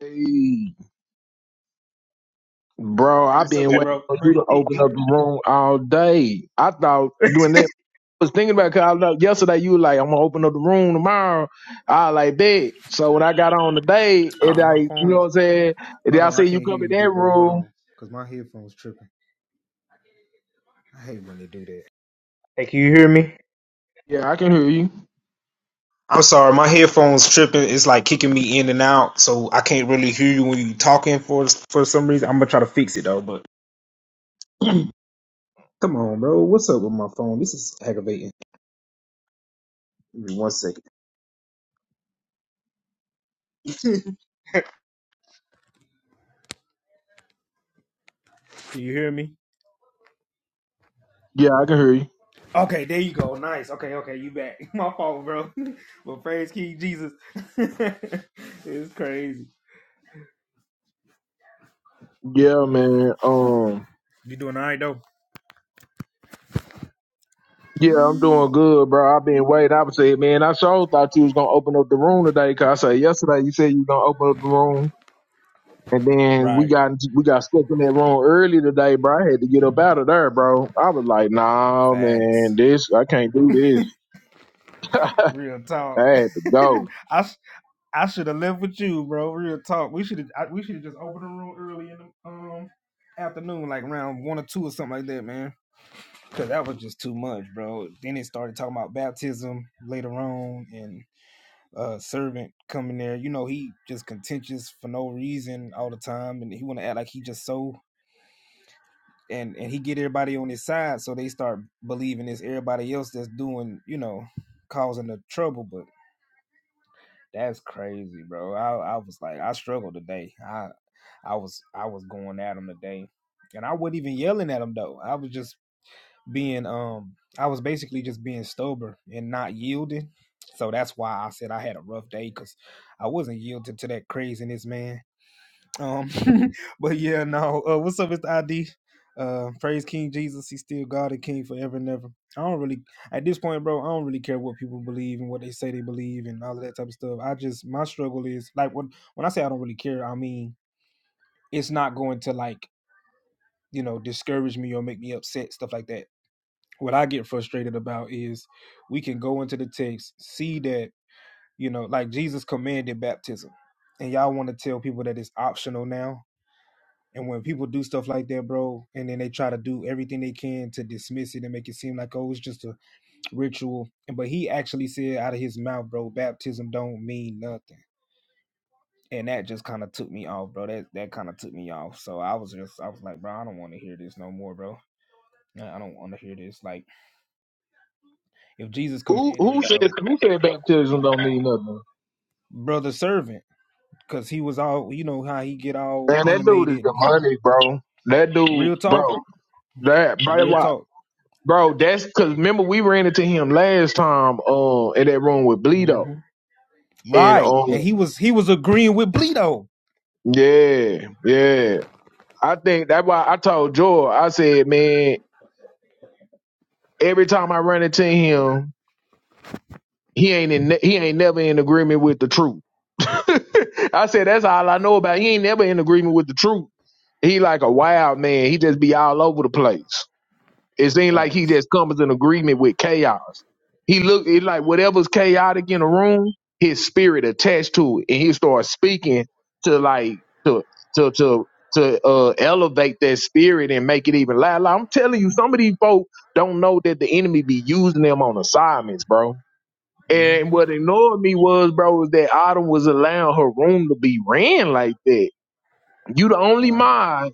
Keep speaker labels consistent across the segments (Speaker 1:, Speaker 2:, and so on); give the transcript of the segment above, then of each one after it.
Speaker 1: Hey, bro, I've been waiting for you to open up the room all day. I thought doing that. I was thinking about because I know yesterday you were like, I'm gonna open up the room tomorrow. I was like bet. So when I got on today, and I, you know what I'm saying, and then I see you come in that room. Yeah, I can hear you. Yeah, I can hear you. Yeah, man. Um, yeah, I'm doing good, bro. I've been waiting. I would say, man, I sure thought you was gonna open up the room today. Cause I said yesterday you said you gonna open up the room. And then we got into, we got stuck in that room early today, bro. I had to get up out of there, bro. I was like, nah, man, this I can't do this. I had to go. Who who said who said baptism don't mean nothing? Man, that dude is demonic, bro. That dude, bro. That bro, why, bro. That's because remember we ran into him last time, uh, in that room with Bleedo, and um, yeah, yeah. I think that's why I told Joy. I said, man, every time I run into him. He ain't in, he ain't never in agreement with the truth. I said that's all I know about. He ain't never in agreement with the truth. He like a wild man. He just be all over the place. It seems like he just comes in agreement with chaos. He look it like whatever's chaotic in the room, his spirit attached to it, and he starts speaking to like to to to to uh, elevate that spirit and make it even louder. Like, I'm telling you, some of these folks don't know that the enemy be using them on assignments, bro and what annoyed me was, bro, was that Autumn was allowing her room to be ran like that. You the only mod.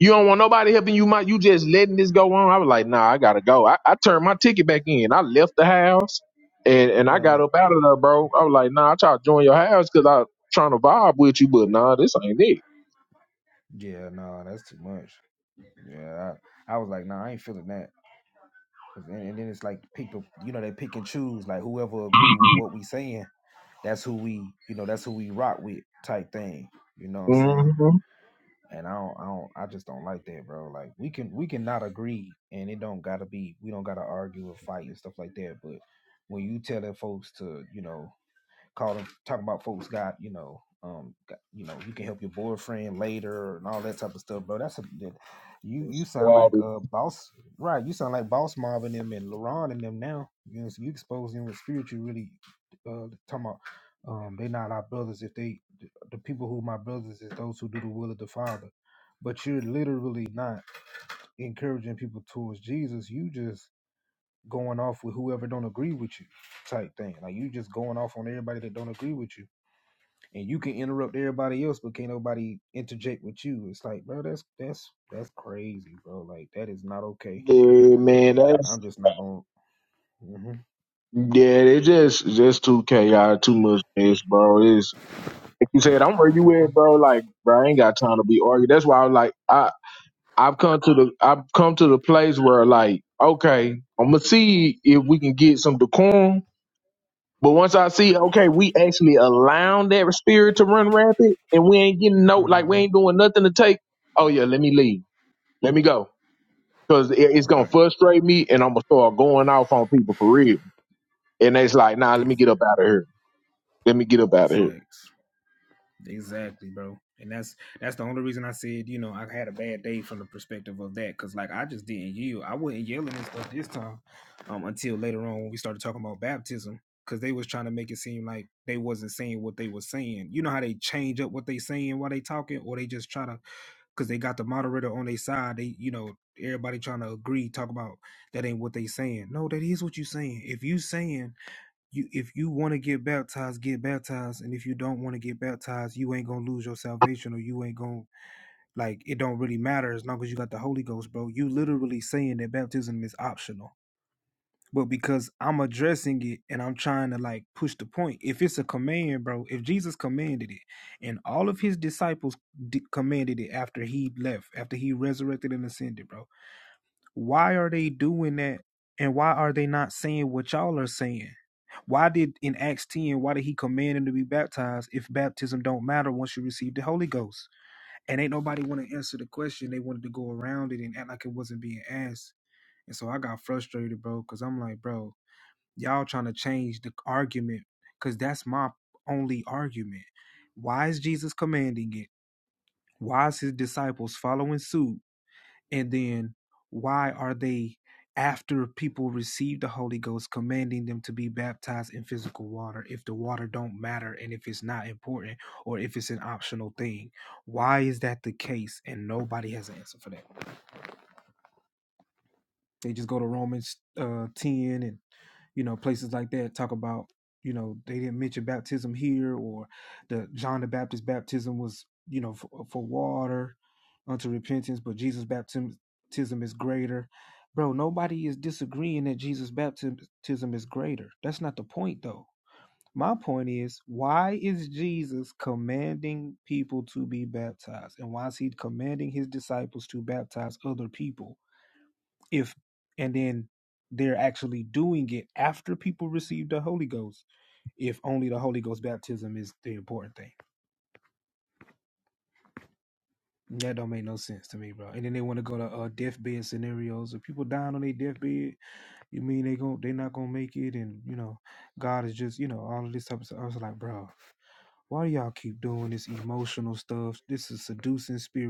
Speaker 1: You don't want nobody helping you mod. You just letting this go on. I was like, nah, I gotta go. I, I turned my ticket back in. I left the house and, and I got up out of there, bro. I was like, nah, I tried to join your house because I trying to vibe with you, but nah, this ain't it. Mm-hmm. Yeah, man, that's Yeah, they just just too chaotic, too much mess, bro. Is if you said I'm where you at, bro, like bro, I ain't got time to be arguing. That's why I'm like I I've come to the I've come to the place where like okay, I'm gonna see if we can get some decorum. But once I see okay, we actually allowing that spirit to run rampant, and we ain't getting no like we ain't doing nothing to take. Oh yeah, let me leave, let me go, cause it, it's gonna frustrate me, and I'm gonna start going off on people for real. And it's like, nah, let me get up out of here. Let me get up out of here.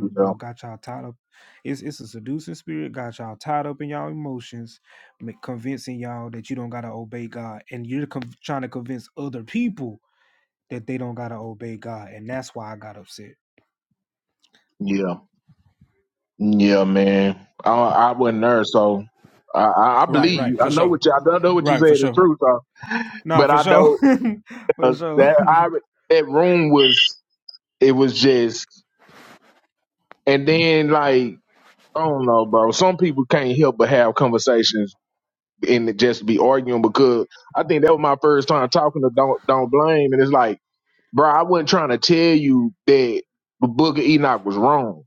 Speaker 1: Yeah, yeah, yeah, man. I I wasn't there, so I, I I believe you. I know what you. I don't know what you said is true, so but I know uh, that I that room was it was just and then like I don't know, bro. Some people can't help but have conversations and just be arguing because I think that was my first time talking to don't don't blame and it's like, bro, I wasn't trying to tell you that Booker Enoch was wrong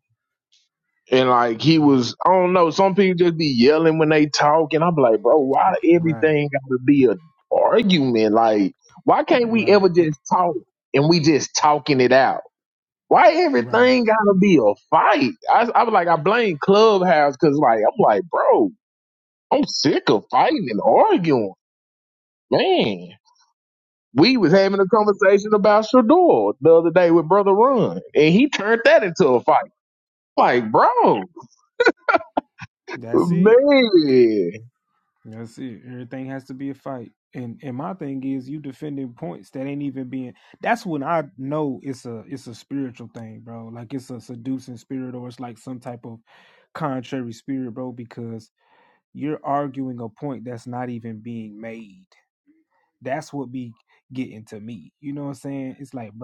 Speaker 1: And like he was, I don't know. Some people just be yelling when they talk, and I'm like, bro, why everything got to be a argument? Like, why can't we ever just talk and we just talking it out? Why everything got to be a fight? I, I was like, I blame Clubhouse because like I'm like, bro, I'm sick of fighting and arguing, man. We was having a conversation about Shador the other day with Brother Run, and he turned that into a fight. Like, bro, man.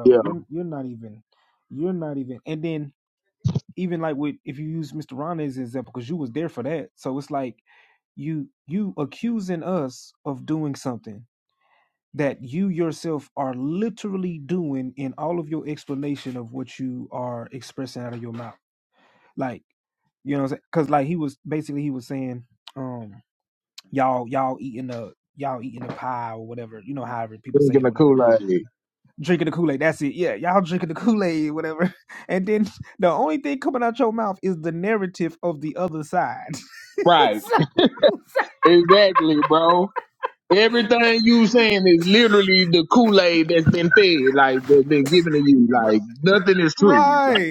Speaker 1: Yeah. Like, right. Exactly, bro. Everything you saying is literally the Kool-Aid that's been fed, like that's been given to you. Like nothing is true. Like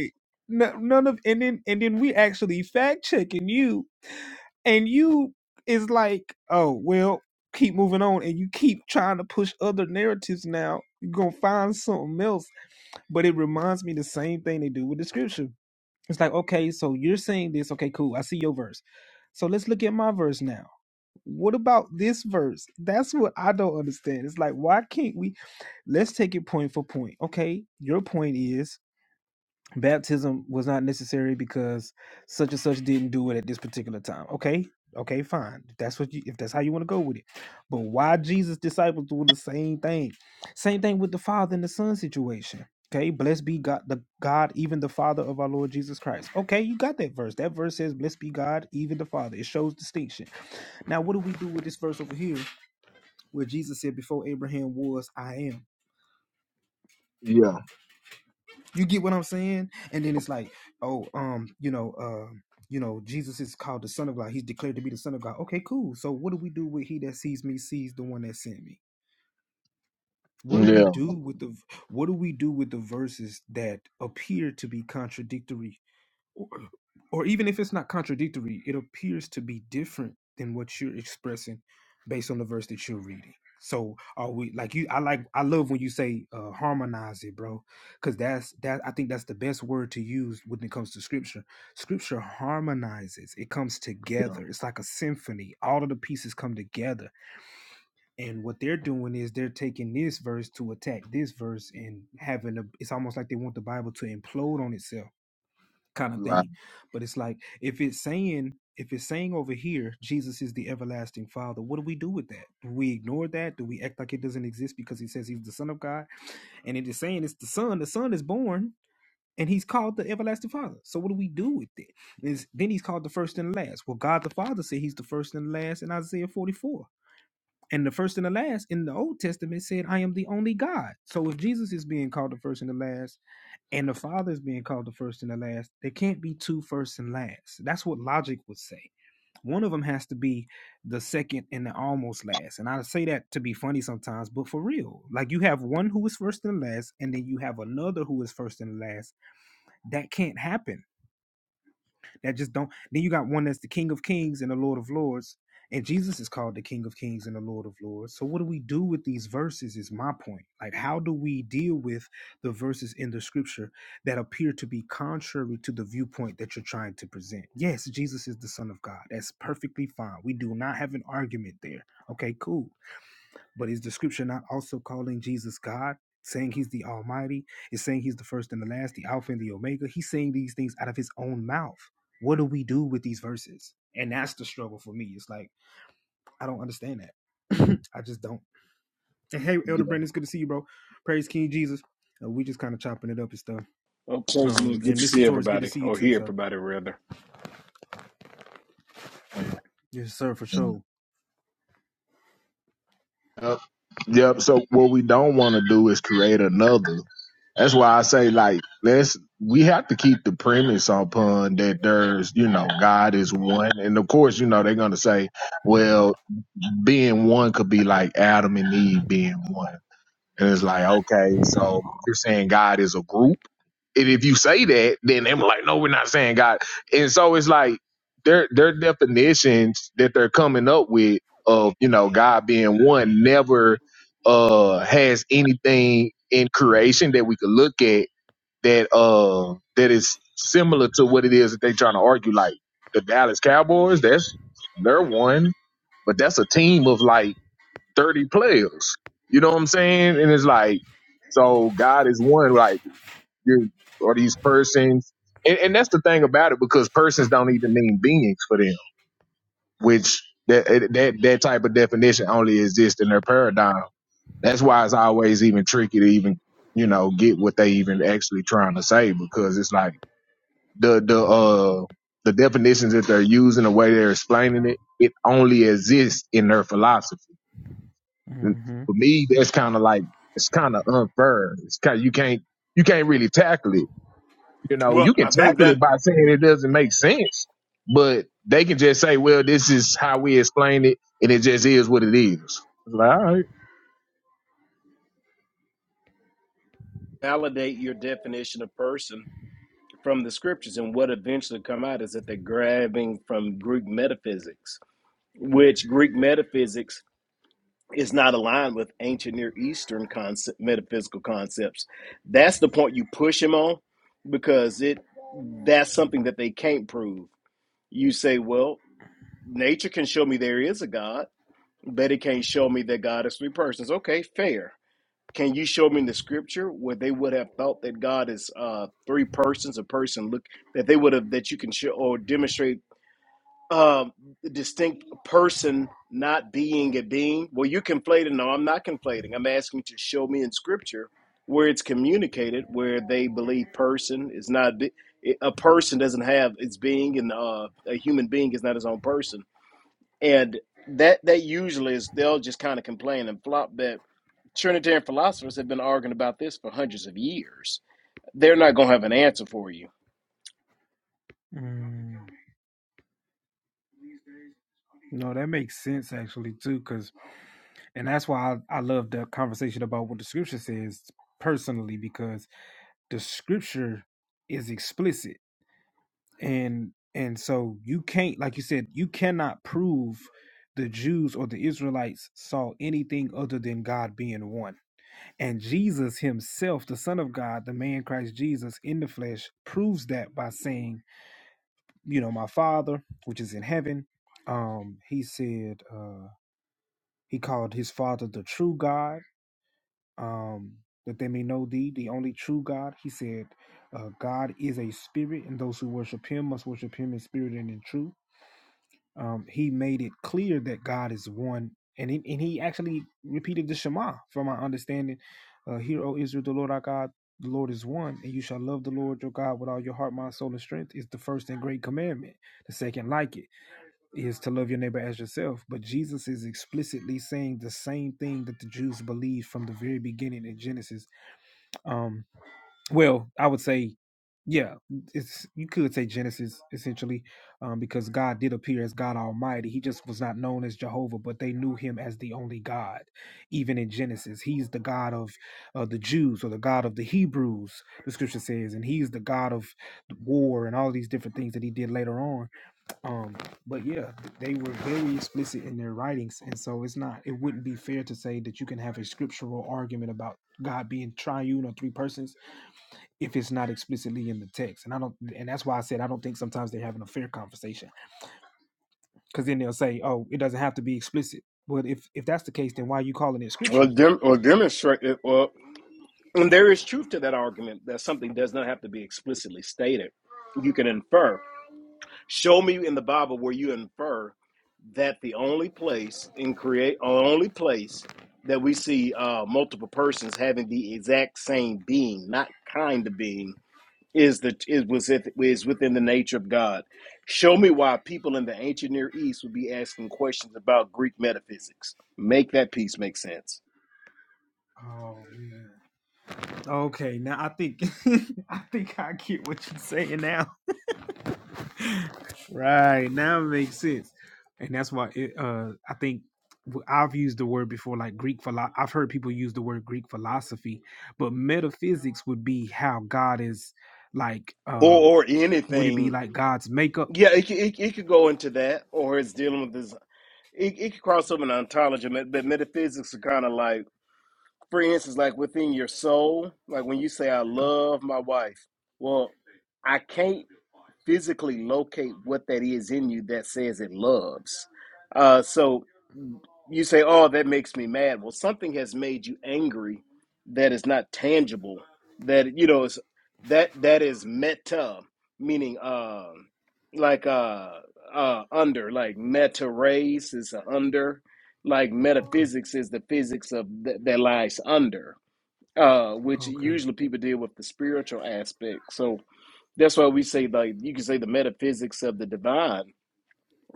Speaker 1: yeah, yeah, yeah, right, yeah.
Speaker 2: Well, personally, good to see everybody, or hear everybody rather.
Speaker 1: yeah. yeah. Yep. Yep. So what we don't want to do is create another. That's why I say like let's we have to keep the premise on pun that there's you know God is one, and of course you know they're gonna say, well, being one could be like Adam and Eve being one. And it's like, okay, so you're saying God is a group? And if you say that, then they're like, no, we're not saying God. And so it's like their their definitions that they're coming up with of, you know, God being one never uh has anything in creation that we could look at that uh that is similar to what it is that they're trying to argue. Like the Dallas Cowboys, that's they're one, but that's a team of like 30 players. You know what I'm saying? And it's like, so God is one, like, you're, or these persons. And, and that's the thing about it because persons don't even mean beings for them, which that, that, that type of definition only exists in their paradigm. That's why it's always even tricky to even, you know, get what they even actually trying to say because it's like the, the, uh, the definitions that they're using, the way they're explaining it, it only exists in their philosophy And for me, that's kind of like it's kind of unfair. It's kind you can't you can't really tackle it. You know,
Speaker 2: Well,
Speaker 1: you can
Speaker 2: I think
Speaker 1: tackle
Speaker 2: that
Speaker 1: it by saying it doesn't make sense, but they can just say, "Well, this is how we explain it, and it just is what it is." It's like, all right,
Speaker 2: validate your definition of person from the scriptures, and what eventually come out is that they're grabbing from Greek metaphysics, which Greek metaphysics is not aligned with ancient Near Eastern concept, metaphysical concepts. That's the point you push him on, because it that's something that they can't prove. You say, well, nature can show me there is a God, but it can't show me that God is three persons. Okay, fair Can you show me in the scripture where they would have thought that God is uh, three persons, a person? Look, that they would have that you can show or demonstrate um, distinct person not being a being. Well, you conflating. No, I'm not conflating. I'm asking you to show me in scripture where it's communicated where they believe person is not be- a person doesn't have its being, and uh, a human being is not his own person. And that that usually is they'll just kind of complain and flop that Trinitarian philosophers have been arguing about this for hundreds of years. They're not going to have an answer for you. Or, dem- or demonstrate it. Or, and there is truth to that argument that something does not have to be explicitly stated. You can infer. Show me in the Bible where you infer that the only place in create uh, only place that we see uh, multiple persons having the exact same being, not kind of being, is the is was it is within the nature of God. Show me why people in the ancient Near East would be asking questions about Greek metaphysics. Make that piece make sense, or or anything. Yeah, it, it, it could go into that, or it's dealing with this. It, it could cross over into ontology, but metaphysics are kind of like for instance, like within your soul, like when you say, I love my wife, well, I can't physically locate what that is in you that says it loves. Uh, so you say, Oh, that makes me mad. Well, something has made you angry that is not tangible, that, you know, is that that is meta, meaning uh, like uh, uh, under, like meta race is a under, like metaphysics is the physics of th- that lies under uh, which usually people deal with the spiritual aspect. So that's why we say like you can say the metaphysics of the divine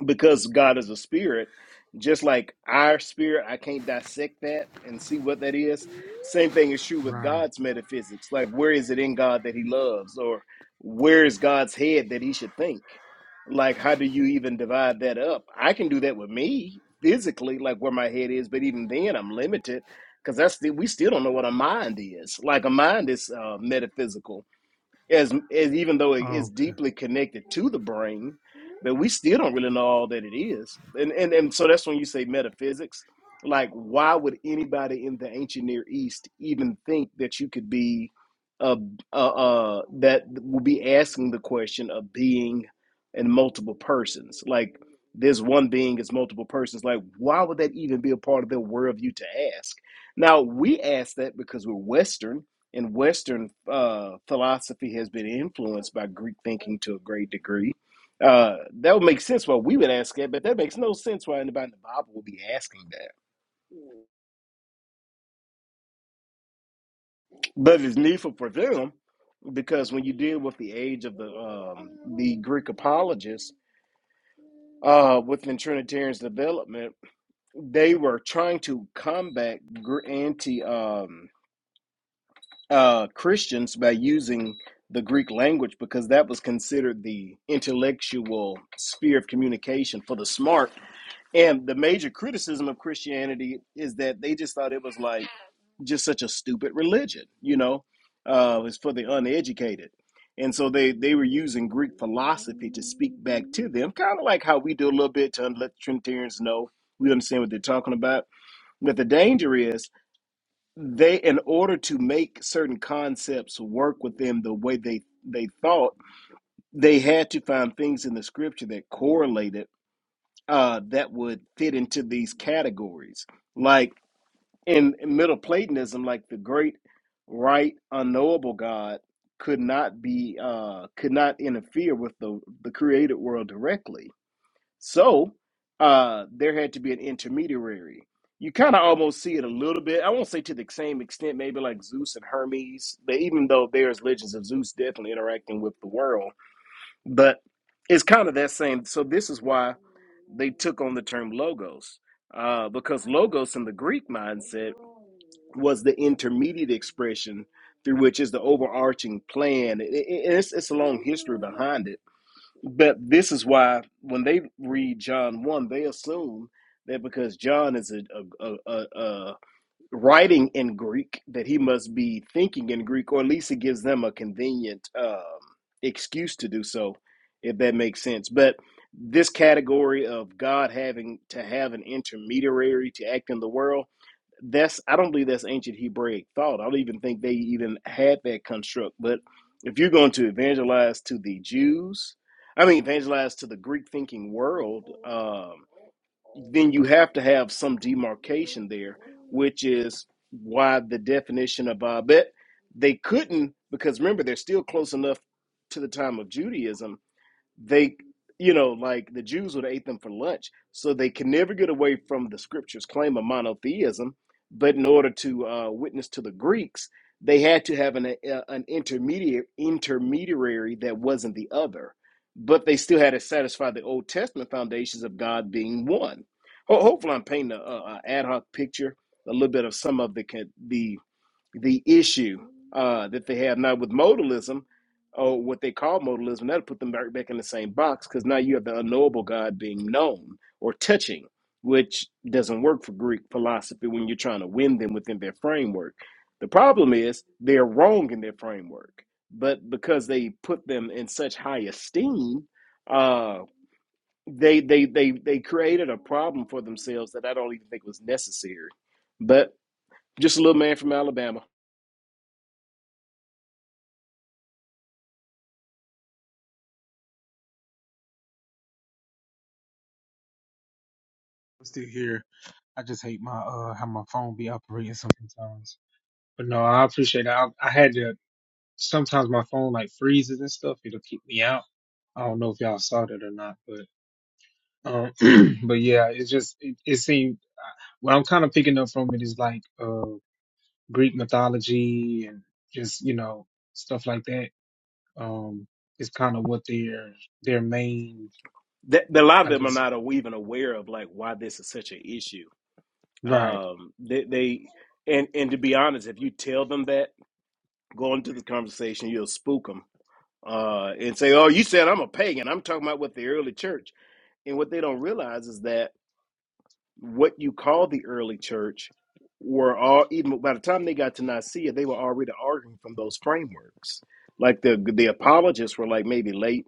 Speaker 2: because God is a spirit, just like our spirit, I can't dissect that and see what that is. Same thing is true with God's metaphysics. Like, where is it in God that He loves, or where is God's head that He should think? Like, how do you even divide that up? I can do that with me physically, like where my head is, but even then, I'm limited because that's the, we still don't know what a mind is. Like, a mind is uh, metaphysical as, as even though it is deeply connected to the brain, but we still don't really know all that it is. And and and so that's when you say metaphysics. Like, why would anybody in the ancient Near East even think that you could be, uh, uh, uh that would be asking the question of being and multiple persons? Like, this one being is multiple persons. Like, why would that even be a part of their worldview to ask? Now we ask that because we're Western and Western uh, philosophy has been influenced by Greek thinking to a great degree. Uh, that would make sense why we would ask that, but that makes no sense why anybody in the Bible would be asking that. But it's needful for them because when you deal with the age of the um, the Greek apologists uh, within Trinitarian's development, they were trying to combat gr- anti. um, uh, Christians by using the Greek language because that was considered the intellectual sphere of communication for the smart. And the major criticism of Christianity is that they just thought it was like just such a stupid religion, you know, uh, it's for the uneducated. And so they, they were using Greek philosophy to speak back to them, kind of like how we do a little bit to let Trinitarians know we understand what they're talking about. But the danger is they in order to make certain concepts work with them the way they they thought they had to find things in the scripture that correlated uh that would fit into these categories like in middle platonism like the great right unknowable god could not be uh could not interfere with the the created world directly so uh, there had to be an intermediary. You kind of almost see it a little bit. I won't say to the same extent, maybe like Zeus and Hermes, but even though there's legends of Zeus definitely interacting with the world, but it's kind of that same. So this is why they took on the term logos, uh, because logos in the Greek mindset was the intermediate expression through which is the overarching plan. It, it- it's, it's a long history behind it but this is why when they read John 1, they assume that because John is a, a, a, a, a writing in Greek, that he must be thinking in Greek, or at least it gives them a convenient um, excuse to do so, if that makes sense. But this category of God having to have an intermediary to act in the world that's I don't believe that's ancient Hebraic thought. I don't even think they even had that construct. But if you're going to evangelize to the Jews, I mean evangelize to the Greek thinking world, um, then you have to have some demarcation there, which is why the definition of Abed they couldn't because remember they're still close enough to the time of Judaism they you know like the jews would have ate them for lunch so they can never get away from the scriptures claim of monotheism but in order to uh, witness to the greeks they had to have an, uh, an intermediate intermediary that wasn't the other but they still had to satisfy the old testament foundations of god being one Ho- hopefully i'm painting a, a, a ad hoc picture a little bit of some of the con- the the issue uh, that they have now with modalism, or what they call modalism, that'll put them back, back in the same box because now you have the unknowable God being known or touching, which doesn't work for Greek philosophy when you're trying to win them within their framework. The problem is they're wrong in their framework, but because they put them in such high esteem, uh, they, they they they created a problem for themselves that I don't even think was necessary. But just a little man from Alabama. that, that a lot of them are not even aware of like why this is such an issue. Um, they, they and and to be honest, if you tell them that going into the conversation, you'll spook them uh, and say, "Oh, you said I'm a pagan. I'm talking about what the early church." And what they don't realize is that what you call the early church were all even by the time they got to Nicaea, they were already arguing from those frameworks. Like the the apologists were like maybe late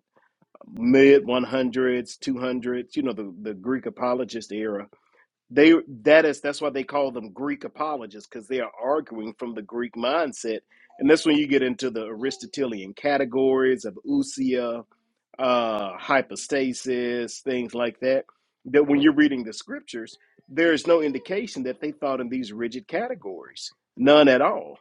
Speaker 2: mid 100s, 200s, you know, the, the Greek apologist era They that is that's why they call them Greek apologists because they are arguing from the Greek mindset, and that's when you get into the Aristotelian categories of ousia, uh, hypostasis, things like that, that when you're reading the scriptures, there is no indication that they thought in these rigid categories. None at all.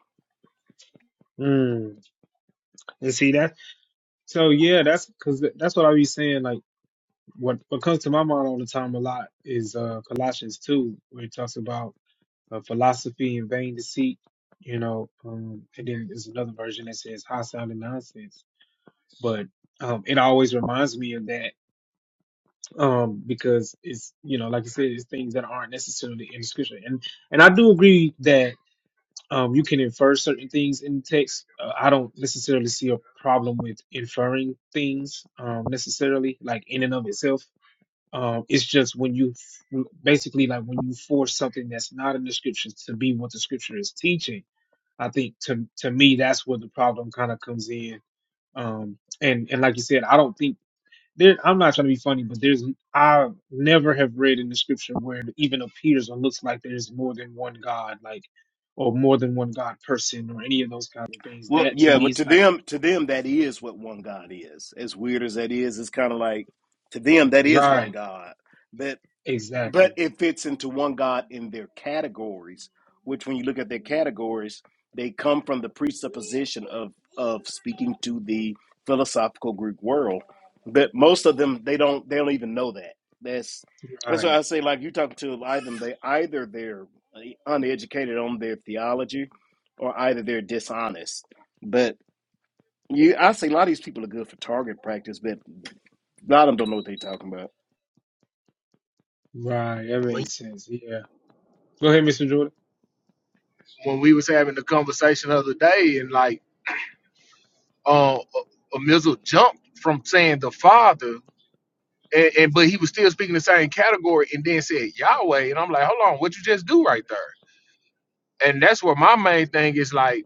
Speaker 2: Well, yeah, but to them, to them, that is what one God is. As weird as that is, it's kind of like to them that is one God. But but it fits into one God in their categories, which when you look at their categories, they come from the presupposition of of speaking to the philosophical Greek world. But most of them, they don't they don't even know that. That's that's why I say like you talking to a they either they're uh, uneducated on their theology, or either they're dishonest but you, I say a lot of these people are good for target practice, but a lot of them don't know what they're talking about.
Speaker 3: Right, that
Speaker 1: When,
Speaker 3: makes sense. Yeah. Go ahead, Mr. Jordan.
Speaker 1: when we was having the conversation the other day, and like uh, uh, a missile jumped from saying the Father, and, and but he was still speaking the same category, and then said Yahweh, and I'm like, hold on, what you just do right there? And that's where my main thing is like.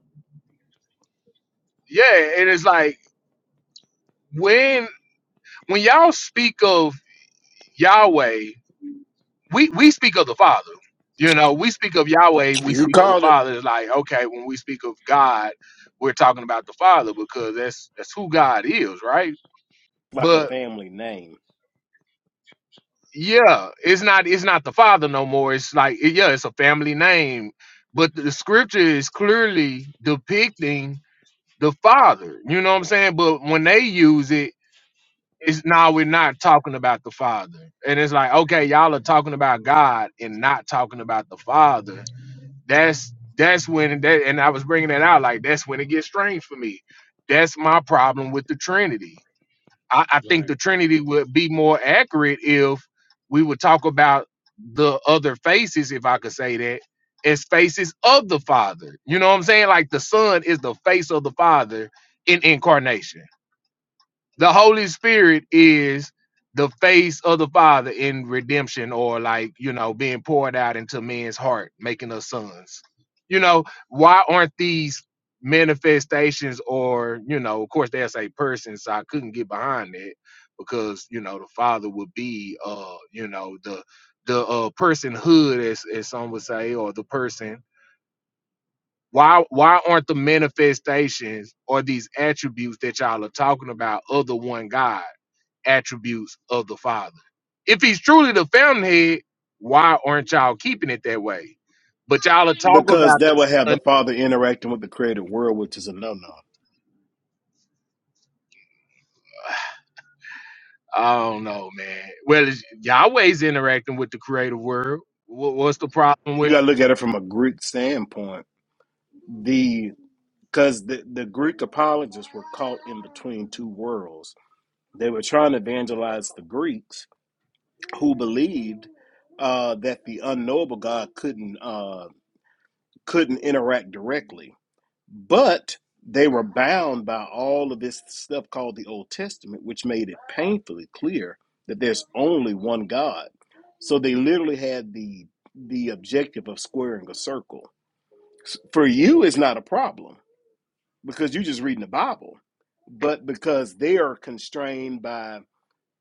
Speaker 1: Yeah, and it's like when when y'all speak of Yahweh, we we speak of the Father. You know, we speak of Yahweh, we
Speaker 2: You
Speaker 1: speak of the
Speaker 2: called it
Speaker 1: Father. It's like okay, when we speak of God, we're talking about the Father because that's that's who God is, right?
Speaker 2: Like a
Speaker 1: But
Speaker 2: family name.
Speaker 1: yeah, it's not it's not the Father no more. It's like it- yeah, it's a family name, but the scripture is clearly depicting the Father. You know what I'm saying? But when they use it it's now we're not talking about the father and it's like okay y'all are talking about god and not talking about the father that's that's when that and i was bringing that out like that's when it gets strange for me that's my problem with the trinity i, I think the
Speaker 3: Right.
Speaker 1: trinity would be more accurate if we would talk about the other faces if i could say that as faces of the father you know what i'm saying like the son is the face of the father in incarnation the Holy Spirit is the face of the Father in redemption, or like you know, being poured out into men's heart, making us sons. You know, why aren't these manifestations, or you know, of course they'll say persons, so I couldn't get behind that because you know the Father would be, uh, you know, the the uh, personhood, as as some would say, or the person. Why why aren't the manifestations or these attributes that y'all are talking about of the one God? attributes of the Father. If he's truly the fountainhead, why aren't y'all keeping it that way? But y'all are talking
Speaker 2: because
Speaker 1: about the
Speaker 2: that would have the
Speaker 1: Son.
Speaker 2: father interacting with the created world, which is a no no.
Speaker 1: I don't know, man. Well, it's, Yahweh's interacting with the creative world. What, what's the problem
Speaker 2: You
Speaker 1: with?
Speaker 2: got to look at it from a Greek standpoint. The because the, the Greek apologists were caught in between two worlds. They were trying to evangelize the Greeks who believed uh, that the unknowable God couldn't uh, couldn't interact directly. But they were bound by all of this stuff called the Old Testament, which made it painfully clear that there's only one God. So they literally had the the objective of squaring a circle. For you, it's not a problem because you're just reading the Bible, but because they are constrained by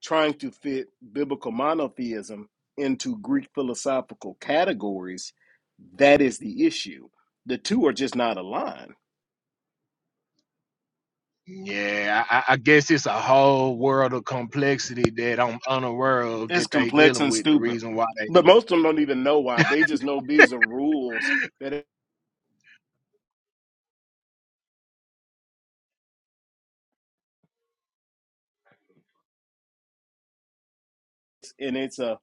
Speaker 2: trying to fit biblical monotheism into Greek philosophical categories, that is the issue. The two are just not aligned
Speaker 1: Yeah, I, I I guess it's a whole world of complexity that I'm unaware of
Speaker 2: It's
Speaker 1: that they
Speaker 2: complex
Speaker 1: dealing
Speaker 2: and
Speaker 1: with. The
Speaker 2: stupid.
Speaker 1: reason why they
Speaker 2: But most of them don't even know why. They just know these are rules that it's and it's a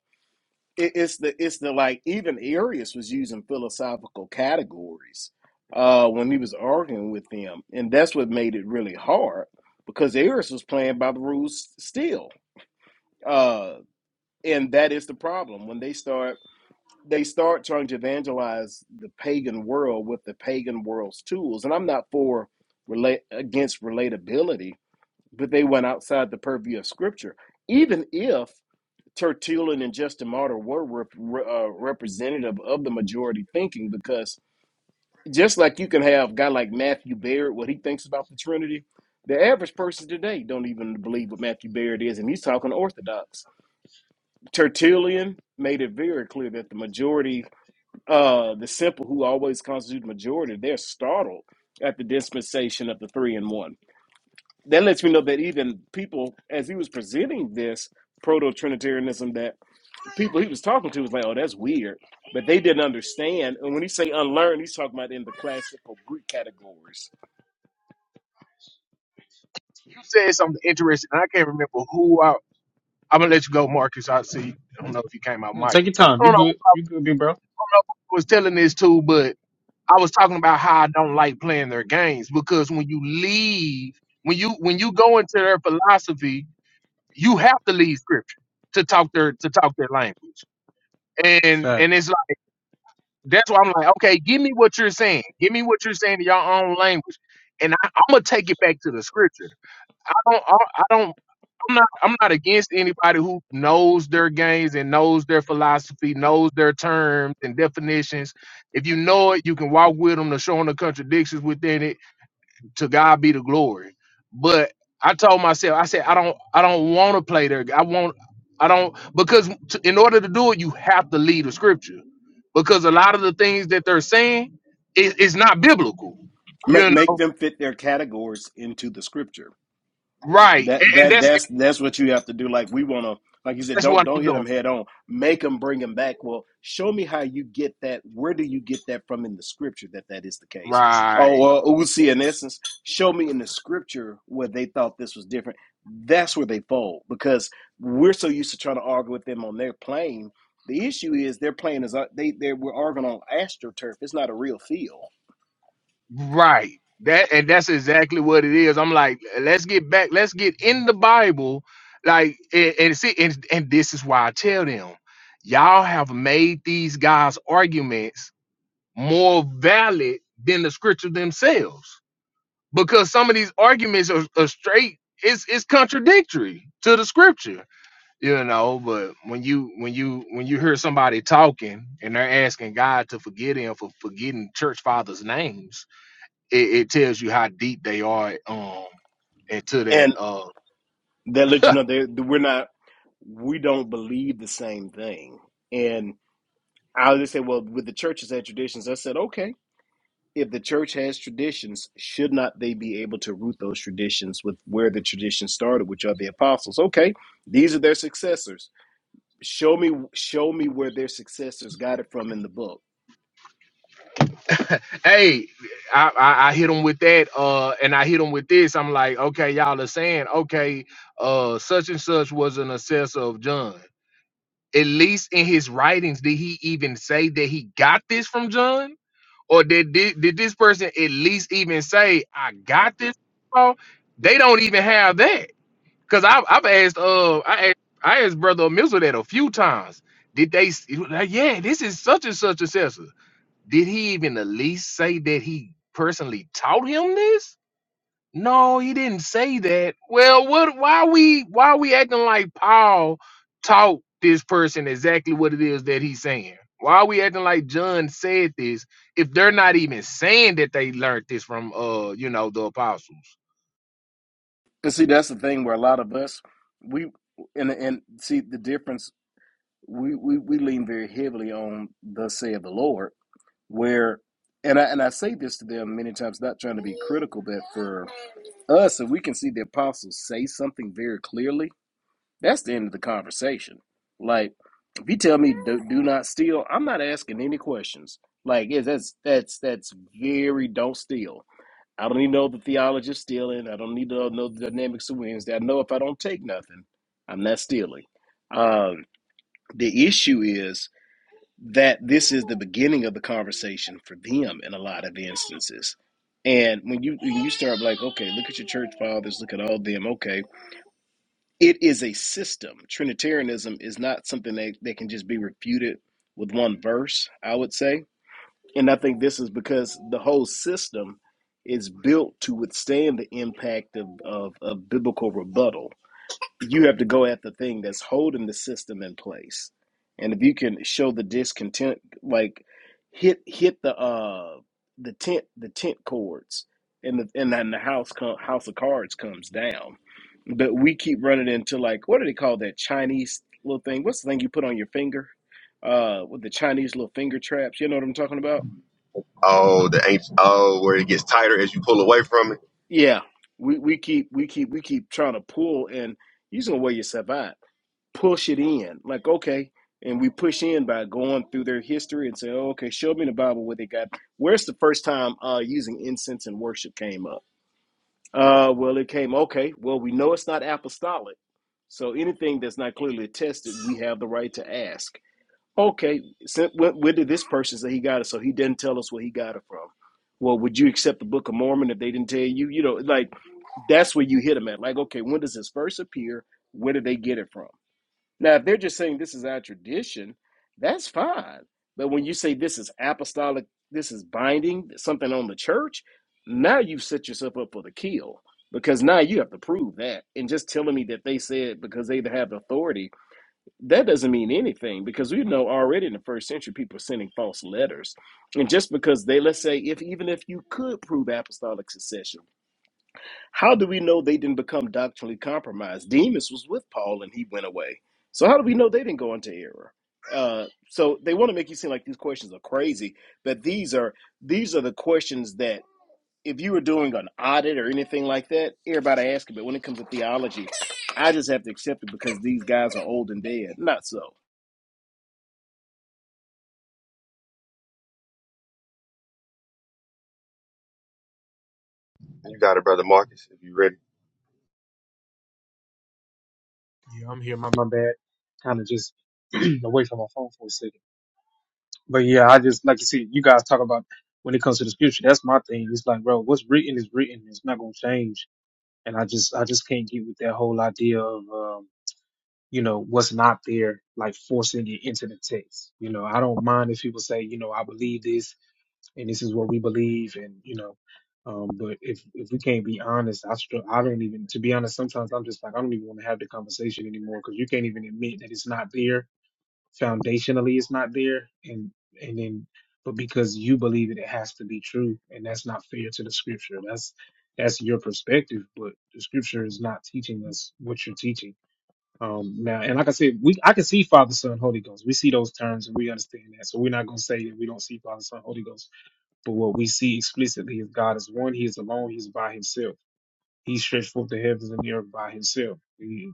Speaker 2: it, it's the it's the like even Arius was using philosophical categories uh when he was arguing with them. And that's what made it really hard because Arius was playing by the rules still. Uh and that is the problem when they start they start trying to evangelize the pagan world with the pagan world's tools. And I'm not for relate against relatability but they went outside the purview of Scripture. Even if Tertullian and Justin Martyr were rep- uh, representative of the majority thinking, because just like you can have a guy like Matthew Baird, what he thinks about the Trinity, the average person today don't even believe what Matthew Baird is, and he's talking Orthodox. Tertullian made it very clear that the majority, uh, the simple who always constitute majority, they're startled at the dispensation of the three and one that lets me know that even people, as he was presenting this proto Trinitarianism, that people he was talking to was like, "Oh, that's weird," but they didn't understand. And when he say unlearn, he's talking about in the classical Greek categories.
Speaker 1: you said something interesting, and I can't remember who I. I'm gonna let you go, Marcus. I see. I don't know if you came out,
Speaker 3: No,
Speaker 1: Mike.
Speaker 3: Take your time.
Speaker 1: I
Speaker 3: You
Speaker 1: don't know
Speaker 3: good. You good, big bro.
Speaker 1: who was telling this to, but I was talking about how I don't like playing their games because when you leave, when you when you go into their philosophy, you have to leave scripture to talk their to talk their language. And and it's
Speaker 3: Facts.
Speaker 1: like that's why I'm like, okay, give me what you're saying. Give me what you're saying in your own language. And I, I'm gonna take it back to the scripture. I don't I, I don't I'm not I'm not against anybody who knows their games and knows their philosophy, knows their terms and definitions if you know it, you can walk with them to show them the contradictions within it to God be the glory. But I told myself, I said, I don't, I don't want to play there. I want, I don't, because to, in order to do it, you have to lead the scripture, because a lot of the things that they're saying is is not biblical,
Speaker 2: Make
Speaker 1: you
Speaker 2: make
Speaker 1: know.
Speaker 2: them fit their categories into the Scripture.
Speaker 1: Right, and,
Speaker 2: That
Speaker 1: and
Speaker 2: that
Speaker 1: that's
Speaker 2: that's that's what you have to do. Like we want to, like you said,
Speaker 1: that's
Speaker 2: don't
Speaker 1: what
Speaker 2: don't
Speaker 1: I'm
Speaker 2: hit them
Speaker 1: doing.
Speaker 2: head on. Make them bring them back. Well, show me how you get that. Where do you get that from in the scripture that that is the case?
Speaker 1: Right.
Speaker 2: Oh, well, we'll see. In essence, show me in the scripture where they thought this was different. That's where they fold because we're so used to trying to argue with them on their plane. The issue is their plane is uh, they they we're arguing on astroturf. It's not a real field.
Speaker 1: Right. That and that's exactly what it is. I'm like, let's get back, let's get in the Bible. Like and, and see, and, and this is why I tell them, y'all have made these guys' arguments more valid than the scripture themselves. Because some of these arguments are, are straight, it's it's contradictory to the scripture, you know. But when you when you when you hear somebody talking and they're asking God to forgive them for forgetting church fathers' names it, it tells you how deep they are um into that
Speaker 2: And.
Speaker 1: uh
Speaker 2: that let you know that we're not we don't believe the same thing. And I just say, well, with the churches had traditions, I said, okay, if the church has traditions, should not they be able to root those traditions with where the tradition started, which are the apostles? Okay, these are their successors. Show me, show me where their successors got it from in the book.
Speaker 1: hey I, I i hit them with that uh and i hit them with this i'm like okay y'all are saying okay uh such and such was an assessor of john at least in his writings did he even say that he got this from john or did did, did this person at least even say i got this from Paul?" they don't even have that Cause I've I've asked uh I asked, I asked brother Amizu that a few times. Did they s- he was like, yeah, this is such and such assessor. Did he even at least say that he personally taught him this? No, he didn't say that. Well, what why we why we acting like Paul taught this person exactly what it is that he's saying? Why are we acting like John said this if they're not even saying that they learned this from uh, you know, the apostles?
Speaker 2: And see, that's the thing where a lot of us we and and see the difference. We we, we lean very heavily on the say of the Lord where and I and I say this to them many times, not trying to be critical, but for us, if we can see the apostles say something very clearly, that's the end of the conversation. Like, if you tell me do, do not steal, I'm not asking any questions. Like, yeah, that's that's that's very don't steal. I don't even know the theology of stealing. I don't need to know the dynamics of Wednesday. I know if I don't take nothing, I'm not stealing. Um, the issue is that this is the beginning of the conversation for them in a lot of instances. And when you when you start like, okay, look at your church fathers, look at all them, okay. It is a system. Trinitarianism is not something that, that can just be refuted with one verse, I would say. And I think this is because the whole system is built to withstand the impact of, of, of biblical rebuttal you have to go at the thing that's holding the system in place. And if you can show the discontent, like hit hit the uh the tent the tent chords, and the and then the house com- house of cards comes down. But we keep running into like what do they call that Chinese little thing? What's the thing you put on your finger? Uh, with the Chinese little finger traps. You know what I'm talking about?
Speaker 4: Oh, the ancient, oh, where it gets tighter as you pull away from it.
Speaker 2: Yeah. We we keep we keep we keep trying to pull, and you're gonna wear yourself out push it in. Like, okay. And we push in by going through their history and say, oh, okay, show me the Bible where they got. Where's the first time uh, using incense and worship came up? Uh, well, it came, okay, well, we know it's not apostolic. So anything that's not clearly attested, we have the right to ask. Okay, so where, where did this person say he got it? So he didn't tell us where he got it from. Well, would you accept the Book of Mormon if they didn't tell you? You know, like that's where you hit them at. Like, okay, when does this first appear? Where did they get it from? Now, if they're just saying this is our tradition, that's fine. But when you say this is apostolic, this is binding, something on the church, now you've set yourself up for the kill because now you have to prove that. And just telling me that they said because they have authority, that doesn't mean anything because we know already in the first century people are sending false letters. And just because they, let's say, if even if you could prove apostolic succession, how do we know they didn't become doctrinally compromised? Demas was with Paul and he went away. So how do we know they didn't go into error? Uh, so they want to make you seem like these questions are crazy, but these are these are the questions that if you were doing an audit or anything like that, everybody asking. But when it comes to theology, I just have to accept it because these guys are old and dead. Not so.
Speaker 4: You got it, brother Marcus, if you ready.
Speaker 3: Yeah, I'm here. My, my bad. Kind of just away from my phone for a second. But yeah, I just, like you see, you guys talk about when it comes to the scripture. That's my thing. It's like, bro, what's written is written. It's not going to change. And I just, I just can't get with that whole idea of, um, you know, what's not there, like forcing it into the text. You know, I don't mind if people say, you know, I believe this and this is what we believe and you know um but if if we can't be honest i str- i don't even to be honest sometimes i'm just like i don't even want to have the conversation anymore because you can't even admit that it's not there foundationally it's not there and and then but because you believe it it has to be true and that's not fair to the scripture that's that's your perspective but the scripture is not teaching us what you're teaching um now and like i said we i can see father son holy ghost we see those terms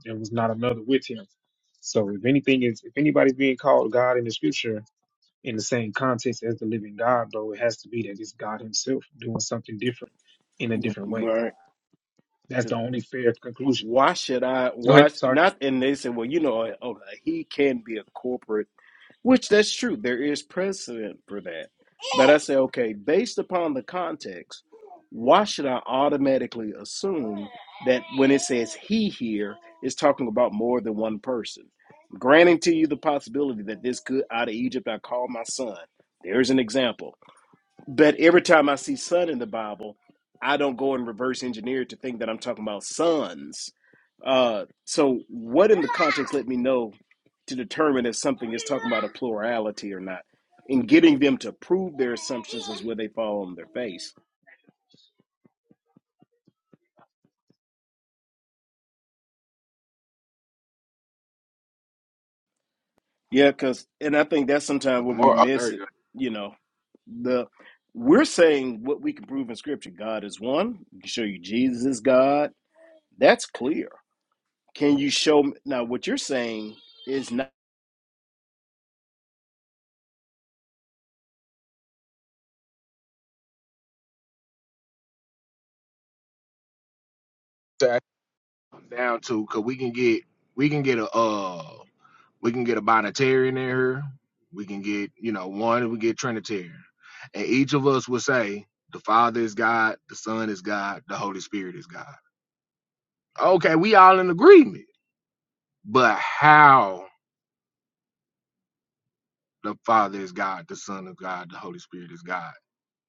Speaker 3: that was there thing if they call God in scripture. and context as the living.
Speaker 2: Right.
Speaker 3: That's the only fair conclusion.
Speaker 2: Why should I?
Speaker 3: Go
Speaker 2: Why
Speaker 3: ahead. Sorry.
Speaker 2: not? And they say, well, you know, oh, oh, he can be a corporate Which that's true. There is precedent for that. But I say, okay, based upon the context, why should I automatically assume that when it says he here, it's talking about more than one person? Granting to you the possibility that this could out of Egypt I call my son. There's an example. But every time I see son in the Bible, I don't go and reverse engineer it to think that I'm talking about sons. Uh, so, what in the context let me know to determine if something is talking about a plurality or not? And getting them to prove their assumptions is where they fall on their face. Yeah, because, and I think that's sometimes where we
Speaker 1: More, Uh, oh,
Speaker 2: miss
Speaker 1: there
Speaker 2: it.
Speaker 1: you
Speaker 2: You know, the we're saying what we can prove in Scripture God is one, we can show you Jesus is God. That's clear. Can you show me now what you're saying? is not.
Speaker 1: go. comes down to because we can get we can get a uh we can get a binitarian in here we can get you know one we get trinitarian and each of us will say the father is god the son is god the holy spirit is god okay we all in agreement but how the father is god the son of god the holy spirit is god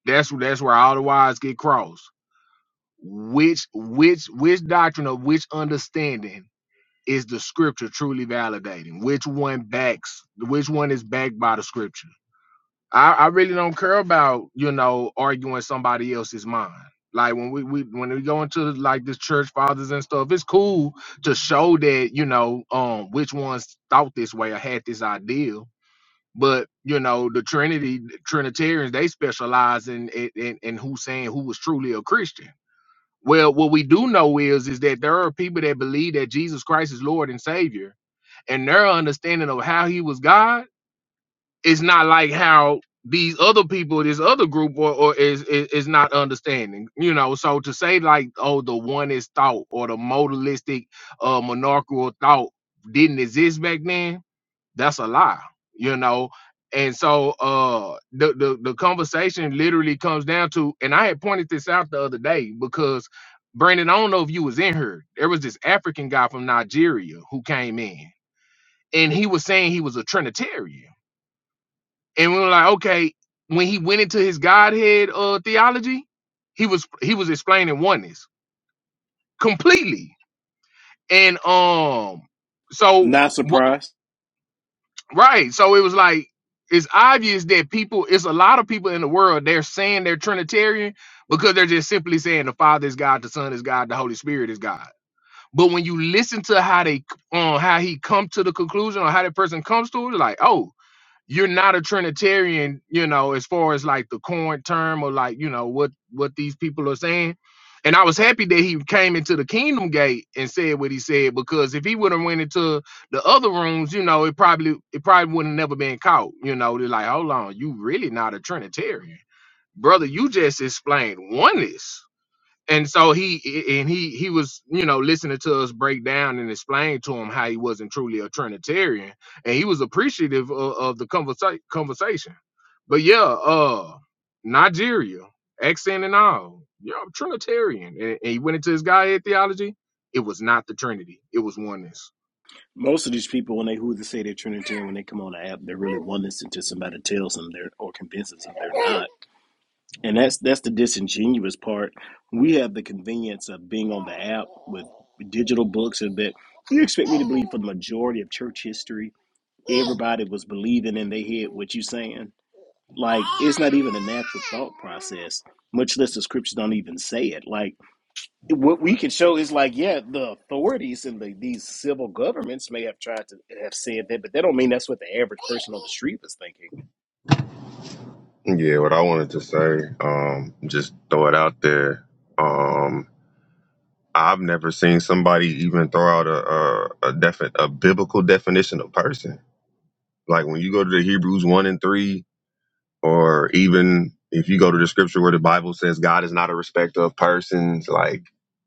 Speaker 1: that's that's where all the wires get crossed which which which doctrine of which understanding is the scripture truly validating? Which one backs? Which one is backed by the scripture? I, I really don't care about you know arguing somebody else's mind. Like when we, we when we go into like this church fathers and stuff, it's cool to show that you know um which ones thought this way or had this idea. But you know the Trinity Trinitarians they specialize in in, in in who's saying who was truly a Christian well, what we do know is is that there are people that believe that Jesus Christ is Lord and Savior, and their understanding of how He was God is not like how these other people, this other group, or, or is, is is not understanding. You know, so to say like, oh, the one is thought or the modalistic, uh, monarchical thought didn't exist back then that's a lie you know and so uh the, the the conversation literally comes down to and i had pointed this out the other day because brandon i don't know if you was in here there was this african guy from nigeria who came in and he was saying he was a trinitarian and we were like okay when he went into his godhead uh theology he was he was explaining oneness completely and um so
Speaker 2: Not surprised.
Speaker 1: Right. So it was like it's obvious that people, it's a lot of people in the world, they're saying they're Trinitarian because they're just simply saying the Father is God, the Son is God, the Holy Spirit is God. But when you listen to how they on how he come to the conclusion or how that person comes to it, like, oh, you're not a Trinitarian, you know, as far as like the current term or like, you know, what what these people are saying. And I was happy that he came into the kingdom gate and said what he said because if he would have went into the other rooms, you know, it probably it probably would have never been caught. You know, they're like, hold on, you really not a Trinitarian, brother. You just explained oneness and so he and he he was you know listening to us break down and explain to him how he wasn't truly a trinitarian and he was appreciative of, of the conversa- conversation but yeah uh nigeria accent and all yeah i'm trinitarian and, and he went into his guy theology it was not the trinity it was oneness
Speaker 2: Most of these people, when they who they say they're Trinitarian, when they come on the app, they're really oneness until somebody tells them they're or convinces them they're not. And that's that's the disingenuous part. We have the convenience of being on the app with digital books, and that you expect me to believe for the majority of church history, everybody was believing in their head what you saying. Like it's not even a natural thought process. Much less the scriptures don't even say it. Like what we can show is like, yeah, the authorities and the, these civil governments may have tried to have said that, but that don't mean that's what the average person on the street was thinking.
Speaker 4: Yeah, what I wanted to say, um, just throw it out there. Um, I've never seen somebody even throw out a a, a, defi- a biblical definition of person. Like when you go to the Hebrews one and three, or even if you go to the scripture where the Bible says God is not a respecter of persons, like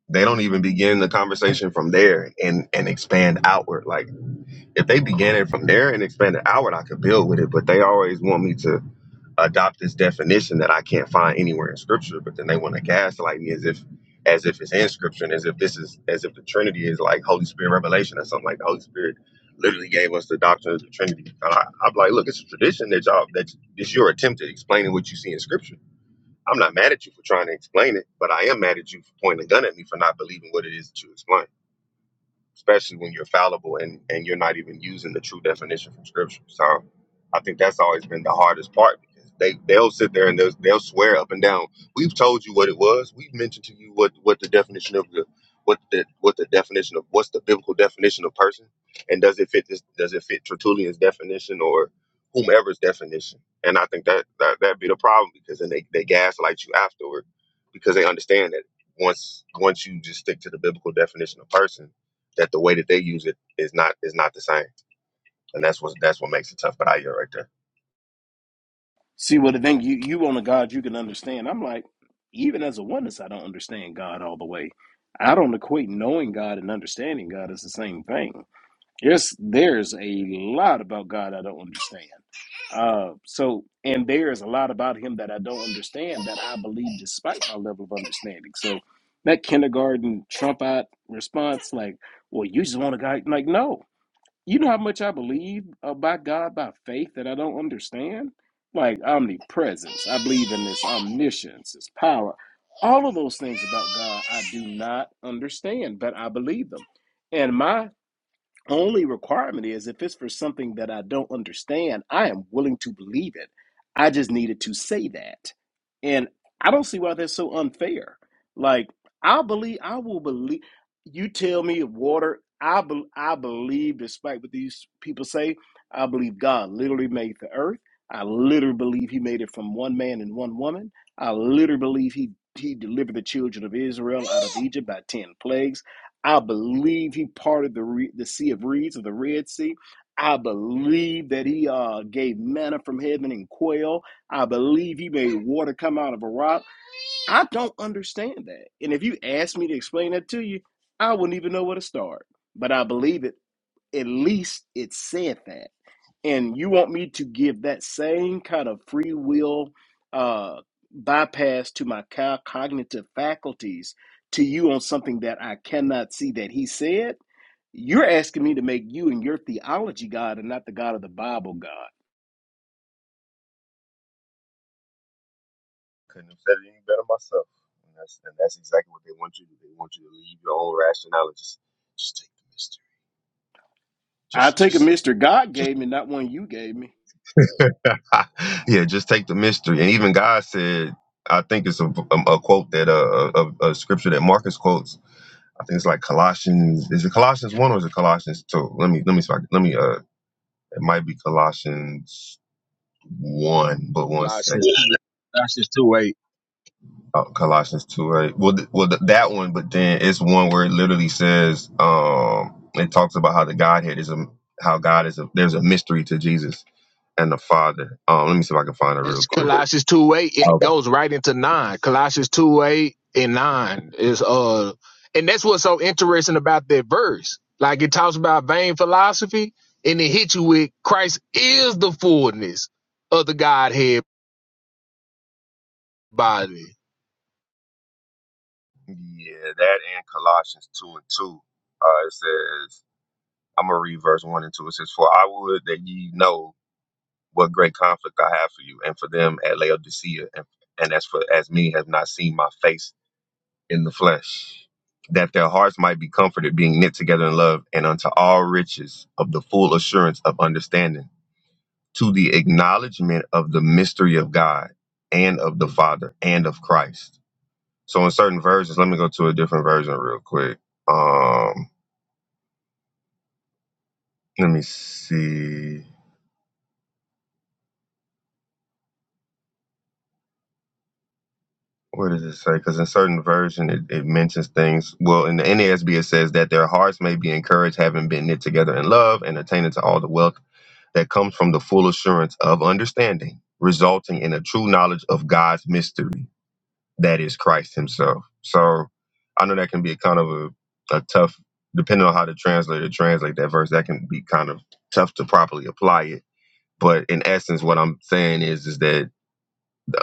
Speaker 4: they don't even begin the conversation from there and and expand outward. Like if they began it from there and expanded outward, I could build with it. But they always want me to adopt this definition that I can't find anywhere in scripture. But then they want to gaslight me as if as if it's in scripture and as if this is as if the Trinity is like Holy Spirit revelation or something like the Holy Spirit literally gave us the doctrine of the Trinity. And I, I'm like, look, it's a tradition that y'all that it's your attempt at explaining what you see in scripture. I'm not mad at you for trying to explain it, but I am mad at you for pointing a gun at me for not believing what it is that you explain especially when you're fallible and, and you're not even using the true definition from scripture. So I think that's always been the hardest part because they, they'll sit there and they'll, they'll swear up and down. We've told you what it was. We've mentioned to you what, what the definition of the what the what the definition of what's the biblical definition of person and does it fit this does it fit Tertullian's definition or whomever's definition? And I think that that that'd be the problem because then they, they gaslight you afterward because they understand that once once you just stick to the biblical definition of person that the way that they use it is not is not the same, and that's what that's what makes it tough. But I hear right there.
Speaker 2: See, well, I think you you on a God you can understand. I'm like, even as a oneness, I don't understand God all the way. I don't equate knowing God and understanding God as the same thing. There's there's a lot about God I don't understand. Uh, so and there's a lot about Him that I don't understand that I believe despite my level of understanding. So that kindergarten Trump out response, like, well, you just want a guy like, no, you know how much I believe about God by faith that I don't understand, like omnipresence. I believe in this omniscience, His power, all of those things about God I do not understand, but I believe them. And my only requirement is if it's for something that I don't understand, I am willing to believe it. I just needed to say that. And I don't see why that's so unfair. Like I believe I will believe you tell me of water, I bel I believe despite what these people say, I believe God literally made the earth. I literally believe he made it from one man and one woman. I literally believe he he delivered the children of Israel out of Egypt by 10 plagues. I believe he parted the re- the sea of reeds or the Red Sea. I believe that he uh, gave manna from heaven and quail. I believe he made water come out of a rock. I don't understand that. And if you asked me to explain that to you, I wouldn't even know where to start. But I believe it. At least it said that and you want me to give that same kind of free will uh, bypass to my co- cognitive faculties to you on something that I cannot see that he said, you're asking me to make you and your theology God and not the God of the Bible God.
Speaker 4: Couldn't have said it any better myself. And that's and that's exactly what they want you to. do. They want you to leave your own rationality. Just just take the mystery.
Speaker 2: I
Speaker 4: Just
Speaker 2: take a
Speaker 4: just
Speaker 2: Mr. God
Speaker 4: just
Speaker 2: gave me, not one you gave me.
Speaker 4: yeah. Just take the mystery. And even God said, I think it's a, a, a quote that uh, a, a scripture that Marcus quotes. I think it's like Colossians. Is it Colossians one or is it Colossians two? Let me let me let me uh. It might be Colossians one, but one second.
Speaker 1: Colossians, Colossians two eight.
Speaker 4: Oh, Colossians 2 8. Well, th- well th- that one, but then it's one where it literally says, um, it talks about how the Godhead is a, how God is a, there's a mystery to Jesus and the Father. Um, let me see if I can find it real
Speaker 1: That's
Speaker 4: quick.
Speaker 1: Colossians two eight. It
Speaker 4: Okay.
Speaker 1: goes right into nine. Colossians two eight and nine is uh, and that's what's so interesting about that verse. Like it talks about vain philosophy, and it hits you with Christ is the fullness of the Godhead body.
Speaker 4: Yeah, that and Colossians 2 and 2. Uh, it says, I'm going to read verse 1 and 2. It says, For I would that ye know what great conflict I have for you and for them at Laodicea, and, and as for as many have not seen my face in the flesh, that their hearts might be comforted, being knit together in love, and unto all riches of the full assurance of understanding, to the acknowledgement of the mystery of God and of the Father and of Christ. So in certain versions, let me go to a different version real quick. Um, let me see. What does it say? Because in certain version, it, it mentions things. Well, in the NASB, it says that their hearts may be encouraged, having been knit together in love, and attaining to all the wealth that comes from the full assurance of understanding, resulting in a true knowledge of God's mystery, that is Christ Himself. So I know that can be a kind of a, a tough, depending on how the translator translate that verse, that can be kind of tough to properly apply it. But in essence, what I'm saying is, is that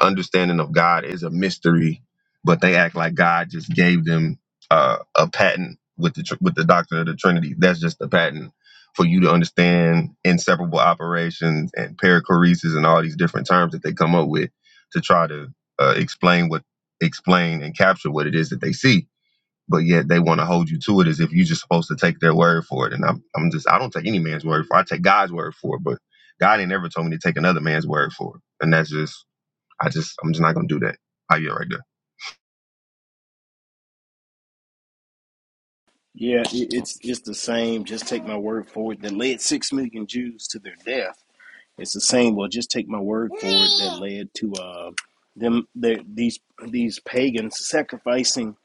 Speaker 4: understanding of God is a mystery, but they act like God just gave them uh, a patent with the tr- with the doctrine of the Trinity. That's just a patent for you to understand inseparable operations and perichoresis and all these different terms that they come up with to try to uh, explain what explain and capture what it is that they see. But yet they want to hold you to it as if you're just supposed to take their word for it. And I'm, I'm just I don't take any man's word for. it. I take God's word for it. But God ain't ever told me to take another man's word for it. And that's just I just I'm just not gonna do that. I get right there.
Speaker 2: Yeah, it, it's it's the same. Just take my word for it. That led six million Jews to their death It's the same. Well, just take my word for it that led to uh, them the, these these pagans sacrificing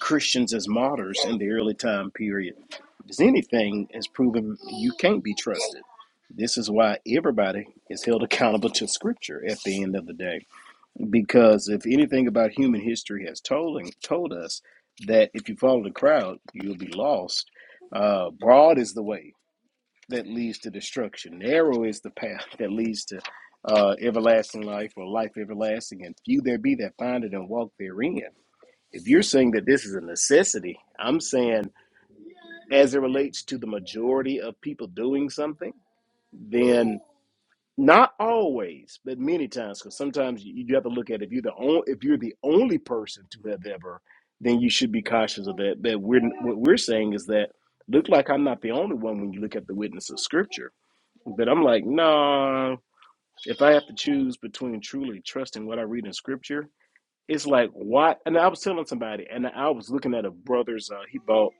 Speaker 2: Christians as martyrs in the early time period. If anything has proven you can't be trusted. This is why everybody is held accountable to Scripture at the end of the day. Because if anything about human history has told told us that if you follow the crowd, you'll be lost. Uh, broad is the way that leads to destruction. Narrow is the path that leads to uh, everlasting life or life everlasting, and few there be that find it and walk therein. If you're saying that this is a necessity, I'm saying as it relates to the majority of people doing something, then not always, but many times, because sometimes you, you have to look at if you're the only if you're the only person to have ever, then you should be cautious of that. But we're what we're saying is that look like I'm not the only one when you look at the witness of Scripture but I'm like, nah, if I have to choose between truly trusting what I read in scripture, it's like, what? And I was telling somebody, and I was looking at a brother's, uh, he bought,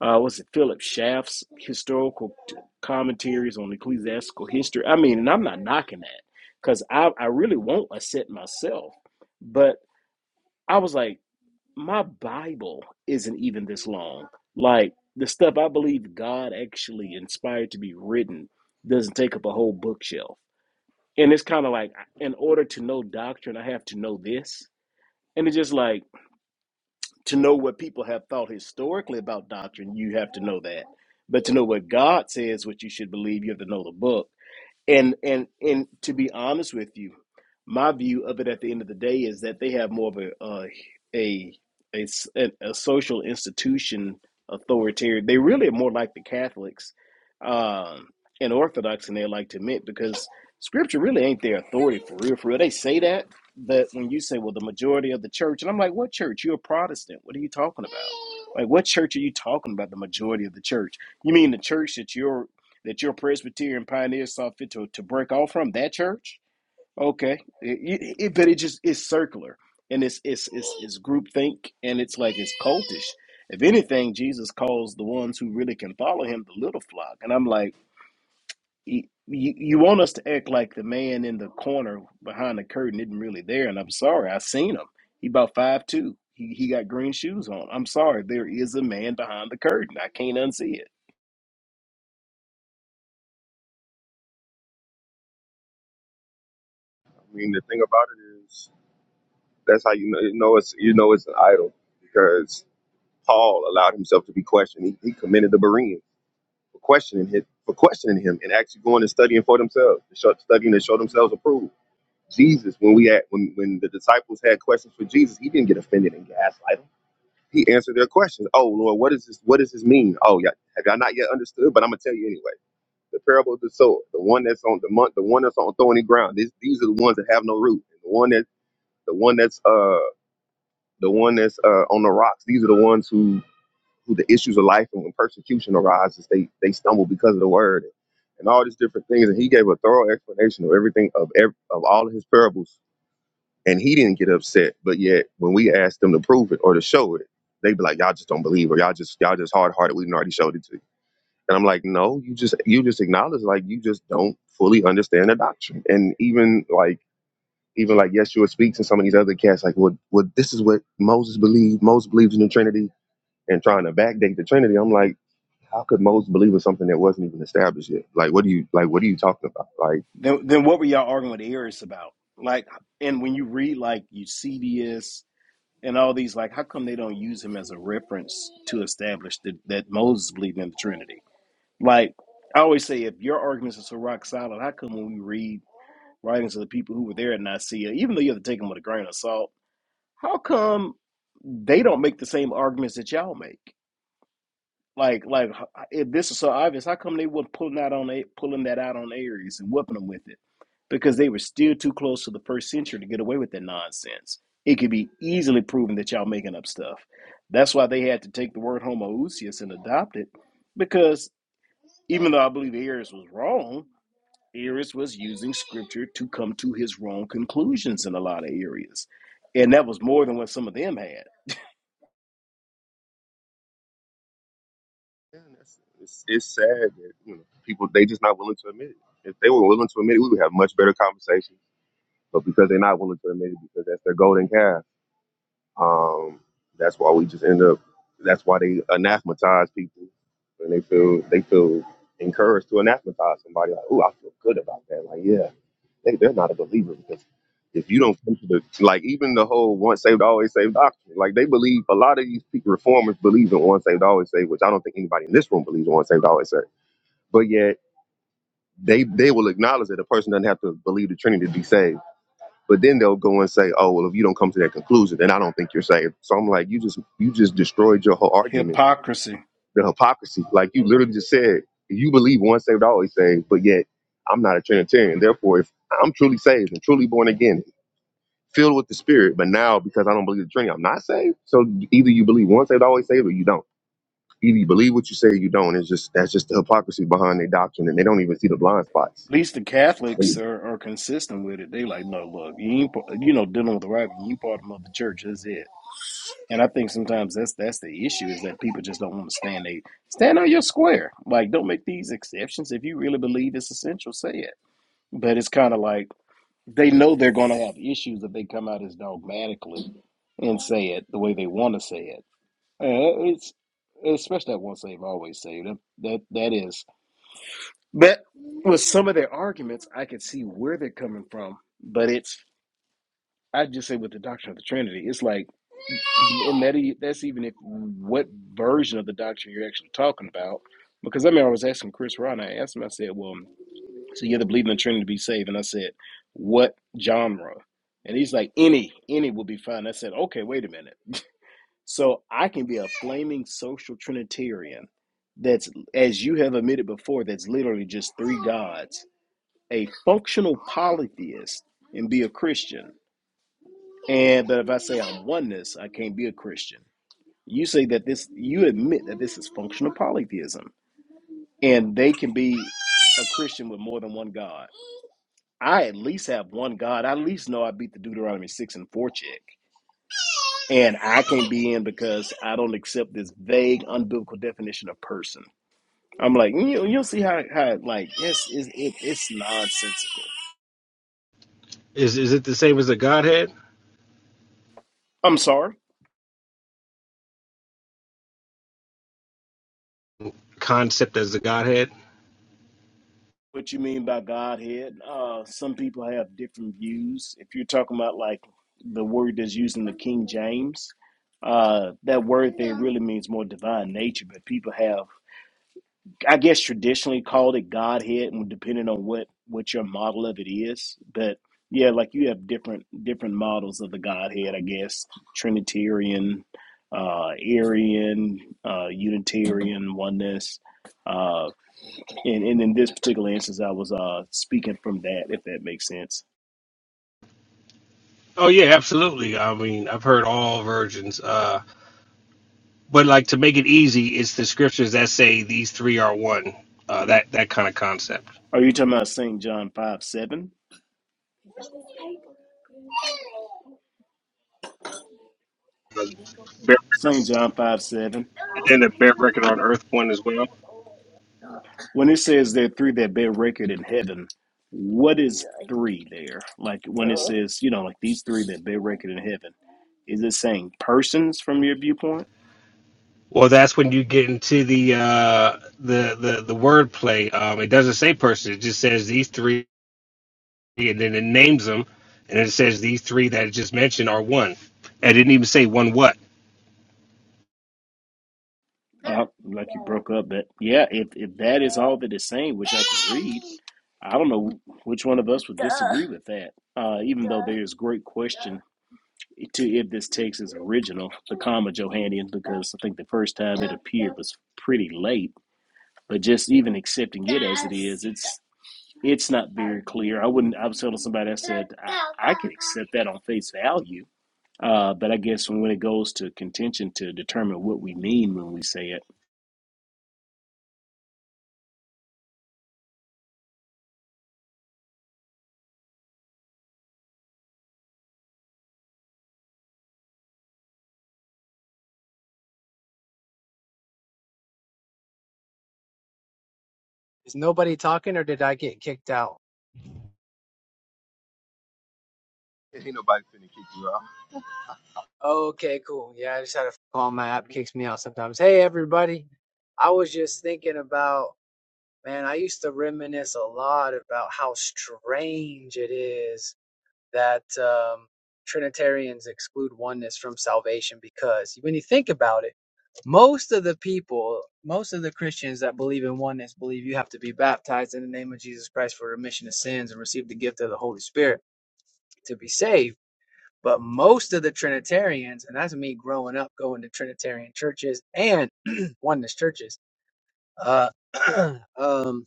Speaker 2: uh, was it Philip Schaff's historical t- commentaries on ecclesiastical history? I mean, and I'm not knocking that because I, I really won't accept myself. But I was like, my Bible isn't even this long. Like, the stuff I believe God actually inspired to be written doesn't take up a whole bookshelf and it's kind of like in order to know doctrine i have to know this and it's just like to know what people have thought historically about doctrine you have to know that but to know what god says what you should believe you have to know the book and and and to be honest with you, my view of it at the end of the day is that they have more of a uh, a, a s- a- a social institution authoritarian. They really are more like the Catholics um, and Orthodox, and they like to admit because Scripture really ain't their authority for real. For real, they say that, but when you say, "Well, the majority of the church," and I'm like, "What church? You're a Protestant. What are you talking about?" Like, what church are you talking about? The majority of the church? You mean the church that you're? that your Presbyterian pioneers saw fit to, to break off from that church? Okay, It- it- but it just it's circular and it's it's it's it's groupthink and it's like it's cultish. If anything, Jesus calls the ones who really can follow him the little flock, and I'm like, you you want us to act like the man in the corner behind the curtain isn't really there, and I'm sorry, I seen him. He about five two. He he got green shoes on. I'm sorry, there is a man behind the curtain. I can't unsee it.
Speaker 4: I mean, the thing about it is that's how you know you know it's you know it's an idol because Paul allowed himself to be questioned. He, he commended the Bereans for questioning him for questioning him and actually going and studying for themselves, to show, studying to show themselves approved. Jesus, when we had when when the disciples had questions for Jesus, he didn't get offended and gaslight them. He answered their questions. Oh Lord, what is this? What does this mean? Oh yeah, have y'all not yet understood? But I'm gonna tell you anyway. the parable of the sower, the one that's on the month, the one that's on thorny ground. These these are the ones that have no root. And The one that the one that's uh the one that's uh on the rocks. These are the ones who who the issues of life and when persecution arises, they they stumble because of the word and all these different things. And he gave a thorough explanation of everything of ev- of all of his parables. And he didn't get upset, but yet when we asked them to prove it or to show it, they'd be like, "Y'all just don't believe, or y'all just y'all just hard hearted. We did already showed it to you." And I'm like, no, you just you just acknowledge like you just don't fully understand the doctrine. And even like even like Yeshua speaks and some of these other cats like, well, well, this is what Moses believed. Moses believes in the Trinity and trying to backdate the Trinity. I'm like, how could Moses believe in something that wasn't even established yet? Like, what do you like? What are you talking about? Like,
Speaker 2: Then, then what were y'all arguing with Eris about? Like, and when you read like Eusebius and all these, like, how come they don't use him as a reference to establish that, that Moses believed in the Trinity? Like, I always say, if your arguments are so rock solid, how come when we read writings of the people who were there at Nicaea, even though you have to take them with a grain of salt, how come they don't make the same arguments that y'all make? Like, like if this is so obvious, how come they weren't pulling out on A- pulling that out on Aries and whipping them with it? Because they were still too close to the first century to get away with that nonsense. It could be easily proven that y'all making up stuff. That's why they had to take the word homoousius and adopt it, because even though I believe Aries was wrong, Eris was using scripture to come to his wrong conclusions in a lot of areas. And that was more than what some of them had.
Speaker 4: man, that's, it's it's sad that you know people they just not willing to admit it. If they were willing to admit it, we would have much better conversations. But because they're not willing to admit it, because that's their golden calf Um, that's why we just end up. That's why they anathematize people, and they feel they feel encouraged to anathematize somebody. Like, oh, I feel good about that. Like, yeah, they they're not a believer because if you don't come to the like, even the whole once saved always saved doctrine. Like, they believe a lot of these people, reformers believe in once saved always saved, which I don't think anybody in this room believes in once saved always saved. But yet they they will acknowledge that a person doesn't have to believe the Trinity to be saved but then they'll go and say, "Oh, well, if you don't come to that conclusion, then I don't think you're saved." So I'm like, "You just you just destroyed your whole argument.
Speaker 2: Hypocrisy. At
Speaker 4: The hypocrisy. Like you literally just said, you believe once saved, always saved, but yet I'm not a Trinitarian. Therefore, if I'm truly saved and truly born again, filled with the Spirit, but now because I don't believe the Trinity, I'm not saved. So either you believe once saved, always saved, or you don't. Either you believe what you say, or you don't. It's just that's just the hypocrisy behind their doctrine, and they don't even see the blind spots.
Speaker 2: least the Catholics are, are consistent with it. They like, no, look, you ain't, pa- you know, dealing with the right, you part of the church. That's it. And I think sometimes that's that's the issue is that people just don't want to stand they stand on your square. Like don't make these exceptions. If you really believe it's essential, say it. But it's kind of like they know they're going to have issues if they come out as dogmatically and say it the way they want to say it. Uh, it's especially that once saved always saved. That that that is. But with some of their arguments, I could see where they're coming from. But it's I just say with the doctrine of the Trinity, it's like and that e- that's even if what version of the doctrine you're actually talking about. Because I mean, I was asking Chris Rod, I asked him, I said, "Well, so you have to believe in the Trinity to be saved?" And I said, "What genre?" And he's like, "Any, any will be fine." I said, "Okay, wait a minute. So I can be a flaming social Trinitarian that's, as you have admitted before, that's literally just three gods, a functional polytheist, and be a Christian." And but if I say I'm oneness, I can't be a Christian. You say that this, you admit that this is functional polytheism, and they can be a Christian with more than one God. I at least have one God. I at least know I beat the Deuteronomy 6 and 4 check. And I can't be in because I don't accept this vague, unbiblical definition of person. I'm like, "Mm, you, you'll see how, how like, yes, it's, it, it's nonsensical.
Speaker 5: Is is it the same as the Godhead
Speaker 2: I'm sorry.
Speaker 5: concept as the Godhead?
Speaker 2: what you mean by Godhead. Uh, some people have different views. If you're talking about like the word that's used in the King James, uh, that word there really means more divine nature. But people have, I guess, traditionally called it Godhead, and depending on what what your model of it is, but yeah, like you have different different models of the Godhead. I guess Trinitarian, uh, Arian, uh, Unitarian, oneness. uh, and and in this particular instance, I was uh speaking from that, if that makes sense.
Speaker 5: Oh yeah, absolutely. I mean, I've heard all versions. Uh, but like to make it easy, it's the scriptures that say these three are one. Uh, that that kind of concept.
Speaker 2: Are you talking about St. John five seven?
Speaker 5: Bear-
Speaker 2: St. John five seven.
Speaker 5: And then the bear record on earth one as well.
Speaker 2: When it says there are three that bear record in heaven, what is three there? Like when it says, you know, like these three that bear record in heaven, is it saying persons from your viewpoint?
Speaker 5: Well, that's when you get into the uh, the the the word Um, it doesn't say person; it just says these three, and then it names them, and it says these three that it just mentioned are one. And it didn't even say one what.
Speaker 2: Uh, like you broke up, but yeah, if, if that is all that it's saying, which I can read, I don't know which one of us would disagree with that. Uh, even though there is great question to if this text is original, the comma Johannian, because I think the first time it appeared was pretty late. But just even accepting it as it is, it's it's not very clear. I wouldn't. I was telling somebody I said I, I could accept that on face value, uh, but I guess when it goes to contention to determine what we mean when we say it,
Speaker 6: Is nobody talking or did I get kicked out?
Speaker 4: Ain't nobody finna kick you out.
Speaker 6: Okay, cool. Yeah, I just had a phone call. My app kicks me out sometimes. Hey, everybody. I was just thinking about, man, I used to reminisce a lot about how strange it is that um, Trinitarians exclude oneness from salvation because when you think about it, most of the people, most of the Christians that believe in oneness believe you have to be baptized in the name of Jesus Christ for remission of sins and receive the gift of the Holy Spirit to be saved But most of the Trinitarians, and that's me growing up going to Trinitarian churches and oneness churches, uh, um,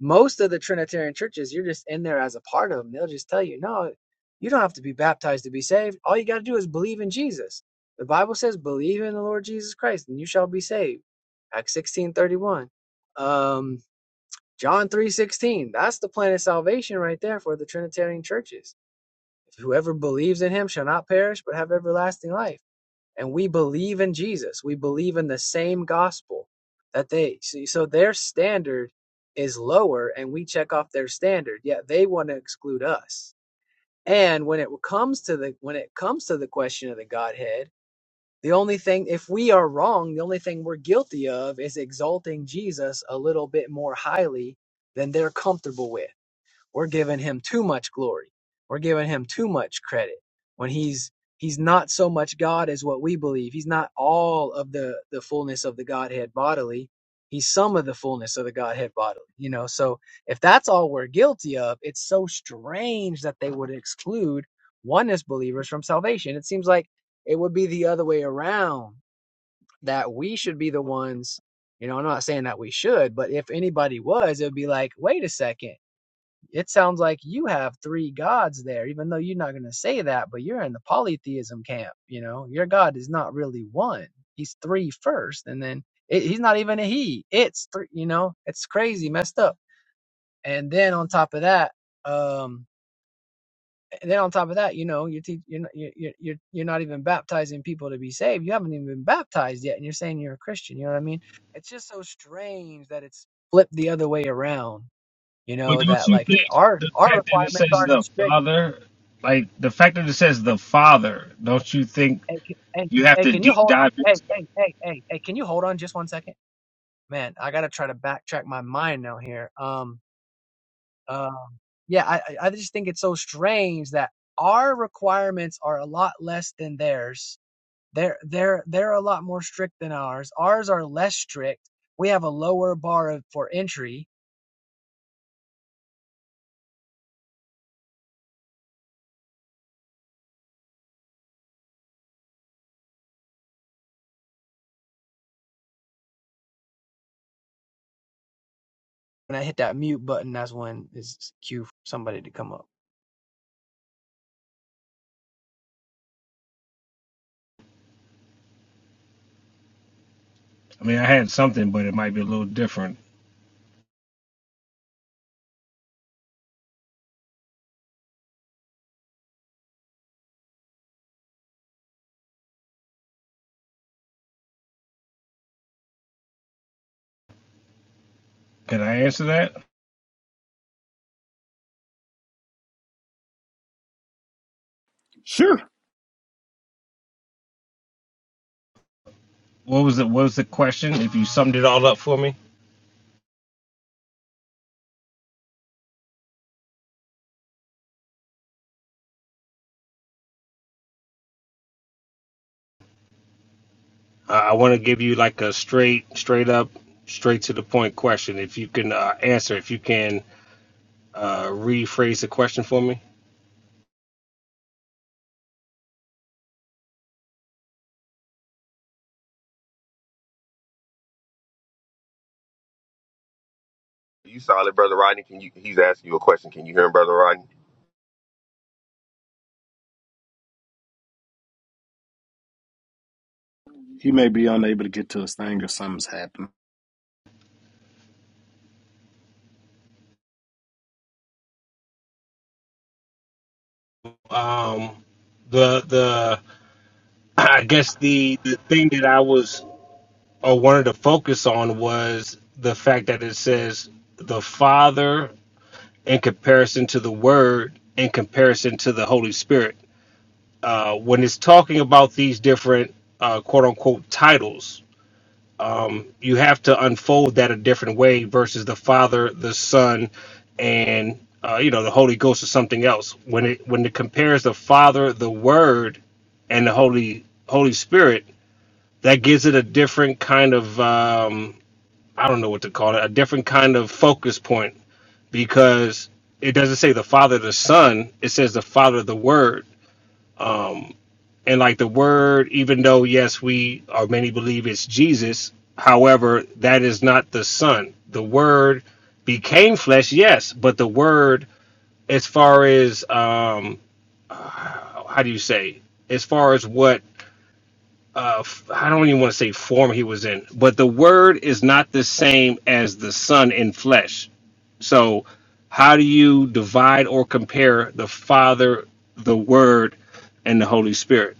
Speaker 6: most of the Trinitarian churches, you're just in there as a part of them. They'll just tell you, no, you don't have to be baptized to be saved. All you got to do is believe in Jesus. The Bible says, believe in the Lord Jesus Christ and you shall be saved. Acts 16 31, Um, John 3 16. That's the plan of salvation right there for the Trinitarian churches whoever believes in him shall not perish but have everlasting life and we believe in jesus we believe in the same gospel that they see so their standard is lower and we check off their standard yet they want to exclude us and when it comes to the when it comes to the question of the godhead the only thing if we are wrong the only thing we're guilty of is exalting jesus a little bit more highly than they're comfortable with we're giving him too much glory. We're giving him too much credit when he's he's not so much God as what we believe. He's not all of the the fullness of the Godhead bodily. He's some of the fullness of the Godhead bodily. You know, so if that's all we're guilty of, it's so strange that they would exclude oneness believers from salvation. It seems like it would be the other way around that we should be the ones you know, I'm not saying that we should, but if anybody was, it would be like, wait a second it sounds like you have three gods there, even though you're not going to say that, but you're in the polytheism camp. You know, your God is not really one. He's three first, and then it, he's not even a he. It's three. You know, it's crazy, messed up. And then on top of that, um, and then on top of that, you know, you're, te- you're, not, you're, you're, you're you're not even baptizing people to be saved. You haven't even been baptized yet, and you're saying you're a Christian. You know what I mean? It's just so strange that it's flipped the other way around. You
Speaker 5: But
Speaker 6: know
Speaker 5: don't
Speaker 6: that
Speaker 5: you
Speaker 6: like, hey,
Speaker 5: think
Speaker 6: our
Speaker 5: the
Speaker 6: our
Speaker 5: fact that it
Speaker 6: requirements
Speaker 5: says
Speaker 6: aren't
Speaker 5: the
Speaker 6: as strict
Speaker 5: Father, like the fact that it says the Father, don't you think
Speaker 6: Hey, can- hey, can-
Speaker 5: you have
Speaker 6: hey,
Speaker 5: to
Speaker 6: can you
Speaker 5: deep
Speaker 6: hold on?
Speaker 5: dive
Speaker 6: Hey,
Speaker 5: into it?
Speaker 6: hey, hey, hey, hey, can you hold on just one second? Man, I gotta try to backtrack my mind now here. Um, um, yeah, I, I I just think it's so strange that our requirements are a lot less than theirs. They're they're they're a lot more strict than ours. Ours are less strict. We have a lower bar of, for entry. When I hit that mute button, that's when it's cue for somebody to come up.
Speaker 5: I mean, I had something, but it might be a little different. Can I answer that?
Speaker 2: Sure.
Speaker 5: What was the What was the question? If you summed it all up for me, I, I want to give you like a straight, straight up, straight to the point question. If you can uh, answer, if you can uh, rephrase the question for me.
Speaker 4: You solid, brother Rodney? Can you? He's asking you a question. Can you hear him, brother Rodney?
Speaker 2: He may be unable to get to his thing or something's happened.
Speaker 5: Um, the the I guess the the thing that I was or wanted to focus on was the fact that it says the Father in comparison to the Word, in comparison to the Holy Spirit. Uh, when it's talking about these different uh, quote unquote titles, um, you have to unfold that a different way versus the Father, the Son, and uh, you know the Holy Ghost or something else. When it when it compares the Father, the Word, and the Holy Holy Spirit, that gives it a different kind of um, I don't know what to call it, a different kind of focus point because it doesn't say the Father, the Son, it says the Father, the Word. And like the Word, even though, yes, we or many believe it's Jesus, however, that is not the Son. The Word became flesh, yes, but the Word, as far as, um, how do you say, as far as what uh, f- I don't even want to say form he was in, but the word is not the same as the son in flesh. So, how do you divide or compare the Father, the Word, and the Holy Spirit?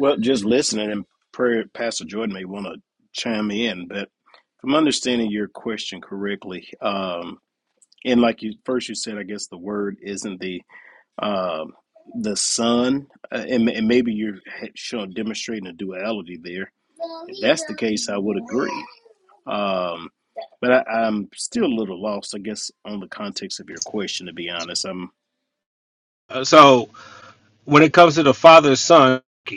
Speaker 2: Well, just listening and prayer, Pastor Jordan may want to chime in, but if I'm understanding your question correctly, um. and like you first you said i guess the word isn't the um the sun uh, and, and maybe you're showing demonstrating a duality there if that's the case i would agree um but I, i'm still a little lost i guess on the context of your question to be honest i'm
Speaker 5: Uh, So, when it comes to the Father, Son, uh,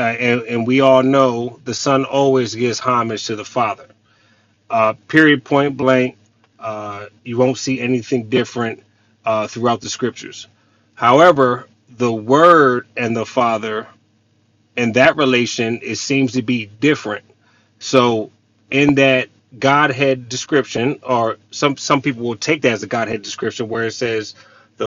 Speaker 5: and, and we all know the Son always gives homage to the Father uh, period point blank. Uh, you won't see anything different uh, throughout the scriptures. However, the Word and the Father and that relation it seems to be different. So, in that Godhead description, or some some people will take that as a Godhead description, where it says the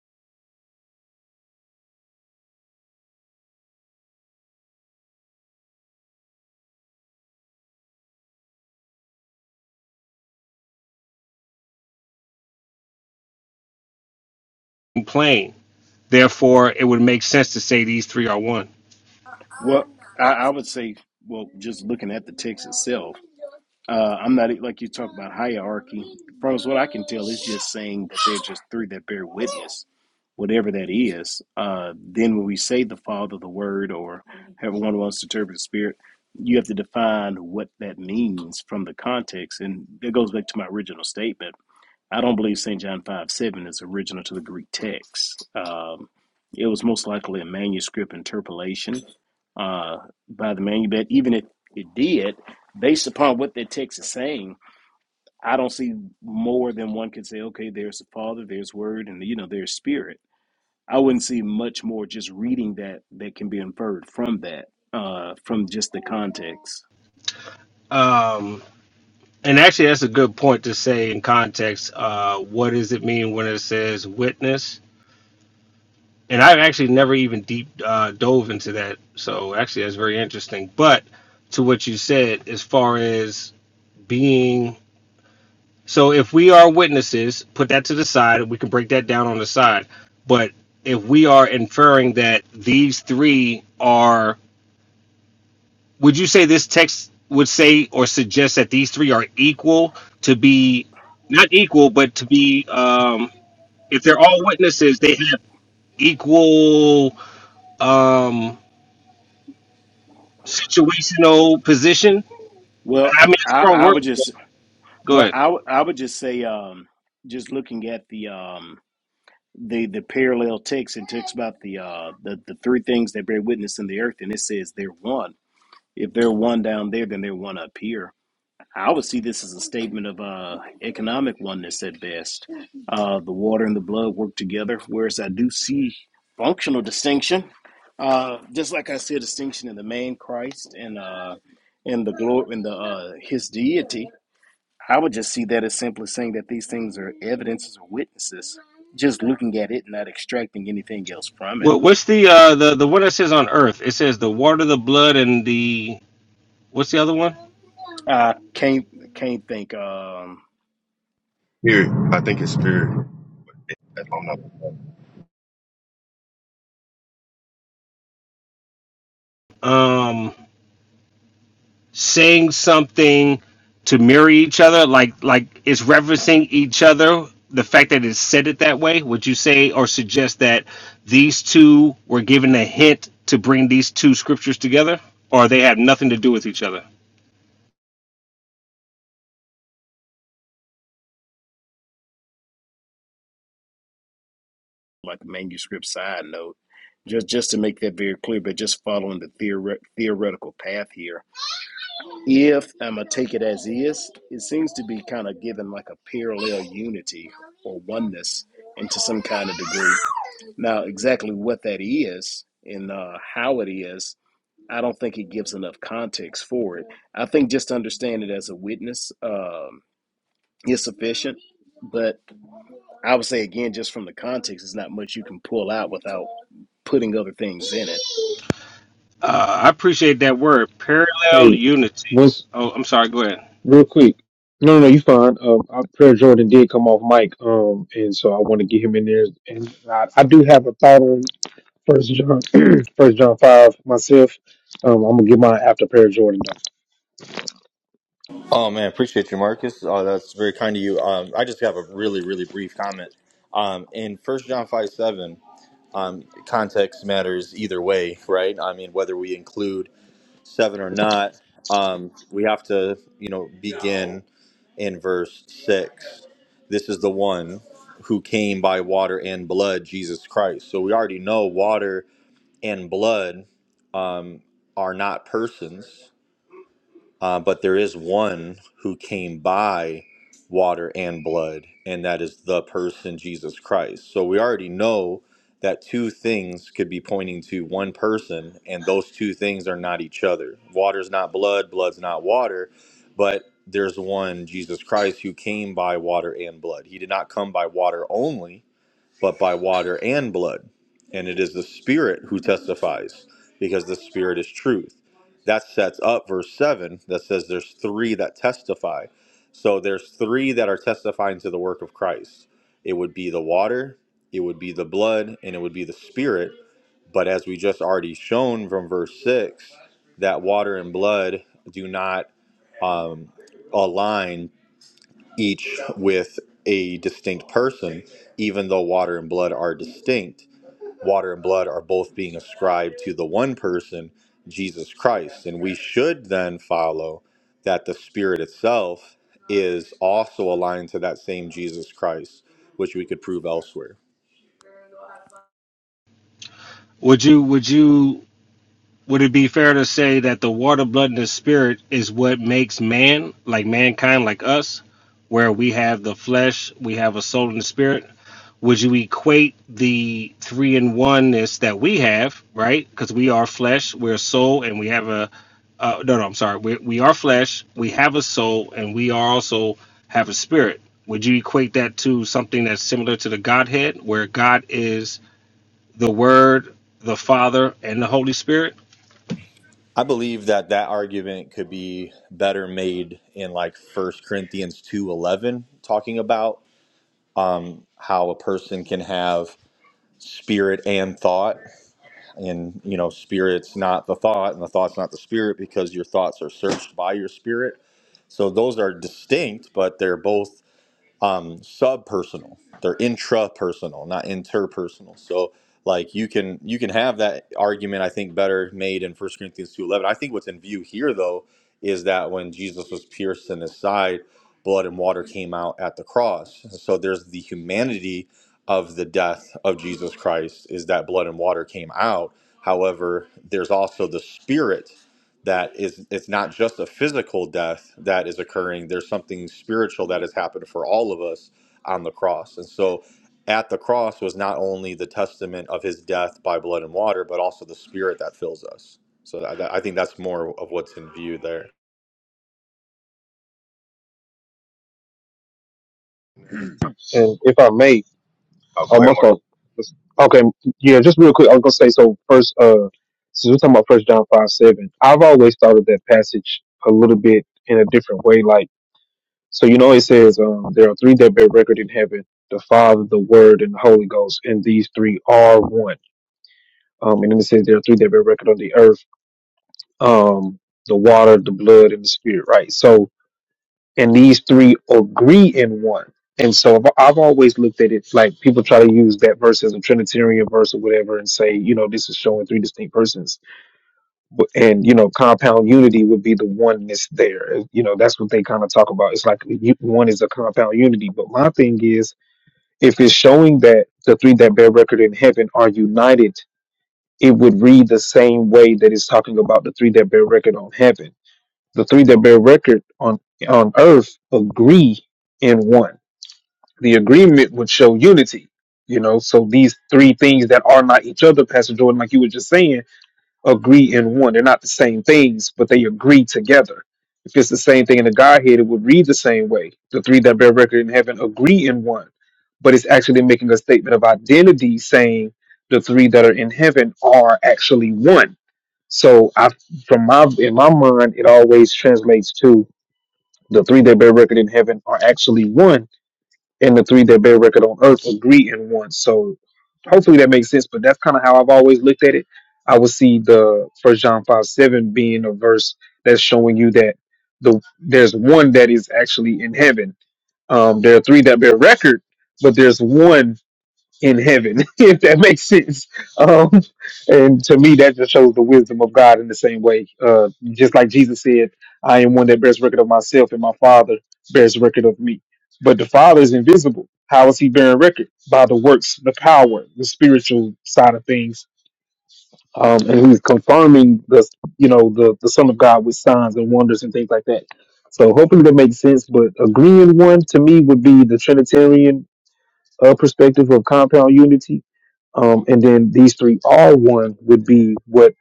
Speaker 5: plane. Therefore, it would make sense to say these three are one.
Speaker 2: Well, I, I would say, well, just looking at the text itself, uh, I'm not like you talk about hierarchy. From what I can tell, it's just saying that they're just three that bear witness, whatever that is. Uh, then when we say the Father, the Word, or however one wants to interpret the Spirit, you have to define what that means from the context, and that goes back to my original statement. I don't believe St. John 5 7 is original to the Greek text. Um, it was most likely a manuscript interpolation uh, by the manuscript. Even if it did, based upon what that text is saying, I don't see more than one can say, okay, there's the Father, there's Word, and you know, there's Spirit. I wouldn't see much more just reading that that can be inferred from that, uh, from just the context.
Speaker 5: Um, And actually, that's a good point to say in context. Uh, what does it mean when it says witness? And I've actually never even deep uh, dove into that. So actually, that's very interesting. But to what you said, as far as being so, if we are witnesses, put that to the side. We can break that down on the side. But if we are inferring that these three are would you say this text would say or suggest that these three are equal to be not equal but to be um if they're all witnesses they have equal um situational position
Speaker 2: Well,
Speaker 5: i mean it's a
Speaker 2: I,
Speaker 5: strong
Speaker 2: I
Speaker 5: word
Speaker 2: would
Speaker 5: but
Speaker 2: just
Speaker 5: go
Speaker 2: well,
Speaker 5: ahead
Speaker 2: I would I would just say, um, just looking at the um, the the parallel text and talks about the uh the, the three things that bear witness in the earth and it says they're one if they're one down there then they're one up here i would see this as a statement of uh economic oneness at best uh the water and the blood work together whereas i do see functional distinction uh just like i see a distinction in the man christ and uh and the glory in the uh his deity I would just see that as simply saying that these things are evidences or witnesses, just looking at it, and not extracting anything else from it.
Speaker 5: what, what's the uh the the one that says on earth it says the water the blood and the what's the other one
Speaker 2: I can't can't think um
Speaker 4: Spirit. I think it's spirit. That's what I'm not looking
Speaker 5: Um, saying something to mirror each other, like like it's referencing each other. The fact that it's said it that way, would you say or suggest that these two were given a hint to bring these two scriptures together, or they have nothing to do with each other?
Speaker 2: like the manuscript side note. Just just to make that very clear, but just following the theore- theoretical path here. If I'm gonna take it as is, it seems to be kind of given like a parallel unity or oneness into some kind of degree. Now, exactly what that is and uh, how it is I don't think it gives enough context for it. I think just to understand it as a witness um, is sufficient. But I would say again, just from the context, there's not much you can pull out without putting other things in it.
Speaker 5: Uh, I appreciate that word, parallel
Speaker 3: Hey,
Speaker 5: unity.
Speaker 3: once
Speaker 5: Oh, I'm sorry. Go ahead.
Speaker 3: real quick. No, no, no, you fine. Um, I, Prayer Jordan did come off mic, um, and so I want to get him in there. And I, I do have a thought on First John, First John five myself. Um, I'm gonna get mine after Prayer Jordan though.
Speaker 7: Oh man, appreciate you, Marcus. Oh, that's very kind of you. Um, I just have a really, really brief comment. Um, in First John five seven, um, context matters either way, right? I mean, whether we include seven or not, um, we have to, you know, begin in verse six. This is the one who came by water and blood, Jesus Christ. So we already know water and blood um, are not persons uh, but there is one who came by water and blood, and that is the person Jesus Christ. So we already know that two things could be pointing to one person, and those two things are not each other. Water's not blood, blood's not water, but there's one, Jesus Christ, who came by water and blood. He did not come by water only, but by water and blood. And it is the Spirit who testifies, because the Spirit is truth. That sets up verse 7 that says there's three that testify. So there's three that are testifying to the work of Christ it would be the water, it would be the blood, and it would be the Spirit. But as we just already shown from verse 6, that water and blood do not um, align each with a distinct person, even though water and blood are distinct. Water and blood are both being ascribed to the one person, Jesus Christ. And we should then follow that the Spirit itself is also aligned to that same Jesus Christ, which we could prove elsewhere.
Speaker 5: Would you? Would you? Would it be fair to say that the water, blood, and the spirit is what makes man, like mankind, like us, where we have the flesh, we have a soul and a spirit? Would you equate the three in oneness that we have, right? Because we are flesh, we're soul, and we have a uh, no, no, I'm sorry. We we are flesh, we have a soul, and we are also have a spirit. Would you equate that to something that's similar to the Godhead, where God is the Word, the Father, and the Holy Spirit?
Speaker 7: I believe that that argument could be better made in like First Corinthians 2:11 talking about um, how a person can have spirit and thought and you know spirit's not the thought and the thought's not the spirit because your thoughts are searched by your spirit so those are distinct but they're both um, subpersonal. They're intrapersonal, not interpersonal. So like you can you can have that argument I think better made in First Corinthians 2:11. I think what's in view here though is that when Jesus was pierced in his side, blood and water came out at the cross. So there's the humanity of the death of Jesus Christ is that blood and water came out. However, there's also the spirit that is it's not just a physical death that is occurring there's something spiritual that has happened for all of us on the cross and so at the cross was not only the testament of his death by blood and water but also the spirit that fills us so i, I think that's more of what's in view there
Speaker 4: at that time.
Speaker 3: And if I may,
Speaker 4: Oh, go
Speaker 3: oh
Speaker 4: ahead,
Speaker 3: my
Speaker 4: Mark.
Speaker 3: God, okay, yeah, just real quick. I was gonna say so. First, uh, since we're talking about First John five seven, I've always thought of that passage a little bit in a different way, like. So you know it says um, there are three that bear record in heaven: the Father, the Word, and the Holy Ghost, and these three are one. Um, and then it says there are three that bear record on the earth: um, the water, the blood, and the spirit. Right. So and these three agree in one. And so I've, I've always looked at it like people try to use that verse as a Trinitarian verse or whatever, and say you know this is showing three distinct persons. But- And you know compound unity would be the oneness there. You know that's what they kind of talk about. It's like you- one is a compound unity. But my thing is if it's showing that the three that bear record in heaven are united, it would read the same way that it's talking about the three that bear record on heaven. The three that bear record on on earth agree in one. The agreement would show unity. You know, so these three things that are not each other, Pastor Jordan, like you were just saying, agree in one. They're not the same things, but they agree together. If it's the same thing in the Godhead, it would read the same way. The three that bear record in heaven agree in one, but it's actually making a statement of identity, saying the three that are in heaven are actually one. So, I, from my in my mind, it always translates to the three that bear record in heaven are actually one and the three that bear record on earth agree in one. So hopefully that makes sense. But that's kind of how I've always looked at it. I would see the First John five seven being a verse that's showing you that the there's one that is actually in heaven. Um, there are three that bear record, but there's one in heaven, if that makes sense. Um, and to me, that just shows the wisdom of God in the same way. Uh, just like Jesus said, I am one that bears record of myself, and my Father bears record of me. But the Father is invisible. How is he bearing record? By the works, the power, the spiritual side of things. Um, and he's confirming the, you know, the, the Son of God with signs and wonders and things like that. So hopefully that makes sense. But agreeing one to me would be the Trinitarian a perspective of compound unity. Um, and then these three are one would be what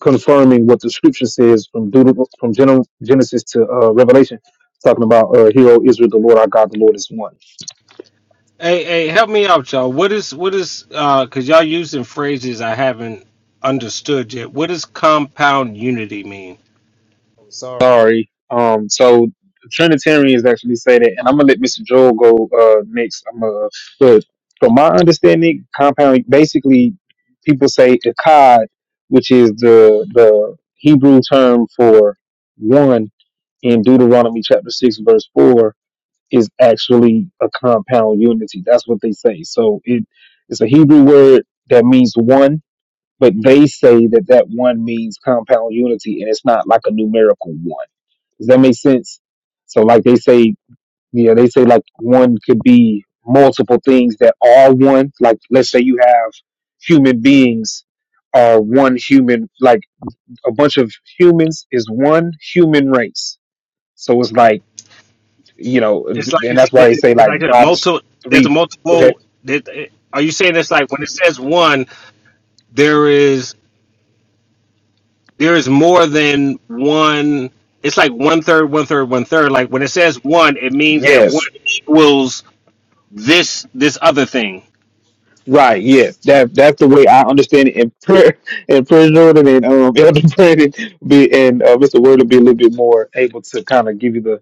Speaker 3: confirming what the scripture says from Deuteronomy, from Gen- Genesis to uh, Revelation, talking about uh, hero Israel, the Lord our God, the Lord is one.
Speaker 5: Hey, hey, help me out, y'all. What is what is uh cause y'all using phrases I haven't understood yet. What does compound unity mean?
Speaker 3: Oh, sorry. Sorry. Um, so Trinitarians actually say that, and I'm gonna let Mr. Joel go uh, next. I'm uh, but from my understanding, compound basically people say Akkad, which is the the Hebrew term for one in Deuteronomy chapter 6 verse 4 is actually a compound unity. That's what they say. So it it's a Hebrew word that means one, but they say that that one means compound unity and it's not like a numerical one. Does that make sense? So like they say, yeah, they say like one could be multiple things that are one. Like let's say you have human beings are one human like a bunch of humans is one human race. So it's like you know,
Speaker 5: It's like
Speaker 3: and
Speaker 5: it's,
Speaker 3: that's why they
Speaker 5: it,
Speaker 3: say
Speaker 5: it's
Speaker 3: like
Speaker 5: like a
Speaker 3: God is
Speaker 5: multiple. There's a
Speaker 3: three. Go ahead.
Speaker 5: multiple. That, are you saying it's like when it says one, there is there is more than one? It's like one third, one third, one third. Like when it says one, it means that one
Speaker 3: Yes.
Speaker 5: equals this this other thing.
Speaker 3: Right. Yes. That that's the way I understand it. And prayer and prayer Jordan and um Elder Brandon be and uh, Mr. Word will be a little bit more able to kind of give you the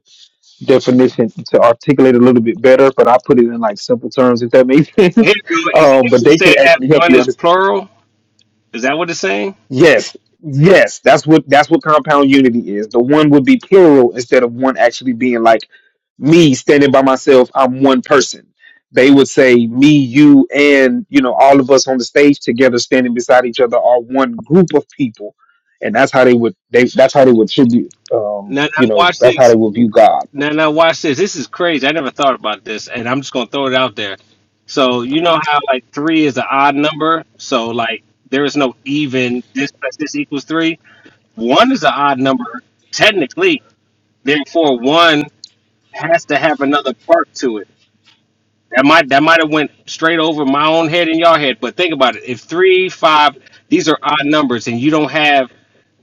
Speaker 3: definition to articulate a little bit better. But I put it in like simple terms if that makes
Speaker 5: Here,
Speaker 3: sense.
Speaker 5: you go. is, it
Speaker 3: Um,
Speaker 5: is
Speaker 3: but they
Speaker 5: it saying
Speaker 3: can
Speaker 5: that
Speaker 3: actually help
Speaker 5: one
Speaker 3: you
Speaker 5: is plural? Is that what it's saying?
Speaker 3: Yes, yes, that's what that's what compound unity is. The one would be plural instead of one actually being like me standing by myself. I'm one person. They would say me, you, and you know all of us on the stage together, standing beside each other, are one group of people, and that's how they would they that's how they would tribute. Um,
Speaker 5: Now, now
Speaker 3: you know
Speaker 5: watch
Speaker 3: that's how
Speaker 5: this.
Speaker 3: they would view God.
Speaker 5: Now, now watch this. This is crazy. I never thought about this, and I'm just gonna throw it out there. So you know how like three is an odd number, so like there is no even this plus this equals three. One is an odd number technically, therefore one has to have another part to it. That might that might have went straight over my own head and your head, but think about it. If three, five, these are odd numbers, and you don't have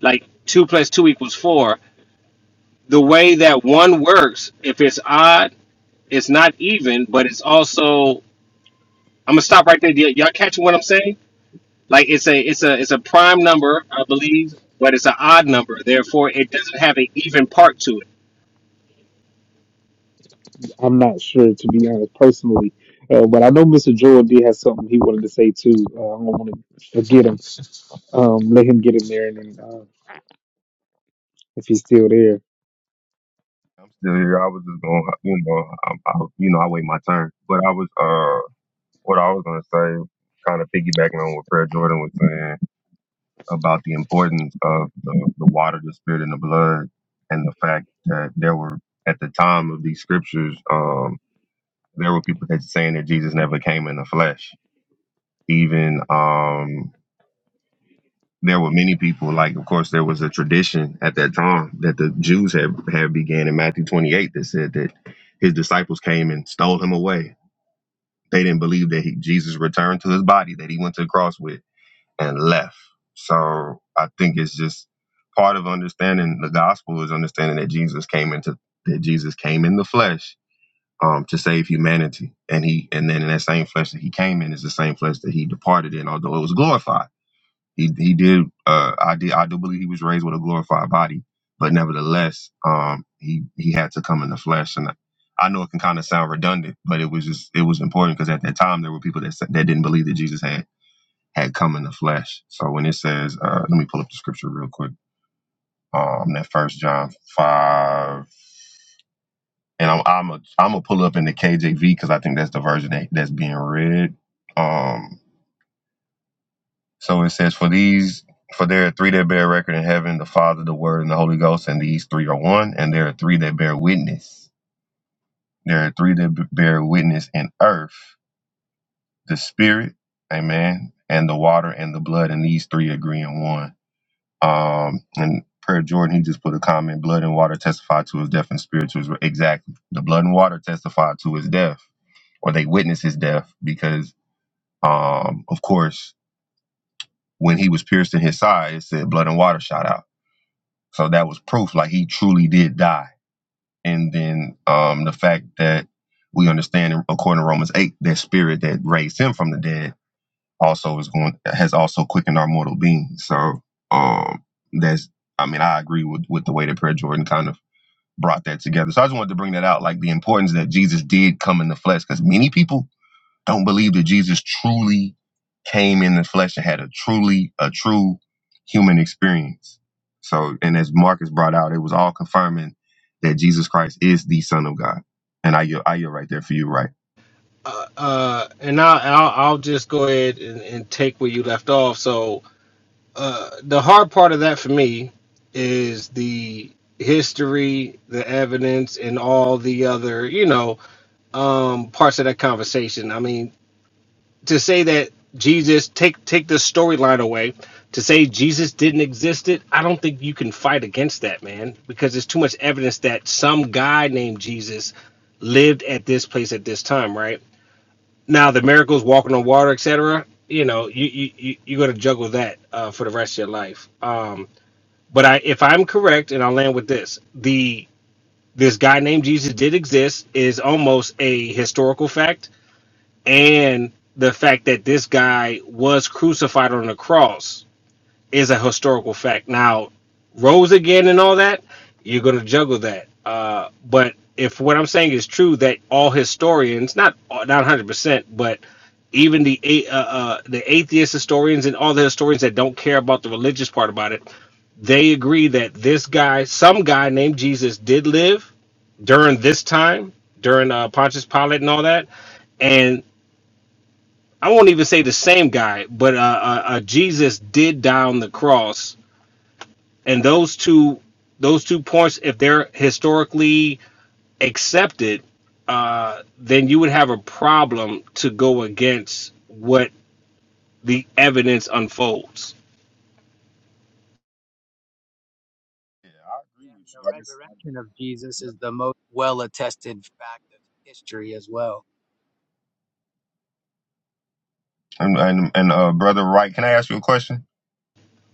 Speaker 5: like two plus two equals four. The way that one works, if it's odd it's not even, but it's also I'm gonna stop right there. Y- Y'all catching what I'm saying? Like it's a it's a it's a prime number, I believe, but it's an odd number. Therefore, it doesn't have an even part to it.
Speaker 3: I'm not sure to be honest personally, uh, but I know Mr. Jordan did have something he wanted to say too. Uh, I don't want to forget him. Um, let him get in there, and then uh, if he's still there,
Speaker 4: I'm still here. I was just going, to you know, I, I, you know, I wait my turn. But I was, uh, what I was going to say, kind of piggybacking on what Prayer Jordan was saying about the importance of the, the water, the spirit, and the blood, and the fact that there were at the time of these scriptures, um, there were people that saying that Jesus never came in the flesh. Even um, there were many people like of course there was a tradition at that time that the jews had had began in matthew 28 that said that his disciples came and stole him away they didn't believe that he, jesus returned to his body that he went to the cross with and left so i think it's just part of understanding the gospel is understanding that jesus came into that jesus came in the flesh um, to save humanity and he and then in that same flesh that he came in is the same flesh that he departed in although it was glorified he he did. Uh, I did. I do believe he was raised with a glorified body, but nevertheless, um, he he had to come in the flesh. And I I know it can kind of sound redundant, but it was just it was important because at that time there were people that said, that didn't believe that Jesus had had come in the flesh. So when it says, uh, let me pull up the scripture real quick. Um, that First John five, and I'm I'm a I'm gonna pull up in the KJV because I think that's the version that, that's being read. Um. So it says, For these for there are three that bear record in heaven, the Father, the Word, and the Holy Ghost, and these three are one, and there are three that bear witness. There are three that b- bear witness in earth, the spirit, amen, and the water and the blood, and these three agree in one. Um and Per Jordan, he just put a comment, blood and water testify to his death and spirit to his re- exactly. The blood and water testify to his death, or they witness his death, because um, of course, when he was pierced in his side, it said blood and water shot out. So that was proof, like he truly did die. And then um, the fact that we understand, according to Romans eight, that spirit that raised him from the dead also is going has also quickened our mortal being. So um, that's, I mean, I agree with with the way that Prayer Jordan kind of brought that together. So I just wanted to bring that out, like the importance that Jesus did come in the flesh, because many people don't believe that Jesus truly came in the flesh and had a truly a true human experience. So, and as Marcus brought out, it was all confirming that Jesus Christ is the Son of God. And I, yield- I yield right there for you, right?
Speaker 5: Uh, uh, and I'll, I'll I'll just go ahead and, and take where you left off. So uh, the hard part of that for me is the history, the evidence, and all the other you know um, parts of that conversation. I mean, to say that Jesus take take this storyline away to say Jesus didn't exist it I don't think you can fight against that man because there's too much evidence that some guy named Jesus lived at this place at this time right now the miracles walking on water etc you know you you, you you're gonna juggle that uh, for the rest of your life um but I if I'm correct and I'll land with this the this guy named Jesus did exist is almost a historical fact and the fact that this guy was crucified on the cross is a historical fact. Now, rose again and all that, you're going to juggle that. Uh, but if what I'm saying is true, that all historians, not not 100 percent, but even the a- uh, uh, the atheist historians and all the historians that don't care about the religious part about it, they agree that this guy, some guy named Jesus, did live during this time, during uh, Pontius Pilate and all that, and I won't even say the same guy, but uh, uh, uh, Jesus did die on the cross, and those two those two points, if they're historically accepted, uh, then you would have a problem to go against what the evidence unfolds.
Speaker 4: Yeah, I agree
Speaker 6: Yeah, and
Speaker 4: with you. I
Speaker 6: the
Speaker 4: guess
Speaker 6: resurrection of Jesus is the most well attested fact of history as well.
Speaker 4: And and, and uh, brother, Wright, Can I ask you a question?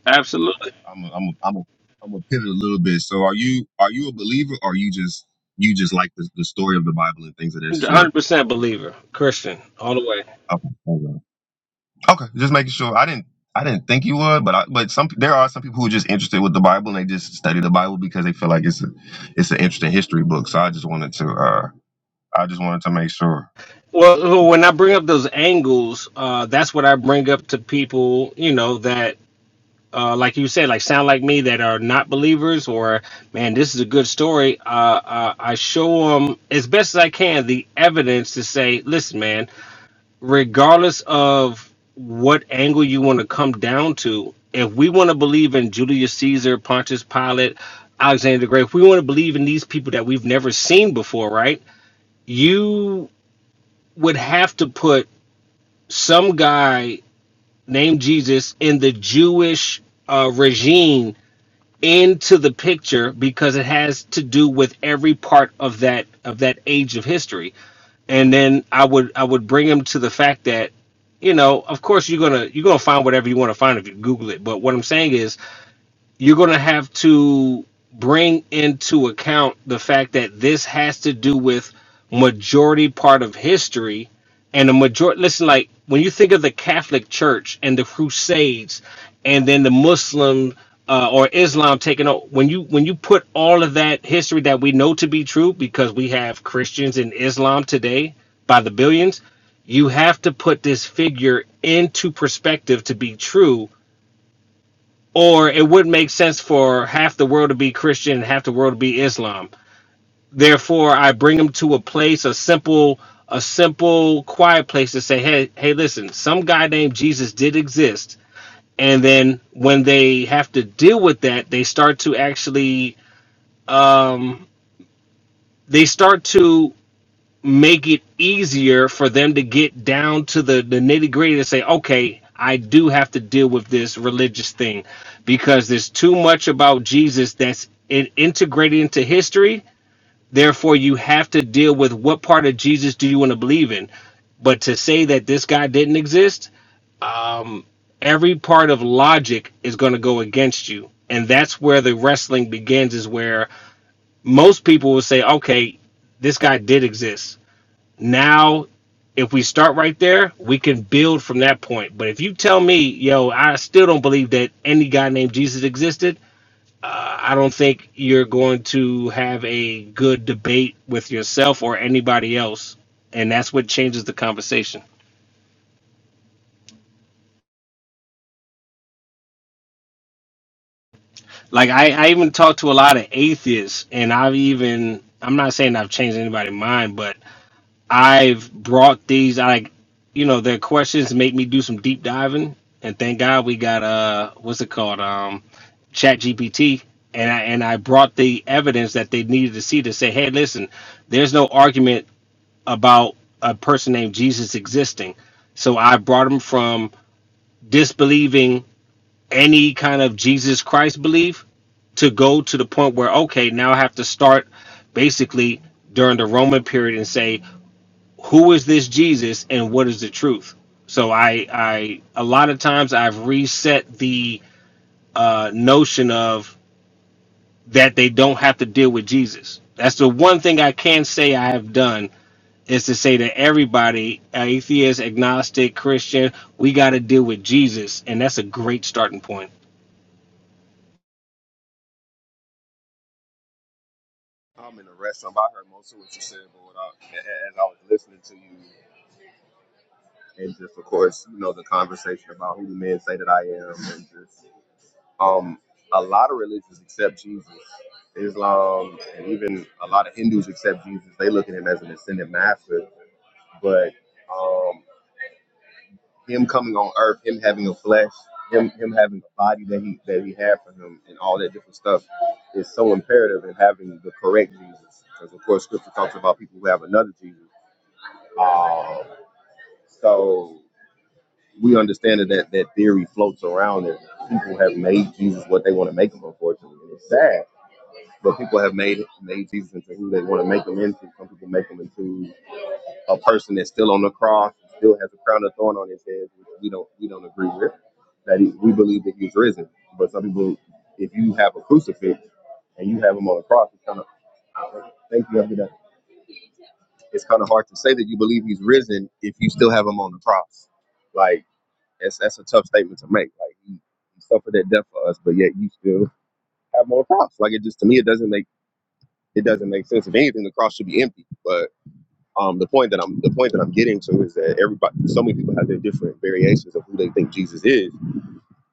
Speaker 5: Absolutely,
Speaker 4: I'm a, I'm a, I'm a, I'm a pivot a little bit. So, are you are you a believer, or you just you just like the, the story of the Bible and things of that sort?
Speaker 5: hundred percent believer, Christian, all the way.
Speaker 4: Oh, okay. Okay, just making sure. I didn't I didn't think you would, but I, but some there are some people who are just interested with the Bible and they just study the Bible because they feel like it's a it's an interesting history book. So I just wanted to uh I just wanted to make sure.
Speaker 5: Well, when I bring up those angles, uh, that's what I bring up to people, you know, that uh, like you said, like sound like me that are not believers, or man, this is a good story. Uh, uh, I show them as best as I can the evidence to say, listen, man, regardless of what angle you want to come down to, if we want to believe in Julius Caesar, Pontius Pilate, Alexander the Great, if we want to believe in these people that we've never seen before, right? You would have to put some guy named Jesus in the Jewish uh, regime into the picture because it has to do with every part of that of that age of history and then i would i would bring him to the fact that you know of course you're gonna you're gonna find whatever you want to find if you google it but what i'm saying is you're going to have to bring into account the fact that this has to do with majority part of history and the majority listen like when you think of the catholic church and the crusades and then the muslim uh, or islam taking over when you when you put all of that history that we know to be true because we have christians in islam today by the billions you have to put this figure into perspective to be true or it wouldn't make sense for half the world to be Christian and half the world to be Islam. Therefore, I bring them to a place, a simple, a simple, quiet place to say, hey, hey, listen, some guy named Jesus did exist. And then when they have to deal with that, they start to actually, um, they start to make it easier for them to get down to the, the nitty gritty to say, okay, I do have to deal with this religious thing because there's too much about Jesus that's in, integrated into history. Therefore, you have to deal with what part of Jesus do you want to believe in. But to say that this guy didn't exist, every part of logic is going to go against you. And that's where the wrestling begins, is where most people will say, okay, this guy did exist now, if we start right there, we can build from that point. But if you tell me, yo, I still don't believe that any guy named Jesus existed, I don't think you're going to have a good debate with yourself or anybody else. And that's what changes the conversation. Like, I, I even talked to a lot of atheists, and I've even, I'm not saying I've changed anybody's mind, but I've brought these. I, you know, their questions make me do some deep diving, and thank God we got uh, what's it called, um, Chat GPT, and I and I brought the evidence that they needed to see to say, hey, listen, there's no argument about a person named Jesus existing. So I brought them from disbelieving any kind of Jesus Christ belief to go to the point where okay now i have to start basically during the roman period and say who is this Jesus and what is the truth? So I I a lot of times I've reset the uh, notion of that they don't have to deal with Jesus. That's the one thing I can say I have done is to say that everybody, atheist, agnostic, Christian, we got to deal with Jesus, and that's a great starting point.
Speaker 4: I'm in the rest. I heard most of what you said, but without, a- a- as I was listening to you, and just of course, you know, the conversation about who the men say that I am, and just um, a lot of religions accept Jesus, Islam, and even a lot of Hindus accept Jesus. They look at him as an ascended master, but um, him coming on earth, him having a flesh, him him having a body that he that he had for him, and all that different stuff is so imperative in having the correct Jesus, because of course Scripture talks about people who have another Jesus. So we understand that that, that theory floats around that people have made Jesus what they want to make him, unfortunately, and it's sad. But people have made made Jesus into who they want to make him into. Some people make him into a person that's still on the cross, still has a crown of thorn on his head, which we don't we don't agree with that he, we believe that he's risen. But some people, if you have a crucifix and you have him on a cross, it's kind of thank you. Have a It's kind of hard to say that you believe he's risen if you still have him on the cross. Like that's that's a tough statement to make. Like he, he suffered that death for us, but yet you still have him on the cross. Like it just to me, it doesn't make it doesn't make sense. If anything, the cross should be empty. But um, the point that I'm the point that I'm getting to is that everybody, so many people have their different variations of who they think Jesus is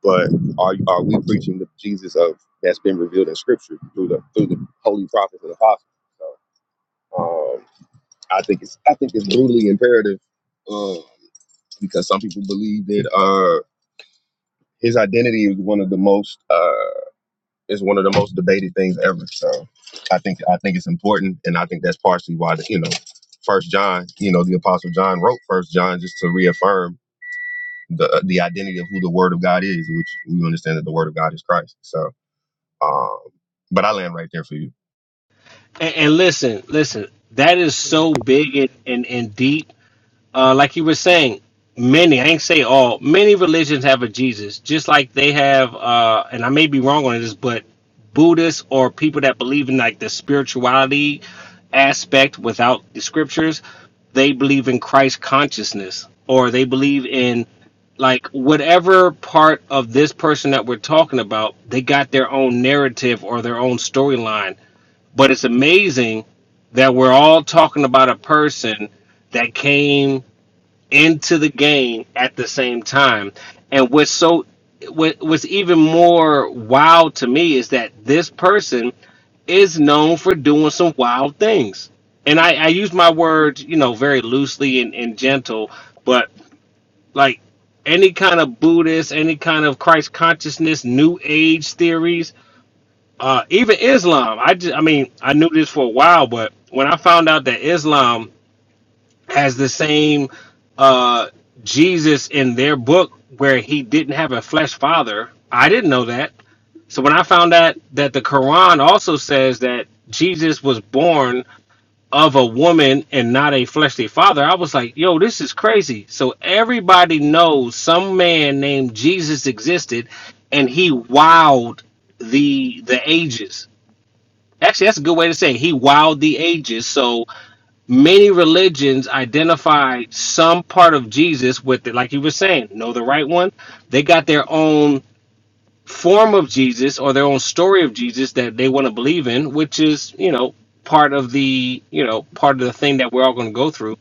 Speaker 4: But are are we preaching the Jesus of that's been revealed in Scripture through the through the holy prophets and apostles? So um, I think it's I think it's brutally imperative um, because some people believe that uh, his identity is one of the most uh, is one of the most debated things ever. So I think I think it's important, and I think that's partially why the, you know First John, you know the Apostle John wrote First John just to reaffirm the uh, the identity of who the Word of God is, which we understand that the Word of God is Christ. So. Um, But I land right there for you.
Speaker 5: And, and listen, listen, that is
Speaker 3: Hey,
Speaker 5: so big and, and, and deep. Uh, like you were saying, many, I ain't say all, many religions have a Jesus, just like they have, uh, and I may be wrong on this, but Buddhists or people that believe in like the spirituality aspect without the scriptures, they believe in Christ consciousness or they believe in like whatever part of this person that we're talking about, they got their own narrative or their own storyline but it's amazing that we're all talking about a person that came into the game at the same time. And what's so what, what's even more wild to me is that this person is known for doing some wild things. And I, I use my words, you know, very loosely and, and gentle, but like any kind of Buddhist, any kind of Christ consciousness, New Age theories, uh, even Islam. I just, I mean, I knew this for a while, but when I found out that Islam has the same uh, Jesus in their book where he didn't have a flesh father, I didn't know that. So when I found out that the Quran also says that Jesus was born of a woman and not a fleshly father, I was like, yo, this is crazy. So everybody knows some man named Jesus existed and he wowed the the ages Actually, that's a good way to say it. he wowed the ages. So many religions identify some part of Jesus with it, like you were saying. Know the right one? They got their own form of Jesus or their own story of Jesus that they want to believe in, which is you know part of the you know part of the thing that we're all going to go through.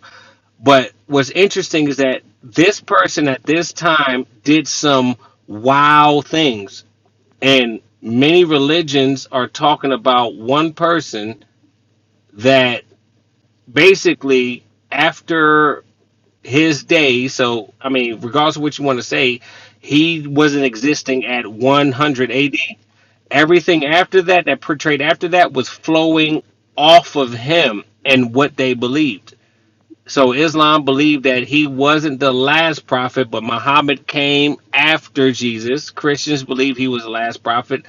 Speaker 5: But what's interesting is that this person at this time did some wow things, and many religions are talking about one person that basically after his day, so I mean, regardless of what you want to say, he wasn't existing at 100 AD. Everything after that, that portrayed after that, was flowing off of him and what they believed. So Islam believed that he wasn't the last prophet, but Muhammad came after Jesus. Christians believe he was the last prophet.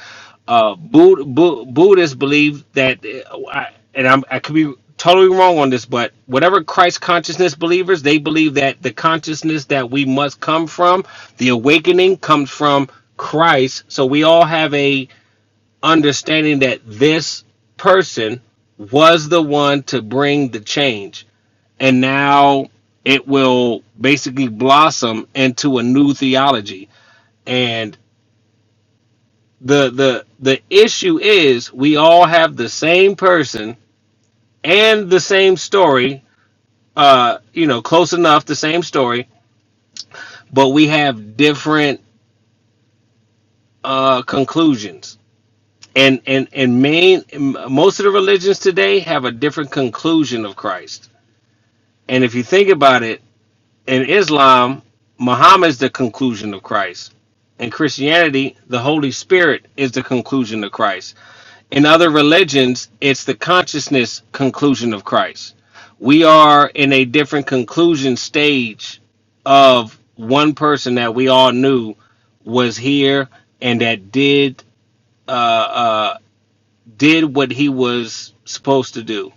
Speaker 5: Uh, Bud- Bu- Buddhists believe that, uh, I- and I'm, I could be totally wrong on this, but whatever Christ consciousness believers, they believe that the consciousness that we must come from, the awakening comes from Christ. So we all have a understanding that this person was the one to bring the change and now it will basically blossom into a new theology and the the the issue is we all have the same person and the same story uh you know close enough the same story but we have different uh conclusions and and and main most of the religions today have a different conclusion of christ and if you think about it In Islam, Muhammad is the conclusion of Christ. In Christianity, the Holy Spirit is the conclusion of Christ. In other religions, it's the consciousness conclusion of Christ. We are in a different conclusion stage of one person that we all knew was here and that did uh, uh, did what he was supposed to do.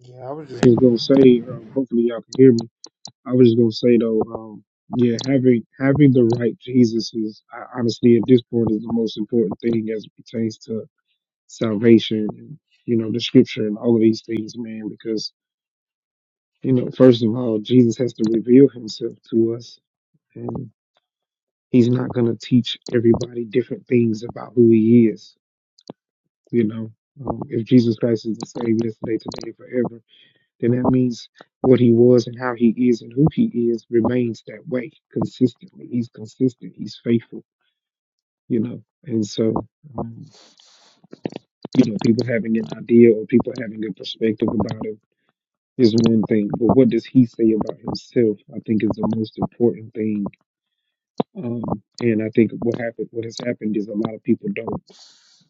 Speaker 3: yeah, I was
Speaker 4: Man,
Speaker 3: just gonna say, uh, hopefully y'all can hear me. I was just gonna say though, um, yeah, having having the right Jesus is I, honestly at this point is the most important thing as it pertains to salvation and you know the scripture and all of these things, man. Because you know, first of all, Jesus has to reveal Himself to us, and he's not going to teach everybody different things about who he is. You know, um, if Jesus Christ is the same yesterday, today, forever, then that means what he was and how he is and who he is remains that way consistently. He's consistent. He's faithful. You know, and so um, you know, people having an idea or people having a perspective about him is one thing, but what does he say about himself? I think is the most important thing Um, and I think what happened, what has happened, is a lot of people don't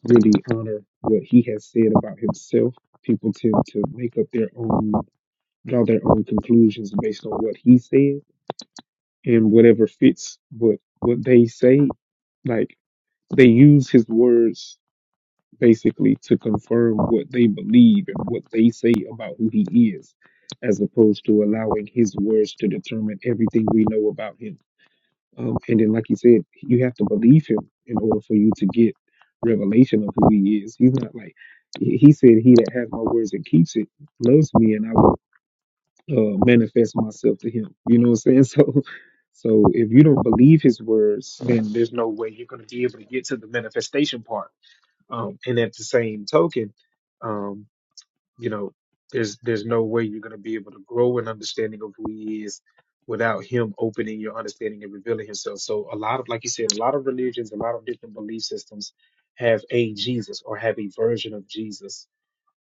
Speaker 3: really honor what he has said about himself. People tend to make up their own, draw their own conclusions based on what he said and whatever fits what what they say. Like they use his words basically to confirm what they believe and what they say about who he is, as opposed to allowing his words to determine everything we know about him um, and then, like you said, you have to believe him in order for you to get revelation of who he is. He's not like he he said, "He that has my words and keeps it loves me, and I will uh, manifest myself to him." You know what I'm saying? So, so if you don't believe his words, then there's no way you're going to be able to get to the manifestation part. Um, and at the same token. um, you know, there's there's no way you're gonna be able to grow an understanding of who he is without him opening your understanding and revealing himself. So a lot of like you said, a lot of religions, a lot of different belief systems have a Jesus or have a version of Jesus.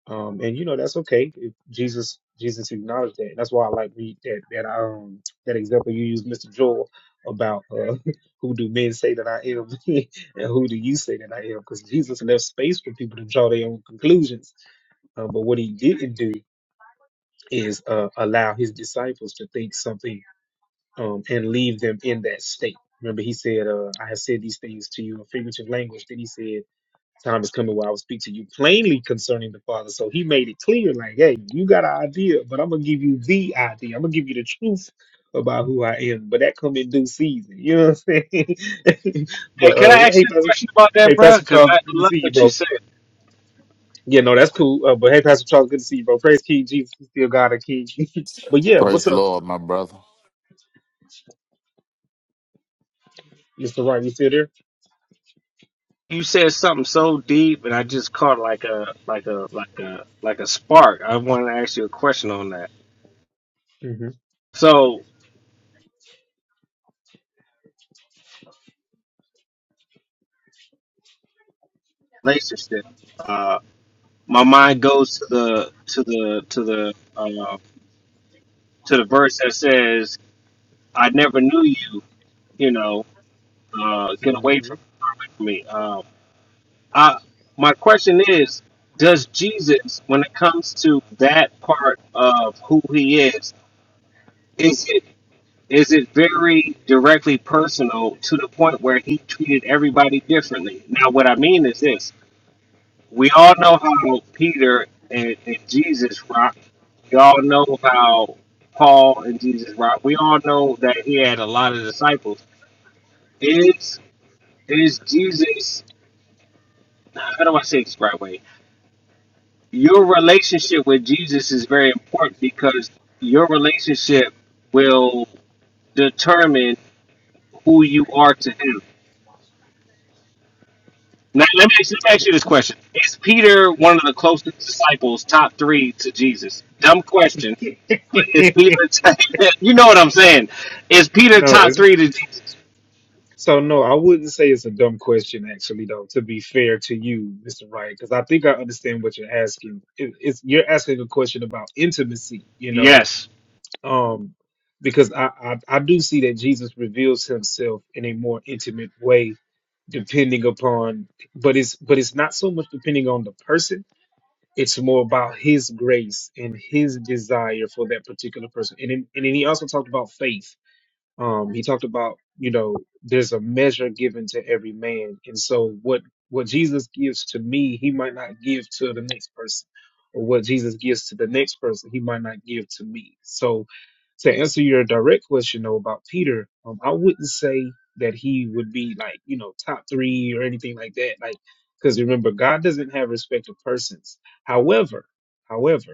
Speaker 3: Um and you know that's okay. If Jesus Jesus acknowledged that. That's why I like read that that um that example you used, Mr. Joel, about uh who do men say that I am and who do you say that I am? Because Jesus left space for people to draw their own conclusions uh, but what he didn't do is uh, allow his disciples to think something um, and leave them in that state. Remember, he said, uh, I have said these things to you in figurative language. Then he said, Time is coming where I will speak to you plainly concerning the Father. So he made it clear, like, hey, you got an idea, but I'm going to give you the idea. I'm going to give you the truth about who I am. But that come in due season. You know what I'm saying?
Speaker 5: Hey,
Speaker 3: but
Speaker 5: can I
Speaker 3: uh,
Speaker 5: ask
Speaker 3: hey,
Speaker 5: you a
Speaker 3: Pastor,
Speaker 5: question about that,
Speaker 3: hey,
Speaker 5: bro?
Speaker 3: Pastor
Speaker 5: Because
Speaker 3: Charles,
Speaker 5: I
Speaker 3: good to
Speaker 5: love
Speaker 3: see you,
Speaker 5: what
Speaker 3: bro.
Speaker 5: you said.
Speaker 3: Yeah, no, that's cool. Uh, but hey, Pastor Charles, good to see you, bro. Praise King Jesus, he's still God and King. but yeah,
Speaker 8: Praise
Speaker 3: what's
Speaker 8: the
Speaker 3: up,
Speaker 8: Lord, my brother.
Speaker 3: Mister Wright? You still there?
Speaker 5: you said something so deep, and I just caught like a like a like a like a spark. I wanted to ask you a question on that.
Speaker 3: hmm
Speaker 5: So relationship, uh, my mind goes to the to the to the uh, to the verse that says, "I never knew you." You know, uh, get
Speaker 3: hmm
Speaker 5: away from me. Um, I my question is, does Jesus, when it comes to that part of who he is, is it is it very directly personal to the point where he treated everybody differently. Now, what I mean is this we all know how Peter and, and Jesus rocked, we all know how Paul and Jesus rocked, we all know that he had a lot of disciples. Is, is Jesus, nah, how do I say this the right way? Your relationship with Jesus is very important because your relationship will determine who you are to him Now, let me, let me ask you this question: Is Peter one of the closest disciples, top three to Jesus? Dumb question, but is Peter? you know what I'm saying? Is Peter
Speaker 3: no,
Speaker 5: top
Speaker 3: it's
Speaker 5: three to Jesus?
Speaker 3: so no. I wouldn't say it's a dumb question, actually, though. To be fair to you, Mister Wright, because I think I understand what you're asking. It, it's you're asking a question about intimacy, you know,
Speaker 5: Yes.
Speaker 3: um, because I, I I do see that Jesus reveals himself in a more intimate way, depending upon, but it's but it's not so much depending on the person. It's more about His grace and His desire for that particular person, and then- and then He also talked about faith um, he talked about you know there's a measure given to every man and so what what jesus gives to me he might not give to the next person or what jesus gives to the next person he might not give to me so to answer your direct question though about peter um, i wouldn't say that he would be like you know top three or anything like that like because remember god doesn't have respect of persons however however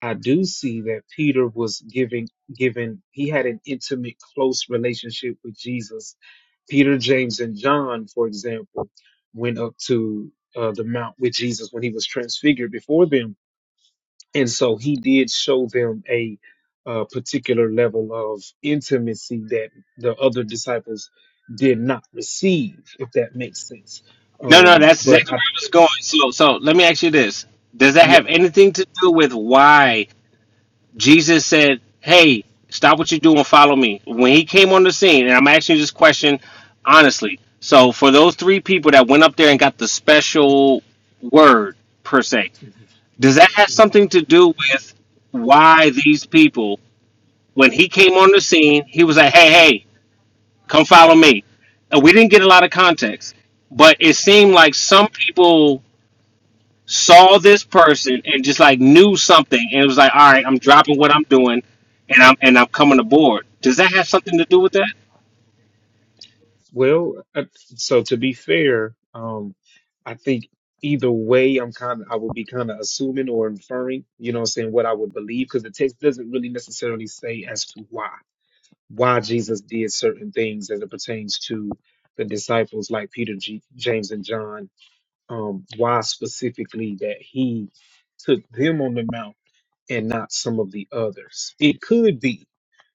Speaker 3: I do see that Peter was giving given he had an intimate, close relationship with Jesus. Peter, James, and John, for example, went up to uh, the mount with Jesus when he was transfigured before them, and so he did show them a uh, particular level of intimacy that the other disciples did not receive, if that makes sense.
Speaker 5: No, no,
Speaker 3: Um,
Speaker 5: that's
Speaker 3: but
Speaker 5: exactly where
Speaker 3: I,
Speaker 5: I was going. So, so let me ask you this: Does that
Speaker 3: yeah.
Speaker 5: have anything to do with why Jesus said, "Hey, stop what you're doing, follow me"? When he came on the scene, and I'm asking you this question honestly. So, for those three people that went up there and got the special word per se, Does that have something to do with why these people, when he came on the scene, he was like, hey, hey, come follow me? And we didn't get a lot of context, but it seemed like some people saw this person and just like knew something and it was like, all right, I'm dropping what I'm doing and I'm and I'm coming aboard. Does that have something to do with that?
Speaker 3: Well, uh, so to be fair, um, I think either way, I'm kind of, I would be kind of assuming or inferring, you know what I'm saying, what I would believe, because the text doesn't really necessarily say as to why, why Jesus did certain things as it pertains to the disciples like Peter, G, James, and John, um, why specifically that he took them on the mount and not some of the others. It could be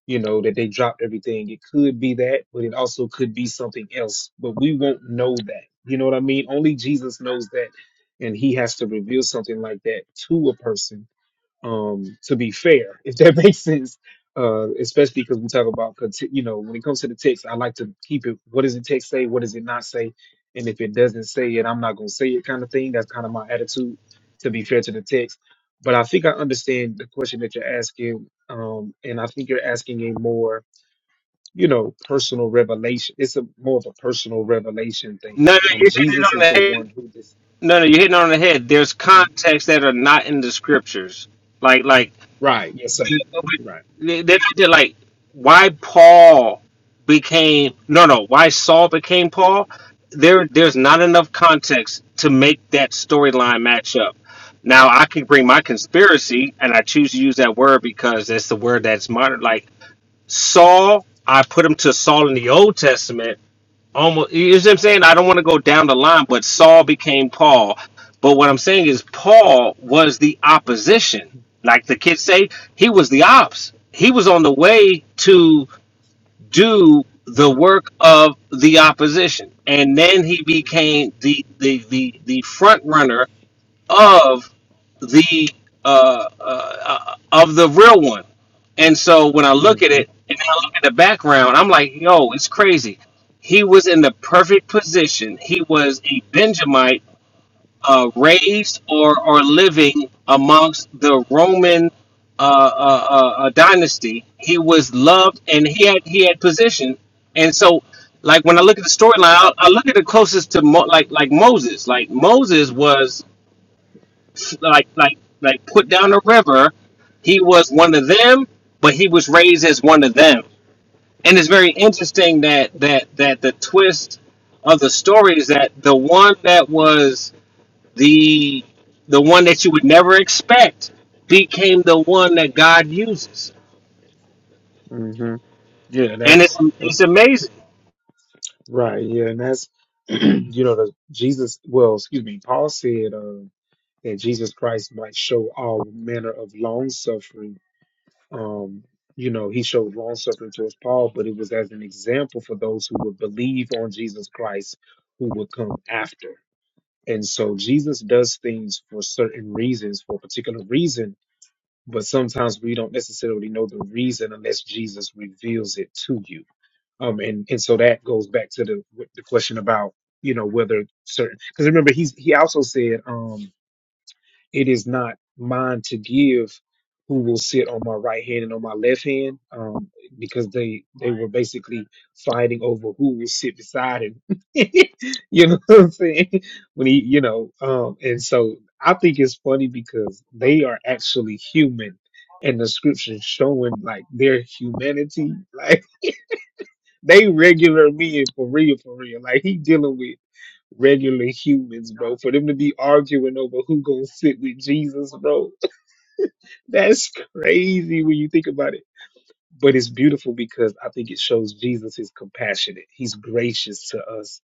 Speaker 3: you know, that they dropped everything. It could be that, but it also could be something else. But we won't know that. You know what I mean? Only Jesus knows that. And he has to reveal something like that to a person um, to be fair, if that makes sense. Uh, especially because we talk about, conti- you know, when it comes to the text, I like to keep it. What does the text say? What does it not say? And if it doesn't say it, I'm not gonna say it, kind of thing. That's kind of my attitude, to be fair to the text. But I think I understand the question that you're asking, um, and I think you're asking a more, you know, personal revelation. It's a more of a personal revelation thing.
Speaker 5: No, no,
Speaker 3: Um,
Speaker 5: you're hitting it
Speaker 3: Jesus
Speaker 5: on the
Speaker 3: is the
Speaker 5: head.
Speaker 3: one who this.
Speaker 5: No, no, you're hitting it on the head. There's contexts that are not in the scriptures. Like like
Speaker 3: Right. Yes, sir. Right.
Speaker 5: they they did like why Paul became no no why Saul became Paul. There there's not enough context to make that storyline match up. Now I can bring my conspiracy, and I choose to use that word because it's the word that's modern. Like Saul, I put him to Saul in the Old Testament, almost you know what I'm saying? I don't want to go down the line, but Saul became Paul. But what I'm saying is Paul was the opposition. Like the kids say, he was the ops. He was on the way to do the work of the opposition. And then he became the the the, the front runner of the uh, uh, uh, of the real one. And so when I look at
Speaker 3: hmm
Speaker 5: it and I look at the background, I'm like, yo, it's crazy. He was in the perfect position. He was a Benjamite uh, raised or, or living amongst the Roman uh, uh, uh, uh, dynasty. He was loved and he had he had position. And so, like when I look at the storyline, I, I look at it closest to Mo, like like Moses. Like Moses was like like like put down the river. He was one of them, but he was raised as one of them. And it's very interesting that that that the twist of the story is that the one that was the the one that you would never expect became the one that God uses.
Speaker 3: hmm Yeah.
Speaker 5: And it's
Speaker 3: That.
Speaker 5: it's amazing.
Speaker 3: Right, yeah, and that's you know the Jesus. Well, excuse me, Paul said uh, that Jesus Christ might show all manner of long suffering. Um, you know, he showed long suffering towards Paul, but it was as an example for those who would believe on Jesus Christ, who would come after. And so Jesus does things for certain reasons, for a particular reason, but sometimes we don't necessarily know the reason unless Jesus reveals it to you. Um, and and so that goes back to the the question about you know whether certain because remember he's he also said um it is not mine to give who will sit on my right hand and on my left hand um because they they were basically fighting over who will sit beside him you know what I'm saying when he you know um and so I think it's funny because they are actually human and the scriptures showing like their humanity like, they regular men for real, for real. Like he dealing with regular humans, bro. For them to be arguing over who gonna sit with Jesus, bro, that's crazy when you think about it. But it's beautiful because I think it shows Jesus is compassionate. He's gracious to us,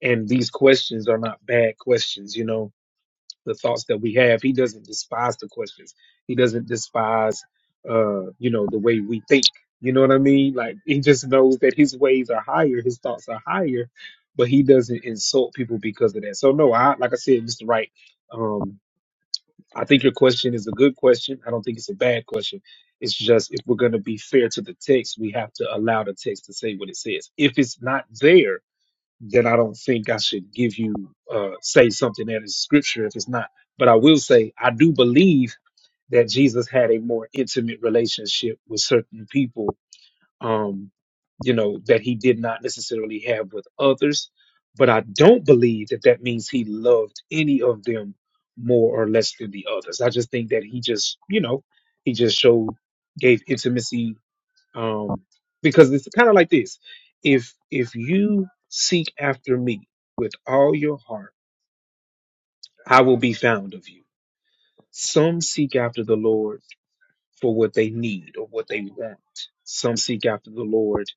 Speaker 3: and these questions are not bad questions. You know, the thoughts that we have. He doesn't despise the questions. He doesn't despise, uh, you know, the way we think. You know what I mean? Like he just knows that his ways are higher, his thoughts are higher, but he doesn't insult people because of that. So no, I like I said, Mr. Wright, um, I think your question is a good question. I don't think it's a bad question. It's just if we're gonna be fair to the text, we have to allow the text to say what it says. If it's not there, then I don't think I should give you uh, say something that is scripture if it's not. But I will say I do believe that Jesus had a more intimate relationship with certain people, um, you know, that he did not necessarily have with others. But I don't believe that that means he loved any of them more or less than the others. I just think that he just, you know, he just showed gave intimacy um, because it's kind of like this if if you seek after me with all your heart i will be found of you some seek after the lord for what they need or what they want some seek after the lord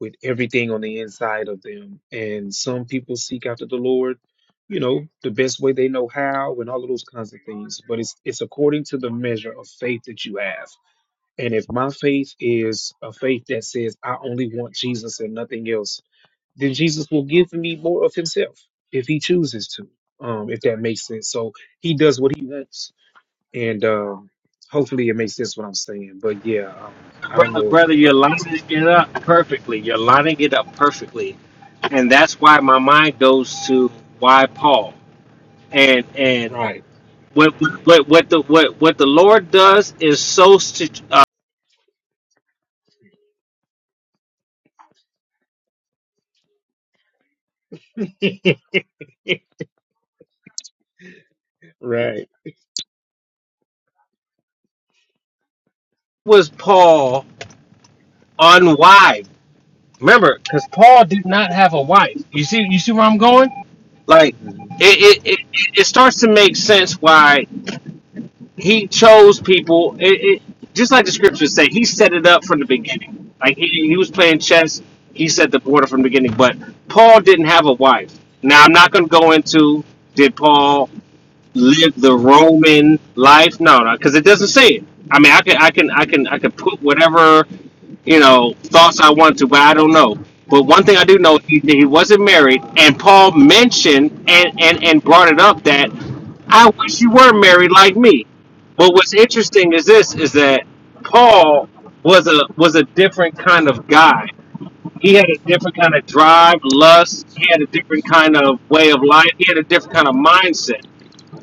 Speaker 3: with everything on the inside of them and some people seek after the lord you know the best way they know how and all of those kinds of things but it's it's according to the measure of faith that you have and if my faith is a faith that says, I only want Jesus and nothing else, then Jesus will give me more of himself if he chooses to, um, if that makes sense. So he does what he wants. And um, hopefully it makes sense what I'm saying. But yeah, um, I don't
Speaker 5: Brother,
Speaker 3: know if
Speaker 5: brother,
Speaker 3: the
Speaker 5: you're
Speaker 3: other minds
Speaker 5: lining
Speaker 3: has
Speaker 5: it up perfectly. You're lining it up perfectly and that's why my mind goes to why Paul and and
Speaker 3: Right,
Speaker 5: what what what the what what the Lord does is so situ- uh,
Speaker 3: right.
Speaker 5: was Paul unwife. Remember, because Paul did not have a wife. You see, you see where I'm going. Like
Speaker 3: Mhm.
Speaker 5: it it, it, it starts to make sense why he chose people. It, it just like the scriptures say, he set it up from the beginning. Like he, he was playing chess. He set the order from the beginning. But Paul didn't have a wife. Now I'm not going to go into did Paul. live the Roman life. No, no, because it doesn't say it. I mean, I can, I can, I can, I can put whatever you know thoughts I want to, but I don't know. But one thing I do know, he, he wasn't married, and Paul mentioned and, and and brought it up that I wish you were married like me. But what's interesting is this: is that Paul was a was a different kind of guy. He had a different kind of drive, lust. He had a different kind of way of life. He had a different kind of mindset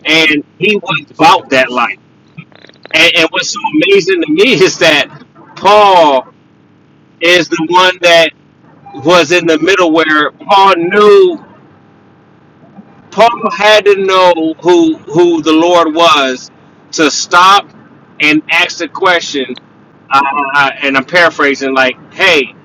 Speaker 5: and he was about that life. And, and what's so amazing to me is that Paul is the one that was in the middle where Paul knew Paul had to know who who the Lord was to stop and ask the question. Uh, and I'm paraphrasing, like, "Hey,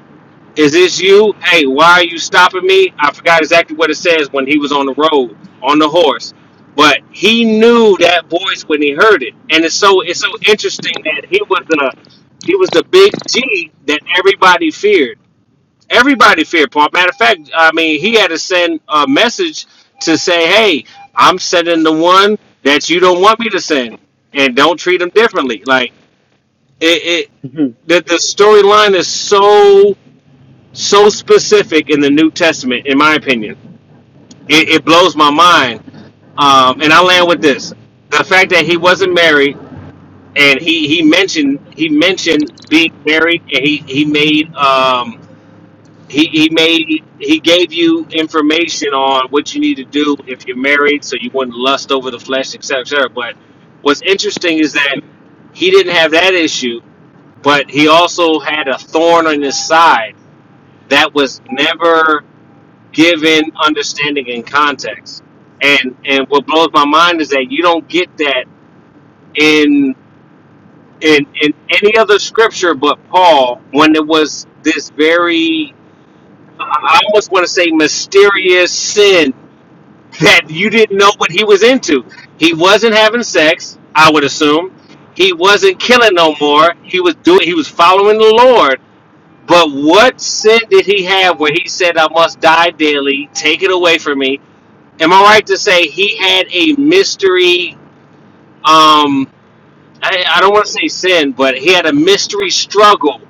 Speaker 5: Is this you? Hey, why are you stopping me? I forgot exactly what it says when he was on the road on the horse, but he knew that voice when he heard it, and it's so it's so interesting that he was the he was the big G that everybody feared. Everybody feared Paul. Matter of fact, I mean, he had to send a message to say, "Hey, I'm sending the one that you don't want me to send, and don't treat him differently." Like it, it the, the storyline is so so specific in the New Testament, in my opinion. It, it blows my mind. Um, and I land with this: the fact that he wasn't married, and he he mentioned he mentioned being married, and he he made um, he he made he gave you information on what you need to do if you're married, so you wouldn't lust over the flesh, etc., cetera, et cetera. But what's interesting is that he didn't have that issue, but he also had a thorn on his side that was never. given understanding and context. And and what blows my mind is that you don't get that in in in any other scripture but Paul when it was this very I almost want to say mysterious sin that you didn't know what he was into. He wasn't having sex, I would assume. He wasn't killing no more. He was doing he was following the Lord. But what sin did he have where he said, I must die daily, take it away from me? am I right to say he had a mystery? Um, I, I don't want to say sin, but he had a mystery struggle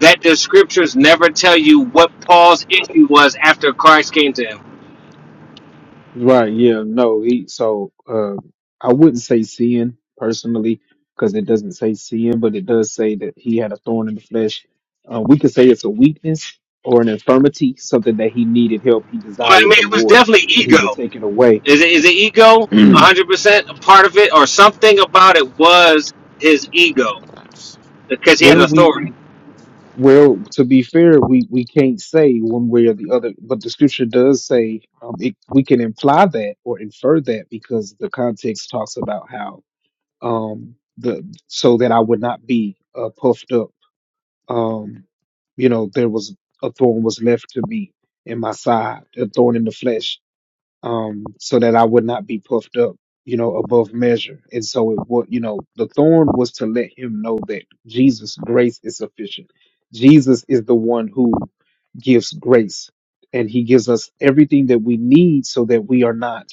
Speaker 5: that the scriptures never tell you what Paul's issue was after Christ came to him.
Speaker 3: Right, yeah, no, he so uh I wouldn't say sin personally because it doesn't say sin, but it does say that he had a thorn in the flesh. Uh, we could say it's a weakness or an infirmity, something that he needed help. He
Speaker 5: Well, I mean,
Speaker 3: desired the
Speaker 5: it was
Speaker 3: Lord
Speaker 5: definitely
Speaker 3: that he would
Speaker 5: ego.
Speaker 3: take it away.
Speaker 5: Is it, is it ego? 100% a part of it, or something about it was his ego because he had
Speaker 3: well, we
Speaker 5: authority.
Speaker 3: well to be fair, we we can't say one way or the other, but the scripture does say um, it, we can imply that or infer that because the context talks about how um, the so that I would not be uh, puffed up. Um, you know, there was a thorn was left to me in my side, a thorn in the flesh, um, so that I would not be puffed up. You know, above measure, and so it would. You know, the thorn was to let him know that Jesus' grace is sufficient. Jesus is the one who gives grace, and He gives us everything that we need, so that we are not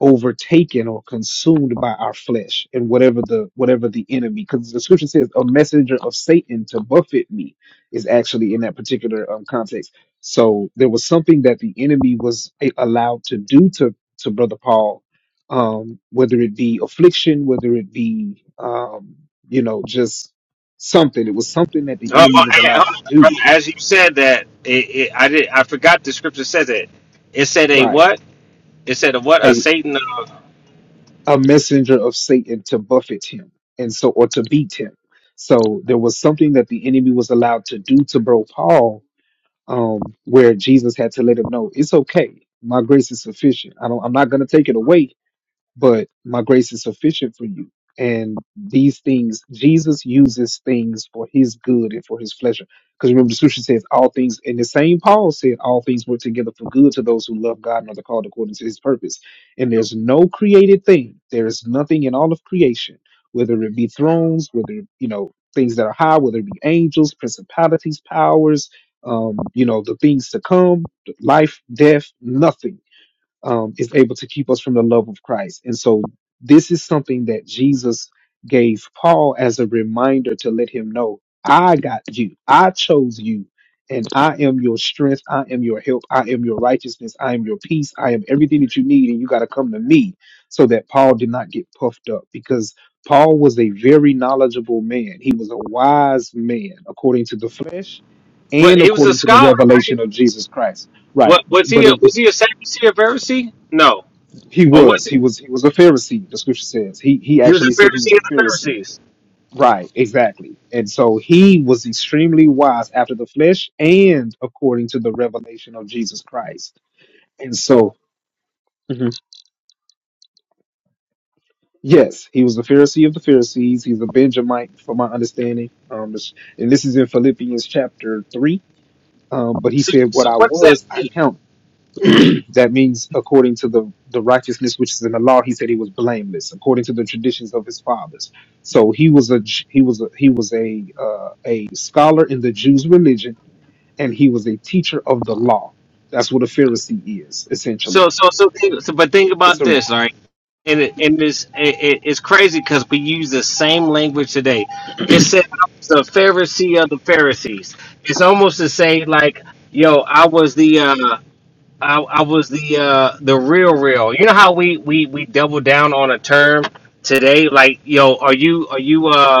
Speaker 3: overtaken or consumed by our flesh and whatever the whatever the enemy because the scripture says a messenger of satan to buffet me is actually in that particular um, context so there was something that the enemy was a- allowed to do to to brother paul um whether it be affliction whether it be um you know just something it was something that the
Speaker 5: Oh,
Speaker 3: enemy
Speaker 5: oh,
Speaker 3: was
Speaker 5: hey, oh,
Speaker 3: allowed to do
Speaker 5: brother, as you said that, it, it, I did. I forgot the scripture says it. It said a
Speaker 3: right
Speaker 5: what? It said a what? A
Speaker 3: Hey,
Speaker 5: Satan.
Speaker 3: a messenger of Satan to buffet him and so or to beat him. So there was something that the enemy was allowed to do to bro Paul, um, where Jesus had to let him know it's okay. My grace is sufficient. I don't I'm not gonna take it away, but my grace is sufficient for you. And these things, Jesus uses things for his good and for his pleasure. Because remember, the scripture says all things, and the same Paul said, all things work together for good to those who love God and are called according to his purpose. And there's no created thing, there is nothing in all of creation, whether it be thrones, whether, you know, things that are high, whether it be angels, principalities, powers, um, you know, the things to come, life, death, nothing um, is able to keep us from the love of Christ. And so this is something that Jesus gave Paul as a reminder to let him know I got you, I chose you, and I am your strength, I am your help, I am your righteousness, I am your peace, I am everything that you need, and you got to come to me so that Paul did not get puffed up because. Paul was a very knowledgeable man. He was a wise man according to the flesh
Speaker 5: But
Speaker 3: and
Speaker 5: he was a
Speaker 3: according to the
Speaker 5: scholar.
Speaker 3: revelation of Jesus Christ. Right.
Speaker 5: What was
Speaker 3: But
Speaker 5: he? A,
Speaker 3: it,
Speaker 5: was he a Sadducee or Pharisee? No.
Speaker 3: he
Speaker 5: Or was
Speaker 3: was.
Speaker 5: he?
Speaker 3: He was. He was a Pharisee. The scripture says he. He
Speaker 5: He was a
Speaker 3: actually said he was
Speaker 5: Pharisee
Speaker 3: a
Speaker 5: of the
Speaker 3: Pharisee.
Speaker 5: Pharisees.
Speaker 3: Right. Exactly. And so he was extremely wise after the flesh and according to the revelation of Jesus Christ. And so, Mhm. yes, he was a Pharisee of the Pharisees. He's a Benjamite, from my understanding. Um, this- and this is in Philippians chapter three. Um, but he
Speaker 5: So,
Speaker 3: said,
Speaker 5: so
Speaker 3: "What I
Speaker 5: what's that
Speaker 3: was, I
Speaker 5: mean?
Speaker 3: count." that means according to the, the righteousness which is in the law he said he was blameless according to the traditions of his fathers so he was a J- he was a, he was a uh, a scholar in the jews religion and he was a teacher of the law that's what a pharisee is
Speaker 5: So,
Speaker 3: essentially
Speaker 5: so, so,
Speaker 3: And
Speaker 5: think, so. But think
Speaker 3: it's
Speaker 5: about
Speaker 3: a
Speaker 5: this, all right? And it, and this, it, it, it's crazy because we use the same language today. It said I was the Pharisee of the Pharisees. It's almost to say like, yo, I was the. uh I, I was the uh, the real real. You know how we, we, we double down on a term today? Like, yo, are you are you uh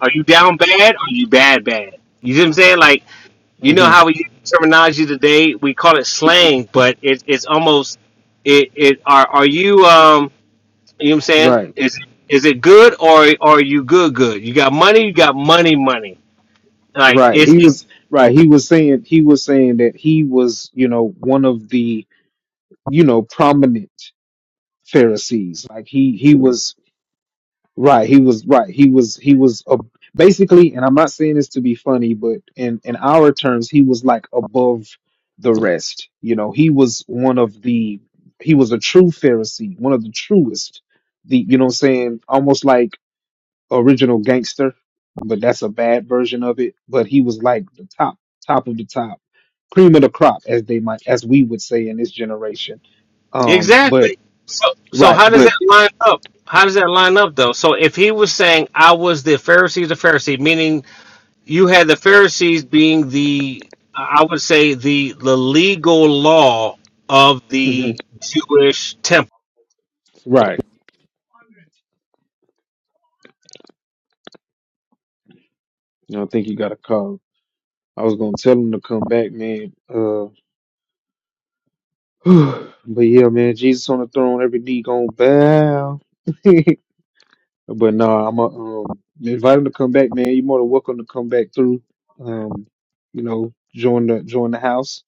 Speaker 5: Are you down bad? Are you bad bad? You see what I'm saying? Like you know
Speaker 3: hmm
Speaker 5: how we use terminology today? We call it slang, but it, it's almost it it are are you um you know what I'm saying?
Speaker 3: right
Speaker 5: Is is it good or are you good good? You got money, you got money money. Like
Speaker 3: right
Speaker 5: it's,
Speaker 3: he
Speaker 5: it's
Speaker 3: was right he was saying he was saying that he was you know one of the you know prominent pharisees like he he was Right, he was right. He was he was uh, basically, and I'm not saying this to be funny, but in in our terms, he was like above the rest. You know, he was one of the he was a true Pharisee, one of the truest. The you know what I'm saying, almost like original gangster, but that's a bad version of it. But he was like the top, top of the top, cream of the crop, as they might, as we would say in this generation. Um, but
Speaker 5: exactly. So so
Speaker 3: right,
Speaker 5: how does
Speaker 3: but
Speaker 5: that line up? How does that line up though? So if he was saying I was the Pharisee of the Pharisee, meaning you had the Pharisees being the, I would say, the the legal law of
Speaker 3: mhm,
Speaker 5: the Jewish temple.
Speaker 3: right. You know, I think you got a call. I was gonna tell him to come back, man. Uh, but yeah, man, Jesus on the throne, every knee gonna bow. but nah, I'm a, um invite him to come back, man. You're more than welcome to come back through. Um, you know, join the join the house.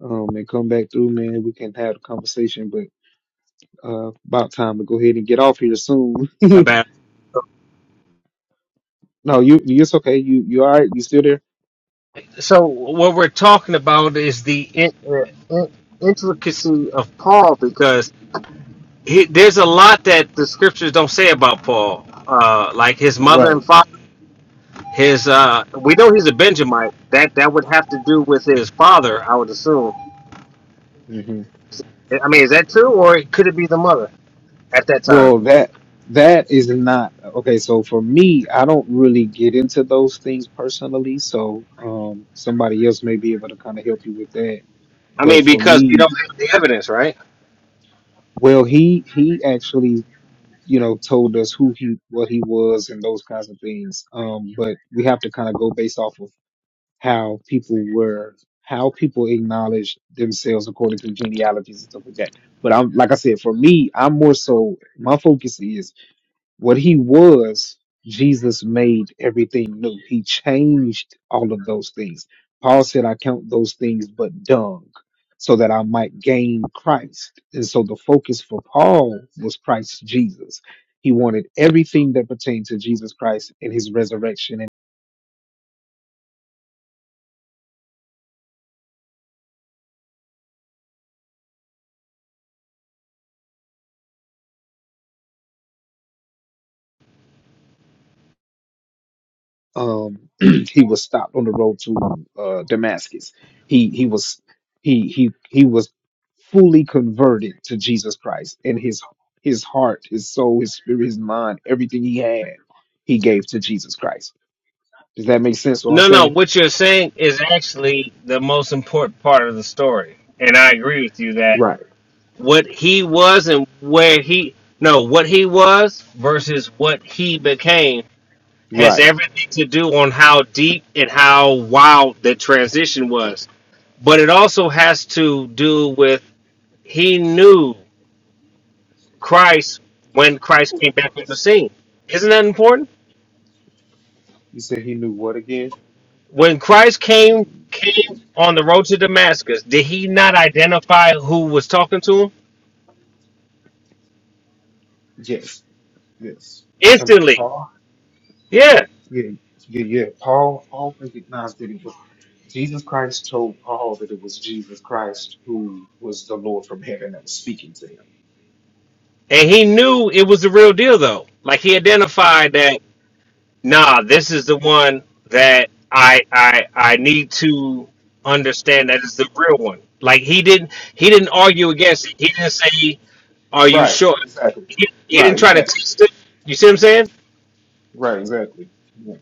Speaker 3: Um, and come back through, man. We can have a conversation, but uh, about time to go ahead and get off here soon.
Speaker 5: About
Speaker 3: no, you, you- it's okay. You, you all right? You still there?
Speaker 5: so, what we're talking about is the in, uh, in, intricacy of Paul, because he, there's a lot that the scriptures don't say about Paul, uh, like his mother
Speaker 3: Right.
Speaker 5: and father. His, uh, we know he's a Benjamite. That that would have to do with his father, I would assume. I mean, is that true, or could it be the mother at that time?
Speaker 3: Well, that that is not okay. So for me, I don't really get into those things personally. So um, somebody else may be able to kind of help you with that.
Speaker 5: I mean,
Speaker 3: But for
Speaker 5: because we don't
Speaker 3: me,
Speaker 5: have the evidence, right?
Speaker 3: well, he he actually you know told us who he what he was and those kinds of things. Um, but we have to kind of go based off of how people were how people acknowledge themselves according to genealogies and stuff like that. But I'm like I said, for me, I'm more so my focus is. What he was, Jesus made everything new. He changed all of those things. Paul said, I count those things but dung, so that I might gain Christ. And so the focus for Paul was Christ Jesus. He wanted everything that pertained to Jesus Christ and his resurrection um, he was stopped on the road to uh, Damascus. He he was he he he was fully converted to Jesus Christ, and his his heart, his soul, his spirit, his mind, everything he had, he gave to Jesus Christ. Does that make sense? What I'm
Speaker 5: No, no,
Speaker 3: saying?
Speaker 5: what you're saying is actually the most important part of the story. And I agree with you that
Speaker 3: Right.
Speaker 5: what he was and where he, no, what he was versus what he became has
Speaker 3: Right.
Speaker 5: everything to do on how deep and how wild the transition was. But it also has to do with he knew Christ when Christ came back on the scene. Isn't that important?
Speaker 3: You said he knew what again?
Speaker 5: when Christ came
Speaker 3: Mm,
Speaker 5: came on the road to Damascus, did he not identify who was talking to him
Speaker 3: Yes. Yes. You talking about
Speaker 5: instantly?
Speaker 3: Paul?
Speaker 5: Yeah,
Speaker 3: Yeah, yeah, yeah. Paul, Paul recognized that it was Jesus Christ told Paul that it was Jesus Christ who was the Lord from heaven that was speaking to him.
Speaker 5: and he knew it was the real deal though. Like he identified that, nah, this is the one that I I I need to understand that is the real one. Like he didn't he didn't argue against it. He didn't say, "Are you
Speaker 3: Right,
Speaker 5: sure?"
Speaker 3: exactly.
Speaker 5: He, he
Speaker 3: Right,
Speaker 5: didn't try to
Speaker 3: exactly.
Speaker 5: test it. You see what I'm saying?
Speaker 3: Right, exactly. Yeah.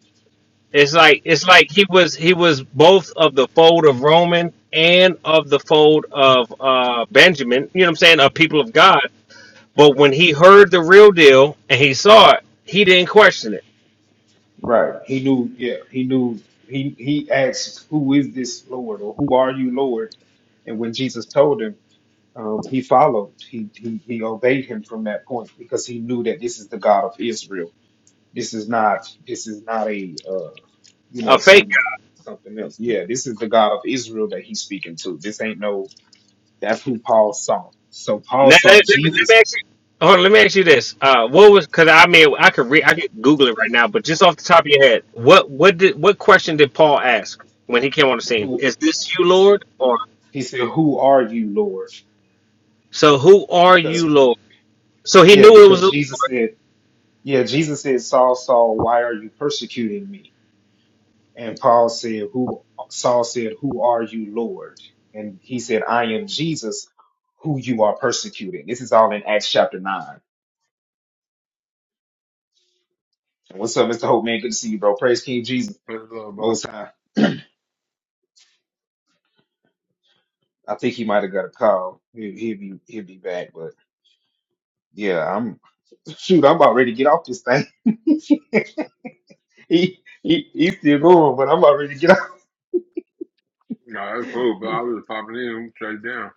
Speaker 5: It's like it's like he was he was both of the fold of Roman and of the fold of uh, Benjamin. You know what I'm saying? Of people of God. But when he heard the real deal and he saw it, he didn't question it.
Speaker 3: Right. He knew, yeah, he knew he he asked, Who is this Lord? or who are you, Lord? And when Jesus told him, um, he followed. He, he he obeyed him from that point because he knew that this is the God of Israel. This is not this is not a uh, you
Speaker 5: A
Speaker 3: know,
Speaker 5: fake.
Speaker 3: some something else. Yeah, this is the God of Israel that he's speaking to. This ain't no that's who Paul saw. So Paul
Speaker 5: Now, let,
Speaker 3: saw
Speaker 5: let me, let
Speaker 3: Jesus
Speaker 5: me ask you. Hold on, let me ask you this. Uh, what was? Because I mean, I could re- I could Google it right now, but just off the top of your head, what what did what question did Paul ask when he came on the scene?
Speaker 3: who
Speaker 5: Is this you,
Speaker 3: he said
Speaker 5: Lord? Or
Speaker 3: he said, Who are you, Lord?
Speaker 5: so who are you,
Speaker 3: Because
Speaker 5: Lord? So he
Speaker 3: yeah,
Speaker 5: knew it was.
Speaker 3: because Jesus said, Yeah, Jesus said, Saul, Saul, why are you persecuting me? And Paul said, Who Saul said, Who are you, Lord? And he said, I am Jesus who you are persecuting. This is all in Acts chapter nine. What's up, Mr. Hope man? Good to see you, bro. Praise King Jesus.
Speaker 9: What's up, bro?
Speaker 3: Most high. I think he might have got a call. He, he'll be he'll be back, but yeah, I'm shoot. I'm about ready to get off this thing. he, he he's still going, but I'm about ready to get off.
Speaker 9: Nah, that's cool, bro. I was popping in We straight down.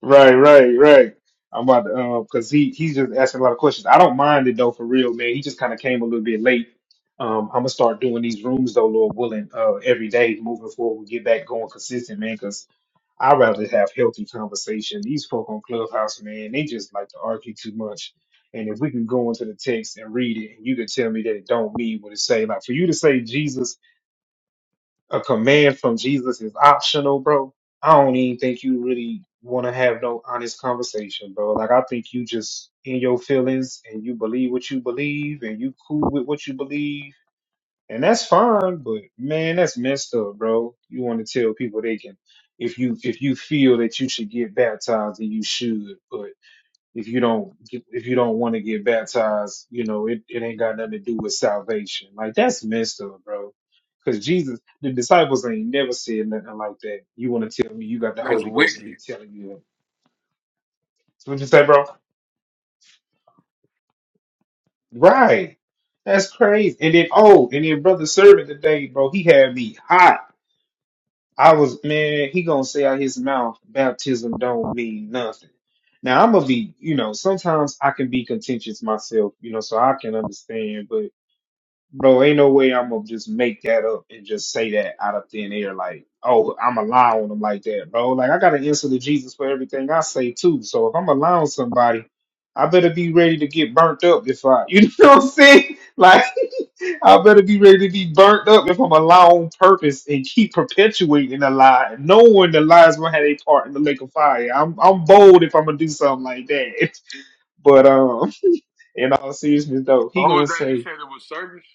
Speaker 3: Right, right, right. I'm about to, uh, cause he he's just asking a lot of questions. I don't mind it though, for real, man. He just kind of came a little bit late. Um, I'm gonna start doing these rooms though, Lord willing, uh, every day moving forward. We get back going consistent, man. Cause I rather have healthy conversation. These folk on Clubhouse, man, they just like to argue too much. And if we can go into the text and read it, and you can tell me that it don't mean what it say. Like for you to say Jesus a command from Jesus is optional, bro, I don't even think you really want to have no honest conversation, bro. Like, I think you just in your feelings and you believe what you believe and you cool with what you believe. And that's fine, but man, that's messed up, bro. You want to tell people they can, if you if you feel that you should get baptized, then you should if you don't if you don't want to get baptized, you know, it, it ain't got nothing to do with salvation. Like that's messed up, bro. Because Jesus, the disciples ain't never said nothing like that. You want to tell me you got the
Speaker 9: That's
Speaker 3: Holy Ghost and he
Speaker 9: wicked.
Speaker 3: telling you that. So what you say, bro? Right. That's crazy. And then oh, and then brother servant today, bro, he had me hot. I was man, he gonna say out his mouth, baptism don't mean nothing. Now I'm gonna be, you know, sometimes I can be contentious myself, you know, so I can understand, but. Bro, ain't no way I'm gonna just make that up and just say that out of thin air, like, oh, I'm allowing them like that, bro. Like, I got an answer to Jesus for everything I say too. So if I'm allowing somebody, I better be ready to get burnt up if I, you know what I'm saying? Like, I better be ready to be burnt up if I'm allowing purpose and keep perpetuating a lie, knowing the lies gonna have a part in the lake of fire. I'm I'm bold if I'm gonna do something like that. But um, in all seriousness, though,
Speaker 9: Who
Speaker 3: he gonna
Speaker 9: was that? You
Speaker 3: say.
Speaker 9: said it was service?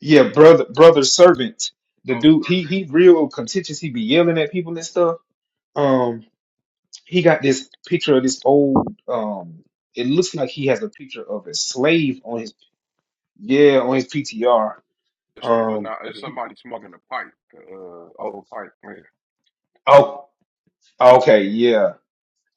Speaker 3: Yeah, brother, brother servant. The
Speaker 9: Oh,
Speaker 3: dude, he he
Speaker 9: Sargento.
Speaker 3: real contentious. He be yelling at people and stuff. Um, he got this picture of this old. Um, it looks like he has a picture of a slave on his yeah on his PTR.
Speaker 9: It's, well,
Speaker 3: Um,
Speaker 9: not, it's
Speaker 3: he,
Speaker 9: somebody smoking a pipe, uh, old pipe. Yeah,
Speaker 3: oh okay yeah.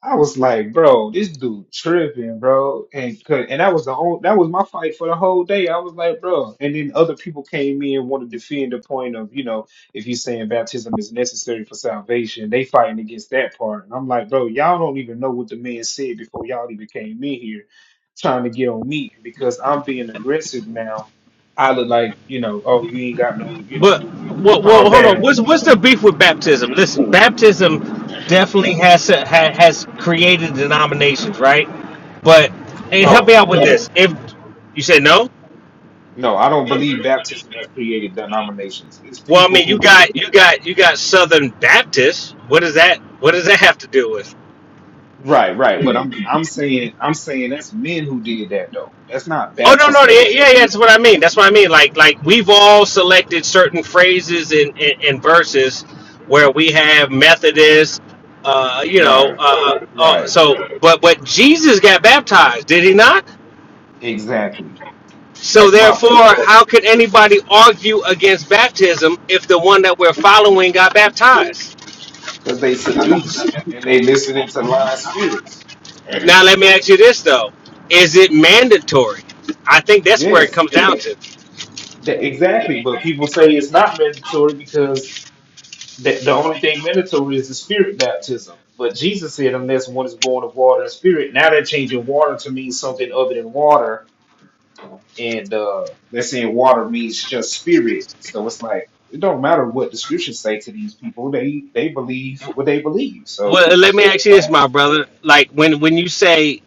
Speaker 3: I was like, bro, this dude tripping, bro, and could, and that was the only that was my fight for the whole day. I was like, bro, and then other people came in and wanted to defend the point of, you know, if you're saying baptism is necessary for salvation, they fighting against that part, and I'm like, bro, y'all don't even know what the man said before y'all even came in here, trying to get on me because I'm being aggressive now. I look like, you know, oh, you ain't got no, you know,
Speaker 5: But well, well,
Speaker 3: calm
Speaker 5: hold on.
Speaker 3: down.
Speaker 5: What's what's the beef with baptism? Listen, baptism definitely has ha, has created denominations, right? But and help
Speaker 3: No.
Speaker 5: me out with this. If you say no,
Speaker 3: No, I don't believe baptism has created denominations. It's
Speaker 5: well, I
Speaker 3: people
Speaker 5: mean, you
Speaker 3: who
Speaker 5: got you got you got Southern Baptists. What does that What does that have to do with?
Speaker 3: right, right. But I'm I'm saying I'm saying that's men who did that though. That's not
Speaker 5: Oh no, no,
Speaker 3: baptism
Speaker 5: yeah, yeah,
Speaker 3: that did
Speaker 5: yeah, that's
Speaker 3: that.
Speaker 5: what I mean. That's what I mean. Like, like we've all selected certain phrases and and, and verses where we have Methodist, uh, you know,
Speaker 3: Right.
Speaker 5: uh, uh,
Speaker 3: Right.
Speaker 5: so but but Jesus got baptized, did he not?
Speaker 3: Exactly.
Speaker 5: So
Speaker 3: That's my
Speaker 5: therefore,
Speaker 3: point.
Speaker 5: how could anybody argue against baptism if the one that we're following got baptized?
Speaker 3: Because they seduced and they listening to lying spirits.
Speaker 5: Now let me ask you this though: Is it mandatory? I think that's where it
Speaker 3: Yes.
Speaker 5: comes down to.
Speaker 3: That, exactly. But people say it's not mandatory because the, the only thing mandatory is the spirit baptism. But Jesus said, unless one is born of water and spirit, now they're changing water to mean something other than water and uh they're saying water means just spirit. So it's like it don't matter what the scriptures say to these people, they they believe what they believe. So
Speaker 5: Well, let me ask you this,
Speaker 3: eh,
Speaker 5: my brother. Like when when you say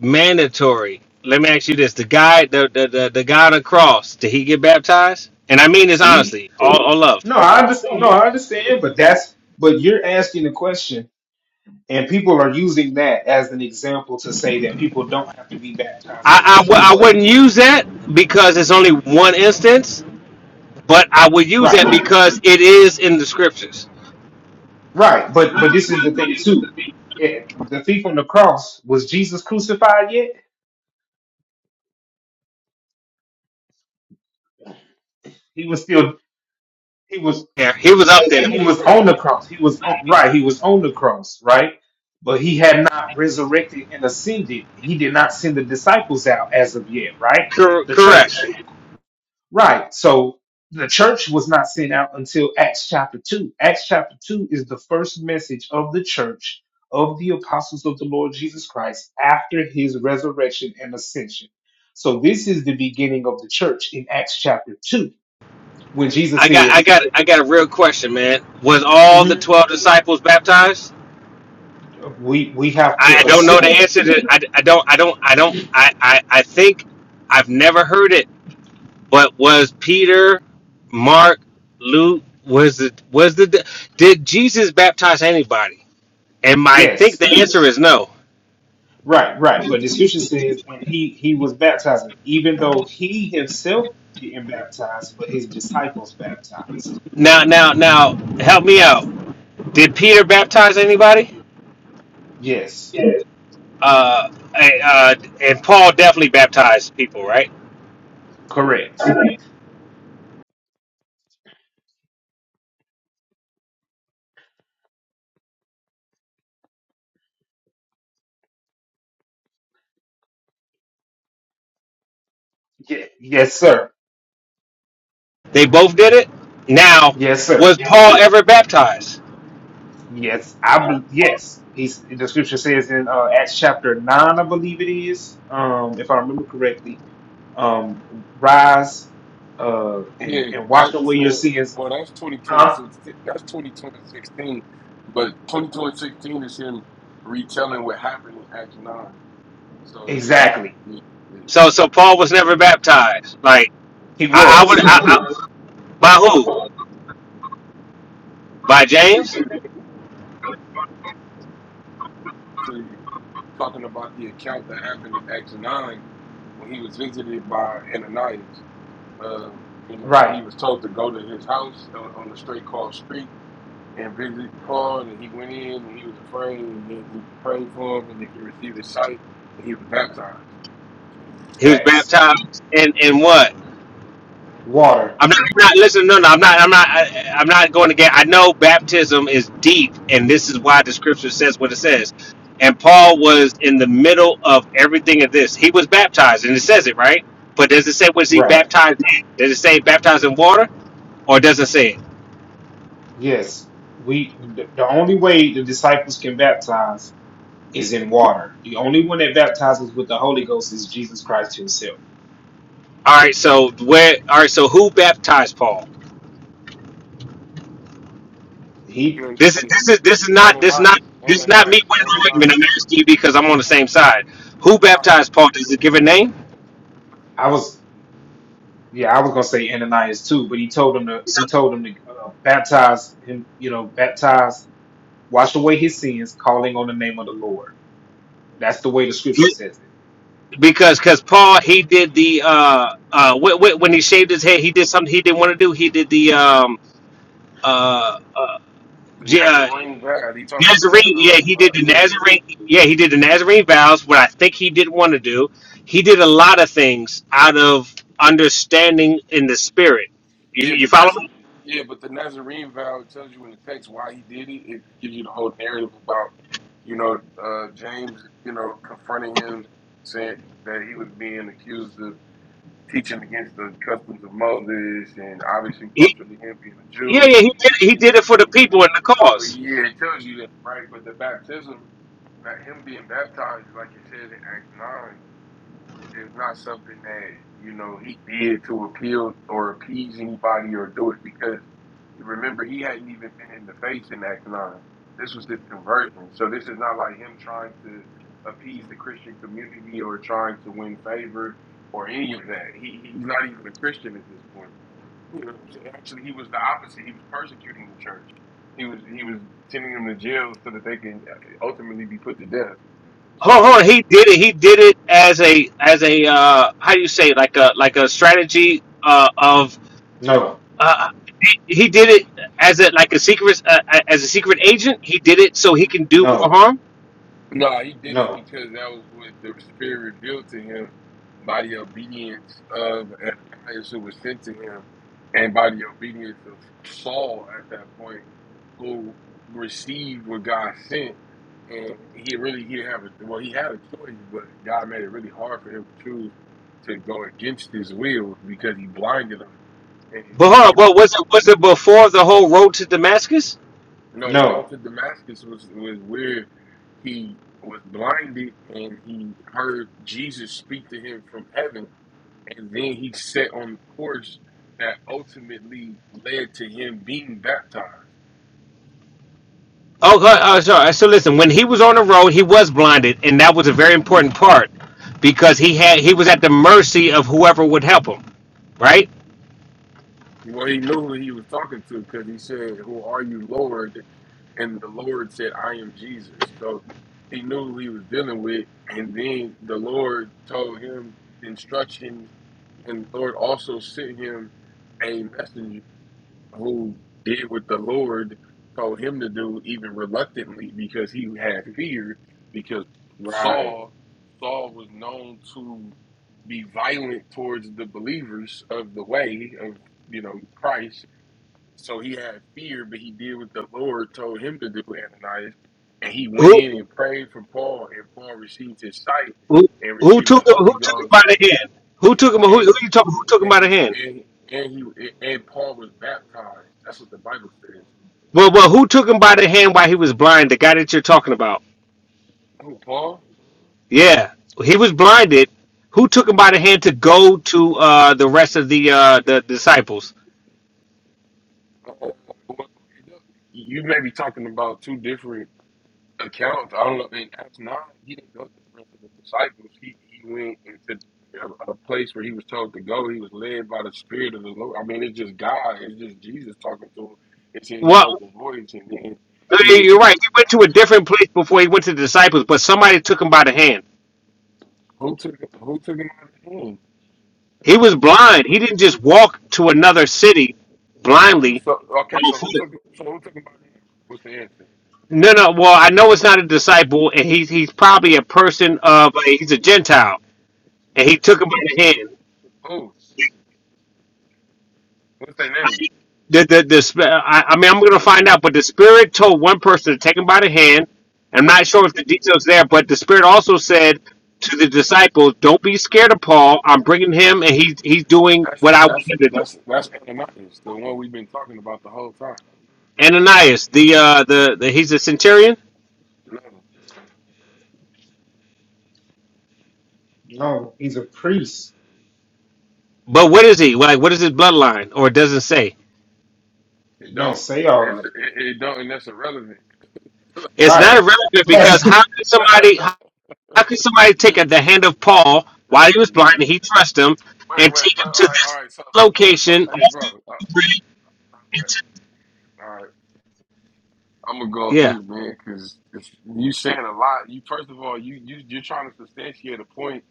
Speaker 5: mandatory. Let me ask you this: the guy, the the the, the guy on the cross, did he get baptized? And I mean this
Speaker 3: see?
Speaker 5: honestly, all, all love.
Speaker 3: No, I just no, I understand, but that's but you're asking the question and people are using that as an example to say that people don't have to be baptized
Speaker 5: I, I
Speaker 3: because
Speaker 5: w-
Speaker 3: he
Speaker 5: I
Speaker 3: wasn't.
Speaker 5: wouldn't use that because it's only one instance, but I would use
Speaker 3: Right.
Speaker 5: that
Speaker 3: But
Speaker 5: because it is in the scriptures.
Speaker 3: right, but but this is the thing too. Eh, the thief on the cross, was Jesus crucified yet? He was still he was
Speaker 5: Yeah, he was up there.
Speaker 3: He was on the cross. He was on, right. He was on the cross, right? But he had not resurrected and ascended. He did not send the disciples out as of yet, right?
Speaker 5: Cor-
Speaker 3: The
Speaker 5: correct.
Speaker 3: church, right? So the church was not sent out until Acts chapter two. Acts chapter two is the first message of the church of the apostles of the Lord Jesus Christ after his resurrection and ascension. So this is the beginning of the church in Acts chapter two when Jesus
Speaker 5: I got
Speaker 3: said.
Speaker 5: I got I got a real question, man. Was all
Speaker 3: "Mm-hmm.
Speaker 5: the twelve disciples baptized?
Speaker 3: we we have
Speaker 5: I
Speaker 3: to
Speaker 5: don't know the
Speaker 3: assume
Speaker 5: answer to. I, I don't I don't I don't I, I I think I've never heard it But was Peter, Mark, Luke, was it was the did Jesus baptize anybody? And I think
Speaker 3: yes
Speaker 5: the answer is no.
Speaker 3: right right but the scripture says when he he was baptizing even though he himself didn't baptize but his disciples baptized
Speaker 5: Now now now help me out. Did Peter baptize anybody?
Speaker 3: yes
Speaker 5: Uh, eh, uh and Paul definitely baptized people, right?
Speaker 3: correct yes yes sir
Speaker 5: They both did it. Now,
Speaker 3: yes sir
Speaker 5: was Paul ever baptized?
Speaker 3: yes i bel yes he's the scripture says in uh acts chapter 9 i believe it is um if i remember correctly um rise uh and
Speaker 9: yeah
Speaker 3: and wash
Speaker 9: that's,
Speaker 3: away your
Speaker 9: uh,
Speaker 3: sins
Speaker 9: well, that's 22 and
Speaker 3: huh
Speaker 9: 16. That's 22 and 16. But 22 and 16 is him retelling what happened in Act 9. So, yeah, you,
Speaker 3: exactly
Speaker 9: yeah, yeah.
Speaker 5: So so Paul was never baptized. Like
Speaker 3: he
Speaker 5: I, I would
Speaker 3: was.
Speaker 5: I, I, by who? By James?
Speaker 9: So, you talking about the account that happened in Act 9 when he was visited by Ananias. Um, you know,
Speaker 3: Right.
Speaker 9: he was told to go to his house on, on the straight called street and visit Paul, and he went in and he was afraid, and then he prayed for him, and then he received his sight, and he was baptized.
Speaker 5: He was
Speaker 3: Facts.
Speaker 5: baptized in in what?
Speaker 3: Water.
Speaker 5: I'm not, I'm not listen. No, no, I'm not. I'm not. I, I'm not going to get. I know baptism is deep, and this is why the scripture says what it says. And Paul was in the middle of everything of this. He was baptized, and it says it right. But does it say was he
Speaker 3: Right.
Speaker 5: baptized? in? Does it say baptized in water, or does it say it?
Speaker 3: Yes. We the, the only way the disciples can baptize is in water. The only one that baptizes with the Holy Ghost is Jesus Christ himself.
Speaker 5: All right. So where? All right. So who baptized Paul?
Speaker 3: He
Speaker 5: This is
Speaker 9: Ananias,
Speaker 5: this is this is not this is not
Speaker 9: Ananias,
Speaker 5: this is not me.
Speaker 9: Ananias,
Speaker 5: Wait, wait, wait a
Speaker 9: Ananias,
Speaker 5: minute. I'm asking you because I'm on the same side. Who
Speaker 9: Ananias,
Speaker 5: baptized Paul? Does it give a name?
Speaker 9: Ananias.
Speaker 3: I was yeah, I was going to say Ananias too, but he told him to
Speaker 5: So
Speaker 3: he told him to uh, baptize him, you know, baptize wash away his sins calling on the name of the Lord. That's the way the scripture says it.
Speaker 5: because because Paul he did the uh uh w- w- when he shaved his head he did something he didn't want to do he did the um uh,
Speaker 9: The
Speaker 5: J- uh
Speaker 9: Nazarene God. He talking about the
Speaker 5: Nazarene yeah
Speaker 9: Nazarene
Speaker 5: he did
Speaker 9: God.
Speaker 5: the
Speaker 9: Yeah,
Speaker 5: Nazarene yeah he did the Nazarene vows what I think he didn't want to do he did a lot of things out of understanding in the spirit you,
Speaker 9: Yeah,
Speaker 5: you
Speaker 9: but
Speaker 5: follow
Speaker 9: that's
Speaker 5: me
Speaker 9: yeah, but the Nazarene vow tells you in the text why he did it. It gives you the whole narrative about, you know, uh, James, you know, confronting him, saying that he was being accused of teaching against the customs of Moses, and obviously
Speaker 5: he,
Speaker 9: culturally him being a
Speaker 5: yeah
Speaker 9: Jew.
Speaker 5: yeah he did he
Speaker 9: He,
Speaker 5: did it for
Speaker 9: he,
Speaker 5: the
Speaker 9: he,
Speaker 5: people and the
Speaker 9: well,
Speaker 5: cause
Speaker 9: yeah, it tells you that, right? But the baptism, that him being baptized, like it says in Acts nine. It's not something that you know he did to appeal or appease anybody or do it because remember he hadn't even been in the face in Acts nine. This was his conversion, so this is not like him trying to appease the Christian community or trying to win favor or any of that. He, he's not even a Christian at this point. You know what I'm saying? Actually, he was the opposite. He was persecuting the church. He was he was sending them to jail so that they can ultimately be put to death.
Speaker 5: hold
Speaker 9: So.
Speaker 5: on he did it he did it as a as a uh how do you say it? like a like a strategy uh of
Speaker 3: No.
Speaker 5: Uh, he, he did it as a like a secret uh, as a secret agent. He did it so he can do more
Speaker 3: No.
Speaker 5: harm.
Speaker 9: No, he did it
Speaker 3: No.
Speaker 9: because that was what the Spirit revealed to him by the obedience of Ananias, who was sent to him, and by the obedience of Saul at that point, who received what God sent. And he really he didn't have a well, he had a choice, but God made it really hard for him to choose to go against his will because he blinded him. And
Speaker 5: But
Speaker 9: in
Speaker 5: hold on,
Speaker 9: order for
Speaker 5: was it? Was it before the whole road to Damascus?
Speaker 9: No, the road
Speaker 3: No.
Speaker 9: to Damascus was was where he was blinded and he heard Jesus speak to him from heaven, and then he set on the course that ultimately led to him being baptized.
Speaker 5: Oh, uh, uh, sorry. So listen, when he was on the road, he was blinded, and that was a very important part because he had he was at the mercy of whoever would help him. Right?
Speaker 9: Well, he knew who he was talking to because he said, "Who are you, Lord?" And the Lord said, "I am Jesus." So he knew who he was dealing with, and then the Lord told him instructions, and the Lord also sent him a messenger who did what the Lord told him to do, even reluctantly, because he had fear, because
Speaker 3: Right.
Speaker 9: Saul Saul was known to be violent towards the believers of the way of you know Christ. So he had fear, but he did what the Lord told him to do, Ananias. And he went
Speaker 5: Who
Speaker 9: in and prayed for Paul, and Paul received his sight
Speaker 5: who
Speaker 9: and
Speaker 5: who
Speaker 9: received the
Speaker 5: took him?
Speaker 9: Holy
Speaker 5: Who took him by
Speaker 9: Ghost.
Speaker 5: the hand? Who
Speaker 9: and.
Speaker 5: took him? Who, who
Speaker 9: and
Speaker 5: you talking? Who took him
Speaker 9: and
Speaker 5: by the hand?
Speaker 9: he and and he and Paul was baptized. That's what the Bible says.
Speaker 5: Well, well, who took him by the hand while he was blind? The guy that you're talking about.
Speaker 9: Oh, Paul.
Speaker 5: Yeah, he was blinded. Who took him by the hand to go to uh, the rest of the uh, the disciples?
Speaker 9: Uh, well, you may be talking about two different accounts. I don't know. In Acts nine, he didn't go to the rest of the disciples. He he went into a, a place where he was told to go. He was led by the Spirit of the Lord. I mean, it's just God. It's just Jesus talking to him. It said he
Speaker 5: Well,
Speaker 9: heard the voice, and then he was
Speaker 5: you're right. He went to a different place before he went to the disciples, but somebody took him by the hand.
Speaker 9: who took who took him out of him?
Speaker 5: He was blind. He didn't just walk to another city blindly
Speaker 9: So okay,
Speaker 5: on
Speaker 9: so who
Speaker 5: foot.
Speaker 9: took so who took him out of him? What's the answer?
Speaker 5: No, no. Well, I know it's not a disciple, and he's he's probably a person of he's a Gentile, and he took him by the hand.
Speaker 9: Who? What's their name?
Speaker 5: the, the, the, sp- I, I mean, I'm going to find out, but the spirit told one person to take him by the hand. I'm not sure if the details there, but the spirit also said to the disciples, "Don't be scared of Paul. I'm bringing him, and he's he's doing what
Speaker 9: That's
Speaker 5: I want
Speaker 9: that's
Speaker 5: him to do."
Speaker 9: that's that's Ananias, the one we've been talking about the whole time.
Speaker 5: Ananias, the uh, the, the he's a centurion,
Speaker 9: No,
Speaker 3: No, he's a priest.
Speaker 5: but what is he like? What is his bloodline? Or it doesn't say.
Speaker 9: it
Speaker 3: It don't
Speaker 9: don't.
Speaker 3: say all of
Speaker 9: It's,
Speaker 3: that.
Speaker 9: it, it don't, and that's irrelevant.
Speaker 5: It's not
Speaker 3: Right.
Speaker 9: Like,
Speaker 5: irrelevant because
Speaker 3: That's
Speaker 5: how could somebody how, could somebody take at the hand of Paul while he
Speaker 9: wait,
Speaker 5: was blind and he trusts him and
Speaker 9: wait.
Speaker 5: take
Speaker 9: fu-
Speaker 5: him
Speaker 9: All
Speaker 5: to
Speaker 9: right, all
Speaker 5: this
Speaker 9: right. So, so, uh, so
Speaker 5: location
Speaker 9: hey, bro. uh, all right, all right. I'm gonna go on
Speaker 5: Yeah.
Speaker 9: mute, man, because you saying a lot. You first of all, you you you're trying to substantiate a point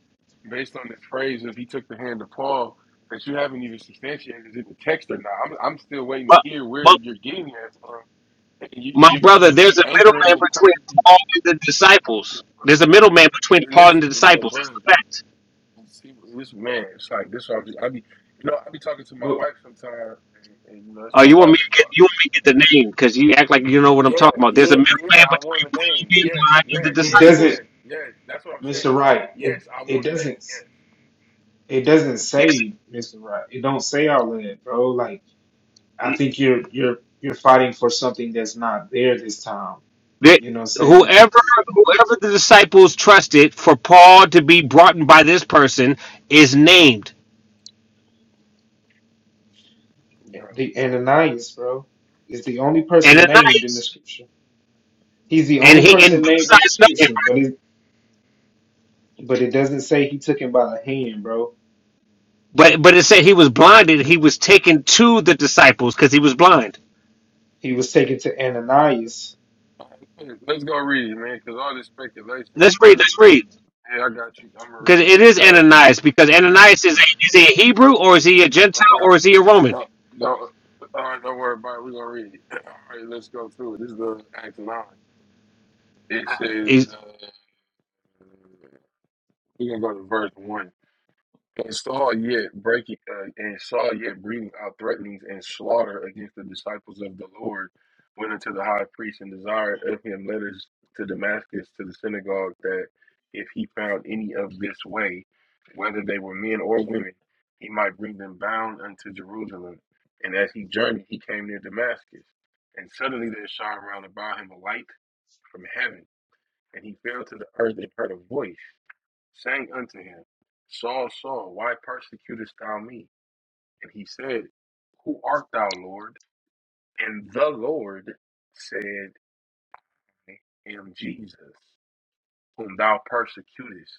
Speaker 9: based on this phrase of he took the hand of Paul that you haven't even substantiated is in the text or not. I'm I'm still waiting
Speaker 5: But,
Speaker 9: to hear where
Speaker 5: but
Speaker 9: that you're getting that from You
Speaker 5: my
Speaker 9: you keep
Speaker 5: brother,
Speaker 9: you
Speaker 5: there's
Speaker 9: keep
Speaker 5: a
Speaker 9: anchoring
Speaker 5: middleman
Speaker 9: the. co-
Speaker 5: between Paul and the disciples. There's a middleman between Paul and
Speaker 9: Listen,
Speaker 5: the
Speaker 9: but
Speaker 5: disciples. That's
Speaker 9: bro,
Speaker 5: the fact.
Speaker 9: see this man. It's like this. I be, I be, you know, I be talking to my
Speaker 3: but
Speaker 9: wife sometimes, and, and you know, it's
Speaker 5: Oh,
Speaker 9: my
Speaker 5: you want me
Speaker 9: wife.
Speaker 5: to
Speaker 9: So,
Speaker 5: get you want me to get the name because you act like you know what I'm
Speaker 9: yeah,
Speaker 5: talking about. There's a
Speaker 9: yeah, yeah.
Speaker 5: middleman
Speaker 9: I want
Speaker 5: between
Speaker 9: a
Speaker 5: Paul
Speaker 9: name.
Speaker 5: being
Speaker 9: Yes,
Speaker 5: blind and the
Speaker 9: yes,
Speaker 3: it
Speaker 9: yes,
Speaker 3: doesn't,
Speaker 5: disciples.
Speaker 9: yes, yes. That's what I'm
Speaker 3: Mr.
Speaker 9: saying.
Speaker 3: Right. It
Speaker 9: Yes, I
Speaker 3: it
Speaker 9: want a name.
Speaker 3: doesn't
Speaker 9: Yes,
Speaker 3: it doesn't
Speaker 5: Yes,
Speaker 3: say Mr. Right. It don't say all of that, bro. Like I think you're you're you're fighting for something that's not there this time.
Speaker 5: that-
Speaker 3: You know what I'm saying?
Speaker 5: whoever whoever the disciples trusted for Paul to be brought in by this person is named
Speaker 3: Like the
Speaker 9: bro.
Speaker 3: Ananias, bro, is the only
Speaker 5: and
Speaker 3: person named in the
Speaker 5: Ananias,
Speaker 3: scripture. He's the
Speaker 5: and
Speaker 3: only
Speaker 5: he and
Speaker 3: person
Speaker 5: both
Speaker 3: named in the
Speaker 5: sides know him.
Speaker 3: scripture, but it but it doesn't say he took him by the hand, bro.
Speaker 5: But but it said he was blinded. He was taken to the disciples because he was blind.
Speaker 3: He was taken to Ananias.
Speaker 9: Let's go read it, man, because all this speculation. be
Speaker 5: Let's read.
Speaker 9: killing me.
Speaker 5: Let's read
Speaker 9: Yeah, I got you. I'm gonna
Speaker 5: because
Speaker 9: read
Speaker 5: it
Speaker 9: because
Speaker 5: is
Speaker 9: y'all.
Speaker 5: Ananias. Because Ananias is a, is he a Hebrew or is he a
Speaker 9: All
Speaker 5: Gentile
Speaker 9: right.
Speaker 5: or is he a Roman?
Speaker 9: No, no. All right, don't worry about it. We're going to read it. All right, let's go through it. This is the Acts 9. It says,
Speaker 5: Is
Speaker 9: uh, we're going to go to verse 1. And Saul yet breaking, uh, and Saul yet breathing out threatenings and slaughter against the disciples of the Lord, went unto the high priest and desired of him letters to Damascus to the synagogue that if he found any of this way, whether they were men or women, he might bring them bound unto Jerusalem. And as he journeyed, he came near Damascus, and suddenly there shone round about him a light from heaven, and he fell to the earth and heard a voice sang unto him, Saul, Saul, why persecutest thou me? And he said, Who art thou, Lord? And the Lord said, I am Jesus, whom thou persecutest.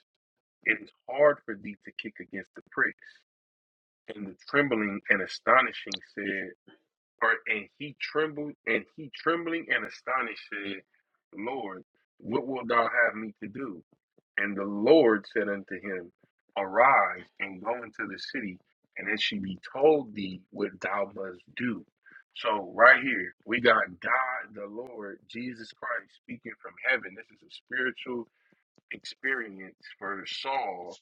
Speaker 9: It is hard for thee to kick against the pricks. And the trembling and astonishing said, or and he trembled and he trembling and astonished said, Lord, what wilt thou have me to do? And the Lord said unto him, Arise and go into the city, and it shall be told thee what thou must do. So right here we got God the Lord Jesus Christ speaking from heaven. This is a spiritual experience for Saul.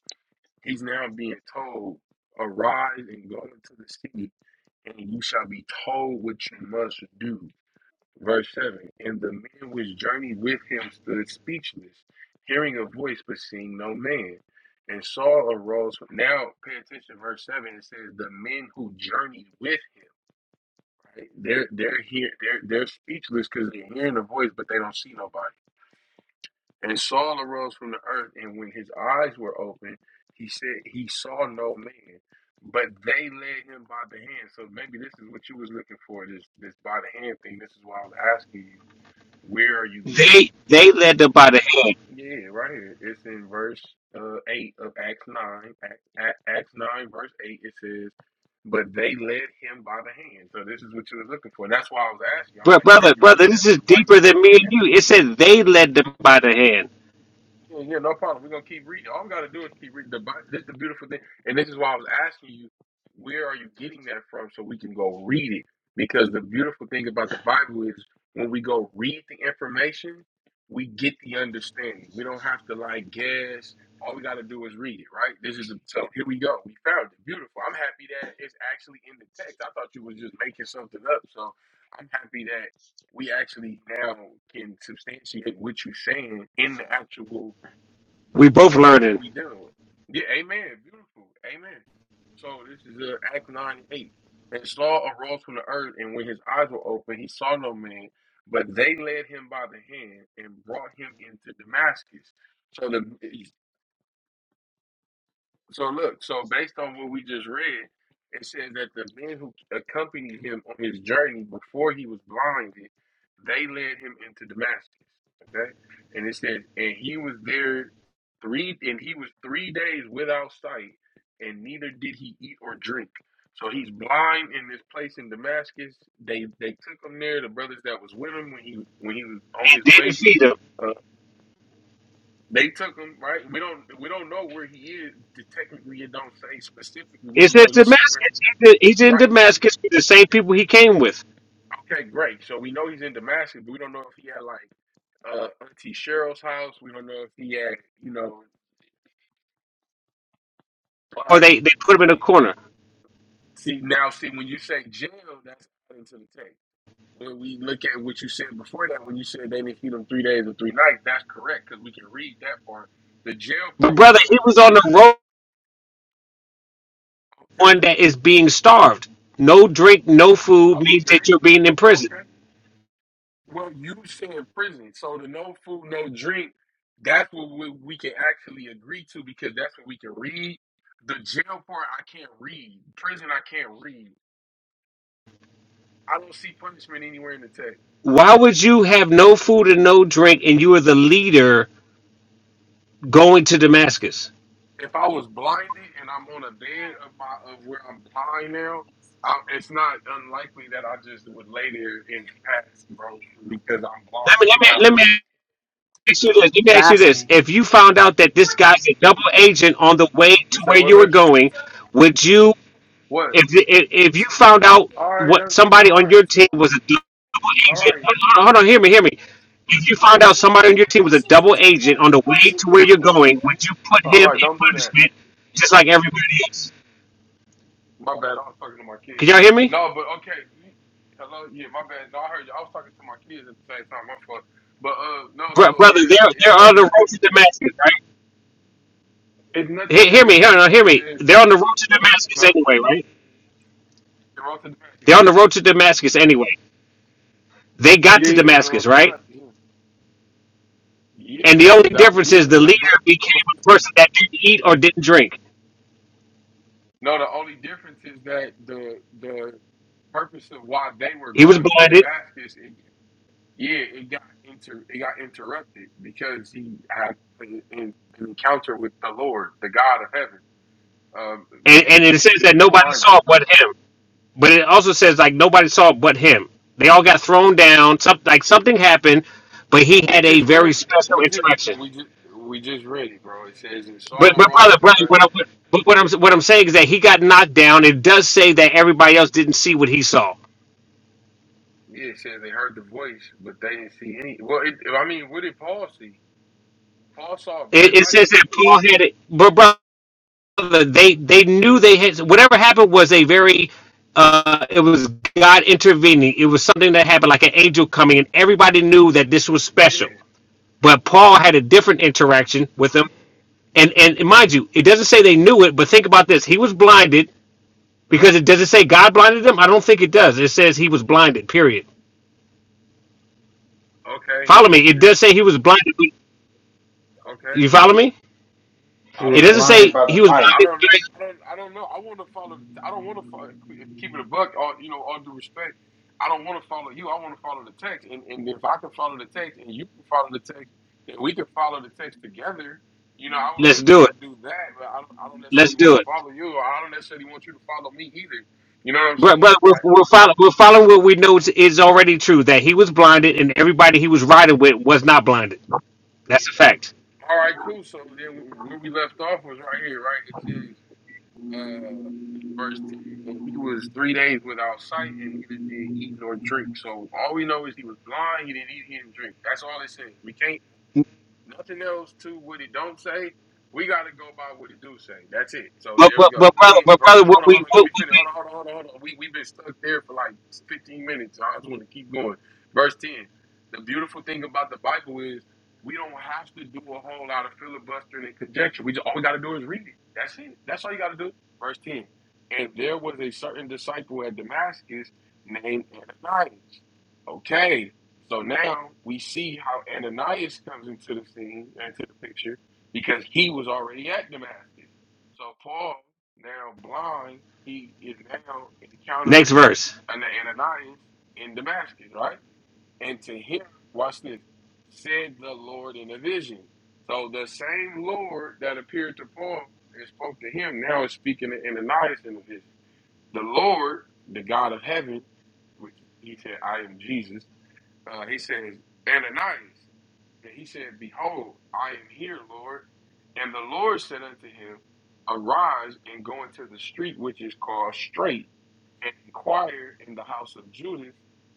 Speaker 9: He's now being told, Arise and go into the city and you shall be told what you must do. Verse 7 And the men which journeyed with him stood speechless, hearing a voice, but seeing no man. And Saul arose. Now, pay attention, verse 7 it says, The men who journeyed with him. Right? They're they're here they're they're speechless because they're hearing a voice but they don't see nobody. And Saul arose from the earth, and when his eyes were opened, he said he saw no man, but they led him by the hand. So maybe this is what you was looking for, this this by the hand thing. This is why I was asking you, where are you getting?
Speaker 5: they they led them by the hand,
Speaker 9: Yeah, right here. It's in verse uh, eight of Acts nine. Acts, A- Acts nine, verse eight. It says, "But they led him by the hand." So this is what you was looking for. That's why I was asking. I'm
Speaker 5: Bro-
Speaker 9: like, where are
Speaker 5: brother
Speaker 9: you
Speaker 5: brother.
Speaker 9: getting
Speaker 5: This
Speaker 9: that
Speaker 5: is
Speaker 9: from? Why you
Speaker 5: deeper than
Speaker 9: keep
Speaker 5: me
Speaker 9: saying
Speaker 5: and
Speaker 9: that?
Speaker 5: you. It said they led them by the hand.
Speaker 9: Yeah, yeah, no problem. We're gonna keep reading. All we gotta do is keep reading the Bible. This is the beautiful thing, and this is why I was asking you, where are you getting that from, so we can go read it. Because the beautiful thing about the Bible is when we go read the information, we get the understanding. We don't have to like guess. All we gotta do is read it, right? This is so. Here we go. We found it. Beautiful. I'm happy that it's actually in the text. I thought you was just making something up. So I'm happy that we actually now can substantiate what you're saying in the actual
Speaker 5: We both
Speaker 9: text that
Speaker 5: learning.
Speaker 9: we do. Yeah, amen. Beautiful. Amen. So this is uh, Act 9 8. And Saul arose from the earth, and when his eyes were open, he saw no man, but they led him by the hand and brought him into Damascus. So the so look, so based on what we just read, it says that the men who accompanied him on his journey before he was blinded, they led him into Damascus. Okay, and it says, and he was there three, and he was three days without sight, and neither did he eat or drink. So he's blind in this place in Damascus. They they took him there. The brothers that was with him when he when he was on
Speaker 5: It
Speaker 9: his
Speaker 5: didn't
Speaker 9: way.
Speaker 5: feed them.
Speaker 9: uh, they took him, right? We don't we don't know where he is. Technically, it don't say specifically. We
Speaker 5: It
Speaker 9: just
Speaker 5: says
Speaker 9: know he's
Speaker 5: Damascus.
Speaker 9: somewhere.
Speaker 5: He's in he's in
Speaker 9: Right.
Speaker 5: Damascus with the same people he came with,
Speaker 9: Okay, great. So we know he's in Damascus, but we don't know if he had like uh Auntie Cheryl's house. We don't know if he had, you know,
Speaker 5: or
Speaker 9: part-
Speaker 5: they they put him
Speaker 9: so,
Speaker 5: in a corner.
Speaker 9: see now see when you say jail, that's out into the text. When we look at what you said before that, when you said they didn't feed him three days or three nights, that's correct because we can read that part. The jail
Speaker 5: But
Speaker 9: part we
Speaker 5: brother,
Speaker 9: can't
Speaker 5: he was
Speaker 9: read.
Speaker 5: on the road
Speaker 9: Okay.
Speaker 5: one that is being starved. No drink, no food
Speaker 9: Oh,
Speaker 5: means that you're
Speaker 9: Okay.
Speaker 5: being imprisoned.
Speaker 9: Okay. Well, you say in prison, so the no food, no drink. That's what we, we can actually agree to because that's what we can read. The jail part, I can't read. Prison, I can't read. I don't see punishment anywhere in the text.
Speaker 5: Why would you have no food and no drink and you are the leader going to Damascus?
Speaker 9: If I was blinded and I'm on a bed of my of where I'm blind now, I, it's not unlikely that I just would lay there and pass, bro, because I'm
Speaker 5: Let me,
Speaker 9: blind.
Speaker 5: let
Speaker 9: And
Speaker 5: me, let me ask you this. Let me ask you this.
Speaker 6: fasting.
Speaker 5: If you found out
Speaker 9: I,
Speaker 5: that this guy's a double agent on the way
Speaker 9: you
Speaker 5: to
Speaker 9: say
Speaker 5: where
Speaker 9: what,
Speaker 5: you were
Speaker 9: baby?
Speaker 5: going, would you
Speaker 9: What?
Speaker 5: if if, if you found out
Speaker 9: All right, yeah,
Speaker 5: what
Speaker 9: that's all
Speaker 5: somebody on
Speaker 9: right.
Speaker 5: your team was a double
Speaker 9: All
Speaker 5: agent,
Speaker 9: right,
Speaker 5: hold on, hold on, hear me, hear me. If you found out somebody on your team was a double agent on the way to where you're going, would you put
Speaker 9: all
Speaker 5: him
Speaker 9: right.
Speaker 5: in
Speaker 9: Don't do that.
Speaker 5: punishment just like everybody else?
Speaker 9: My bad. I was talking to my
Speaker 5: Can
Speaker 9: kids.
Speaker 5: y'all hear me,
Speaker 9: No, but okay. you- Hello. Yeah, my bad. No, I heard you. I was talking to my kids at the same time. My fault. But uh, no.
Speaker 5: Br-
Speaker 9: So
Speaker 5: brother?
Speaker 9: yeah,
Speaker 5: They're
Speaker 9: it's
Speaker 5: they're
Speaker 9: no
Speaker 5: on the
Speaker 9: nothing.
Speaker 5: road to Damascus, right?
Speaker 9: It's
Speaker 5: He-
Speaker 9: nothing in
Speaker 5: hear
Speaker 9: the
Speaker 5: me, hear
Speaker 9: text
Speaker 5: me, hear
Speaker 9: that
Speaker 5: me.
Speaker 9: says
Speaker 5: They're on the road to Damascus
Speaker 9: no.
Speaker 5: anyway, right?
Speaker 9: They wrote to Damascus.
Speaker 5: They're on the road to Damascus anyway. They
Speaker 9: Yeah.
Speaker 5: got to
Speaker 9: Yeah, yeah. They
Speaker 5: Damascus,
Speaker 9: wrote to
Speaker 5: right?
Speaker 9: Damascus. Yeah. Yeah,
Speaker 5: And the only
Speaker 9: because that was
Speaker 5: difference
Speaker 9: yeah,
Speaker 5: is
Speaker 9: yeah.
Speaker 5: the
Speaker 9: That, but
Speaker 5: leader became
Speaker 9: but
Speaker 5: a person that didn't eat or didn't drink.
Speaker 9: no, the only difference is that the the purpose of why they were
Speaker 5: He was
Speaker 9: going to
Speaker 5: blinded.
Speaker 9: Damascus. Yeah, it got inter it got interrupted because he had an, an encounter with the Lord, the God of heaven, um,
Speaker 5: and,
Speaker 9: and
Speaker 5: and it
Speaker 9: and
Speaker 5: says
Speaker 9: he
Speaker 5: that
Speaker 9: was
Speaker 5: nobody
Speaker 9: blinded.
Speaker 5: saw but him. But it also says like nobody saw but him. They all got thrown down. Something like something happened, but he
Speaker 9: We
Speaker 5: had a
Speaker 9: just
Speaker 5: very
Speaker 9: read it.
Speaker 5: special
Speaker 9: We just
Speaker 5: interaction.
Speaker 9: we just we just read it, bro. It says and
Speaker 5: But
Speaker 9: Saul
Speaker 5: but
Speaker 9: arose.
Speaker 5: brother, brother,
Speaker 9: uh,
Speaker 5: what I'm but what I'm what I'm saying is that he got knocked down. It does say that everybody else didn't see what he saw.
Speaker 9: Yeah, it says they heard the voice, but they didn't see any. Well, it, I mean, what did Paul see? Paul saw a
Speaker 5: It,
Speaker 9: bright
Speaker 5: it
Speaker 9: light.
Speaker 5: says that Paul had it, but brother, they they knew they had whatever happened was a very uh, it was God intervening. It was something that happened, like an angel coming, and everybody knew that this was special.
Speaker 9: Yeah.
Speaker 5: But Paul had a different interaction with them. And, and and mind you, it doesn't say they knew it, but think about this. He was blinded because it doesn't say God blinded them. I don't think it does. It says he was blinded, period.
Speaker 9: Okay, he
Speaker 5: Follow
Speaker 9: was
Speaker 5: me. It does
Speaker 9: eh,
Speaker 5: say he was blinded.
Speaker 9: okay.
Speaker 5: You follow me?
Speaker 3: He
Speaker 9: I
Speaker 5: It
Speaker 3: was
Speaker 9: don't
Speaker 5: doesn't
Speaker 9: know.
Speaker 3: blinded
Speaker 5: say
Speaker 3: by the
Speaker 5: he was
Speaker 3: light.
Speaker 9: I
Speaker 5: blinded.
Speaker 9: don't know. I don't. I don't know. I want to follow. the- I don't want to follow, keep it a buck. All you know. All due respect. I don't want to follow you. I want to follow the text. And and if I can follow the text, and you can follow the text, and we can follow the text together. You know, I would
Speaker 5: Let's
Speaker 9: much
Speaker 5: do
Speaker 9: rather
Speaker 5: it.
Speaker 9: do that. But I don't. I don't
Speaker 5: Let's
Speaker 9: necessarily want
Speaker 5: do
Speaker 9: to
Speaker 5: it.
Speaker 9: follow you, or I don't necessarily want you to follow me either. You know what I'm
Speaker 5: Bro-
Speaker 9: saying?
Speaker 5: Brother, we're,
Speaker 9: Like,
Speaker 5: we're, following, we're following what we know is is already true that he was blinded and everybody he was riding with was not blinded. That's a fact.
Speaker 9: all right, cool. So then where we left off was right here, right? uh, in verse 10, and he was three days without sight and neither did eat nor drink. So all we know is he was blind, he didn't eat, he didn't drink. That's all it says. We can't Nothing else to what he don't say. We got to go by what he do say. That's it. So
Speaker 5: But,
Speaker 9: there we
Speaker 5: but,
Speaker 9: go.
Speaker 5: but, brother,
Speaker 9: Ten
Speaker 5: but
Speaker 9: verse.
Speaker 5: brother what
Speaker 9: Hold on, hold
Speaker 5: we,
Speaker 9: on. Let
Speaker 5: what
Speaker 9: me finish.
Speaker 5: we,
Speaker 9: Hold on, hold on, hold on, hold on. We we've been stuck there for like fifteen minutes. I just want to keep going. Verse ten. The beautiful thing about the Bible is we don't have to do a whole lot of filibustering and conjecture. We just all we got to do is read it. That's it. That's all you got to do. Verse ten. And there was a certain disciple at Damascus named Ananias. Okay. So now we see how Ananias comes into the scene, into the picture, because he was already at Damascus. So Paul, now blind, he is now
Speaker 5: next
Speaker 9: encountering
Speaker 5: verse.
Speaker 9: an Ananias in Damascus, right? And to him, watch this, said the Lord in a vision. So the same Lord that appeared to Paul and spoke to him now is speaking to Ananias in a vision. The Lord, the God of heaven, which he said, I am Jesus uh, he says, Ananias. And he said, Behold, I am here, Lord. And the Lord said unto him, Arise and go into the street which is called Straight, and inquire in the house of Judas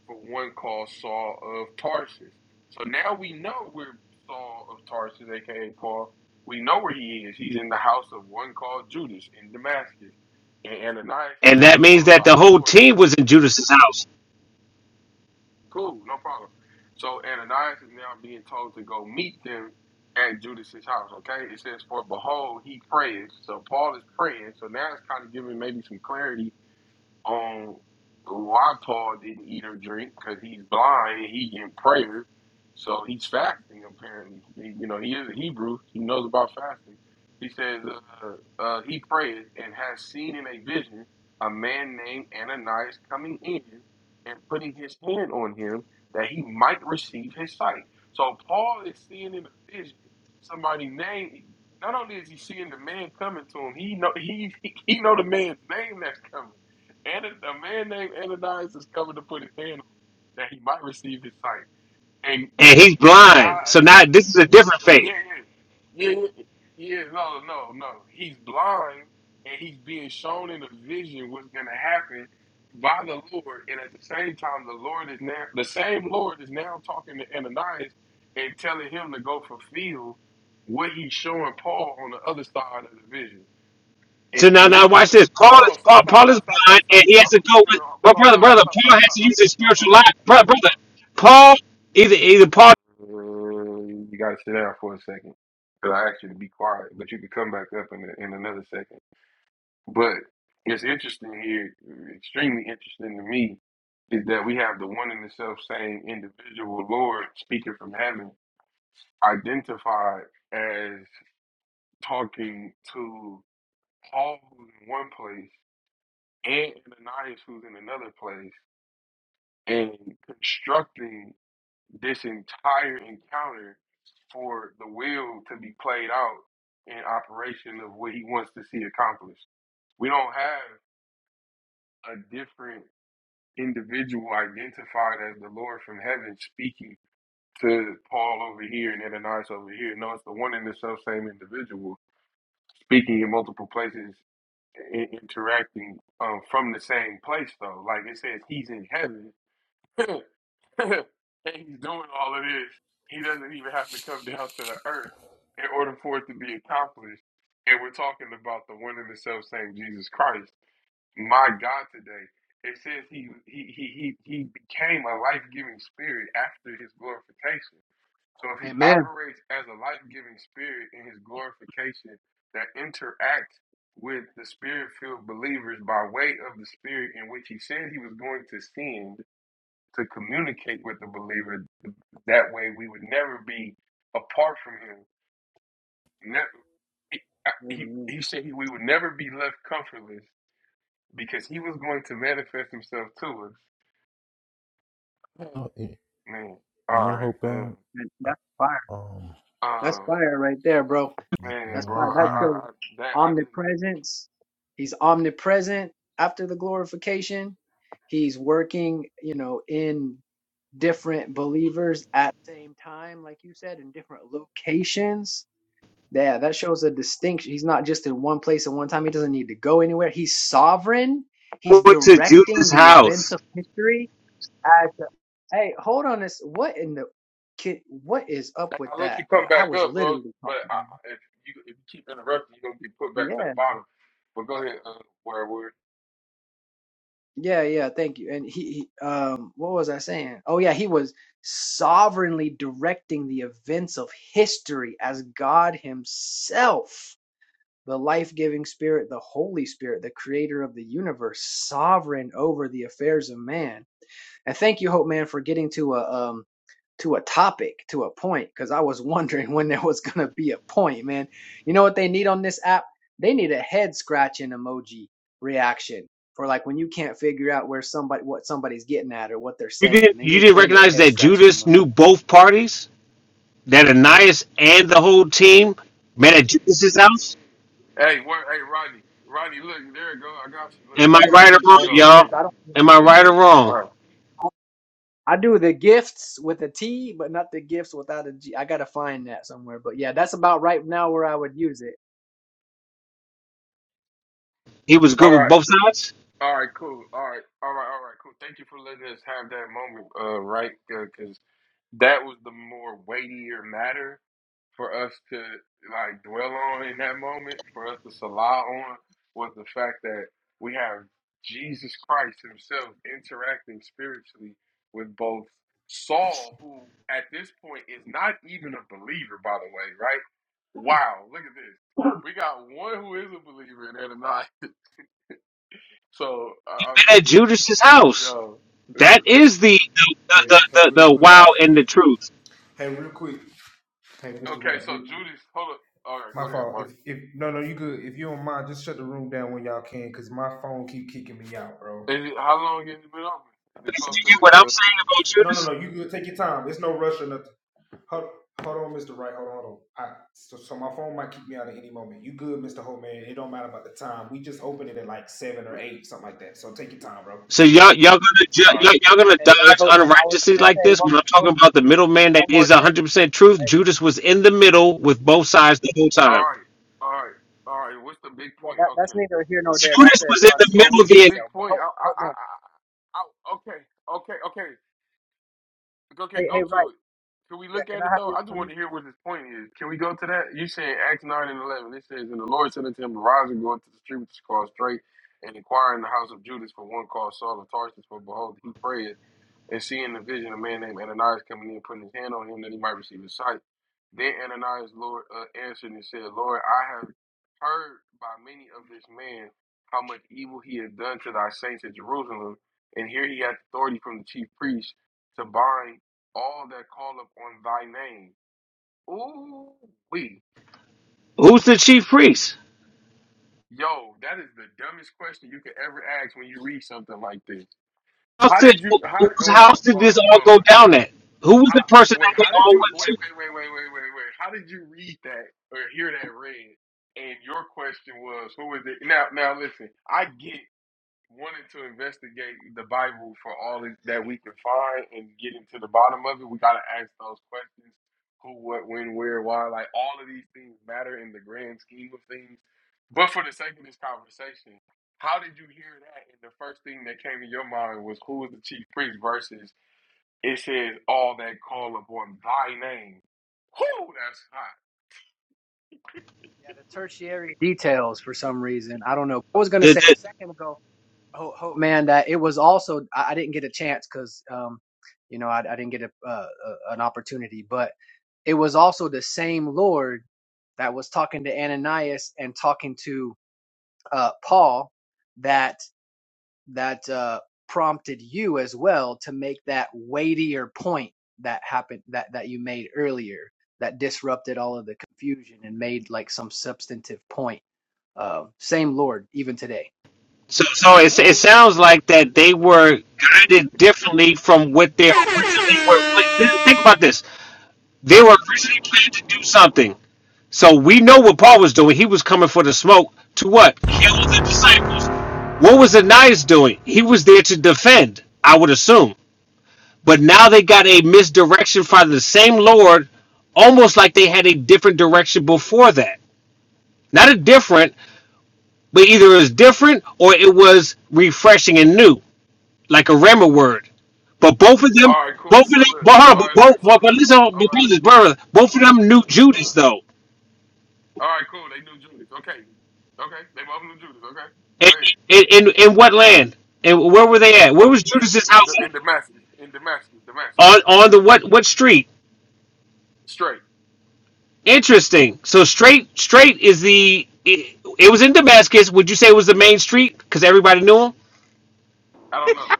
Speaker 9: for one called Saul of Tarsus. So now we know where Saul of Tarsus, aka Paul, we know where he is. He's in the house of one called Judas in Damascus. And Ananias is
Speaker 5: and
Speaker 9: being
Speaker 5: that means
Speaker 9: told
Speaker 5: that
Speaker 9: by
Speaker 5: the
Speaker 9: the
Speaker 5: whole
Speaker 9: Lord to.
Speaker 5: team was in Judas's house,
Speaker 9: Cool, no problem. So Ananias is now being told to go meet them at Judas's house. Okay, it says, "For behold, he prays." So Paul is praying. So now it's kind of giving maybe some clarity on why Paul didn't eat or drink because he's blind and he in prayer, so he's fasting apparently. He- you know, he is a Hebrew. He knows about fasting. He says uh, uh, he prayed and has seen in a vision a man named Ananias coming in and putting his hand on him that he might receive his sight. So Paul is seeing in a vision somebody named. Not only is he seeing the man coming to him, he know he he know the man's name that's coming. And a man named Ananias is coming to put his hand on him that he might receive his sight. And
Speaker 5: and
Speaker 9: and,
Speaker 5: he's
Speaker 9: and God,
Speaker 5: blind. So now this is a different faith.
Speaker 9: yeah, yeah, yeah, yeah, yeah, no, no, no. He's blind and he's being shown in a vision what's going to happen by the Lord. And at the same time, the Lord is now the same Lord is now talking to Ananias and telling him to go fulfill what he's showing Paul on the other side of the vision.
Speaker 5: So
Speaker 9: And,
Speaker 5: now,
Speaker 9: and
Speaker 5: now
Speaker 9: this is
Speaker 5: watch this. Paul
Speaker 9: hold
Speaker 5: is
Speaker 9: on, stop,
Speaker 5: Paul,
Speaker 9: stop,
Speaker 5: Paul is
Speaker 9: stop, stop,
Speaker 5: blind,
Speaker 9: stop,
Speaker 5: and
Speaker 9: stop.
Speaker 5: he has
Speaker 9: I'm
Speaker 5: to
Speaker 9: gonna put
Speaker 5: go
Speaker 9: you.
Speaker 5: with.
Speaker 9: on-
Speaker 5: But
Speaker 9: Hold on,
Speaker 5: brother,
Speaker 9: stop, stop,
Speaker 5: brother,
Speaker 9: stop,
Speaker 5: Paul has to
Speaker 9: stop,
Speaker 5: use his
Speaker 9: stop. Uh, uh, all
Speaker 5: spiritual life.
Speaker 9: right,
Speaker 5: Brother, brother, Paul either either Paul
Speaker 9: all right. You gotta sit down for a second. Cause I asked you to be quiet, but you can come back up in a, in another second. But it's interesting here, extremely interesting to me, is that we have the one and the self same individual Lord speaking from heaven, identified as talking to Paul in one place and Ananias, who's in another place, and constructing this entire encounter for the will to be played out in operation of what he wants to see accomplished. We don't have a different individual identified as the Lord from heaven speaking to Paul over here and Ananias over here. No, it's the one and the self same individual speaking in multiple places, i- interacting um, from the same place, though. Like it says, he's in heaven. and he's doing all of this. He doesn't even have to come down to the earth in order for it to be accomplished. And we're talking about the one and the self same Jesus Christ, my God today. It says he he he he, he became a life giving spirit after his glorification. So if he
Speaker 6: Amen.
Speaker 9: operates as a life giving spirit in his glorification that interacts with the spirit filled believers by way of the spirit in which he said he was going to send to communicate with the believer. That way, we would never be apart from him. Never, he, he,
Speaker 6: Amen.
Speaker 9: he said he, we would never be left comfortless because he was going to manifest himself to us.
Speaker 10: know, you
Speaker 9: Man,
Speaker 10: you
Speaker 9: all
Speaker 10: know,
Speaker 9: right,
Speaker 10: Hope
Speaker 9: um,
Speaker 10: Band.
Speaker 6: And That's fire.
Speaker 10: Um,
Speaker 6: That's
Speaker 9: uh,
Speaker 6: fire right there, bro.
Speaker 10: you, you
Speaker 9: man,
Speaker 6: That's
Speaker 10: know,
Speaker 9: bro,
Speaker 6: fire.
Speaker 10: Hope
Speaker 9: I,
Speaker 6: That
Speaker 9: I,
Speaker 10: Band.
Speaker 6: shows
Speaker 9: that I just
Speaker 6: omnipresence. He's omnipresent after the glorification. He's working, you know, in different believers at the same time, like you said, in different locations. Yeah, that shows a distinction. He's not just in one place at one time. He doesn't need to go anywhere. He's sovereign. He's
Speaker 5: went to Judas's
Speaker 6: directing the events
Speaker 5: house.
Speaker 6: of history I t- Hey, hold on this. What in the kid? What is up with
Speaker 9: I let
Speaker 6: that?
Speaker 9: you come
Speaker 6: I
Speaker 9: back
Speaker 6: was
Speaker 9: up, bro.
Speaker 6: literally
Speaker 9: But
Speaker 6: talking. to
Speaker 9: I,
Speaker 6: him.
Speaker 9: if you if you keep interrupting, you're gonna get put back to the
Speaker 6: Yeah,
Speaker 9: bottom. But go ahead, uh, where where?
Speaker 6: yeah, yeah. Thank you. And he, he, um, what was I saying? Oh yeah, he was sovereignly directing the events of history as God Himself, the life-giving Spirit, the Holy Spirit, the Creator of the universe, sovereign over the affairs of man And thank you, Hope Man, for getting to a um to a topic, to a point, because I was wondering when there was gonna be a point, man. You know what they need on this app? They need a head scratching emoji reaction for like when you can't figure out where somebody what somebody's getting at or what they're
Speaker 5: You
Speaker 6: saying.
Speaker 5: didn't
Speaker 6: They
Speaker 5: you
Speaker 6: need
Speaker 5: didn't
Speaker 6: they need a
Speaker 5: recognize
Speaker 6: head
Speaker 5: that
Speaker 6: scratching
Speaker 5: Judas
Speaker 6: emoji.
Speaker 5: knew both parties, that Ananias and the whole team met at Judas's house.
Speaker 9: Hey, where? Hey, Rodney, Rodney, look, there you go. I got you. Look,
Speaker 5: Am I
Speaker 6: Yeah.
Speaker 9: look at the
Speaker 5: right or wrong,
Speaker 6: Oh the
Speaker 9: PTR,
Speaker 5: y'all?
Speaker 6: gift.
Speaker 9: man.
Speaker 6: I don't
Speaker 5: Am I
Speaker 9: There you
Speaker 5: right or
Speaker 9: go. All
Speaker 5: wrong?
Speaker 9: right.
Speaker 6: I do the gifts with a T, but not the gifts without a G. I gotta find that somewhere. But yeah, that's about right now where I would use it.
Speaker 5: He was
Speaker 9: All
Speaker 5: good with
Speaker 9: right.
Speaker 5: both sides.
Speaker 9: All right. Cool. All right. All right. All right. Cool. Thank you for letting us have that moment, uh, right? Because that was the more weightier matter for us to like dwell on in that moment, for us to salah on, was the fact that we have Jesus Christ Himself interacting spiritually with both Saul, who at this point is not even a believer, by the way, right? Wow, look at this. We got one who is a believer in Ananias. So, uh,
Speaker 5: Met at Judas's house.
Speaker 9: Yo, this is,
Speaker 5: That is the the
Speaker 3: Hey,
Speaker 5: the,
Speaker 3: hey,
Speaker 5: the,
Speaker 3: real
Speaker 5: the
Speaker 3: quick.
Speaker 9: all
Speaker 5: wow
Speaker 9: right.
Speaker 5: and the truth.
Speaker 3: Hey, real quick. Hey, Mr.
Speaker 9: Okay,
Speaker 3: Wright,
Speaker 9: so
Speaker 3: real quick.
Speaker 9: Judy's. Hold up. All right, go
Speaker 3: My
Speaker 9: ahead,
Speaker 3: fault. If
Speaker 9: Mark.
Speaker 3: if no no you good. If you don't mind, just shut the room down when y'all can, cause my phone keep kicking me out, bro.
Speaker 9: Is it, how long has it been open? Is
Speaker 5: Did
Speaker 9: it close
Speaker 5: You
Speaker 9: to
Speaker 5: get
Speaker 9: the?
Speaker 5: what I'm
Speaker 9: Uh,
Speaker 5: saying about
Speaker 3: No no
Speaker 5: Judas?
Speaker 3: no, you good. Take your time. It's no rush or nothing. Hold, hold on, Mr. Wright. Hold on, hold on. I, so, so my phone might kick me out at any moment. You good, Mr. Hope man? It don't matter about the time. We just opened it at like seven or eight, something like that. So take your time, bro.
Speaker 5: So y'all y'all gonna ju-
Speaker 9: all
Speaker 5: y'all,
Speaker 9: right,
Speaker 5: y'all gonna dodge
Speaker 6: Hey, hey, Hope man, I was
Speaker 5: unrighteousness
Speaker 6: gonna
Speaker 5: like
Speaker 6: say
Speaker 5: this
Speaker 6: one,
Speaker 5: when I'm talking
Speaker 6: one,
Speaker 5: about the middleman that
Speaker 6: one more
Speaker 5: is
Speaker 6: thing.
Speaker 5: 100 percent truth.
Speaker 6: Hey,
Speaker 5: Judas was in the middle with both sides the whole
Speaker 9: all
Speaker 5: time.
Speaker 9: right, all right, all right. What's the big
Speaker 6: yeah,
Speaker 9: point?
Speaker 6: that, that's
Speaker 9: Okay,
Speaker 6: neither here nor there. That's
Speaker 5: Judas
Speaker 6: a
Speaker 5: was in the
Speaker 9: but
Speaker 5: middle.
Speaker 6: consequential
Speaker 9: what's the
Speaker 5: Then
Speaker 9: big
Speaker 6: detail. But
Speaker 9: point?
Speaker 6: hope,
Speaker 9: I, I,
Speaker 6: hope
Speaker 9: I,
Speaker 6: man,
Speaker 9: I, I okay, okay, okay. Okay,
Speaker 6: hey,
Speaker 9: go
Speaker 6: hey,
Speaker 9: to
Speaker 6: right?
Speaker 9: it. Can we
Speaker 6: Yeah,
Speaker 9: look
Speaker 6: can
Speaker 9: at
Speaker 6: I
Speaker 9: it
Speaker 6: have
Speaker 9: though?
Speaker 6: your
Speaker 9: I just want
Speaker 6: permission?
Speaker 9: to hear what his point is. Can we go to that? You said Acts nine and eleven. It says, "And the Lord said unto him, Arise and go into the street which is called Straight, and inquire in the house of Judas for one called Saul of Tarsus. For behold, he prayed, and seeing the vision, a man named Ananias coming in, putting his hand on him that he might receive his sight. Then Ananias Lord uh, answered and said, Lord, I have heard by many of this man how much evil he has done to thy saints at Jerusalem, and here he hath authority from the chief priests." to bind all that call upon thy name. Ooh, we.
Speaker 5: who's the chief priest?
Speaker 9: Yo, that is the dumbest question you could ever ask when you read something like this.
Speaker 5: House
Speaker 9: How
Speaker 5: did,
Speaker 9: did you how did-
Speaker 5: whose
Speaker 9: hold on,
Speaker 5: house did
Speaker 9: hold
Speaker 5: this
Speaker 9: on,
Speaker 5: all
Speaker 9: hold
Speaker 5: go
Speaker 9: on, hold on.
Speaker 5: down at? Who was
Speaker 9: How
Speaker 5: the person that
Speaker 9: wait,
Speaker 5: they
Speaker 9: how did
Speaker 5: all
Speaker 9: you wait,
Speaker 5: went
Speaker 9: wait, wait, wait, wait, wait, wait. How did you read that or hear that read? And your question was, who is it? Now now listen, I get wanted to investigate the Bible for all that we can find and getting to the bottom of it, we got to ask those questions who, what, when, where, why. Like, all of these things matter in the grand scheme of things. But for the sake of this conversation, how did you hear that? And the first thing that came to your mind was who is the chief priest versus it says all that call upon thy name. Whoo, that's hot.
Speaker 6: Yeah, the tertiary details for some reason. I don't know. I was gonna say
Speaker 5: to?
Speaker 6: a second ago, hope, hope man, that it was also I, I didn't get a chance because um, you know, I, I didn't get a, uh, a an opportunity, but it was also the same Lord that was talking to Ananias and talking to uh Paul. that. that uh, prompted you as well to make that weightier point that happened that that you made earlier that disrupted all of the confusion and made like some substantive point. Uh, same Lord, even today.
Speaker 5: So, so it, it
Speaker 9: Woo.
Speaker 5: sounds like that they were guided differently from what they originally were. planned. Think about this: they were originally planned to do something. So we know what Paul was doing. He was coming for the smoke to what? Kill the disciples. What was Ananias doing? He was there to defend, I would assume. But now they got a misdirection from the same Lord, almost like they had a different direction before that. Not a different, but either it was different or it was refreshing and new. like a grammar word. But both of them,
Speaker 9: all right, cool.
Speaker 5: both of
Speaker 9: So
Speaker 5: them,
Speaker 9: look,
Speaker 5: but hold on,
Speaker 9: all
Speaker 5: but
Speaker 9: right,
Speaker 11: Uh,
Speaker 5: both,
Speaker 9: look, so
Speaker 5: but, but
Speaker 9: look,
Speaker 5: listen, hold-
Speaker 9: all
Speaker 5: but
Speaker 9: right,
Speaker 5: please, brother, both of
Speaker 9: look. Okay.
Speaker 5: them knew
Speaker 9: No.
Speaker 5: Judas though.
Speaker 9: All right, cool. They knew Judas. Okay, okay. They both knew Judas. Okay, go
Speaker 5: In
Speaker 9: ahead.
Speaker 5: in, in in what land? And where were they at? Where was
Speaker 9: In
Speaker 5: Judas's
Speaker 9: in,
Speaker 5: house
Speaker 9: the, in
Speaker 5: at?
Speaker 9: Damascus, in Damascus, Damascus,
Speaker 5: On on the what what street?
Speaker 9: straight.
Speaker 5: Interesting. So straight straight is the it, it was in Damascus. Would you say it was the main street because everybody knew him?
Speaker 9: I don't know.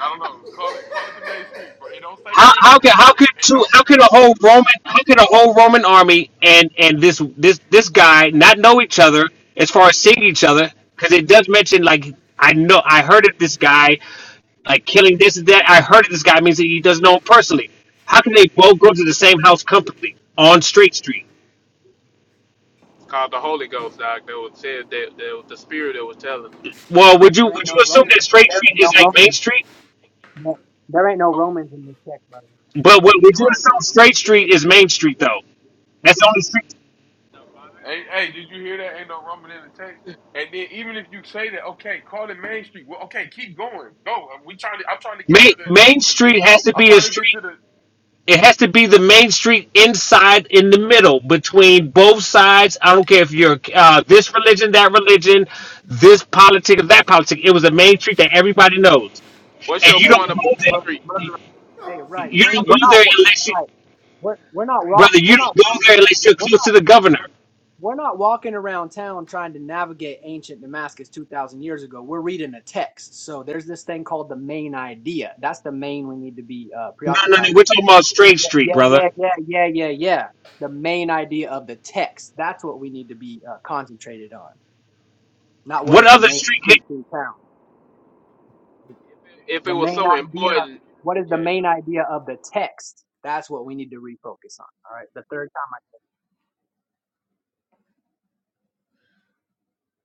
Speaker 9: I don't know. Call it call it the main street, bro. It don't say
Speaker 5: How
Speaker 9: main
Speaker 5: how can
Speaker 9: street.
Speaker 5: how could
Speaker 9: It
Speaker 5: two
Speaker 9: don't.
Speaker 5: how could
Speaker 9: It,
Speaker 5: a
Speaker 9: it,
Speaker 5: whole Roman how could a whole Roman army and and this this this guy not know each other as far as seeing each other because it does mention like I know I heard of this guy like killing this and that I heard of this guy means that he doesn't know him personally. How can they both go to the same house company on Straight Street?
Speaker 11: it's called the Holy Ghost, Doc. That was said that, that was the Spirit that was telling. them.
Speaker 5: Well, would
Speaker 6: And
Speaker 5: you
Speaker 6: there ain't
Speaker 5: would you
Speaker 6: no
Speaker 5: assume
Speaker 6: Romans.
Speaker 5: that Straight
Speaker 6: There
Speaker 5: Street
Speaker 6: ain't no
Speaker 5: is like Main
Speaker 6: Romans.
Speaker 5: Street?
Speaker 6: No, there ain't no
Speaker 9: okay,
Speaker 6: Romans in this text, brother.
Speaker 5: But what would
Speaker 9: you're
Speaker 5: you
Speaker 9: right.
Speaker 5: assume Straight Street is Main Street though? That's the only street.
Speaker 11: The
Speaker 9: Hey,
Speaker 11: Bible.
Speaker 9: hey, did you hear that? Ain't no Roman in the text. And then even if you say that, okay, call it main street. Well, okay, keep going. Go. We trying to. I'm trying to get
Speaker 5: Main
Speaker 9: to the
Speaker 5: Main
Speaker 9: the
Speaker 5: Street
Speaker 9: beat.
Speaker 5: has to
Speaker 9: I'm
Speaker 5: be a
Speaker 9: trying to get
Speaker 5: street
Speaker 9: to the.
Speaker 5: It has to be the main street inside in the middle between both sides. I don't care if you're uh, this religion, that religion, this politic, or that politic. It was a main street that everybody knows.
Speaker 11: What's
Speaker 5: And
Speaker 11: your
Speaker 5: you
Speaker 6: Hey,
Speaker 5: don't
Speaker 11: point
Speaker 6: hey,
Speaker 11: about
Speaker 5: go
Speaker 6: bro,
Speaker 11: street?
Speaker 6: bro,
Speaker 5: there.
Speaker 6: hey right.
Speaker 5: You
Speaker 6: We're
Speaker 5: don't
Speaker 6: we're
Speaker 5: go there
Speaker 6: not
Speaker 5: unless you,
Speaker 6: right. We're we're not lost.
Speaker 5: brother,
Speaker 6: We're
Speaker 5: you don't
Speaker 6: not
Speaker 5: go
Speaker 6: lost.
Speaker 5: there unless you're
Speaker 6: We're not.
Speaker 5: close to the governor.
Speaker 6: we're not walking around town trying to navigate ancient Damascus 2,000 years ago. We're reading a text. So there's this thing called the main idea. That's the main we need to be uh,
Speaker 5: No, no, no.
Speaker 6: preoccupied
Speaker 5: We're
Speaker 6: with.
Speaker 5: talking about straight
Speaker 6: Yeah,
Speaker 5: street,
Speaker 6: yeah,
Speaker 5: brother.
Speaker 6: yeah, yeah, yeah, yeah, yeah. The main idea of the text. That's what we need to be uh, concentrated on. Not what
Speaker 5: What
Speaker 6: is the
Speaker 5: other
Speaker 6: main
Speaker 5: street?
Speaker 6: street
Speaker 5: The,
Speaker 6: through town.
Speaker 11: If
Speaker 6: The
Speaker 11: it was
Speaker 6: main
Speaker 11: so
Speaker 6: idea.
Speaker 11: important,
Speaker 6: What is the
Speaker 11: yeah, if
Speaker 6: main
Speaker 11: it
Speaker 6: idea of the text? That's what we need to refocus on. All right. The third time I.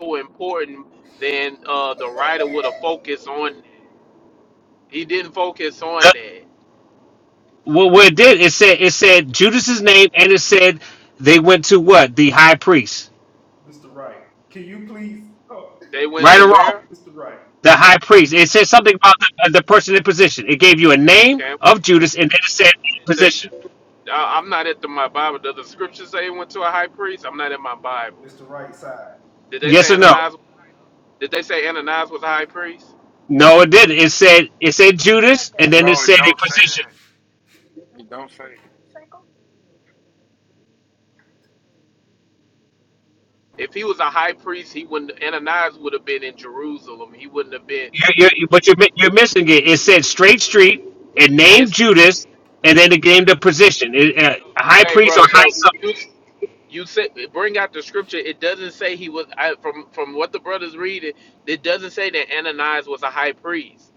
Speaker 11: was so important, then uh, the writer would have focused on. He didn't focus on that.
Speaker 5: what, what it did, it said, it said Judas's name and it said they went to what? The high priest.
Speaker 11: They went
Speaker 5: Right
Speaker 11: to
Speaker 5: or wrong?
Speaker 11: where?
Speaker 5: the high priest. It said something about the, uh, the person in position. It gave you a name
Speaker 11: Okay.
Speaker 5: of Judas, and then it said
Speaker 11: The,
Speaker 5: position.
Speaker 11: I- I'm not at the, my Bible. Does the scripture say he went to a high priest? I'm not in my Bible. Did they
Speaker 5: Yes
Speaker 11: say
Speaker 5: or no?
Speaker 11: Ananias? Did they say Ananias was a high priest?
Speaker 5: No, it didn't. It said it said Judas, and then it
Speaker 9: No, it
Speaker 5: said a
Speaker 9: don't say
Speaker 5: position.
Speaker 9: that. It don't say it.
Speaker 11: If he was a high priest, he wouldn't. Ananias would have been in Jerusalem. He wouldn't have been.
Speaker 5: You're, you're, but you're mi- you're missing it. It said straight street. It named
Speaker 11: It's
Speaker 5: Judas, and then it gave the position. It, uh, high
Speaker 11: okay,
Speaker 5: priest or
Speaker 11: brother.
Speaker 5: high
Speaker 11: But
Speaker 5: some,
Speaker 11: you you said bring out the scripture. It doesn't say he was. I, from from what the brothers read. it it doesn't say that Ananias was a high priest.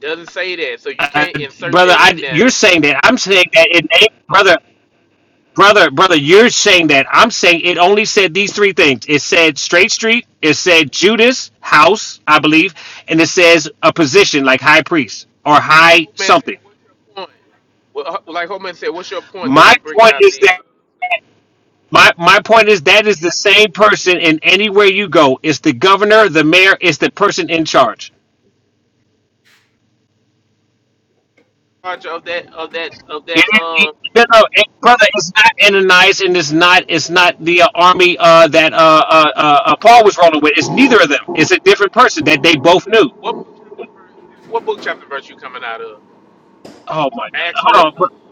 Speaker 11: Doesn't say that. So you
Speaker 5: uh,
Speaker 11: can't insert
Speaker 5: brother.
Speaker 11: that in
Speaker 5: I,
Speaker 11: there.
Speaker 5: you're saying that. I'm saying that it named brother. brother brother you're saying that i'm saying it only said these three things it said straight street it said judas house i believe and it says a position like high
Speaker 11: Okay. Like
Speaker 5: priest or high
Speaker 11: Holman said,
Speaker 5: something
Speaker 11: what's your point? Well, uh, like Holman said, what's your point that
Speaker 5: my
Speaker 11: you bringing
Speaker 5: point
Speaker 11: out
Speaker 5: is
Speaker 11: these?
Speaker 5: that
Speaker 11: uh,
Speaker 5: my, my point is that is the same person in anywhere you go it's the governor the mayor it's the person in charge
Speaker 11: Charge of that of that of
Speaker 5: it,
Speaker 11: that
Speaker 5: it, no,
Speaker 11: um.
Speaker 5: no, it- brother, it's not Ananias, and it's not it's not the uh, army uh, that uh, uh, uh, uh, Paul was rolling with. It's neither of them. It's a different person that they both knew.
Speaker 11: What book, chapter, and verse, yeah, what book, chapter, and verse you coming out of?
Speaker 5: Oh my God!
Speaker 11: Acts
Speaker 5: Hold
Speaker 11: what?
Speaker 5: on, bro-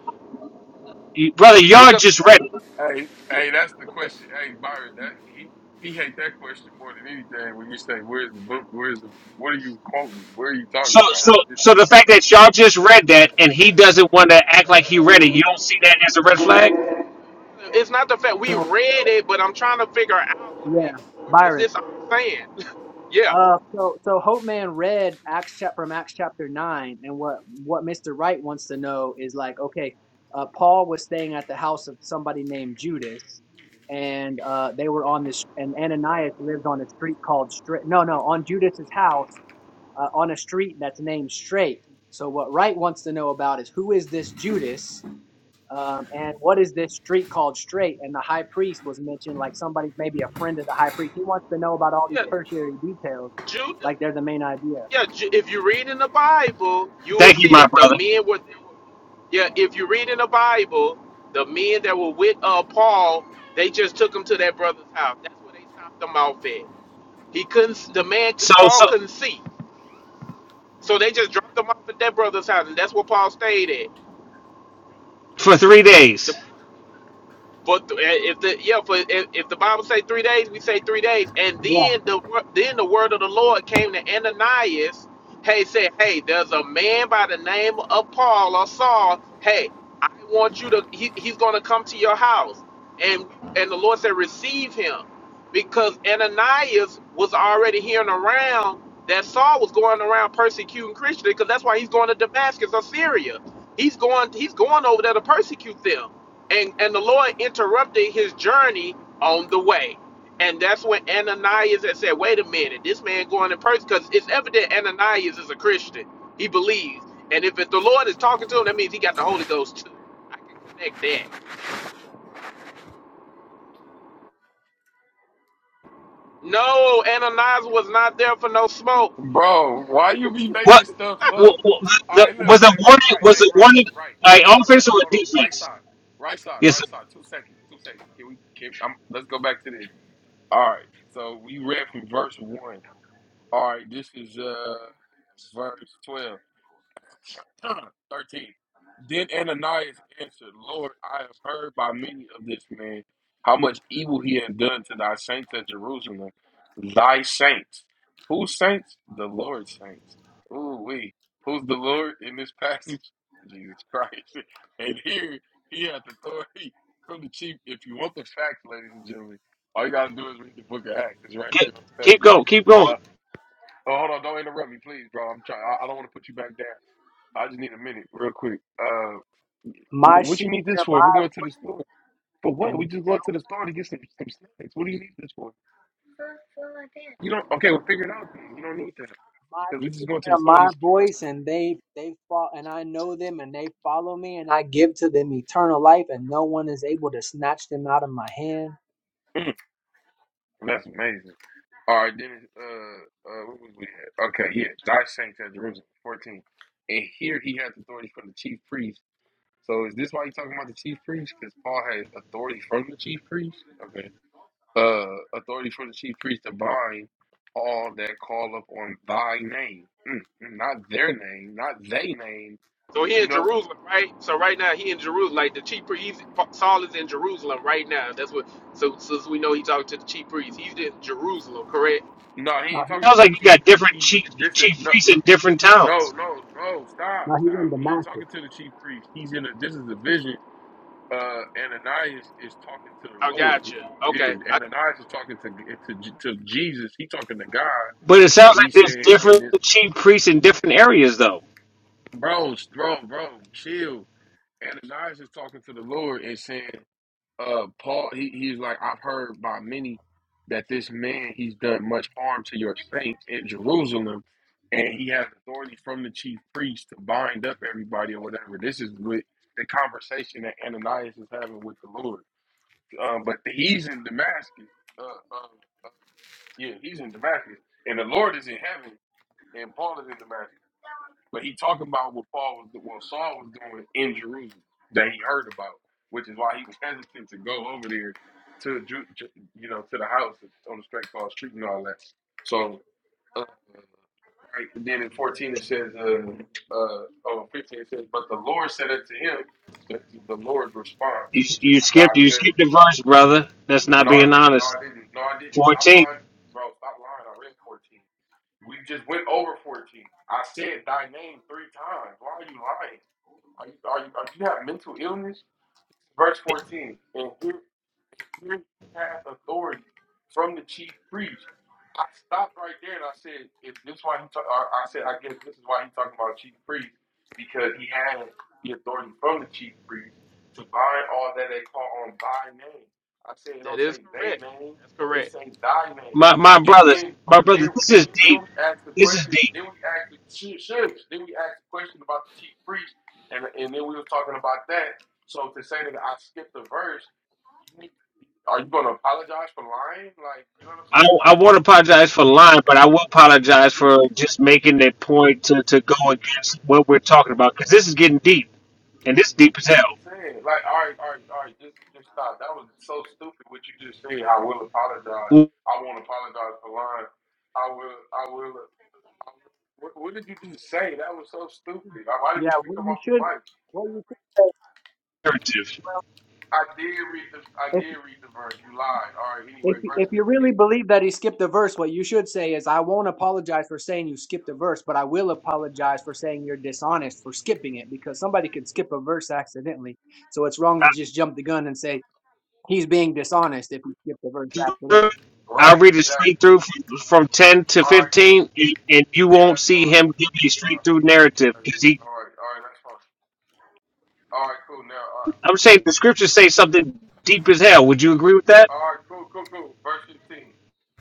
Speaker 5: brother. Y'all
Speaker 11: Because
Speaker 5: just read. It.
Speaker 9: Hey, hey, that's the question. Hey, Byron, that he he hate that question more than anything. When you say, "Where's the book? Where's the? What are you quoting? Where are you talking
Speaker 5: So,
Speaker 11: yeah,
Speaker 5: so, so
Speaker 9: about?"
Speaker 5: the fact that y'all just read that and he doesn't want to act like he read it, you don't see that as a red flag?
Speaker 11: it's not the fact we
Speaker 6: So,
Speaker 11: read it, but I'm trying to figure out like
Speaker 6: yeah.
Speaker 11: where is
Speaker 6: Byron.
Speaker 11: this I'm saying? Yeah,
Speaker 6: Uh, so so Hope Man read Acts chapter from Acts chapter nine, and what what Mister Wright wants to know is like, okay, uh, Paul was staying at the house of somebody named Judas, and uh, they were on this, and Ananias lived on a street called Straight. No, no, on Judas's house, uh, on a street that's named Straight. So what Wright wants to know about is who is this Judas, um, and what is this street called straight? And the high priest was mentioned, like somebody, maybe a friend of the high priest. He wants to know about all these
Speaker 11: yeah.
Speaker 6: tertiary details,
Speaker 11: Jude,
Speaker 6: like they're the main idea.
Speaker 11: yeah. Ju- If you read in the Bible, you will
Speaker 5: Thank you,
Speaker 11: see
Speaker 5: my
Speaker 11: that the
Speaker 5: brother.
Speaker 11: men were. Yeah, if you read in the Bible, the men that were with uh Paul, they just took him to that brother's house. That's where they stopped him off at. He couldn't. The man,
Speaker 5: So,
Speaker 11: Paul
Speaker 5: so
Speaker 11: couldn't see. So they just dropped him off at their brother's house, and that's where Paul stayed at.
Speaker 5: for three
Speaker 11: The
Speaker 5: days,
Speaker 11: For th- eh, if the yeah, for if, if the Bible say three days, we say three days. And
Speaker 6: Yeah,
Speaker 11: then the wor- then the word of the Lord came to Ananias. Hey, said, hey, there's a man by the name of Paul or Saul. Hey, I want you to. He, he's going to come to your house, and and the Lord said, receive him, because Ananias was already hearing around that Saul was going around persecuting Christians, because that's why he's going to Damascus or Syria. He's going he's going over there to persecute them and and the Lord interrupted his journey on the way. And that's when Ananias had said, "Wait a minute, this man going in person because it's evident Ananias is a Christian. He believes, and if it, the Lord is talking to him, that means he got the Holy Ghost too. I can connect that. No, Ananias was not there for no smoke.
Speaker 9: Bro, why you be making
Speaker 5: what,
Speaker 9: stuff
Speaker 5: what,
Speaker 9: up? All
Speaker 5: the,
Speaker 9: right, look,
Speaker 5: was the
Speaker 9: right, right,
Speaker 5: warning?
Speaker 9: right.
Speaker 5: Was
Speaker 9: Hey,
Speaker 5: the
Speaker 9: right,
Speaker 5: warning
Speaker 9: right,
Speaker 5: like
Speaker 9: right side, right
Speaker 5: offense or
Speaker 9: side. Hold on, right
Speaker 5: defense?
Speaker 9: side, right side,
Speaker 5: Yes.
Speaker 9: right side. Two seconds, two seconds. Can we? Can I'm, let's go back to this. All right. So we read from verse one. All right, this is uh verse twelve. 13. Then Ananias answered, Lord, I have heard by many of this man how much evil he has done to thy saints at Jerusalem. Thy saints. Whose saints? The Lord's saints. Ooh, we. Who's the Lord in this passage? Jesus Christ. And here he has authority from the chief. If you want the facts, ladies and gentlemen, all you gotta do is read the book of Acts. It's right
Speaker 5: Keep,
Speaker 9: there on the
Speaker 5: keep
Speaker 9: page.
Speaker 5: going. Keep going.
Speaker 9: Uh, oh, hold on, don't interrupt me, please, bro. I'm trying. I, I don't want to put you back down. I just need a minute, real quick. Uh,
Speaker 6: my
Speaker 9: what, what
Speaker 6: sheep
Speaker 9: you need this
Speaker 6: hear
Speaker 9: for? We're going to the store. For
Speaker 6: my
Speaker 9: what? We
Speaker 6: and
Speaker 9: just going to the store to get some, some snacks. What do you need this for? You don't. Okay, we'll figure it out then. You don't need that
Speaker 6: my
Speaker 9: because we just going to the
Speaker 6: hear
Speaker 9: store to get
Speaker 6: my
Speaker 9: some snacks.
Speaker 6: voice, and they they fall, and I know them, and they follow me, and I give to them eternal life, and no one is able to snatch them out of my hand.
Speaker 9: Mm, well, that's amazing. All right, then. it's, Uh, uh, what was we at? Okay, yeah, thy saints at Jerusalem, fourteen, and here he has authority from the chief priest. So is this why you talking about the chief priest? Because Paul had authority from the chief priest. Okay. uh, authority for the chief priest to bind all that call up on thy name, Mm, mm, not their name, not they name.
Speaker 11: So he
Speaker 9: You
Speaker 11: in
Speaker 9: know,
Speaker 11: Jerusalem, right? So right now he in Jerusalem, like the chief priest. He's, Saul is in Jerusalem right now. That's what. So since we know he talking to the chief priest, he's in Jerusalem, correct?
Speaker 9: no, he
Speaker 6: Now,
Speaker 9: ain't
Speaker 6: he-
Speaker 9: talking
Speaker 5: Sounds
Speaker 9: to
Speaker 5: like
Speaker 9: the
Speaker 5: you
Speaker 9: chief
Speaker 5: got
Speaker 9: priest.
Speaker 5: different
Speaker 9: He
Speaker 5: chief
Speaker 9: this is
Speaker 5: chief
Speaker 9: no,
Speaker 5: priests
Speaker 9: no,
Speaker 5: in different
Speaker 9: no,
Speaker 5: towns,
Speaker 9: no, no. Stop,
Speaker 6: now he's in
Speaker 9: stop. He ain't
Speaker 6: Damascus.
Speaker 9: talking to the chief priest. He's in a. This is a vision. Uh, Ananias is talking to
Speaker 11: I
Speaker 9: the Lord.
Speaker 11: gotcha. Okay.
Speaker 9: Yeah,
Speaker 11: I,
Speaker 9: Ananias is
Speaker 11: okay.
Speaker 9: talking to to to Jesus. He talking to God,
Speaker 5: but it sounds
Speaker 9: and he
Speaker 5: like there's
Speaker 9: said, "And
Speaker 5: different
Speaker 9: this,
Speaker 5: chief priests in different areas, though.
Speaker 9: bro, bro, bro, chill." Ananias is talking to the Lord and saying. uh Paul he, he's like I've heard by many that this man he's done much harm to your saints in Jerusalem and he has authority from the chief priest to bind up everybody or whatever. This is with the conversation that Ananias is having with the Lord. Um, but he's in Damascus. Uh, uh, uh, yeah, he's in Damascus. And the Lord is in heaven and Paul is in Damascus. But he talking about what Paul was, what Saul was doing in Jerusalem that he heard about, which is why he was hesitant to go over there to Ju- Ju- you know to the house on the straight called street and all that. So uh, right then in fourteen it says uh uh oh 15 it says but the Lord said unto him so this is the Lord's response,
Speaker 5: You,
Speaker 9: which is
Speaker 5: you
Speaker 9: the
Speaker 5: skipped
Speaker 9: God of
Speaker 5: you
Speaker 9: heaven.
Speaker 5: skipped a verse, brother. That's not
Speaker 9: No, I
Speaker 5: being
Speaker 9: didn't. No,
Speaker 5: honest.
Speaker 9: I didn't. No, I didn't. Stop
Speaker 5: Fourteen.
Speaker 9: lying, bro. Stop lying. I read 14. We just went over 14. I said thy name three times. Why are you lying? Are you, are you, are you have mental illness? Verse 14, and here, and here he hath authority from the chief priest. I stopped right there and I said, if this why he talk, or I said, I guess this is why he's talking about chief priest, because he had the authority from the chief priest to bind all that they call on thy name. I said, it
Speaker 11: That
Speaker 9: don't
Speaker 11: is
Speaker 9: say they
Speaker 11: correct.
Speaker 9: name,
Speaker 11: That's
Speaker 9: they
Speaker 11: correct.
Speaker 9: say thy name.
Speaker 5: My my
Speaker 9: And
Speaker 5: brothers,
Speaker 9: then,
Speaker 5: my
Speaker 9: then,
Speaker 5: brother. This
Speaker 9: then,
Speaker 5: is
Speaker 9: then
Speaker 5: deep.
Speaker 9: we asked the
Speaker 5: This is
Speaker 9: question,
Speaker 5: deep.
Speaker 9: then we asked the, should, then we asked the question about the chief priest, and, and then we were talking about that so to say that I skipped a verse, you, are you going to apologize for lying? Like, you know what I'm
Speaker 5: I
Speaker 9: saying? Or
Speaker 5: I
Speaker 9: that's
Speaker 5: won't apologize for lying, but I will apologize for just making that point to, to go against what we're talking about because this is getting deep and this is deep as
Speaker 9: what I'm
Speaker 5: hell.
Speaker 9: saying. Like, all right, all right, all right, just just stop. That was so stupid what you just said. I will apologize. I won't apologize for lying. I will. I will. I will. What, what did you just say? That was so stupid. Like, why did
Speaker 6: Yeah,
Speaker 9: you even
Speaker 6: what
Speaker 9: come
Speaker 6: you
Speaker 9: off the
Speaker 6: should,
Speaker 9: mic?
Speaker 6: what you should say,
Speaker 5: Narrative.
Speaker 6: well.
Speaker 9: I did read the. I did read the verse. You lied. All right.
Speaker 6: If
Speaker 9: Anyway, verse
Speaker 6: if you really
Speaker 9: fifteen.
Speaker 6: believe that he skipped a verse, what you should say is, "I won't apologize for saying you skipped a verse, but I will apologize for saying you're dishonest for skipping it because somebody could skip a verse accidentally. So it's wrong to just jump the gun and say he's being dishonest if he skipped a verse accidentally."
Speaker 5: I
Speaker 9: Right.
Speaker 5: read it straight
Speaker 9: Exactly.
Speaker 5: through from, from ten to
Speaker 9: All right. Cool.
Speaker 5: fifteen, and, and you
Speaker 9: Yeah.
Speaker 5: won't
Speaker 9: That's
Speaker 5: see
Speaker 9: fine.
Speaker 5: him give a
Speaker 9: Uh,
Speaker 5: straight through narrative
Speaker 9: all right.
Speaker 5: because
Speaker 9: yeah,
Speaker 5: he.
Speaker 9: All right. All right. That's fine. All right, cool. Now, all right,
Speaker 5: I'm saying the scriptures say something deep as hell. Would you agree with that?
Speaker 9: all right, cool, cool, cool. Verse 15.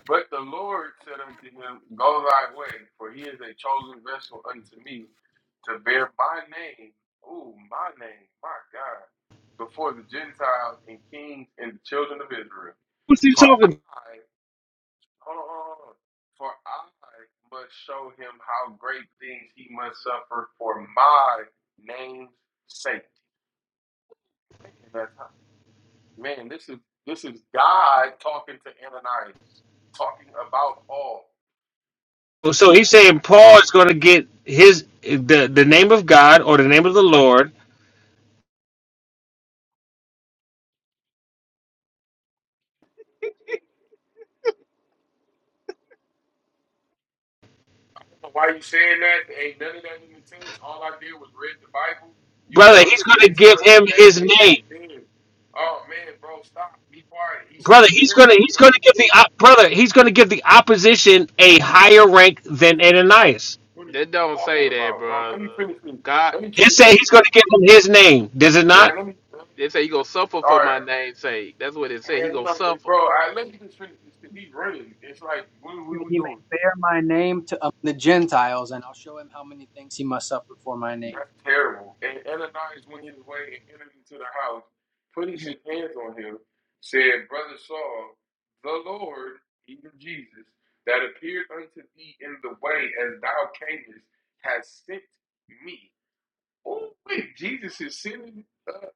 Speaker 9: But the Lord said unto him, Go thy way, for he is a chosen vessel unto me to bear my name, ooh, my name, my God, before the Gentiles and kings and the children of Israel.
Speaker 5: What's he
Speaker 9: For
Speaker 5: talking?
Speaker 9: I, hold on, hold on, for I must show him how great things he must suffer for my name's sake. Man, that's Man, this is this is God talking to Ananias, talking about Paul.
Speaker 5: about? So he's
Speaker 9: Man,
Speaker 5: saying Paul is going to get his the the name of God or the name of the Lord,
Speaker 9: why are you saying that? Ain't none of that in the text. All I did was read the Bible. You
Speaker 5: brother.
Speaker 9: trying to
Speaker 5: He's going to
Speaker 9: spin
Speaker 5: give
Speaker 9: stuff
Speaker 5: him
Speaker 9: that
Speaker 5: his
Speaker 9: ain't
Speaker 5: name,
Speaker 9: ain't there. Oh man, bro, stop. Be quiet. He said,
Speaker 5: brother. He's
Speaker 9: bear
Speaker 5: going
Speaker 9: his
Speaker 5: to he's going to
Speaker 9: name.
Speaker 5: give the op- brother. He's going to give the opposition a higher rank than Ananias.
Speaker 9: What are you
Speaker 11: That don't
Speaker 9: talking
Speaker 11: say that,
Speaker 9: about, bro?
Speaker 11: brother.
Speaker 9: Let me finish this.
Speaker 11: God,
Speaker 9: Let me
Speaker 5: It
Speaker 9: finish
Speaker 5: said
Speaker 9: this,
Speaker 5: he's
Speaker 9: cause
Speaker 5: going to give him his name. Does it not?
Speaker 9: man, let me, let
Speaker 11: they
Speaker 9: me,
Speaker 11: say he gonna
Speaker 9: let me-
Speaker 11: suffer
Speaker 9: all
Speaker 11: for my
Speaker 9: right.
Speaker 11: name's sake. That's what it said. He
Speaker 9: Man, you
Speaker 11: gonna
Speaker 9: know,
Speaker 11: suffer.
Speaker 9: bro, I let me just finish this, cause he's running. It's like, what,
Speaker 6: I
Speaker 9: what
Speaker 6: said,
Speaker 9: are we
Speaker 6: He may
Speaker 9: doing?
Speaker 6: bear my name to um, the Gentiles, and I'll show him how many things he must suffer for my name.
Speaker 9: That's terrible. And Ananias went his way and entered into the house, putting his hands on him, said, Brother Saul, the Lord, even Jesus, that appeared unto thee in the way as thou camest, has sent me. Oh, wait, Jesus is sending. Uh,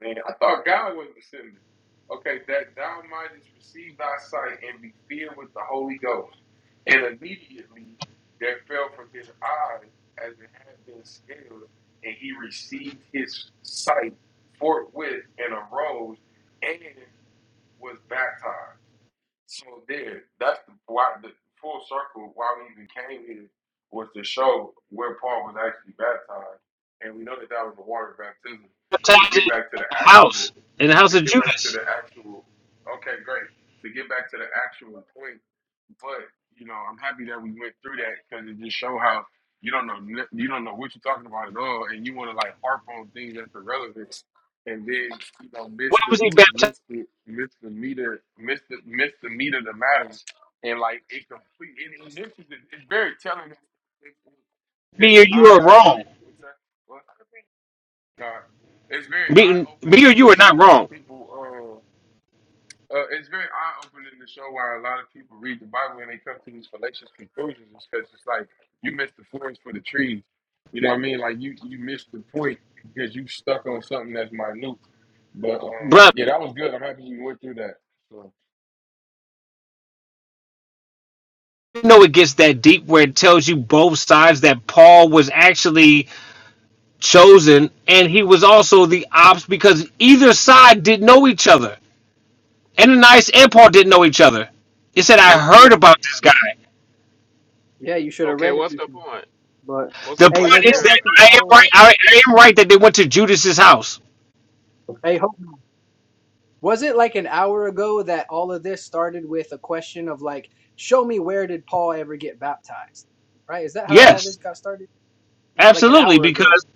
Speaker 9: man, I thought God was the sender. Okay, that thou mightest receive thy sight and be filled with the Holy Ghost. And immediately there fell from his eyes as it had been scales, and he received his sight forthwith and arose and was baptized. So there, that's the why the full circle why we even came here was to show where Paul was actually baptized, and we know that that was a water baptism. To
Speaker 5: Baptized
Speaker 9: get
Speaker 5: in
Speaker 9: back to
Speaker 5: the
Speaker 9: the
Speaker 5: house
Speaker 9: actual,
Speaker 5: in the house
Speaker 9: to
Speaker 5: of
Speaker 9: get back to
Speaker 5: Judas.
Speaker 9: the actual. Okay, great. To get back to the actual point but you know, I'm happy that we went through that because it just show how you don't know n- you don't know what you're talking about at all, and you want to like harp on things that's irrelevant, and then you know
Speaker 5: Why
Speaker 9: miss the
Speaker 5: was he baptized?
Speaker 9: miss the miss the meter miss the miss the meat of the matter, and like it complete. And, and this is it's very telling. It's, it's
Speaker 5: Me or you
Speaker 9: eye
Speaker 5: are wrong.
Speaker 9: opening. What's that? What? Nah, it's very eye
Speaker 5: Me, me
Speaker 9: opening
Speaker 5: or you
Speaker 9: to
Speaker 5: are
Speaker 9: show
Speaker 5: not
Speaker 9: why
Speaker 5: wrong,
Speaker 9: people. Uh, uh, it's very eye opening to show why a lot of people read the Bible and they come to these fallacious conclusions. It's because it's like you missed the forest for the trees. You know what I mean? Like you you missed the point because you stuck on something that's minute. But um,
Speaker 5: brother.
Speaker 9: yeah, that was good. I'm happy you went through that. So.
Speaker 5: know it gets that deep where it tells you both sides that Paul was actually chosen and he was also the ops because either side didn't know each other. Ananias and Paul didn't know each other. It said, I
Speaker 6: Yeah, you
Speaker 5: heard
Speaker 6: should.
Speaker 5: about this guy.
Speaker 6: Yeah, you should have
Speaker 11: Okay,
Speaker 6: read it,
Speaker 11: what's the point?
Speaker 6: but
Speaker 11: What's
Speaker 5: The
Speaker 11: the
Speaker 6: hey,
Speaker 11: point that
Speaker 5: point
Speaker 6: was
Speaker 11: he
Speaker 5: is
Speaker 6: it
Speaker 11: heard
Speaker 5: that
Speaker 6: like an
Speaker 5: I am
Speaker 6: hour
Speaker 5: right.
Speaker 6: ago?
Speaker 5: I, I am right that they went to Judas's house.
Speaker 6: Hey, hope. Was it like an hour ago that all of this started with a question of like, show me where did Paul ever get baptized? Right? Is that how all
Speaker 5: Yes,
Speaker 6: this got started? Like an
Speaker 5: absolutely.
Speaker 6: hour ago.
Speaker 5: Because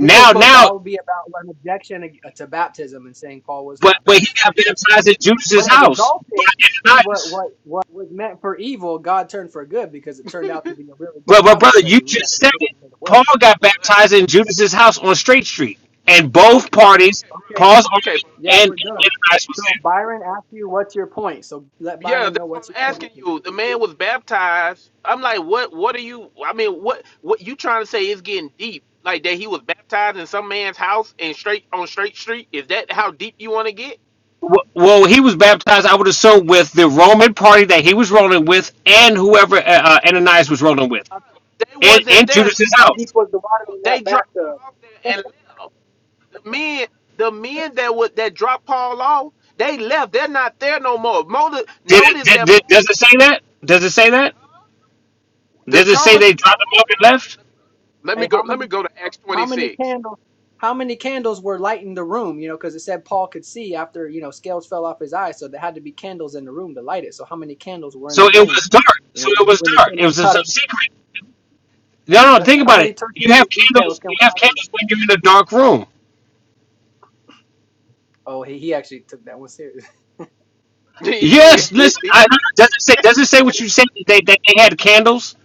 Speaker 6: This was supposed to
Speaker 5: now,
Speaker 6: all be about an objection ag- to baptism and saying Paul was
Speaker 5: but
Speaker 6: not
Speaker 5: but he got
Speaker 6: baptized. That's all.
Speaker 5: baptized at
Speaker 6: But
Speaker 5: Judas's
Speaker 6: it
Speaker 5: house
Speaker 6: resulted.
Speaker 5: by
Speaker 6: See what
Speaker 5: Ananias.
Speaker 6: what what was meant for evil, God turned for good because it turned out to be a really
Speaker 5: Well,
Speaker 6: good
Speaker 5: but
Speaker 6: Bible
Speaker 5: brother,
Speaker 11: about?
Speaker 5: you
Speaker 6: study, and we got
Speaker 5: just
Speaker 6: to
Speaker 5: said
Speaker 6: get
Speaker 5: it.
Speaker 6: into the
Speaker 5: Paul
Speaker 6: Word.
Speaker 5: got
Speaker 11: What?
Speaker 5: baptized in Judas's house on Straight Street, and both
Speaker 11: Okay,
Speaker 5: parties,
Speaker 11: okay,
Speaker 6: Okay,
Speaker 5: Paul's
Speaker 11: brother.
Speaker 5: army
Speaker 11: Okay,
Speaker 5: and
Speaker 11: bro.
Speaker 6: yeah,
Speaker 5: and
Speaker 6: we're
Speaker 11: Okay.
Speaker 6: done.
Speaker 5: Ananias was
Speaker 6: So
Speaker 5: there.
Speaker 6: Byron asked you, "What's your point?" So let
Speaker 11: Yeah,
Speaker 6: Byron
Speaker 11: that's
Speaker 6: know
Speaker 11: what
Speaker 6: what's your
Speaker 11: I'm
Speaker 6: point.
Speaker 11: asking you. The man was baptized. I'm like, what? What are you? I mean, what? What you trying to say is getting deep? Like that he was baptized in some man's house and straight on straight street? Is that how deep you want to get?
Speaker 5: W- Well, he was baptized, I would assume, with the Roman party that he was rolling with, and whoever uh, uh, Ananias was rolling with,
Speaker 11: They wasn't, they
Speaker 5: in,
Speaker 11: wasn't
Speaker 5: in
Speaker 11: there.
Speaker 5: Judas's
Speaker 6: How deep
Speaker 5: house.
Speaker 6: was the
Speaker 11: No,
Speaker 6: water in that
Speaker 11: they dropped them off there
Speaker 6: bathtub?
Speaker 11: and left. The men, the men that would that dropped Paul off, they left. They're not there no more. Notice,
Speaker 5: Did it?
Speaker 11: notice
Speaker 5: Did,
Speaker 11: that
Speaker 5: did, does it say that? Does it say that?
Speaker 11: the
Speaker 5: Does it say they
Speaker 11: conversation.
Speaker 5: dropped him off and left?
Speaker 11: Let me
Speaker 6: Hey, how
Speaker 11: go. Let me go. Let
Speaker 6: many
Speaker 11: me go to Acts twenty
Speaker 6: how many
Speaker 11: six.
Speaker 6: candles how many candles were lighting the room? You know, because it said Paul could see after you know scales fell off his eyes, so there had to be candles in the room to light it. So how many candles were in the
Speaker 5: So it
Speaker 6: room?
Speaker 5: was dark.
Speaker 6: You
Speaker 5: So
Speaker 6: know,
Speaker 5: it
Speaker 6: when
Speaker 5: was
Speaker 6: when it
Speaker 5: dark.
Speaker 6: came
Speaker 5: It
Speaker 6: up
Speaker 5: was
Speaker 6: out
Speaker 5: some
Speaker 6: of
Speaker 5: secret. No, no. Think
Speaker 6: how
Speaker 5: about
Speaker 6: many
Speaker 5: it. You
Speaker 6: tertiary
Speaker 5: have
Speaker 6: details
Speaker 5: candles.
Speaker 6: can
Speaker 5: You
Speaker 6: we
Speaker 5: have
Speaker 6: ask about?
Speaker 5: candles when you're in a dark room.
Speaker 6: Oh, he he actually took that one serious.
Speaker 11: he did.
Speaker 5: Yes, listen. I, does it say? Does it say what you said? That they, that they had candles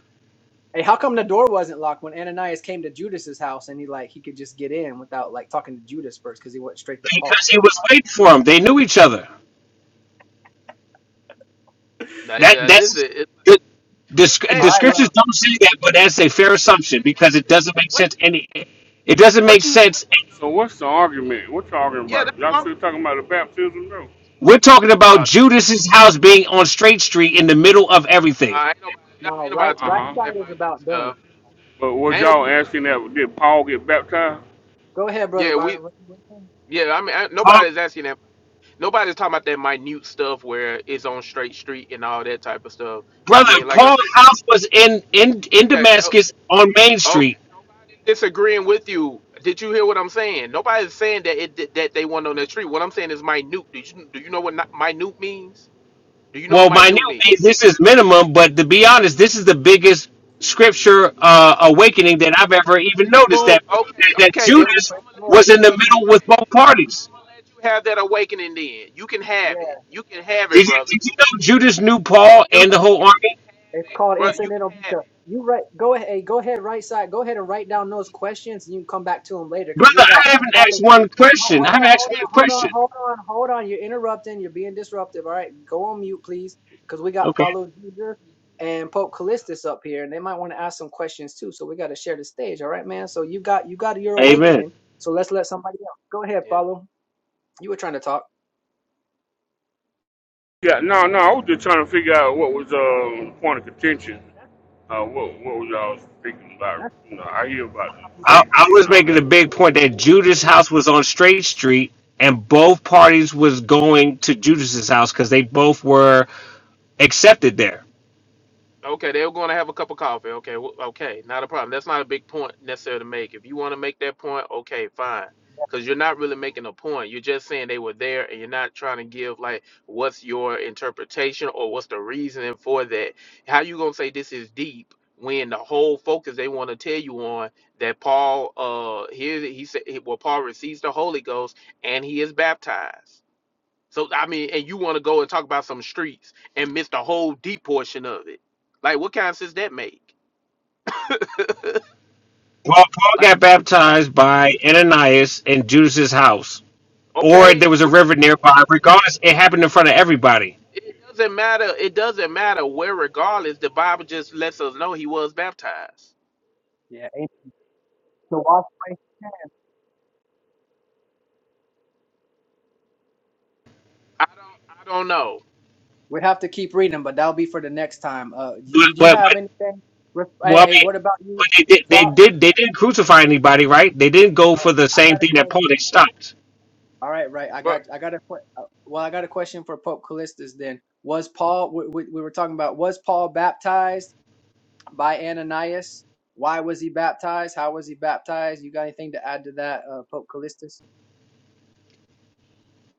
Speaker 6: Hey, how come the door wasn't locked when Ananias came to Judas's house and he like he could just get in without like talking to Judas first because he went straight to Paul?
Speaker 5: because he was waiting for them. They knew each other.
Speaker 11: like
Speaker 5: That
Speaker 11: that. This is.
Speaker 5: that's
Speaker 11: It,
Speaker 5: the, the
Speaker 11: what, hey,
Speaker 5: sc-
Speaker 6: All
Speaker 5: the
Speaker 6: right,
Speaker 11: hey,
Speaker 6: well,
Speaker 5: scriptures don't say that, but
Speaker 11: brother
Speaker 5: that's a
Speaker 11: Rodney,
Speaker 5: fair
Speaker 11: what you
Speaker 5: assumption
Speaker 11: say?
Speaker 5: because it doesn't make
Speaker 11: What
Speaker 5: sense.
Speaker 11: you?
Speaker 5: Any, it doesn't make
Speaker 11: What you? What,
Speaker 5: sense.
Speaker 12: So
Speaker 11: okay.
Speaker 12: what's the
Speaker 11: Uh,
Speaker 12: argument? What y'all arguing
Speaker 11: Yeah,
Speaker 12: about?
Speaker 11: that's what
Speaker 12: Y'all
Speaker 11: I'm.
Speaker 12: still talking about the baptism though?
Speaker 5: We're talking about
Speaker 11: Nah,
Speaker 5: Judas's house being on Straight Street in the middle of everything.
Speaker 11: nah, ain't nobody. Nah,
Speaker 6: now
Speaker 11: ain't
Speaker 6: right
Speaker 11: nobody
Speaker 12: Uh
Speaker 11: talking
Speaker 6: right
Speaker 11: about
Speaker 12: huh.
Speaker 11: that
Speaker 6: side is
Speaker 11: minute
Speaker 6: about done.
Speaker 11: stuff.
Speaker 12: But was
Speaker 11: Ain't nobody
Speaker 12: y'all
Speaker 11: talking.
Speaker 12: asking that did Paul get baptized?
Speaker 6: Go ahead, brother
Speaker 11: Yeah, we.
Speaker 6: Byron. What you what you
Speaker 11: Yeah, I mean, I,
Speaker 5: Paul,
Speaker 11: nobody's asking that. nobody's talking about that minute stuff where it's on straight street and all that type of stuff. I
Speaker 5: brother,
Speaker 11: mean, like I
Speaker 5: Paul's
Speaker 11: said,
Speaker 5: house was in in in
Speaker 11: okay, no,
Speaker 5: Damascus on Main
Speaker 11: okay,
Speaker 5: Street.
Speaker 11: nobody's disagreeing with you. Did you hear what I'm saying? Nobody's saying that it that they want on the street. What I'm saying is minute. Do you do you know what not- minute means? Do you know what
Speaker 5: Well, my
Speaker 11: minute
Speaker 5: new
Speaker 11: means?
Speaker 5: means this is minimum, but to be honest, this is the biggest scripture uh, awakening that I've ever even noticed.
Speaker 11: You
Speaker 5: That
Speaker 11: okay?
Speaker 5: that
Speaker 11: Okay, then
Speaker 6: Oh,
Speaker 11: we,
Speaker 5: Judas
Speaker 6: praise
Speaker 11: I'm gonna
Speaker 6: the
Speaker 11: let you
Speaker 6: Lord.
Speaker 5: was in
Speaker 11: have
Speaker 5: the
Speaker 11: that
Speaker 5: middle with
Speaker 11: awakening.
Speaker 5: both parties.
Speaker 11: I'm gonna let you have that awakening. Then you can
Speaker 6: Yeah,
Speaker 11: have it. You can have it,
Speaker 5: Did you
Speaker 11: brother.
Speaker 5: did you know Judas knew Paul
Speaker 11: You
Speaker 5: and the
Speaker 11: can,
Speaker 5: whole
Speaker 11: you can
Speaker 5: army,
Speaker 6: it's
Speaker 11: have it,
Speaker 6: called
Speaker 11: brother. You can
Speaker 6: incidental
Speaker 11: have
Speaker 6: beta. You right. Go ahead. Hey, go ahead. Right side. Go ahead and write down those questions, and you can come back to them later
Speaker 5: brother?
Speaker 6: because we got
Speaker 5: I
Speaker 6: uh,
Speaker 5: haven't asked
Speaker 6: follow.
Speaker 5: one
Speaker 6: ho- ho-
Speaker 5: question. I
Speaker 6: Hold
Speaker 5: haven't
Speaker 6: on,
Speaker 5: asked
Speaker 6: hold on,
Speaker 5: one
Speaker 6: hold on,
Speaker 5: question.
Speaker 6: hold on, hold on. You're interrupting. You're being disruptive. All right, go on mute, please, because we got
Speaker 5: Okay,
Speaker 6: follow Jesus and Pope
Speaker 11: it.
Speaker 6: Callistus up here, and they might want to ask some questions too. So we got to share the stage. All right, man. So you got you got your
Speaker 5: Amen.
Speaker 6: awakening. So let's let somebody else. Go ahead,
Speaker 11: Yeah.
Speaker 6: follow. You were trying to talk.
Speaker 12: Yeah, no, no. I was just trying to figure out what was uh, the point of contention.
Speaker 6: That's
Speaker 12: Uh, what what was y'all speaking about?
Speaker 6: that's
Speaker 12: You know, I hear about the
Speaker 5: I,
Speaker 12: straight
Speaker 5: I
Speaker 12: free and
Speaker 5: was
Speaker 12: all
Speaker 5: making a
Speaker 12: that, but
Speaker 5: big point that Judas' house was on Straight Street, and both parties was going to Judas's house because they both were accepted there.
Speaker 11: Okay, they were going to have a cup of coffee. Okay, w- okay, not a problem. That's not a big point necessarily to make. If you want to make that point, okay, fine. Because you're not really making a point. You're just saying they were there, and you're not trying to give like what's your interpretation or what's the reasoning for that. How you gonna say this is deep when the whole focus they want to tell you on that Paul uh here he said well Paul receives the Holy Ghost and he is baptized. So I mean, and you want to go and talk about some streets and miss the whole deep portion of it. Like, what kind of sense that make?
Speaker 5: Paul, Paul
Speaker 11: Like,
Speaker 5: got baptized by Ananias in Judas's house, or
Speaker 11: okay,
Speaker 5: there was a
Speaker 11: right,
Speaker 5: river nearby. Regardless, it happened in front of
Speaker 11: okay,
Speaker 5: everybody.
Speaker 11: it doesn't matter. It doesn't matter where. Regardless, the Bible just lets us know he was baptized.
Speaker 6: yeah, to wash my hands.
Speaker 11: I don't. I don't know.
Speaker 6: We'd have to keep reading, but that'll be for the next time. Uh, d-
Speaker 5: But
Speaker 6: did you
Speaker 5: but,
Speaker 6: have
Speaker 5: but
Speaker 6: anything? Ref- Hey,
Speaker 5: well,
Speaker 6: hey,
Speaker 5: I mean,
Speaker 6: what about you?
Speaker 5: but they did they
Speaker 6: Fo-
Speaker 5: did they didn't crucify anybody, right? They didn't go for the
Speaker 6: I
Speaker 5: same
Speaker 6: got a
Speaker 5: thing that Paul. They
Speaker 6: question.
Speaker 5: stopped.
Speaker 6: All right, right. I
Speaker 11: But
Speaker 6: got, I got a que- uh, well, I got a question for Pope Callistus. Then was Paul? We, we, we were talking about was Paul baptized by Ananias? Why was he baptized? How was he baptized? You got anything to add to that, uh, Pope Callistus?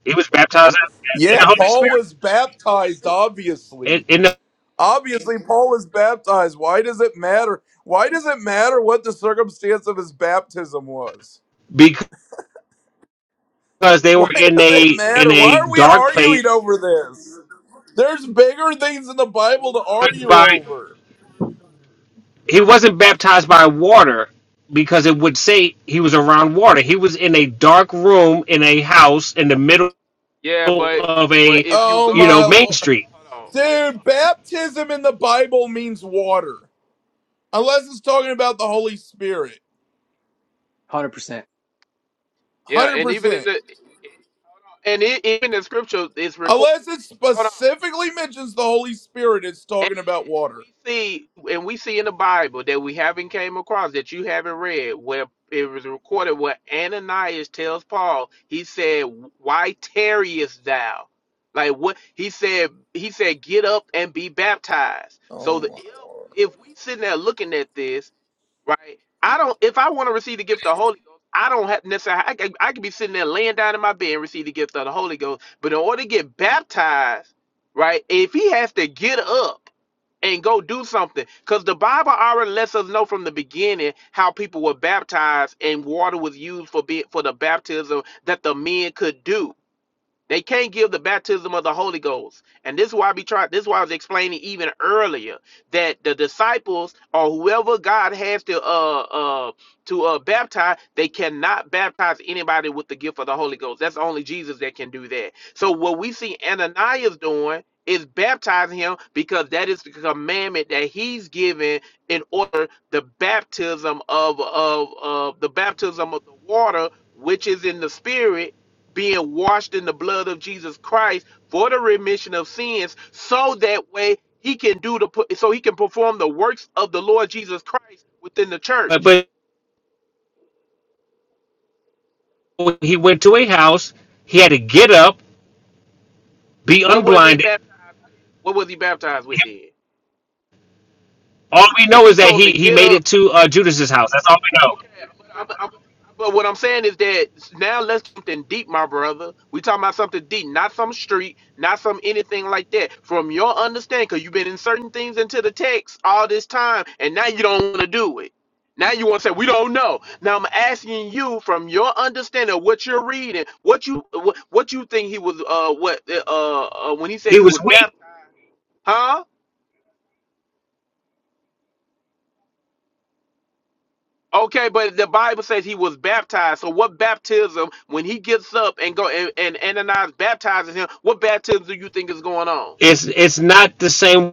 Speaker 5: He was baptized in
Speaker 13: Yeah,
Speaker 5: the
Speaker 11: yeah,
Speaker 5: Holy
Speaker 13: Paul
Speaker 5: Spirit,
Speaker 13: was baptized,
Speaker 5: in,
Speaker 13: obviously.
Speaker 5: in the,
Speaker 13: Obviously, Paul was baptized. Why does it matter? Why does it matter what the circumstance of his baptism was?
Speaker 5: because they
Speaker 13: Why
Speaker 5: were in
Speaker 13: does it
Speaker 5: a in
Speaker 13: matter? Why
Speaker 5: a
Speaker 13: are we
Speaker 5: dark place
Speaker 13: arguing over this? There's bigger things in the Bible to argue
Speaker 5: by.
Speaker 13: over.
Speaker 5: he wasn't baptized by water because it would say he was around water. He was in a dark room in a house in the middle
Speaker 11: yeah. But
Speaker 5: of
Speaker 11: but
Speaker 5: a,
Speaker 11: if you go,
Speaker 13: Oh
Speaker 5: you know,
Speaker 13: my
Speaker 11: hold on,
Speaker 5: main
Speaker 11: hold
Speaker 13: lord.
Speaker 5: street.
Speaker 11: on, hold on. hold on.
Speaker 13: Dude, baptism in the Bible means water. Unless it's talking about the Holy Spirit.
Speaker 6: Hundred percent.
Speaker 11: Yeah, and even in
Speaker 13: 100%.
Speaker 11: the and it, even in scripture, it's recorded.
Speaker 13: Unless it
Speaker 11: Hold on.
Speaker 13: specifically mentions the Holy Spirit, it's
Speaker 11: And
Speaker 13: talking about water.
Speaker 11: we see, and we see in the Bible that we haven't came across that you haven't read, where it was recorded where Ananias tells Paul, he said, "Why tarriest thou?" Like what he said, he said, "Get up and be baptized."
Speaker 13: Oh
Speaker 11: So the,
Speaker 13: my lord.
Speaker 11: if we sitting there looking at this, right? I don't. If I want to receive the gift of the Holy Ghost, I don't have necessarily. I can, I could be sitting there laying down in my bed and receive the gift of the Holy Ghost, but in order to get baptized, right? If he has to get up and go do something because the bible already lets us know from the beginning how people were baptized and water was used for be, for the baptism that the men could do they can't give the baptism of the Holy Ghost. And this is why we try this is why I was explaining even earlier that the disciples or whoever God has to uh uh to uh baptize, they cannot baptize anybody with the gift of the Holy Ghost. That's only Jesus that can do that. So what we see Ananias doing is baptizing him because that is the commandment that he's given in order the baptism of of of the baptism of the water which is in the spirit being washed in the blood of Jesus Christ for the remission of sins, so that way he can do the so he can perform the works of the Lord Jesus Christ within the
Speaker 5: But,
Speaker 11: church.
Speaker 5: but he went to a house. He had to get up, be
Speaker 11: What was he
Speaker 5: unblinded.
Speaker 11: baptized? With? What was he baptized with then?
Speaker 5: All we
Speaker 11: If
Speaker 5: know is
Speaker 11: he
Speaker 5: that
Speaker 11: told him
Speaker 5: he
Speaker 11: to
Speaker 5: he
Speaker 11: get
Speaker 5: made
Speaker 11: up.
Speaker 5: it to uh, Judas's house. That's all we know.
Speaker 11: Okay, but, I'm, I'm- but what I'm saying is that now let's do something deep, my brother. We talking about something deep, not some street, not some anything like that. From your understanding, because you've been inserting things into the text all this time, and now you don't want to do it. Now you want to say we don't know. Now I'm asking you from your understanding of what you're reading, what you what, what you think he was uh what uh, uh when he said
Speaker 5: He
Speaker 11: he
Speaker 5: was
Speaker 11: was
Speaker 5: weak.
Speaker 11: baptized, huh? Okay, but the Bible says he was baptized. So what baptism when he gets up and go and, and Ananias baptizes him, what baptism do you think is going on? I
Speaker 5: It's it's not the same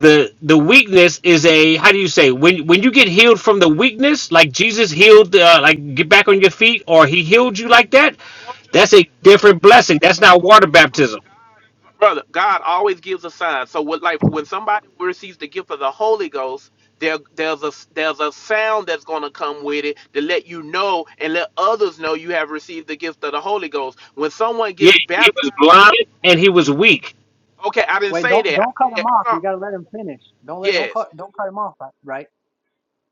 Speaker 5: the the weakness is a how do you say when when you get healed from the weakness like jesus healed uh, like get back on your feet or he healed you like that
Speaker 11: want you
Speaker 5: that's a
Speaker 11: to God
Speaker 5: different
Speaker 11: I,
Speaker 5: blessing that's not
Speaker 11: okay.
Speaker 5: water baptism
Speaker 11: God brother, God always gives a sign. So what like when somebody receives the gift of the Holy Ghost, there there's a there's a sound that's gonna come with it to let you know and let others know you have received the gift of the Holy Ghost. When someone
Speaker 5: yeah
Speaker 11: gets
Speaker 5: he
Speaker 11: baptized
Speaker 5: was blind and he was weak
Speaker 11: Okay, I didn't
Speaker 6: Wait,
Speaker 11: say
Speaker 6: don't
Speaker 11: that. I
Speaker 6: don't cut him
Speaker 11: said,
Speaker 6: off.
Speaker 11: hold on.
Speaker 6: You got to let him finish. Don't let don't
Speaker 11: Yes.
Speaker 6: cut don't cut him off. Right.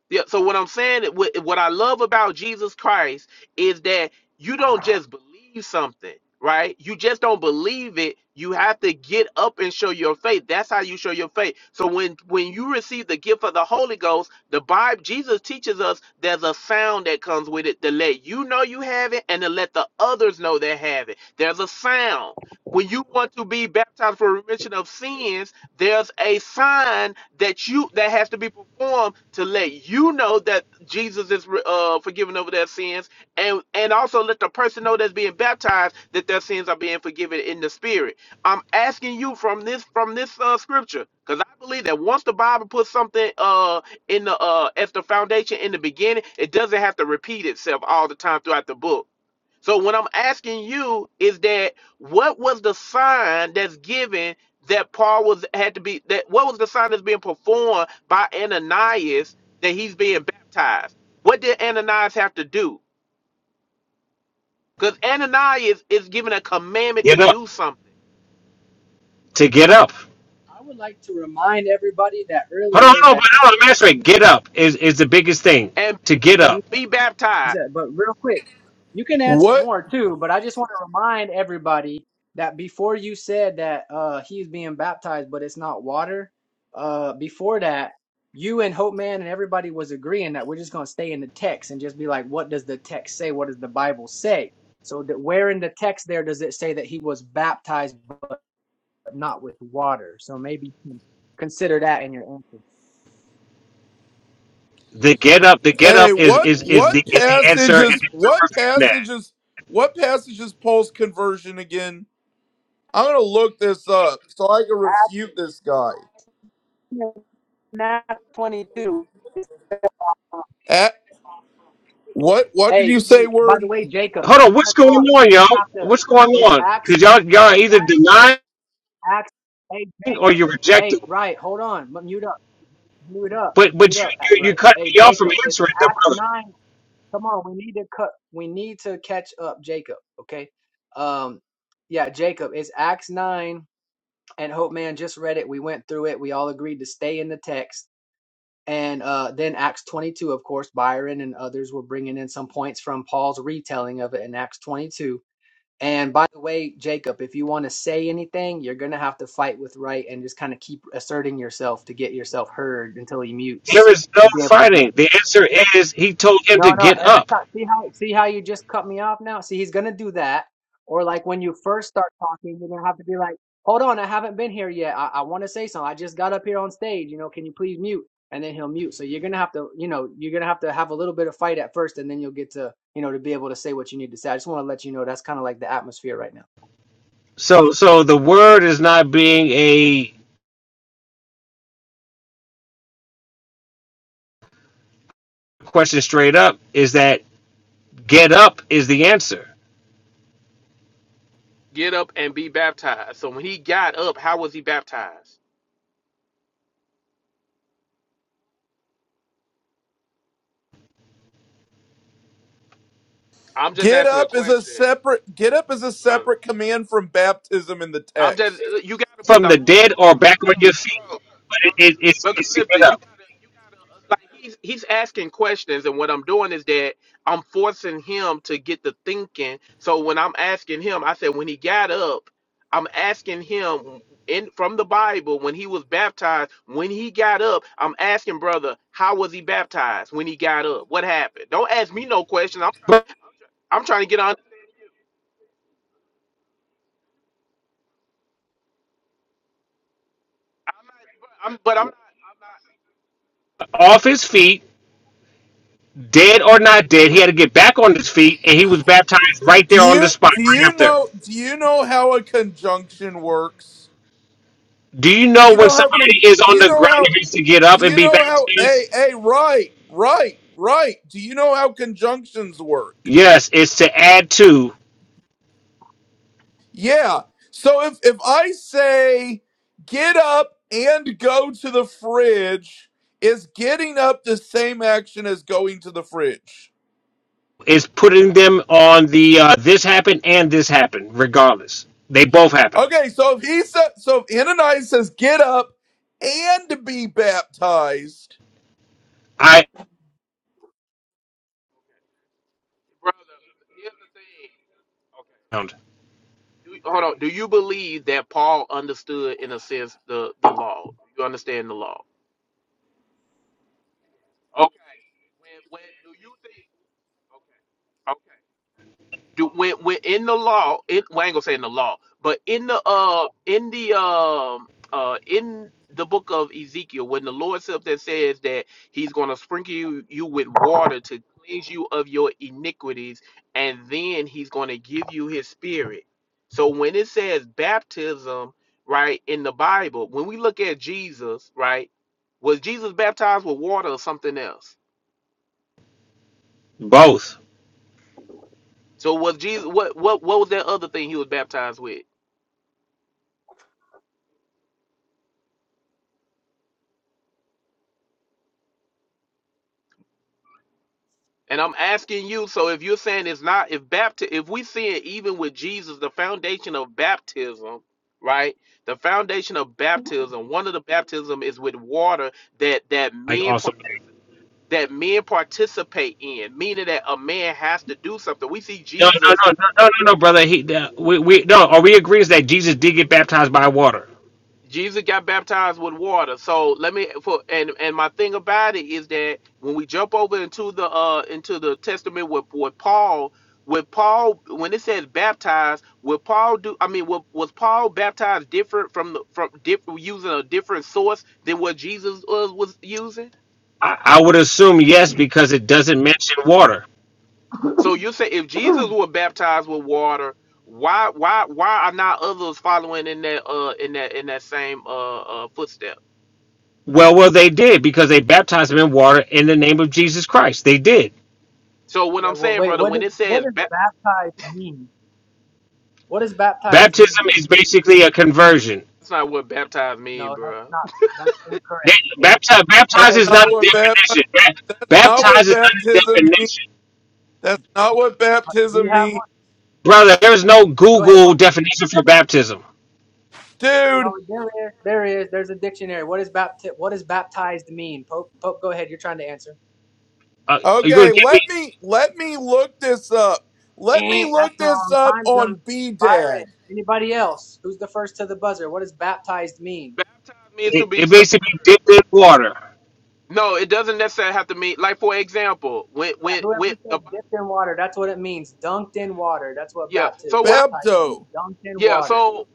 Speaker 11: Yeah, so what I'm saying, what, what I love about Jesus Christ is that you don't just believe something, right? You just don't believe it. You have to get up and show your faith. That's how you show your faith. So when when you receive the gift of the Holy Ghost, the Bible Jesus teaches us there's a sound that comes with it to let you know you have it and to let the others know they have it. There's a sound. When you want to be baptized for remission of sins, there's a sign that you that has to be performed to let you know that Jesus is uh, forgiven over their sins, and and also let the person know that's being baptized that their sins are being forgiven in the Spirit. I'm asking you from this from this uh, scripture because I believe that once the Bible puts something uh in the uh as the foundation in the beginning, it doesn't have to repeat itself all the time throughout the book so when I'm asking you is that what was the sign that's given that Paul was had to be that what was the sign that's being performed by Ananias that he's being baptized? What did Ananias have to do? Because Ananias is given a commandment to
Speaker 5: get up
Speaker 11: do something
Speaker 5: to get up
Speaker 6: I would like to remind everybody that
Speaker 5: hold on
Speaker 6: earlier
Speaker 5: hold on
Speaker 6: that
Speaker 5: hold on I'm answering. get up is is the biggest thing
Speaker 11: and
Speaker 5: to
Speaker 11: be,
Speaker 5: get
Speaker 6: yeah, you,
Speaker 5: up
Speaker 11: and be
Speaker 6: you
Speaker 11: baptized.
Speaker 6: said, but real quick, you can answer
Speaker 13: What?
Speaker 6: more too. But I just want to remind everybody that before you said that uh, he's being baptized, but it's not water. Uh, before that, you and Hope Man and everybody was agreeing that we're just gonna stay in the text and just be like, what does the text say? What does the Bible say? So that where in the text there does it say that he was baptized but not with water? So maybe you can consider that in your answer.
Speaker 5: the get up the get
Speaker 13: Hey,
Speaker 5: up is
Speaker 13: what?
Speaker 5: is is
Speaker 13: What
Speaker 5: the is the answer and
Speaker 13: passages?
Speaker 5: there's no
Speaker 13: What
Speaker 5: refute to that
Speaker 13: passages? What passages post conversion again? I'm gonna look this up so I can refute this guy.
Speaker 6: Now 22.
Speaker 13: At what? What did
Speaker 6: Hey,
Speaker 13: you say?
Speaker 6: hey, by the
Speaker 13: Word?
Speaker 6: way, Jacob, if
Speaker 5: hold on
Speaker 6: you want
Speaker 5: what's
Speaker 6: to talk,
Speaker 5: going on
Speaker 6: you're
Speaker 5: y'all
Speaker 6: gonna have to.
Speaker 5: what's going
Speaker 6: It's
Speaker 5: on
Speaker 6: Acts
Speaker 5: because
Speaker 6: nine.
Speaker 5: y'all y'all are
Speaker 6: It's
Speaker 5: either
Speaker 6: Acts.
Speaker 5: denying
Speaker 6: Acts. Hey,
Speaker 5: or
Speaker 6: Jacob.
Speaker 5: you're rejecting
Speaker 6: Hey, right. Hold on. mu- Mute up. Mute up.
Speaker 5: But
Speaker 6: Mute
Speaker 5: but you,
Speaker 6: up. uh,
Speaker 5: you you
Speaker 6: Right.
Speaker 5: cut
Speaker 6: Hey,
Speaker 5: me off from
Speaker 6: Jacob. It's
Speaker 5: answering the
Speaker 6: Acts
Speaker 5: brother.
Speaker 6: nine. Come on. We need to cut. We need to catch up, Jacob. Okay. Um. Yeah, Jacob. It's Acts nine, and Hope Man just read it. We went through it. We all agreed to stay in the text. And uh, then Acts 22, of course, Byron and others were bringing in some points from Paul's retelling of it in Acts 22. And by the way, Jacob, if you want to say anything, you're going to have to fight with right and just kind of keep asserting yourself to get yourself heard until he
Speaker 5: There
Speaker 6: mutes
Speaker 5: is no
Speaker 6: to be able to get.
Speaker 5: fighting. The answer is he told him
Speaker 6: No,
Speaker 5: to
Speaker 6: no,
Speaker 5: get
Speaker 6: every
Speaker 5: up.
Speaker 6: time. See how see how you just cut me off now? See, he's gonna do that. Or like when you first start talking, you're gonna have to be like, "Hold on, I haven't been here yet. I, I want to say something. I just got up here on stage. You know, can you please mute?" And then he'll mute. So you're gonna have to, you know, you're gonna have to have a little bit of fight at first, and then you'll get to, you know, to be able to say what you need to say. I just want to let you know that's kind of like the atmosphere right now.
Speaker 5: So so the word is not being a question straight up. Is that get up is the answer
Speaker 11: Get up and be baptized. So when he got up, how was he baptized? I'm just
Speaker 13: Get
Speaker 11: asking a
Speaker 13: up is a
Speaker 11: question,
Speaker 13: separate. Get up is a
Speaker 11: brother.
Speaker 13: separate command from baptism in the
Speaker 11: I'm just
Speaker 13: text.
Speaker 11: you gotta put
Speaker 5: from
Speaker 11: the
Speaker 5: the
Speaker 11: onus.
Speaker 5: dead
Speaker 11: Hold on,
Speaker 5: or back on
Speaker 11: hold on,
Speaker 5: your
Speaker 11: hold
Speaker 5: feet? But
Speaker 11: on,
Speaker 5: it,
Speaker 11: hold on.
Speaker 5: it, it's
Speaker 11: But
Speaker 5: it's to
Speaker 11: Calypso,
Speaker 5: get
Speaker 11: you
Speaker 5: up.
Speaker 11: gotta, you gotta uh, like he's he's asking questions, and what I'm doing is that I'm forcing him to get the thinking. So when I'm asking him, I said when he got up, I'm asking him in from the Bible when he was baptized. When he got up, I'm asking brother, how was he baptized when he got up? What happened? Don't ask me no questions. I'm trying
Speaker 5: But
Speaker 11: to, I'm trying to get on. I'm not, I'm, but I'm not.
Speaker 5: off his feet, dead or not dead, he had to get back on his feet, and he was baptized right
Speaker 13: Do
Speaker 5: there on the
Speaker 13: you
Speaker 5: spot
Speaker 13: do
Speaker 5: right
Speaker 13: you
Speaker 5: after.
Speaker 13: know do you know how a conjunction works?
Speaker 5: Do you
Speaker 13: Do
Speaker 5: know
Speaker 13: you
Speaker 5: when
Speaker 13: know how con?
Speaker 5: somebody is
Speaker 13: Do
Speaker 5: on
Speaker 13: you
Speaker 5: the
Speaker 13: know
Speaker 5: ground and
Speaker 13: how?
Speaker 5: needs to get up
Speaker 13: Do
Speaker 5: and
Speaker 13: you
Speaker 5: be
Speaker 13: know how?
Speaker 5: baptized?
Speaker 13: Hey, hey, right, right, right. Do you know how conjunctions work?
Speaker 5: Yes, it's to add to.
Speaker 13: Yeah. So if if I say get up and go to the fridge, is getting up the same action as going to the fridge?
Speaker 5: It's putting them on the uh, this happened and this happened. Regardless, they both happened.
Speaker 13: Okay. So if he said, so if Ananias says get up and be baptized,
Speaker 5: I
Speaker 11: brother. Here's the thing. Okay.
Speaker 5: found
Speaker 11: Do, hold on. Do you believe that Paul understood, in a sense, the the law? Do you understand the law? Okay. When, when do you think? Okay. Okay. do when, when in the law it well, I ain't gonna say in the law but in the uh in the um uh in the book of ezekiel when the lord said that says that he's gonna sprinkle you, you with water to cleanse you of your iniquities and then he's gonna give you his spirit so when it says baptism right in the bible when we look at jesus right was jesus baptized with water or something else
Speaker 5: both.
Speaker 11: so was jesus what what what was that other thing he was baptized with And I'm asking you, so if you're saying it's not, if baptism, if we see it even with Jesus, the foundation of baptism, right? The foundation of baptism, one of the baptism is with water that that
Speaker 5: Like
Speaker 11: men
Speaker 5: also.
Speaker 11: participate that men participate in, meaning that a man has to do something. We see
Speaker 5: No, no,
Speaker 11: Jesus
Speaker 5: no, no, no, no, no, brother. He, uh, we, we, no. Are we agrees that Jesus did get baptized by water?
Speaker 11: Jesus got baptized with water. So let me for and and my thing about it is that when we jump over into the uh into the testament with with Paul, with Paul when it says baptized, with Paul do I mean was, was Paul baptized different from the from different using a different source than what Jesus was, was using?
Speaker 5: I, I would assume yes because it doesn't mention water.
Speaker 11: So you say if Jesus were baptized with water, why why why are not others following in that uh in that in that same uh uh footstep?
Speaker 5: Well, well, they did because they baptized him in water in the name of Jesus Christ. They did.
Speaker 11: So what
Speaker 6: Yeah.
Speaker 11: I'm
Speaker 6: Well,
Speaker 11: saying,
Speaker 6: wait.
Speaker 11: brother,
Speaker 6: What
Speaker 11: when
Speaker 6: does
Speaker 11: it
Speaker 6: what
Speaker 11: says
Speaker 6: does
Speaker 11: ba-
Speaker 6: baptized mean? What does baptized
Speaker 5: Baptism
Speaker 6: mean?
Speaker 5: is basically a conversion.
Speaker 11: That's not what baptized mean,
Speaker 6: No, that's
Speaker 11: bro.
Speaker 6: not. That's incorrect.
Speaker 5: That,
Speaker 6: And- uh,
Speaker 5: baptize,
Speaker 13: that's
Speaker 5: baptize
Speaker 6: Try
Speaker 5: is not
Speaker 13: not
Speaker 5: a
Speaker 6: again.
Speaker 13: what baptism.
Speaker 5: definition. Ba-
Speaker 13: That's not what
Speaker 5: Baptize is not a
Speaker 13: baptism means.
Speaker 5: definition,
Speaker 13: That's not what
Speaker 6: Uh, Do you
Speaker 13: baptism
Speaker 6: have?
Speaker 13: means,
Speaker 5: brother. There's no
Speaker 6: Go ahead,
Speaker 5: Google
Speaker 6: Pope.
Speaker 5: definition for baptism.
Speaker 13: dude.
Speaker 6: No, there is. There is. There's a dictionary. What is bapti- What does baptized mean? Pope. Pope. Go ahead. You're trying to answer.
Speaker 5: Uh, are you gonna
Speaker 13: Okay,
Speaker 5: give
Speaker 13: let
Speaker 5: me?
Speaker 13: me let me look this up. Let me
Speaker 6: Eh, That's
Speaker 13: look this
Speaker 6: wrong.
Speaker 13: up
Speaker 6: Time's up.
Speaker 13: on B BDAG.
Speaker 6: Byron. Anybody else? Who's the first to the buzzer? What does baptized mean?
Speaker 11: Baptized means to
Speaker 5: It,
Speaker 11: be
Speaker 5: it
Speaker 11: submerged.
Speaker 5: basically dipped in water.
Speaker 11: No, it doesn't necessarily have to mean like for example, when
Speaker 6: Yeah,
Speaker 11: when
Speaker 6: whoever
Speaker 11: when
Speaker 6: said
Speaker 11: the Bi-
Speaker 6: dipped in water. That's what it means. Dunked in water. That's what
Speaker 11: yeah.
Speaker 6: baptized
Speaker 11: So what I'm
Speaker 6: baptized means.
Speaker 13: Bebdo.
Speaker 6: Dunked in
Speaker 11: yeah.
Speaker 6: water.
Speaker 11: So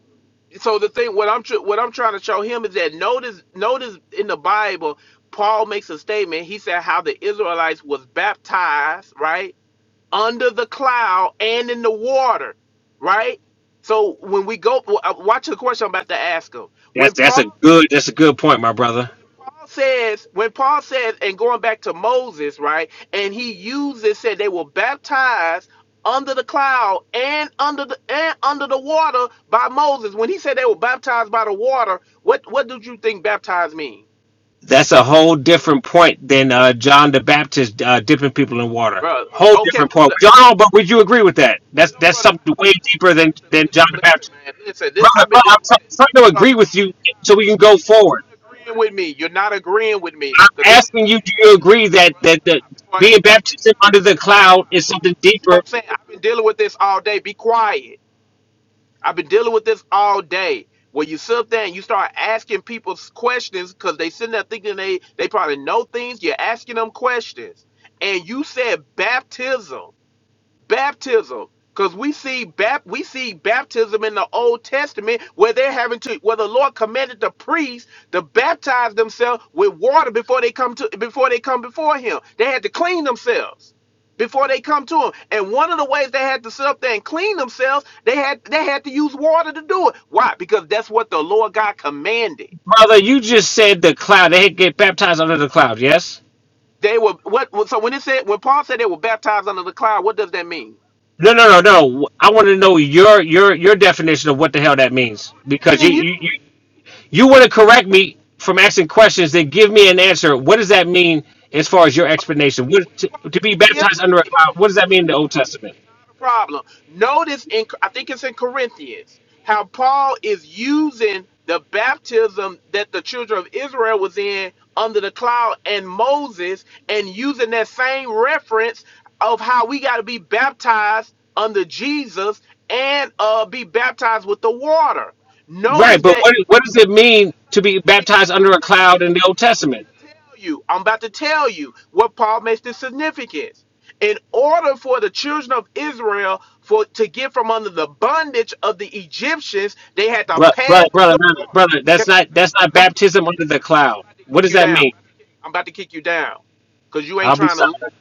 Speaker 11: so the thing what I'm tr- what I'm trying to show him is that notice notice in the Bible, Paul makes a statement. He said how the Israelites was baptized right under the cloud and in the water, right. So when we go, w- uh, watch the question I'm about to ask him. When
Speaker 5: That's that's
Speaker 11: Paul
Speaker 5: a good that's a good point, my brother.
Speaker 11: when Paul says, when Paul says, and going back to Moses, right, and he uses said they were baptized under the cloud and under the and under the water by Moses. When he said they were baptized by the water, what what did you think baptized mean,
Speaker 5: That's a whole different point than uh, John the Baptist uh, dipping people in water.
Speaker 11: brother?
Speaker 5: Whole
Speaker 11: Okay,
Speaker 5: different point.
Speaker 11: brother.
Speaker 5: John, but would you agree with that?
Speaker 11: No,
Speaker 5: That's
Speaker 11: no,
Speaker 5: that's
Speaker 11: brother. I,
Speaker 5: something way
Speaker 11: li-
Speaker 5: deeper
Speaker 11: listen,
Speaker 5: than
Speaker 11: listen,
Speaker 5: than John
Speaker 11: listen,
Speaker 5: the
Speaker 11: listen,
Speaker 5: Baptist,
Speaker 11: man. Listen, this
Speaker 5: brother.
Speaker 11: I've been
Speaker 5: brother I'm
Speaker 11: dealing with this.
Speaker 5: try- trying to
Speaker 11: Hold on,
Speaker 5: agree
Speaker 11: stop
Speaker 5: with you
Speaker 11: it, stop
Speaker 5: so we
Speaker 11: it,
Speaker 5: can
Speaker 11: stop
Speaker 5: go
Speaker 11: it. You're
Speaker 5: forward.
Speaker 11: not agreeing with me. You're not agreeing with me
Speaker 5: I'm
Speaker 11: because this is what
Speaker 5: asking
Speaker 11: I've
Speaker 5: you,
Speaker 11: been
Speaker 5: do
Speaker 11: having.
Speaker 5: you
Speaker 11: This.
Speaker 5: agree
Speaker 11: Hold on,
Speaker 5: that
Speaker 11: brother.
Speaker 5: that the
Speaker 11: Stop before I
Speaker 5: being
Speaker 11: get.
Speaker 5: baptized
Speaker 11: Stop,
Speaker 5: under the
Speaker 11: stop, stop,
Speaker 5: cloud is
Speaker 11: stop.
Speaker 5: something
Speaker 11: This is what
Speaker 5: deeper,
Speaker 11: I'm saying. I've been dealing with this all day. Be quiet. I've been dealing with this all day. Where you sit up there and you start asking people s- questions because they sitting there thinking they they probably know things. You're asking them questions, and you said baptism baptism because we see bap- we see baptism in the old testament where they're having to where the lord commanded the priests to baptize themselves with water before they come to before they come before him they had to clean themselves before they come to him and one of the ways they had to sit up there and clean themselves they had they had to use water to do it why because that's what the lord god commanded
Speaker 5: brother? You just said the cloud. They get baptized under the cloud. Yes.
Speaker 11: they were what so when it said when paul said they were baptized under the cloud what does that mean
Speaker 5: No, no, no, no. I want to know your your your definition of what the hell that
Speaker 11: no
Speaker 5: means
Speaker 11: i'm
Speaker 5: because you
Speaker 11: asking
Speaker 5: you
Speaker 11: you
Speaker 5: you, you want to correct me from asking questions. Then give me an answer. What does that mean as far as your
Speaker 11: Okay.
Speaker 5: explanation?
Speaker 11: When
Speaker 5: What to,
Speaker 11: Paul,
Speaker 5: to
Speaker 11: and-
Speaker 5: be
Speaker 11: and here's the
Speaker 5: baptized under a
Speaker 11: thing. Let me
Speaker 5: cloud?
Speaker 11: say
Speaker 5: What does that
Speaker 11: this
Speaker 5: mean
Speaker 11: one.
Speaker 5: in the
Speaker 11: Yeah,
Speaker 5: Old Testament?
Speaker 11: not a problem. Notice in I think it's in Corinthians how Paul is using the baptism that the children of Israel was in under the cloud and Moses, and using that same reference of how we got to be baptized under Jesus and uh, be baptized with the water.
Speaker 5: Right,
Speaker 11: Notice
Speaker 5: but
Speaker 11: that
Speaker 5: what what does it
Speaker 11: Hold on,
Speaker 5: mean
Speaker 11: let's
Speaker 5: to
Speaker 11: not.
Speaker 5: be
Speaker 11: Let me. I,
Speaker 5: baptized
Speaker 11: I'm
Speaker 5: under a
Speaker 11: finna
Speaker 5: cloud
Speaker 11: tell
Speaker 5: in the
Speaker 11: you.
Speaker 5: Old
Speaker 11: I'm
Speaker 5: Testament?
Speaker 11: finna tell you. I'm about to tell you what Paul makes the significance. In order for the children of Israel for to get from under the bondage of the Egyptians, they had to
Speaker 5: Bro-
Speaker 11: pass
Speaker 5: brother, brother,
Speaker 11: through
Speaker 5: brother,
Speaker 11: the
Speaker 5: no, no,
Speaker 11: water.
Speaker 5: brother.
Speaker 11: Can
Speaker 5: That's not
Speaker 11: I, hey,
Speaker 5: that's
Speaker 11: brother,
Speaker 5: not
Speaker 11: I'm about to
Speaker 5: baptism
Speaker 11: kick
Speaker 5: under
Speaker 11: you
Speaker 5: the
Speaker 11: down. I'm
Speaker 5: cloud.
Speaker 11: about to
Speaker 5: What
Speaker 11: kick
Speaker 5: does
Speaker 11: you
Speaker 5: that
Speaker 11: down. I'm about
Speaker 5: mean?
Speaker 11: to kick, you down because you ain't
Speaker 5: I'll be
Speaker 11: trying to. listen.
Speaker 5: silent.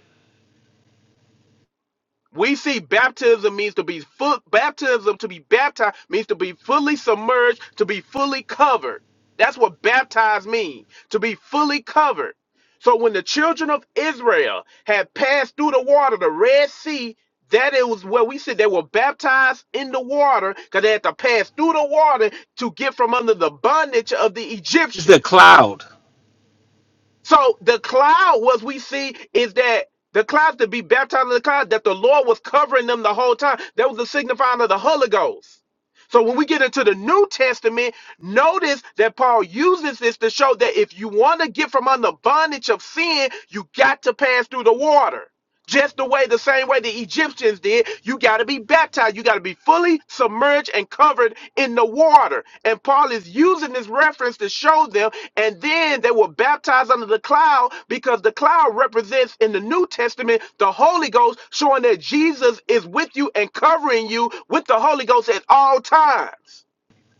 Speaker 11: We see baptism means to be full, baptism to be baptized means to be fully submerged, to be fully covered. That's what baptized means, to be fully covered. So when the children of Israel had passed through the water, the Red Sea, that it was where we said they were baptized in the water because they had to pass through the water to get from under the bondage of the
Speaker 5: It's the
Speaker 11: Egyptians.
Speaker 5: cloud.
Speaker 11: So the cloud, what we see is that the clouds to be baptized in the cloud, that the Lord was covering them the whole time. That was the signifying of the Holy Ghost. So when we get into the New Testament, notice that Paul uses this to show that if you want to get from under bondage of sin, you got to pass through the water just the way the same way the Egyptians did. You got to be baptized. You got to be fully submerged and covered in the water. And Paul is using this reference to show them. And then they were baptized under the cloud because the cloud represents in the New Testament the Holy Ghost, showing that Jesus is with you and covering you with the Holy Ghost at all times.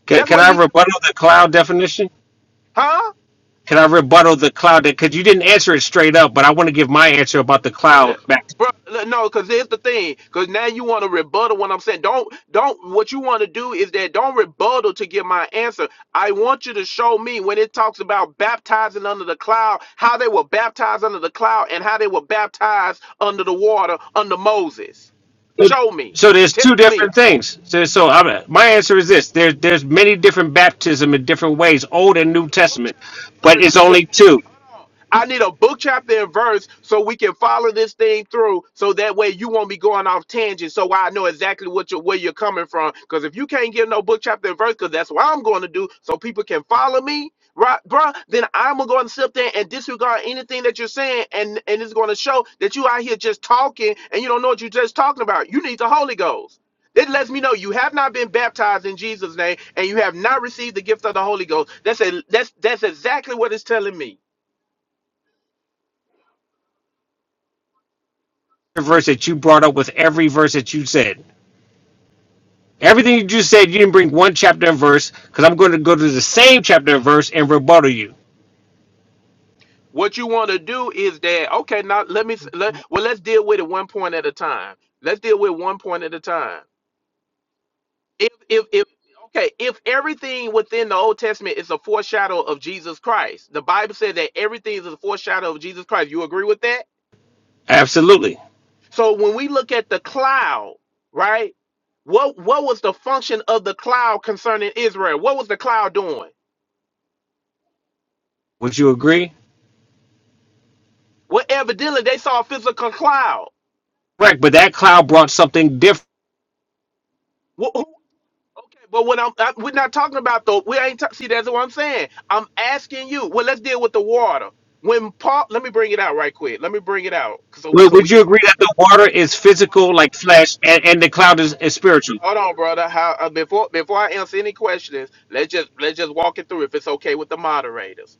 Speaker 5: Can,
Speaker 11: That's
Speaker 5: can
Speaker 11: what it
Speaker 5: I
Speaker 11: means,
Speaker 5: rebuttal the cloud definition?
Speaker 11: huh?
Speaker 5: Can I rebuttal the cloud? Because you didn't answer it straight up, but I want to give my answer about the cloud back.
Speaker 11: Bro, look, no, because here's the thing. Because now you want to rebuttal what I'm saying. Don't, don't. What you want to do is that don't rebuttal to get my answer. I want you to show me when it talks about baptizing under the cloud, how they were baptized under the cloud, and how they were baptized under the water under Moses.
Speaker 5: So,
Speaker 11: Show me.
Speaker 5: so there's
Speaker 11: Tell
Speaker 5: two
Speaker 11: me.
Speaker 5: different things. So, so I'm, my answer is this: there's there's many different baptism in different ways, Old
Speaker 11: I
Speaker 5: and New
Speaker 11: need a book
Speaker 5: Testament,
Speaker 11: chapter and
Speaker 5: but
Speaker 11: verse.
Speaker 5: it's
Speaker 11: I need a
Speaker 5: only two.
Speaker 11: hold on. I need a book chapter and verse so we can follow this thing through. So that way you won't be going off tangent. So I know exactly what you where you're coming from. Because if you can't give no book chapter and verse, because that's what I'm going to do, so people can follow me, right, bruh? Then I'm gonna go and sit there and disregard anything that you're saying, and and it's going to show that you out here just talking and you don't know what you're just talking about. You need the Holy Ghost. It lets me know you have not been baptized in Jesus' name and you have not received the gift of the Holy Ghost. That's a, that's that's exactly what it's telling me.
Speaker 5: The verse that you brought up with every verse that you said. Everything you just said, you didn't bring one chapter and verse because I'm going to go to the same chapter and verse and rebuttal you.
Speaker 11: What you want to do is that okay? Now let me let, well let's deal with it one point at a time. Let's deal with one point at a time. If if if okay, if everything within the Old Testament is a foreshadow of Jesus Christ, the Bible said that everything is a foreshadow of Jesus Christ. You agree with that?
Speaker 5: Absolutely.
Speaker 11: So when we look at the cloud, right? What what was the function of the cloud concerning Israel? What was the cloud doing?
Speaker 5: Would you agree?
Speaker 11: Well, evidently they saw a physical cloud.
Speaker 5: Correct. But that cloud brought something different.
Speaker 11: Wh- who- okay, but when I'm, I, we're not talking about the we ain't ta- see that's what I'm saying. I'm asking you. Well, let's deal with the water. When Paul, let me bring it out right quick. Let me bring it out so
Speaker 5: Would
Speaker 11: so
Speaker 5: would
Speaker 11: we
Speaker 5: you
Speaker 11: can.
Speaker 5: agree that the water is
Speaker 11: Hold on, hold
Speaker 5: physical, like flesh, and, and the cloud is, is spiritual?
Speaker 11: on, How- hold on, brother. How uh, before before I answer any questions, let's just let's just walk it through if it's okay with the moderators.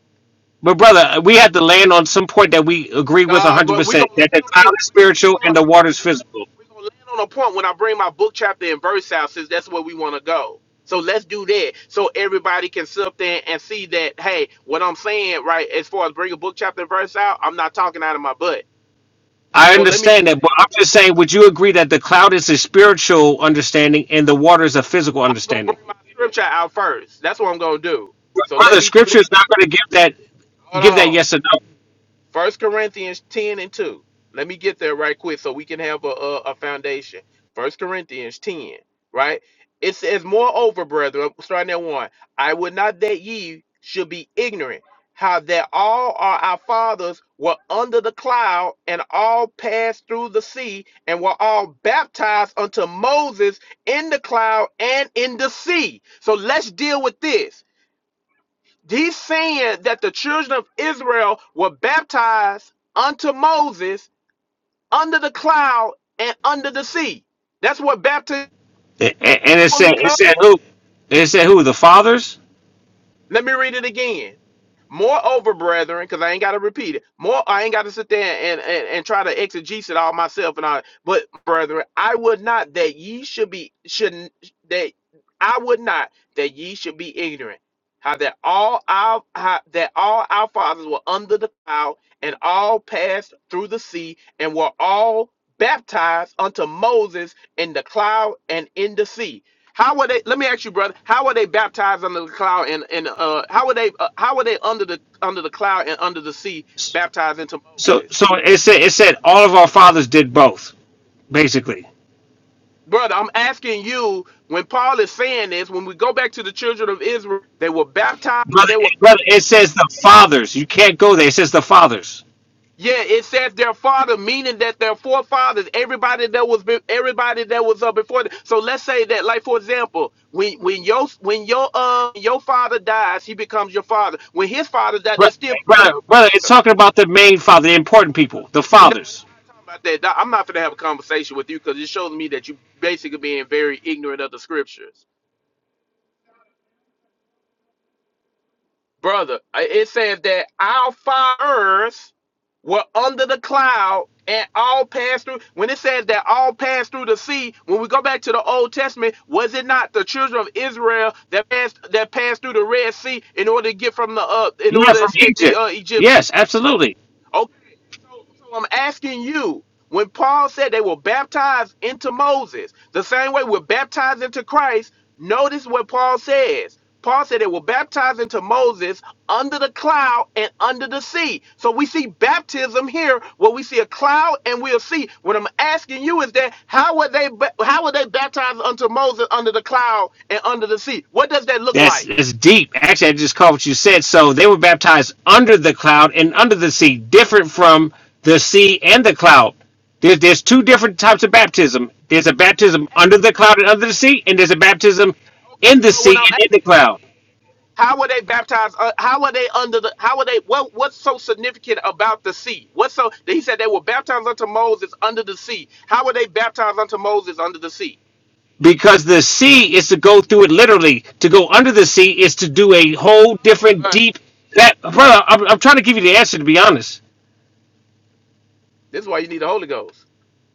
Speaker 5: But brother, we have to land on some point that we agree with
Speaker 11: Nah, but we
Speaker 5: 100%
Speaker 11: gonna land
Speaker 5: that the
Speaker 11: on
Speaker 5: cloud
Speaker 11: it.
Speaker 5: is
Speaker 11: We gonna
Speaker 5: spiritual
Speaker 11: land on
Speaker 5: and the
Speaker 11: a point.
Speaker 5: water is physical.
Speaker 11: We gonna land on a point when I bring my book chapter and verse out, since that's where we want to go. So let's do that, so everybody can sit up there and see that. Hey, what I'm saying, right? As far as bring a book chapter and verse out, I'm not talking out of my butt.
Speaker 5: I
Speaker 11: So let me.
Speaker 5: understand that, but I'm just saying, would you agree that the cloud is a spiritual understanding and the water is a physical
Speaker 11: I'm gonna
Speaker 5: understanding?
Speaker 11: bring my scripture out first. That's what I'm gonna do. So let
Speaker 5: brother.
Speaker 11: me do that.
Speaker 5: Scripture is not going to give that
Speaker 11: Hold
Speaker 5: give that
Speaker 11: on.
Speaker 5: yes or no.
Speaker 11: First Corinthians 10 and 2. Let me get there right quick so we can have a, a, a foundation. First Corinthians 10, right? It says, Moreover, brethren, starting at one, I would not that ye should be ignorant, how that all our, our fathers were under the cloud, and all passed through the sea, and were all baptized unto Moses in the cloud and in the sea. So let's deal with this He's saying that the children of Israel were baptized unto Moses under the cloud and under the sea. That's what baptism
Speaker 5: A- a- And it said
Speaker 11: fully covers.
Speaker 5: it said who? It said who? The fathers.
Speaker 11: Let me read it again. Moreover, brethren, because I ain't got to repeat it. More, I ain't got to sit there and, and, and try to exegese it all myself and all. But brethren, I would not that ye should be should that I would not that ye should be ignorant. How that all our how, that all our fathers were under the cloud and all passed through the sea and were all baptized unto Moses in the cloud and in the sea how were they? Let me ask you, brother. How were they baptized under the cloud and and uh, how were they uh, how were they under the under the cloud and under the sea baptized into
Speaker 5: So
Speaker 11: Moses?
Speaker 5: so it said it said all of our fathers did both basically.
Speaker 11: Brother, I'm asking you. When Paul is saying this, when we go back to the children of Israel, they were baptized.
Speaker 5: Brother,
Speaker 11: They were
Speaker 5: brother, it says the fathers. You can't go there. It says the fathers.
Speaker 11: yeah. It says their father, meaning that their forefathers, everybody that was be- everybody that was up before. them. So let's say that, like for example, when when your when your uh your father dies, he becomes your father. When his father died,
Speaker 5: Bro-
Speaker 11: they still become
Speaker 5: Brother,
Speaker 11: your
Speaker 5: brother, it's
Speaker 11: father.
Speaker 5: talking about the main father, the important
Speaker 11: brother.
Speaker 5: people, the
Speaker 11: No, it's
Speaker 5: fathers.
Speaker 11: not talking about that. Nah, I'm not gonna have a conversation with you because it shows me that you basically being very ignorant of the scriptures, brother. I- It says that our fathers were under the cloud and all passed through. When it says that all passed through the sea, when we go back to the Old Testament, was it not the children of Israel that passed that passed through the Red Sea in order to get from the uh, in
Speaker 5: Yeah,
Speaker 11: order to
Speaker 5: from
Speaker 11: escape the
Speaker 5: Egypt.
Speaker 11: uh, Egyptians?
Speaker 5: Yes, absolutely.
Speaker 11: Okay, so, so I'm asking you, when Paul said they were baptized into Moses, the same way we're baptized into Christ, notice what Paul says. Paul said they were baptized into Moses under the cloud and under the sea. So we see baptism here where we see a cloud and we'll see. What I'm asking you is that how were they ba- how were they baptized unto Moses under the cloud and under the sea? What does that look
Speaker 5: That's,
Speaker 11: like?
Speaker 5: that's deep. Actually, I just caught what you said. So they were baptized under the cloud and under the sea, different from the sea and the cloud. There's, there's two different types
Speaker 11: How
Speaker 5: of
Speaker 11: would it-
Speaker 5: baptism. There's a
Speaker 11: I'm
Speaker 5: baptism
Speaker 11: not
Speaker 5: under
Speaker 11: asking
Speaker 5: the
Speaker 11: you
Speaker 5: cloud and under the
Speaker 11: that.
Speaker 5: sea, and there's a baptism in
Speaker 11: Okay,
Speaker 5: the
Speaker 11: but when
Speaker 5: sea
Speaker 11: I'm
Speaker 5: and in the
Speaker 11: asking
Speaker 5: cloud.
Speaker 11: How were they baptized? Uh, how were they under the? How were they? What What's so significant about the sea? What's so? He said they were baptized unto Moses under the sea. How were they baptized unto Moses under the sea?
Speaker 5: Because the sea is to go through it literally. To go under the sea is to do a whole different deep. That brother, I'm, I'm trying to give you the answer. To be honest,
Speaker 11: This is why you need the Holy Ghost.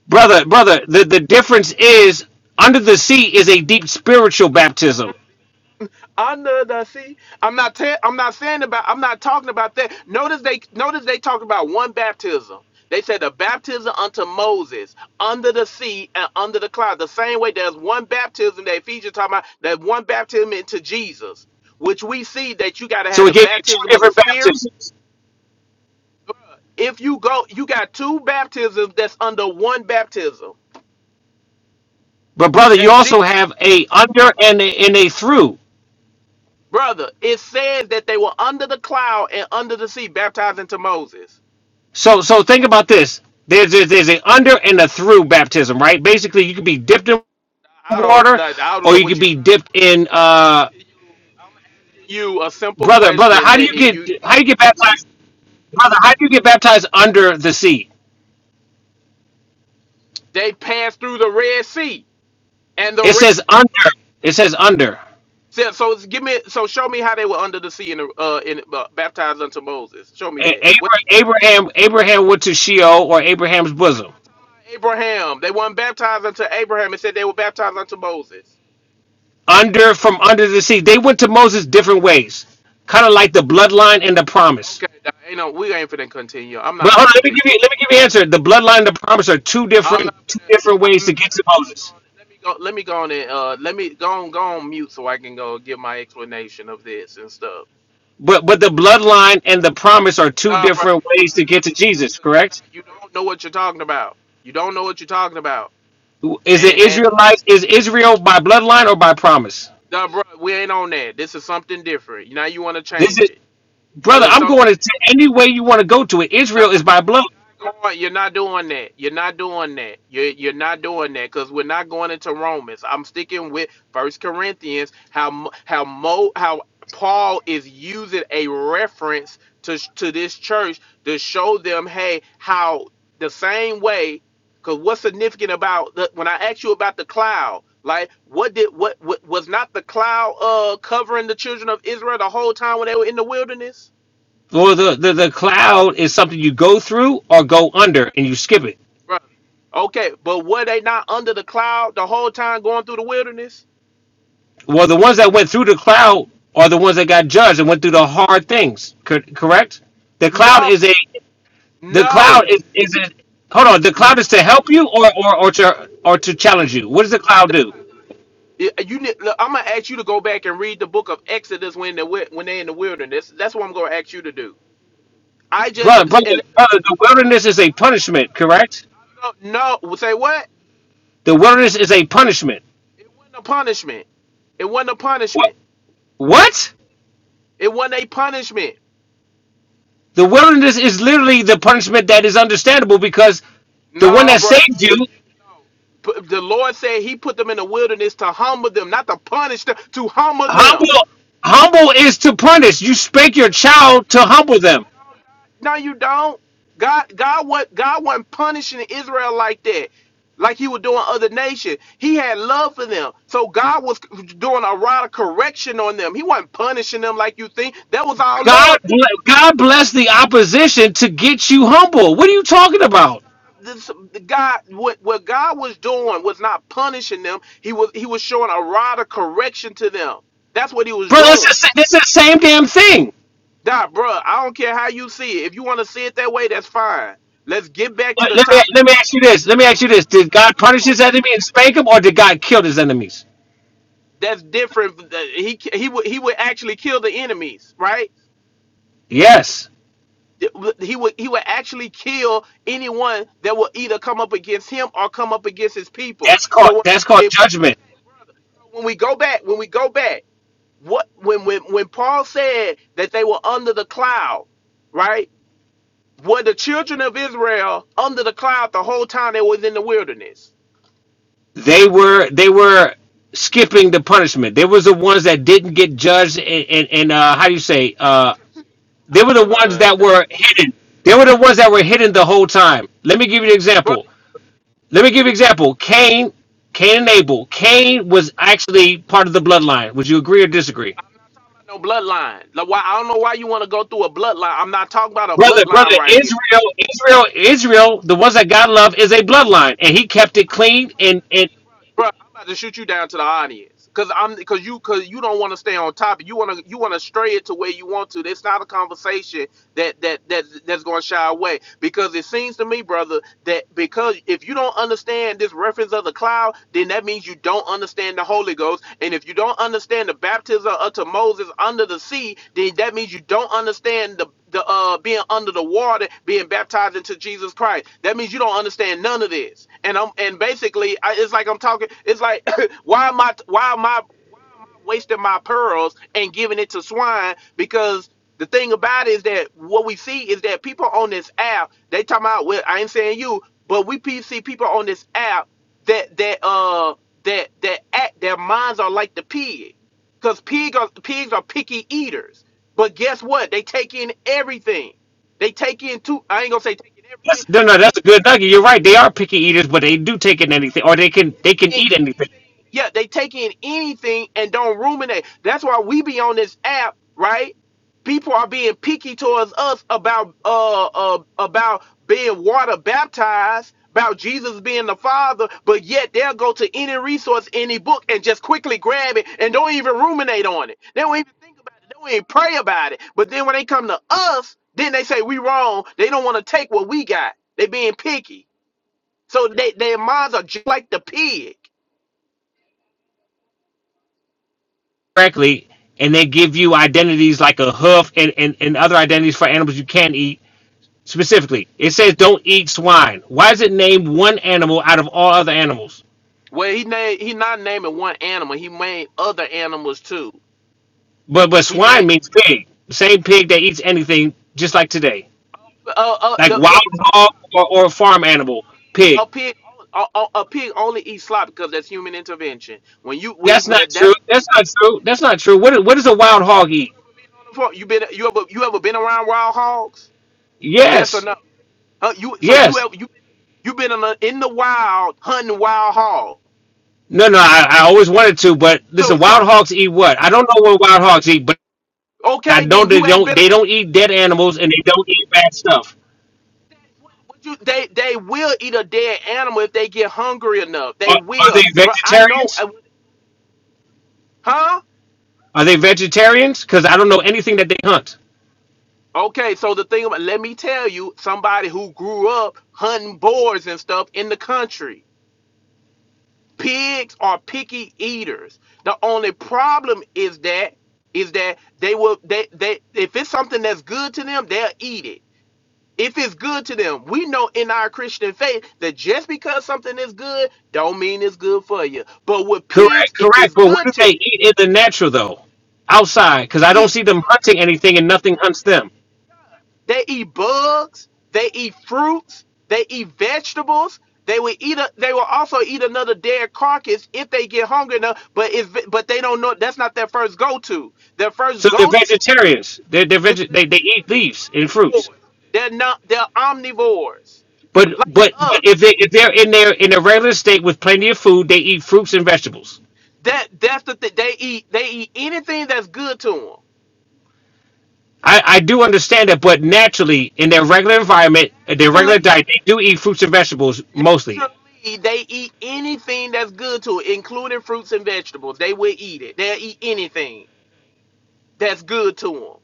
Speaker 5: brother, brother, the, the difference is under the sea is a deep spiritual baptism
Speaker 11: under the sea. I'm not. Te- I'm not saying about. I'm not talking about that. Notice they. Notice they talked about one baptism. They said the baptism unto Moses under the sea and under the cloud. The same way there's one baptism that Ephesians talking about. That one baptism into Jesus, which we see that you got to
Speaker 5: So
Speaker 11: have
Speaker 5: it
Speaker 11: the
Speaker 5: gave you two
Speaker 11: baptism of the
Speaker 5: different
Speaker 11: Spirit.
Speaker 5: baptisms.
Speaker 11: Bruh, If you go, you got two baptisms that's under one baptism.
Speaker 5: But brother, you
Speaker 11: That's Jesus,
Speaker 5: also have a under and a, and a through.
Speaker 11: brother. It says that they were under the cloud and under the sea, baptized into Moses.
Speaker 5: So so think about this. There's there's, there's a under and a through baptism, right? Basically, you could be dipped in
Speaker 11: I don't
Speaker 5: water,
Speaker 11: like, I don't
Speaker 5: or
Speaker 11: know
Speaker 5: you
Speaker 11: what
Speaker 5: could
Speaker 11: you
Speaker 5: be
Speaker 11: trying
Speaker 5: dipped
Speaker 11: to
Speaker 5: in.
Speaker 11: put. I'm
Speaker 5: Uh,
Speaker 11: asking you I'm asking you a simple
Speaker 5: brother, brother,
Speaker 11: question
Speaker 5: how do you
Speaker 11: that if
Speaker 5: get
Speaker 11: you
Speaker 5: how do you get baptized? Brother, how do you get baptized under the sea?
Speaker 11: they passed through the Red Sea and the
Speaker 5: It
Speaker 11: Red
Speaker 5: says
Speaker 11: Sea
Speaker 5: under. It says under.
Speaker 11: so, so it's- give me so show me how they were under the sea and uh in uh, baptized unto Moses. Show me
Speaker 5: A-
Speaker 11: that. What
Speaker 5: Abra- Abraham Abraham went to Sheol or Abraham's
Speaker 11: we're
Speaker 5: bosom.
Speaker 11: not talking about Abraham. They weren't baptized unto Abraham. It said they were baptized unto Moses.
Speaker 5: Under from under the sea. They went to Moses different ways. Kind of like the bloodline and the promise.
Speaker 11: Okay, now, ain't no we ain't finna continue. I'm not
Speaker 5: But hold
Speaker 11: finna
Speaker 5: on, let me
Speaker 11: continue.
Speaker 5: give you let me give you an answer. The bloodline and the promise are two
Speaker 11: I'm
Speaker 5: different
Speaker 11: not
Speaker 5: two different
Speaker 11: gonna.
Speaker 5: ways
Speaker 11: I'm
Speaker 5: to
Speaker 11: not.
Speaker 5: get to
Speaker 11: Let me go.
Speaker 5: Moses.
Speaker 11: On, let me go. Let me go on and uh. Let me go on. Go on mute so I can go give my explanation of this and stuff.
Speaker 5: But but the bloodline and the promise are two
Speaker 11: Nah, bro,
Speaker 5: different
Speaker 11: be quiet.
Speaker 5: ways to get
Speaker 11: Nah,
Speaker 5: to
Speaker 11: nah,
Speaker 5: Jesus,
Speaker 11: cause you're not.
Speaker 5: correct?
Speaker 11: You don't know what you're talking about. You don't know what you're talking about.
Speaker 5: Is it
Speaker 11: And and
Speaker 5: Israelites is Israel by bloodline or by promise?
Speaker 11: nah, bro, we ain't on that. This is something different. Now you want to
Speaker 5: This
Speaker 11: change
Speaker 5: is
Speaker 11: it.
Speaker 5: brother,
Speaker 11: There's
Speaker 5: I'm
Speaker 11: something.
Speaker 5: going to t- any way you want to go to it.
Speaker 11: No,
Speaker 5: Israel is by
Speaker 11: no,
Speaker 5: blood.
Speaker 11: you're not going. You're not doing that. You're not doing that. You're you're not doing that because we're not going into Romans. I'm sticking with First Corinthians. How Mo- how Mo how Paul is using a reference to sh- to this church to show them, hey, how the same way. Because what's significant about the, when I asked you about the cloud, like what did what, what was not the cloud uh covering the children of Israel the whole time when they were in the wilderness?
Speaker 5: Or the, the, the cloud is something you go through or go under and you skip it.
Speaker 11: Okay, but were they not under the cloud the whole time going through the wilderness?
Speaker 5: Well, the ones that went through the cloud are the ones that got judged and went through the hard things. Cor- Correct? The cloud
Speaker 11: No,
Speaker 5: is a the cloud
Speaker 11: no,
Speaker 5: is is it. Hold on. The
Speaker 11: no. N-
Speaker 5: cloud is to help you or or or to or to challenge you. What does the cloud do,
Speaker 11: Yeah, You, need- look, I'm gonna ask you to go back and read the book of Exodus when they wi- when they in the wilderness. That's what I'm gonna ask you to do. I just
Speaker 5: brother?
Speaker 11: s-
Speaker 5: Brother,
Speaker 11: and
Speaker 5: brother. The
Speaker 11: hold on,
Speaker 5: wilderness is a punishment. Correct?
Speaker 11: I'm gonna- no, no. Say what?
Speaker 5: The wilderness is a punishment.
Speaker 11: It wasn't a punishment. It wasn't a
Speaker 5: What?
Speaker 11: punishment.
Speaker 5: What?
Speaker 11: It wasn't a punishment.
Speaker 5: The wilderness is literally the punishment that is understandable because the one
Speaker 11: No,
Speaker 5: that
Speaker 11: brother.
Speaker 5: saved
Speaker 11: If
Speaker 5: you,
Speaker 11: you no. P- the Lord said He put them in the wilderness to humble them, not to punish them, to humble them.
Speaker 5: humble, humble is to punish. You spank
Speaker 11: No,
Speaker 5: your
Speaker 11: it
Speaker 5: child to humble
Speaker 11: don't.
Speaker 5: them.
Speaker 11: You don't. No, you don't. God. No, you don't. God, God, what God wasn't punishing Israel like that, like He was doing other nations. He had love for them, so God was doing a rod of correction on them. He wasn't punishing them like you think. That was all
Speaker 5: God,
Speaker 11: love.
Speaker 5: God bless the opposition to get you humble. What are you talking about,
Speaker 11: this, the God, what, what God was doing was not punishing them. He was he was showing a rod of correction to them. That's what he was
Speaker 5: bro? It's
Speaker 11: doing.
Speaker 5: the, this is the same damn thing.
Speaker 11: Nah, bruh, I don't care how you see it. If you want to see it that way, that's fine. Let's get back to
Speaker 5: Let,
Speaker 11: the
Speaker 5: let me
Speaker 11: topic.
Speaker 5: let me ask you this. Let me ask you
Speaker 11: Hold
Speaker 5: this. Did God
Speaker 11: on.
Speaker 5: punish
Speaker 11: No, no, no.
Speaker 5: his
Speaker 11: no.
Speaker 5: enemy and spank him, or did God kill his enemies?
Speaker 11: That's different. He he would he would actually kill the enemies, right?
Speaker 5: Yes,
Speaker 11: he would he would actually kill anyone that will either come up against him or come up against his people.
Speaker 5: that's called
Speaker 11: So when-
Speaker 5: that's called
Speaker 11: if we go
Speaker 5: judgment.
Speaker 11: back, brother, so when we go back, when we go back, what when when when Paul said that they were under the cloud, right? Were the children of Israel under the cloud the whole time they was in the wilderness?
Speaker 5: They were they were skipping the punishment. They was the ones that didn't get judged, and and, and uh, how do you say? Uh, they were
Speaker 11: I'm
Speaker 5: the ones
Speaker 11: done,
Speaker 5: that
Speaker 11: dog.
Speaker 5: were hidden. They were the ones that were hidden the whole time. Let me give you an example.
Speaker 11: brother.
Speaker 5: Let me give you an example. Cain, Cain and Abel. Cain was actually part of the bloodline. Would you agree or disagree?
Speaker 11: I'm not talking about no bloodline. Like, why I don't know why you want to go through a bloodline. I'm not talking about a
Speaker 5: Brother, brother,
Speaker 11: bloodline right here.
Speaker 5: Israel, Israel,
Speaker 11: Okay.
Speaker 5: Israel, the ones that God loved is a bloodline. And he kept it
Speaker 11: I'm not
Speaker 5: clean
Speaker 11: talking.
Speaker 5: and and
Speaker 11: Listen, bro, bro, I'm about to shoot you down to the audience, cause I'm, cause you, cause you don't want to stay on topic. You wanna, you wanna stray it to where you want to. That's not a conversation that that that that's going to shy away because it seems to me brother that because if you don't understand this reference of the cloud then that means you don't understand the holy ghost and if you don't understand the baptism unto moses under the sea then that means you don't understand the the uh being under the water being baptized into jesus christ that means you don't understand none of this and i'm and basically I, it's like i'm talking it's like why am i why am i wasting my pearls and giving it to swine because the thing about it is that what we see is that people on this app they talking about well I ain't saying you but we see people on this app that that uh that that act their minds are like the pig because pig are, pigs are picky eaters but guess what they take in everything they take in two. I ain't gonna say taking everything
Speaker 5: that's, no,
Speaker 11: but
Speaker 5: no,
Speaker 11: they,
Speaker 5: that's a
Speaker 11: they
Speaker 5: good nugget. You're right. They are picky eaters, but they do take in anything, or they can they
Speaker 11: in
Speaker 5: can eat anything
Speaker 11: anything. Yeah, they take in anything and don't ruminate. That's why we be on this app, right? People are being picky towards us about uh, uh about being water baptized, about Jesus being the Father, but yet they'll go to any resource, any book, and just quickly grab it and don't even ruminate on it. They don't even think about it. They don't even pray about it. But then when they come to us, then they say we wrong. They don't want to take what we got. They being picky. So they, their minds are just like the pig.
Speaker 5: correctly, and they give you identities like a hoof and, and, and other identities for animals you can't eat specifically. It says don't eat swine. Why is it named one animal out of all other animals?
Speaker 11: Well, he named he not naming one animal. He named other animals too.
Speaker 5: But but
Speaker 11: He
Speaker 5: swine
Speaker 11: named
Speaker 5: means pig. The Same pig that eats anything, just like today.
Speaker 11: uh, uh
Speaker 5: Like
Speaker 11: the
Speaker 5: wild
Speaker 11: the
Speaker 5: hog or, or farm animal, pig.
Speaker 11: a pig a, a, a pig only eats slop because that's human intervention. When you when
Speaker 5: That's not
Speaker 11: that, that
Speaker 5: true. That's not true. That's not true. What what does a wild hog eat?
Speaker 11: you been you ever you ever been around wild hogs? Yes or
Speaker 5: Yes,
Speaker 11: no? Huh, you so you
Speaker 5: yes.
Speaker 11: ever you you been in the, in the wild hunting wild hogs?
Speaker 5: No, no. I, I always wanted to, but
Speaker 11: So
Speaker 5: listen,
Speaker 11: so
Speaker 5: wild hogs eat what? I don't know what wild hogs eat, but I
Speaker 11: okay
Speaker 5: know
Speaker 11: then
Speaker 5: they
Speaker 11: you ain't
Speaker 5: don't.
Speaker 11: been
Speaker 5: They don't eat dead animals, and they don't eat bad stuff.
Speaker 11: Would you, they they will eat a dead animal if they get hungry enough.
Speaker 5: Are,
Speaker 11: They
Speaker 5: are
Speaker 11: will,
Speaker 5: they
Speaker 11: bro. I know,
Speaker 5: vegetarians?
Speaker 11: I- huh?
Speaker 5: Are they vegetarians? Because I don't know anything that they hunt.
Speaker 11: Okay, so the thing about let me tell you, somebody who grew up hunting boars and stuff in the country, pigs are picky eaters. The only problem is that is that they will they they if it's something that's good to them, they'll eat it. if it's good to them we know in our christian faith that just because something is good don't mean it's good for you but with
Speaker 5: Correct,
Speaker 11: pigs if
Speaker 5: correct.
Speaker 11: it's
Speaker 5: But what
Speaker 11: good
Speaker 5: do
Speaker 11: to
Speaker 5: they
Speaker 11: them
Speaker 5: eat in the natural though? Outside, because I
Speaker 11: they
Speaker 5: don't
Speaker 11: eat,
Speaker 5: see them hunting anything, and nothing hunts them.
Speaker 11: they eat bugs they eat fruits they eat vegetables they will eat a, they will also eat another dead carcass if they get hungry enough but if but they don't know that's not their first go-to their first
Speaker 5: So they're
Speaker 11: go-to
Speaker 5: vegetarians. They're, they're
Speaker 11: is
Speaker 5: veg- they they eat leaves and
Speaker 11: they're
Speaker 5: fruits.
Speaker 11: omnivores they're not they're omnivores
Speaker 5: But
Speaker 11: like
Speaker 5: but but
Speaker 11: us
Speaker 5: if they if they're in their in a regular state with plenty of food, they eat fruits and vegetables.
Speaker 11: That that's the thing. They eat they eat anything that's good to them.
Speaker 5: I, I do understand that, but naturally, in their regular environment, in their
Speaker 11: Naturally,
Speaker 5: regular diet, they do eat fruits and vegetables mostly.
Speaker 11: naturally they eat anything that's good to it, including fruits and vegetables. They will eat it. They'll eat anything that's good to them.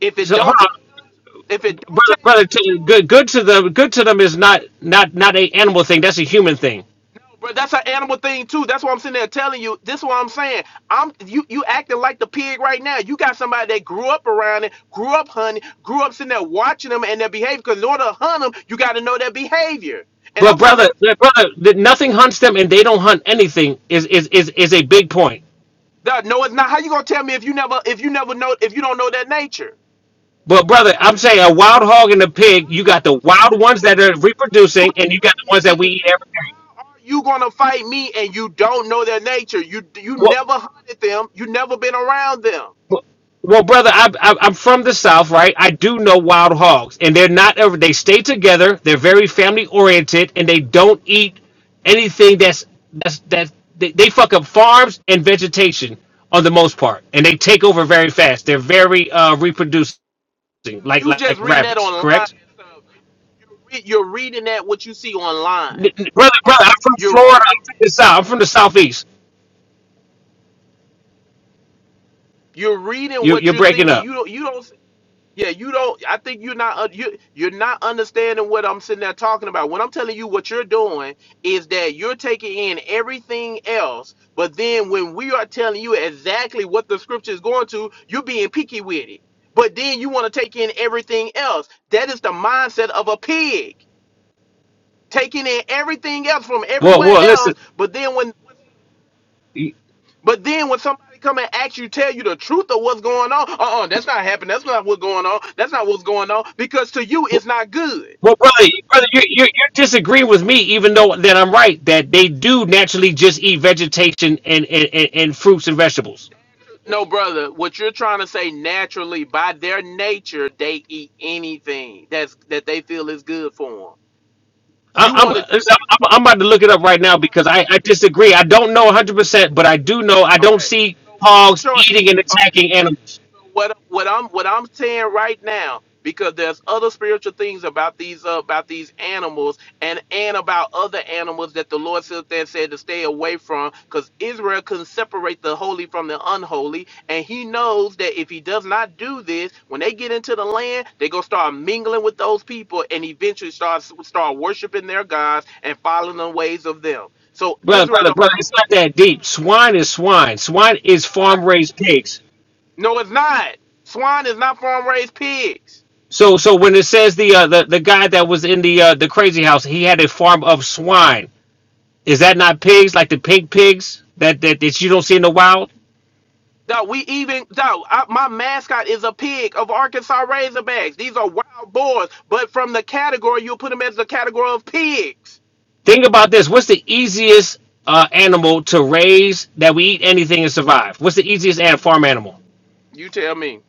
Speaker 11: If it
Speaker 5: So, hold
Speaker 11: don't taste
Speaker 5: on,
Speaker 11: good, if it don't
Speaker 5: brother,
Speaker 11: taste
Speaker 5: brother,
Speaker 11: good to
Speaker 5: to,
Speaker 11: them.
Speaker 5: good, good to them, good to them is not not not a animal thing. That's a human thing.
Speaker 11: No, bro, that's an animal thing too. That's what I'm sitting there telling you. This is what I'm saying. I'm you you acting like the pig right now. You got somebody that grew up around it, grew up hunting, grew up sitting there watching them and their behavior. Because in order to hunt them, you got to know their behavior. And
Speaker 5: But
Speaker 11: I'm sitting there.
Speaker 5: brother, but brother, that nothing hunts them and they don't hunt anything is is is is a big point.
Speaker 11: "Dawg, No, it's not. How you gonna tell me if you never if you never know if you don't know their nature?
Speaker 5: But brother, I'm saying a wild hog and a
Speaker 11: How
Speaker 5: pig, you
Speaker 11: you
Speaker 5: got the
Speaker 11: gonna tell
Speaker 5: wild ones
Speaker 11: me?
Speaker 5: that are
Speaker 11: How you
Speaker 5: reproducing, and
Speaker 11: gonna
Speaker 5: you got the ones
Speaker 11: fight
Speaker 5: that we
Speaker 11: me?
Speaker 5: eat every
Speaker 11: How are you gonna fight me and you don't know their nature? You
Speaker 5: day.
Speaker 11: you
Speaker 5: Well,
Speaker 11: never hunted them. You never been around them.
Speaker 5: well, well, brother, I, I, I'm from the south, right? I do know wild hogs, and they're not ever. They stay together. They're very family oriented, and they don't eat anything that's that's that they, they fuck up farms and vegetation on the most part, and they take over very fast. They're very uh, reproducing. like
Speaker 11: You
Speaker 5: like
Speaker 11: just reading that
Speaker 5: rabbits,
Speaker 11: online
Speaker 5: correct?
Speaker 11: and stuff. You, are re- you're reading that what you see online.
Speaker 5: N- n- Brother, brother, I'm from
Speaker 11: You're reading.
Speaker 5: Florida. I'm from the south. I'm from the southeast.
Speaker 11: You're reading
Speaker 5: You
Speaker 11: what
Speaker 5: you're
Speaker 11: you're
Speaker 5: breaking
Speaker 11: thinking.
Speaker 5: up.
Speaker 11: You don't. You don't. Yeah. You don't. I think you're not. un- You you're not understanding what I'm sitting there talking about. When I'm telling you what you're doing is that you're taking in everything else, but then when we are telling you exactly what the scripture is going to, you're being picky with it. But then you want to take in everything else. That is the mindset of a pig. taking in everything else from
Speaker 5: Well,
Speaker 11: everywhere
Speaker 5: well,
Speaker 11: else.
Speaker 5: listen.
Speaker 11: But then when
Speaker 5: you-
Speaker 11: but then when somebody come and ask you, tell you the truth of what's going on, uh-uh, that's not happening. That's not what's going on. That's not what's going on. Because to you it's not good.
Speaker 5: Well, brother, brother, you you you disagreeing with me, even though that I'm right that they do naturally just eat vegetation and and, and, and fruits and vegetables.
Speaker 11: No, brother, what you're trying to say naturally, by their nature, they eat anything that's that they feel is good for them.
Speaker 5: I,
Speaker 11: You
Speaker 5: I'm,
Speaker 11: want to
Speaker 5: listen, I'm I'm about to look it up right now because I, I disagree. I don't know 100, percent but I do know I don't
Speaker 11: Okay.
Speaker 5: see
Speaker 11: So what I'm
Speaker 5: hogs
Speaker 11: showing, what,
Speaker 5: eating and
Speaker 11: okay,
Speaker 5: attacking
Speaker 11: brother.
Speaker 5: animals.
Speaker 11: So what what I'm what I'm saying right now, because there's other spiritual things about these uh, about these animals and and about other animals that the Lord said there said to stay away from, because Israel can separate the holy from the unholy, and He knows that if He does not do this, when they get into the land, they gonna start mingling with those people, and eventually start start worshiping their gods and following the ways of them. So
Speaker 5: brother,
Speaker 11: Israel
Speaker 5: brother,
Speaker 11: don't.
Speaker 5: brother. It's not that deep. Swine is swine. Swine is
Speaker 11: No,
Speaker 5: farm
Speaker 11: no.
Speaker 5: raised pigs.
Speaker 11: No, it's not. Swine is not farm raised pigs.
Speaker 5: So, so when it says the uh, the the guy that was in the uh, the crazy house, he had a farm of swine. Is that not pigs like the pig pigs that that, that you don't see in the wild?
Speaker 11: Dog, we even dog. I, my mascot is a pig of Arkansas Razorbacks. These are wild boars, but from the category you'll put them as the category of pigs.
Speaker 5: Think about this. What's the easiest uh, animal to raise that we eat anything and survive? What's the easiest an- farm animal?
Speaker 11: You tell me.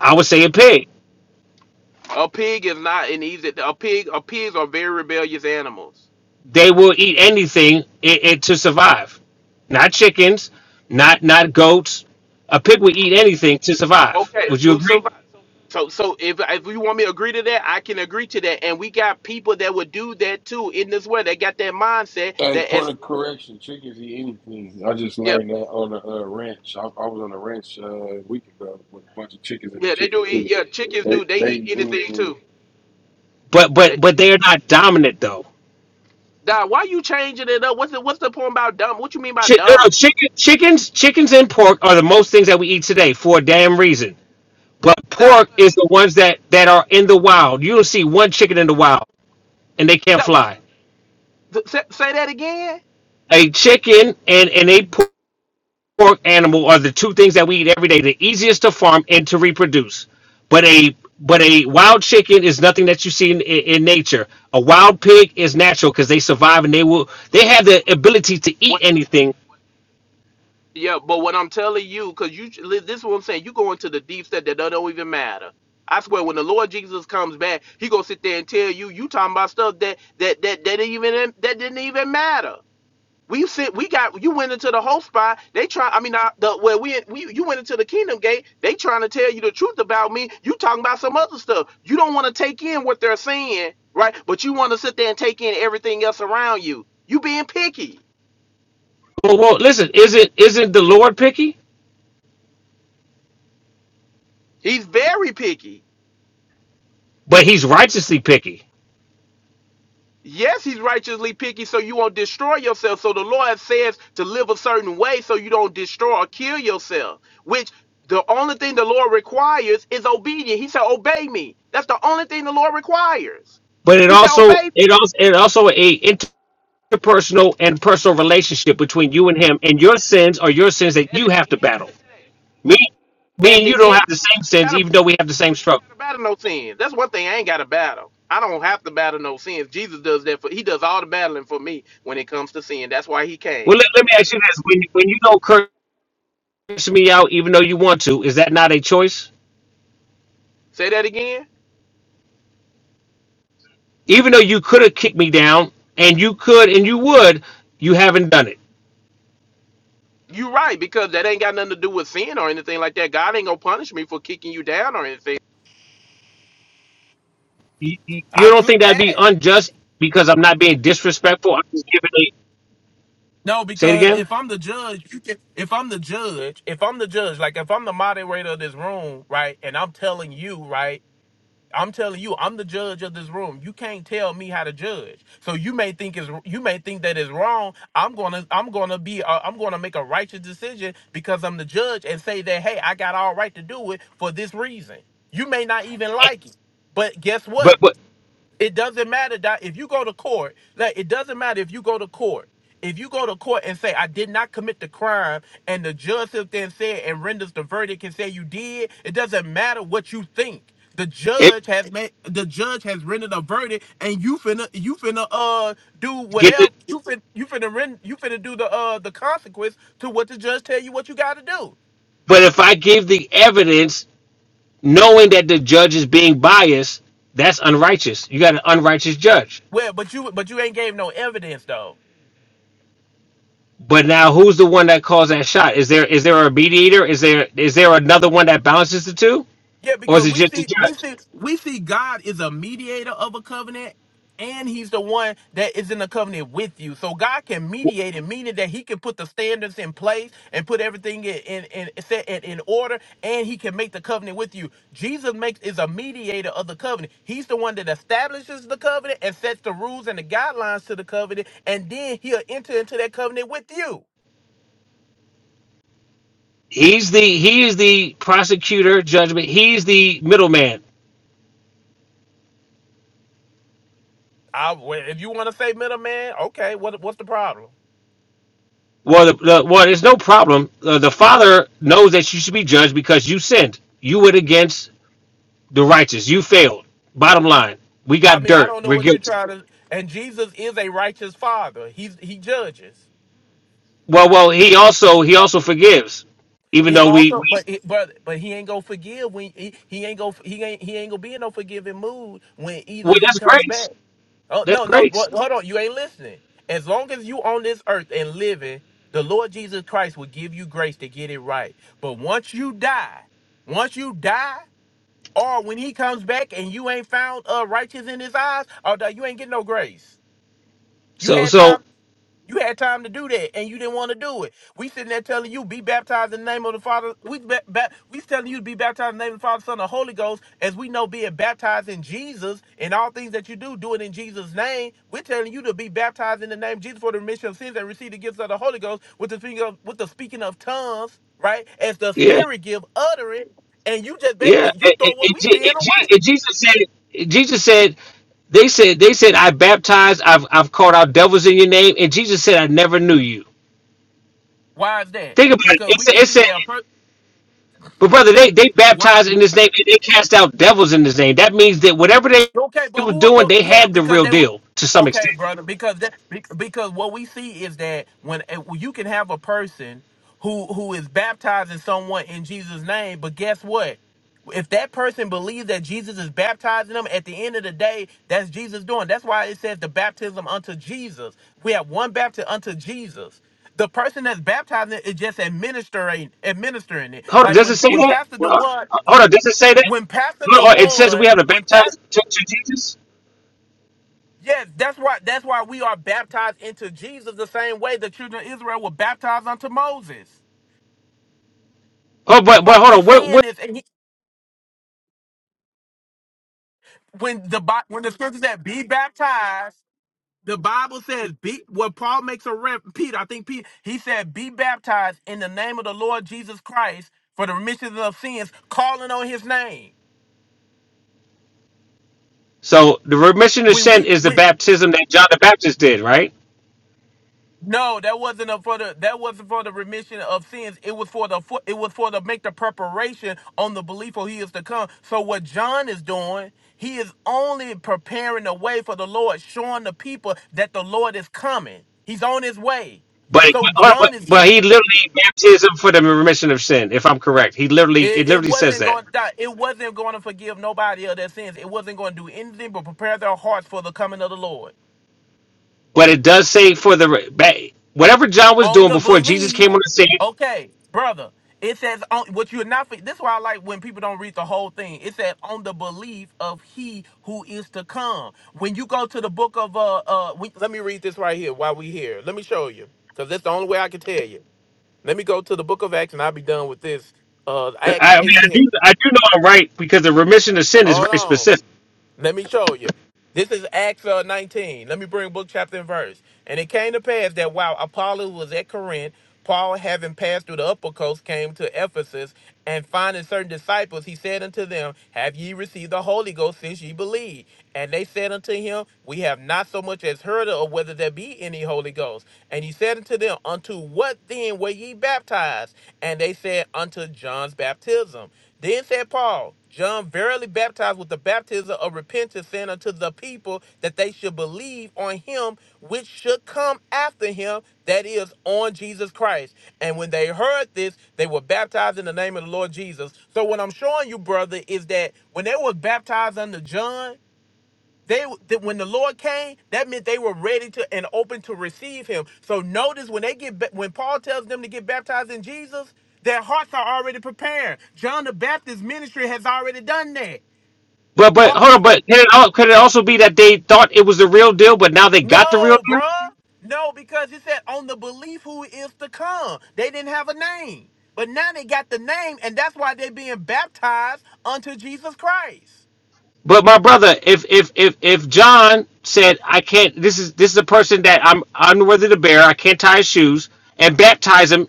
Speaker 5: I would say a pig.
Speaker 11: A pig is not an easy. A pig. A pigs are very rebellious animals.
Speaker 5: they will eat anything it, it, to survive. Not chickens, not not goats. A pig would eat anything to survive.
Speaker 11: Okay,
Speaker 5: Would you
Speaker 11: to
Speaker 5: agree?
Speaker 11: survive. So, so if if you want me to agree to that, I can agree to that. And we got people that would do that too in this way. They got that mindset
Speaker 9: Hey,
Speaker 11: that
Speaker 9: point
Speaker 11: as
Speaker 9: of correction: chickens eat anything. I just
Speaker 11: yeah.
Speaker 9: learned that on a uh, ranch. I, I was on a ranch uh, a week ago with a bunch of chickens in a
Speaker 11: Yeah, they
Speaker 9: chicken
Speaker 11: do eat.
Speaker 9: coop.
Speaker 11: Yeah, chickens
Speaker 9: They
Speaker 11: do. They
Speaker 9: they
Speaker 11: eat
Speaker 9: eat
Speaker 11: anything
Speaker 9: anything.
Speaker 11: too.
Speaker 5: But
Speaker 11: They
Speaker 5: but
Speaker 11: chi-
Speaker 5: but they are not dominant though.
Speaker 11: Dog, why you changing it up? What's the what's the point about dumb? What you mean by
Speaker 5: Chi- no, no,
Speaker 11: dominant?
Speaker 5: chicken, chickens, chickens and pork are the most things that we eat today for a damn reason. But
Speaker 11: Dog,
Speaker 5: pork
Speaker 11: what-
Speaker 5: is the ones that that are in the wild. You don't see one chicken in the wild, and they can't
Speaker 11: dog, what
Speaker 5: fly.
Speaker 11: you th- say, say that again?
Speaker 5: A chicken and and a pork pork animal are the two things that we eat every day, the easiest to farm and to reproduce. But a but a wild chicken is nothing that you see in, in nature. A wild pig is natural because they survive and they will
Speaker 11: Okay,
Speaker 5: they
Speaker 11: but
Speaker 5: have
Speaker 11: but
Speaker 5: the
Speaker 11: brother,
Speaker 5: ability to eat
Speaker 11: what I'm
Speaker 5: anything.
Speaker 11: telling what, yeah, but what I'm telling you, cause you li- this is what I'm saying. You go into the deep set that don't don't even matter. I swear, when the Lord Jesus comes back, he gonna sit there and tell you you talking about stuff that that that that didn't even that didn't even matter. We sit. We got you went into the whole spot. They try. I mean, I, the where we we you went into the kingdom gate. They trying to tell you the truth about me. You talking about some other stuff. You don't want to take in what they're saying, right? But you want to sit there and take in everything else around you. You being picky.
Speaker 5: Well, well, listen, isn't isn't the Lord picky?
Speaker 11: He's very picky.
Speaker 5: But He's righteously picky.
Speaker 11: Yes, he's righteously picky, so you won't destroy yourself. So the Lord says to live a certain way so you don't destroy or kill yourself, which the only thing the Lord requires is obedience. He said, Obey me. That's the only thing the Lord requires.
Speaker 5: But it
Speaker 11: He said,
Speaker 5: also
Speaker 11: Obey me.
Speaker 5: it also it also a interpersonal and personal relationship between you and Him, and your sins are your sins that
Speaker 11: At
Speaker 5: you have
Speaker 11: the
Speaker 5: to
Speaker 11: end of
Speaker 5: battle.
Speaker 11: the day,
Speaker 5: Me me
Speaker 11: at
Speaker 5: and you
Speaker 11: the
Speaker 5: don't
Speaker 11: end,
Speaker 5: have
Speaker 11: I,
Speaker 5: the
Speaker 11: don't,
Speaker 5: same
Speaker 11: I ain't
Speaker 5: sins,
Speaker 11: got to
Speaker 5: even though we have the same
Speaker 11: I
Speaker 5: struggle.
Speaker 11: ain't got to battle no sins. That's one thing I ain't got to battle. I don't have to battle no sins. Jesus does that for. He does all the battling for me when it comes to sin. That's why he came.
Speaker 5: Well, let, let me ask you this: when when you don't curse me out, even though you want to, is that not a choice?
Speaker 11: Say that again.
Speaker 5: Even though you could have kicked me down, and you could, and you would, you haven't done it.
Speaker 11: You're right, because that ain't got nothing to do with sin or anything like that. God ain't gonna punish me for kicking you down or anything.
Speaker 5: You, you, you don't think that'd be unjust because I'm not being disrespectful? I'm just giving a
Speaker 11: No,
Speaker 5: say it
Speaker 11: because
Speaker 5: again.
Speaker 11: if I'm the judge, you can- if I'm the judge, if I'm the judge, like if I'm the moderator of this room, right, and I'm telling you, right, I'm telling you, I'm the judge of this room. You can't tell me how to judge. So you may think is you may think that is wrong. I'm gonna I'm gonna be uh, I'm gonna make a righteous decision because I'm the judge and say that hey, I got all right to do it for this reason. You may not even like it, but guess what?
Speaker 5: But but
Speaker 11: It doesn't matter that if you go to court, like it doesn't matter if you go to court. If you go to court and say I did not commit the crime, and the judge then said and renders the verdict and say you did, it doesn't matter what you think. The
Speaker 5: if
Speaker 11: judge has made the judge has rendered a verdict, and you finna you finna uh do
Speaker 5: get the,
Speaker 11: whatever you finna you finna rend, you finna do the uh the consequence to what the judge tell you what you got to do.
Speaker 5: but if I give the evidence, knowing that the judge is being biased, that's unrighteous. You got an unrighteous judge.
Speaker 11: Well, but you but you ain't gave no evidence though.
Speaker 5: But now, who's the one that calls that shot? Is there is there a mediator? Is there is there another one that balances the two,
Speaker 11: Yeah,
Speaker 5: or is
Speaker 11: because
Speaker 5: it
Speaker 11: we
Speaker 5: just the
Speaker 11: see we
Speaker 5: judge?
Speaker 11: see we see God is a mediator of a covenant and he's the one that is in the covenant with you. So God can mediate it, meaning that he can put the standards in place and put everything in in, in set in, in order and he can make the covenant with you. Jesus makes is a mediator of the covenant. He's the one that establishes the covenant and sets the rules and the guidelines to the covenant and then he'll enter into that covenant with you.
Speaker 5: He's the he is the prosecutor judgment. He's the middleman.
Speaker 11: I, well, if you want to say middleman, okay, what what's the problem?
Speaker 5: Well, the, the, well, there's no problem. Uh, the father knows that you should be judged because you sinned. You went against the righteous. You failed. Bottom line, we
Speaker 11: I
Speaker 5: got
Speaker 11: mean, I
Speaker 5: dirt.
Speaker 11: don't know
Speaker 5: We're
Speaker 11: what you're
Speaker 5: guilty.
Speaker 11: trying to. And Jesus is a righteous father. He's he judges.
Speaker 5: Well, well, he also he also forgives, even
Speaker 11: He
Speaker 5: though we
Speaker 11: also,
Speaker 5: we,
Speaker 11: but it- but but he ain't gonna forgive when he, he ain't gonna he ain't he ain't gonna be in no forgiving mood when
Speaker 5: we
Speaker 11: either he
Speaker 5: that's
Speaker 11: comes
Speaker 5: grace.
Speaker 11: back. Oh
Speaker 5: That's
Speaker 11: no no,
Speaker 5: grace.
Speaker 11: but, hold on, you ain't listening. As long as you on this earth and living, the Lord Jesus Christ will give you grace to get it right. But once you die, once you die, or when he comes back and you ain't found uh righteous in his eyes, or you ain't getting no grace. You
Speaker 5: So
Speaker 11: had
Speaker 5: so
Speaker 11: time. You had time to do that, and you didn't want to do it. We sitting there telling you be baptized in the name of the Father. We ba- ba- we telling you to be baptized in the name of the Father, Son, and Holy Ghost. As we know, being baptized in Jesus and all things that you do, do it in Jesus' name. We're telling you to be baptized in the name of Jesus for the remission of sins and receive the gifts of the Holy Ghost with the speaking of with the speaking of tongues, right? As the
Speaker 5: yeah.
Speaker 11: Spirit give utterance, and you just
Speaker 5: Yeah,
Speaker 11: basically you
Speaker 5: and, and,
Speaker 11: throw what
Speaker 5: and,
Speaker 11: we
Speaker 5: Je- and
Speaker 11: seeing
Speaker 5: Je-
Speaker 11: away.
Speaker 5: and Jesus said, Jesus said, they said, they said, I baptized, I've, I've called out devils in your name, and Jesus said, I never knew you.
Speaker 11: Why is that?
Speaker 5: Think about it.
Speaker 11: Because
Speaker 5: It
Speaker 11: we
Speaker 5: said,
Speaker 11: can
Speaker 5: it
Speaker 11: see
Speaker 5: said
Speaker 11: that. Per-
Speaker 5: but brother, they they
Speaker 11: why?
Speaker 5: baptized in His name, and they cast out devils in His name. That means that whatever they
Speaker 11: Okay, but
Speaker 5: were
Speaker 11: who was
Speaker 5: doing,
Speaker 11: the?
Speaker 5: they
Speaker 11: Yeah,
Speaker 5: had the
Speaker 11: because
Speaker 5: real
Speaker 11: they were.
Speaker 5: deal to some
Speaker 11: Okay,
Speaker 5: extent.
Speaker 11: brother. Because that be- because what we see is that when eh, when you can have a person who who is baptizing someone in Jesus' name, but guess what? If that person believes that Jesus is baptizing them, at the end of the day, that's Jesus doing. That's why it says the baptism unto Jesus. We have one baptism unto Jesus. The person that's baptizing it is just administering administering it.
Speaker 5: Hold on,
Speaker 11: Like
Speaker 5: does it
Speaker 11: when
Speaker 5: say
Speaker 11: when
Speaker 5: that?
Speaker 11: Pastor
Speaker 5: Well,
Speaker 11: DeWan
Speaker 5: Hold on, does it say that?
Speaker 11: when Pastor
Speaker 5: No, uh, it says we
Speaker 11: DeWan
Speaker 5: have to
Speaker 11: when
Speaker 5: baptize
Speaker 11: Pastor
Speaker 5: to, to Jesus.
Speaker 11: Yes, that's why that's why we are baptized into Jesus the same way the children of Israel were baptized unto Moses.
Speaker 5: Oh, but but
Speaker 11: Paul
Speaker 5: hold on.
Speaker 11: is
Speaker 5: What, what?
Speaker 11: saying this, and he, when the Bi- when the scripture said be baptized, the Bible says be what Paul makes a rep Peter, I think Peter, he said, be baptized in the name of the Lord Jesus Christ for the remission of sins, calling on his name.
Speaker 5: So the remission of
Speaker 11: When we
Speaker 5: sin is the
Speaker 11: when,
Speaker 5: baptism that John the Baptist did, right?
Speaker 11: No, that wasn't a, for the that wasn't for the remission of sins. It was for the for, it was for the make the preparation on the belief of he is to come. So what John is doing, he is only preparing the way for the Lord, showing the people that the Lord is coming. He's on his way.
Speaker 5: But,
Speaker 11: So
Speaker 5: but
Speaker 11: John is get
Speaker 5: but he literally baptism for the remission of sin. If I'm correct, he literally it
Speaker 11: it, it
Speaker 5: literally says
Speaker 11: wasn't
Speaker 5: that.
Speaker 11: going to die. It wasn't going to forgive nobody of their sins. It wasn't going to do anything but prepare their hearts for the coming of the Lord.
Speaker 5: But it does say for the re- ba- whatever John was
Speaker 11: on
Speaker 5: doing
Speaker 11: the
Speaker 5: before Jesus
Speaker 11: belief.
Speaker 5: came on the scene.
Speaker 11: Okay, brother. It says on what you're not. This is why I like when people don't read the whole thing. It said on the belief of he who is to come. When you go to the book of uh uh, we, let me read this right here while we here. Let me show you because that's the only way I can tell you. Let me go to the book of Acts and I'll be done with this. Uh,
Speaker 5: I
Speaker 11: Acts
Speaker 5: I mean, I do
Speaker 11: 18.
Speaker 5: I do know I'm right because the remission of sin is
Speaker 11: Hold
Speaker 5: very
Speaker 11: on,
Speaker 5: specific.
Speaker 11: let me show you. This is Acts uh, 19. Let me bring book, chapter, and verse. And it came to pass that while Apollos was at Corinth, Paul, having passed through the upper coast, came to Ephesus, and finding certain disciples, he said unto them, Have ye received the Holy Ghost since ye believe? And they said unto him, We have not so much as heard of whether there be any Holy Ghost. And he said unto them, Unto what then were ye baptized? And they said, Unto John's baptism. Then said Paul, John verily baptized with the baptism of repentance, saying unto the people that they should believe on him which should come after him, that is, on Jesus Christ. And when they heard this, they were baptized in the name of the Lord Jesus. So what I'm showing you, brother, is that when they were baptized under John, they that when the Lord came, that meant they were ready to and open to receive Him. So notice when they get when Paul tells them to get baptized in Jesus, their hearts are already prepared. John the Baptist's ministry has already done that.
Speaker 5: But but
Speaker 11: All
Speaker 5: hold on,
Speaker 11: this
Speaker 5: but can it, al- could it also be that they thought it was the real deal, but now they got the real
Speaker 11: no,
Speaker 5: deal?
Speaker 11: bruh. No, because he said on the belief who is to come. They didn't have a name. But now they got the name, and that's why they're being baptized unto Jesus Christ.
Speaker 5: But my brother, if if if if John said I can't, this is this is a person that I'm unworthy to bear, I can't tie his shoes, and baptize him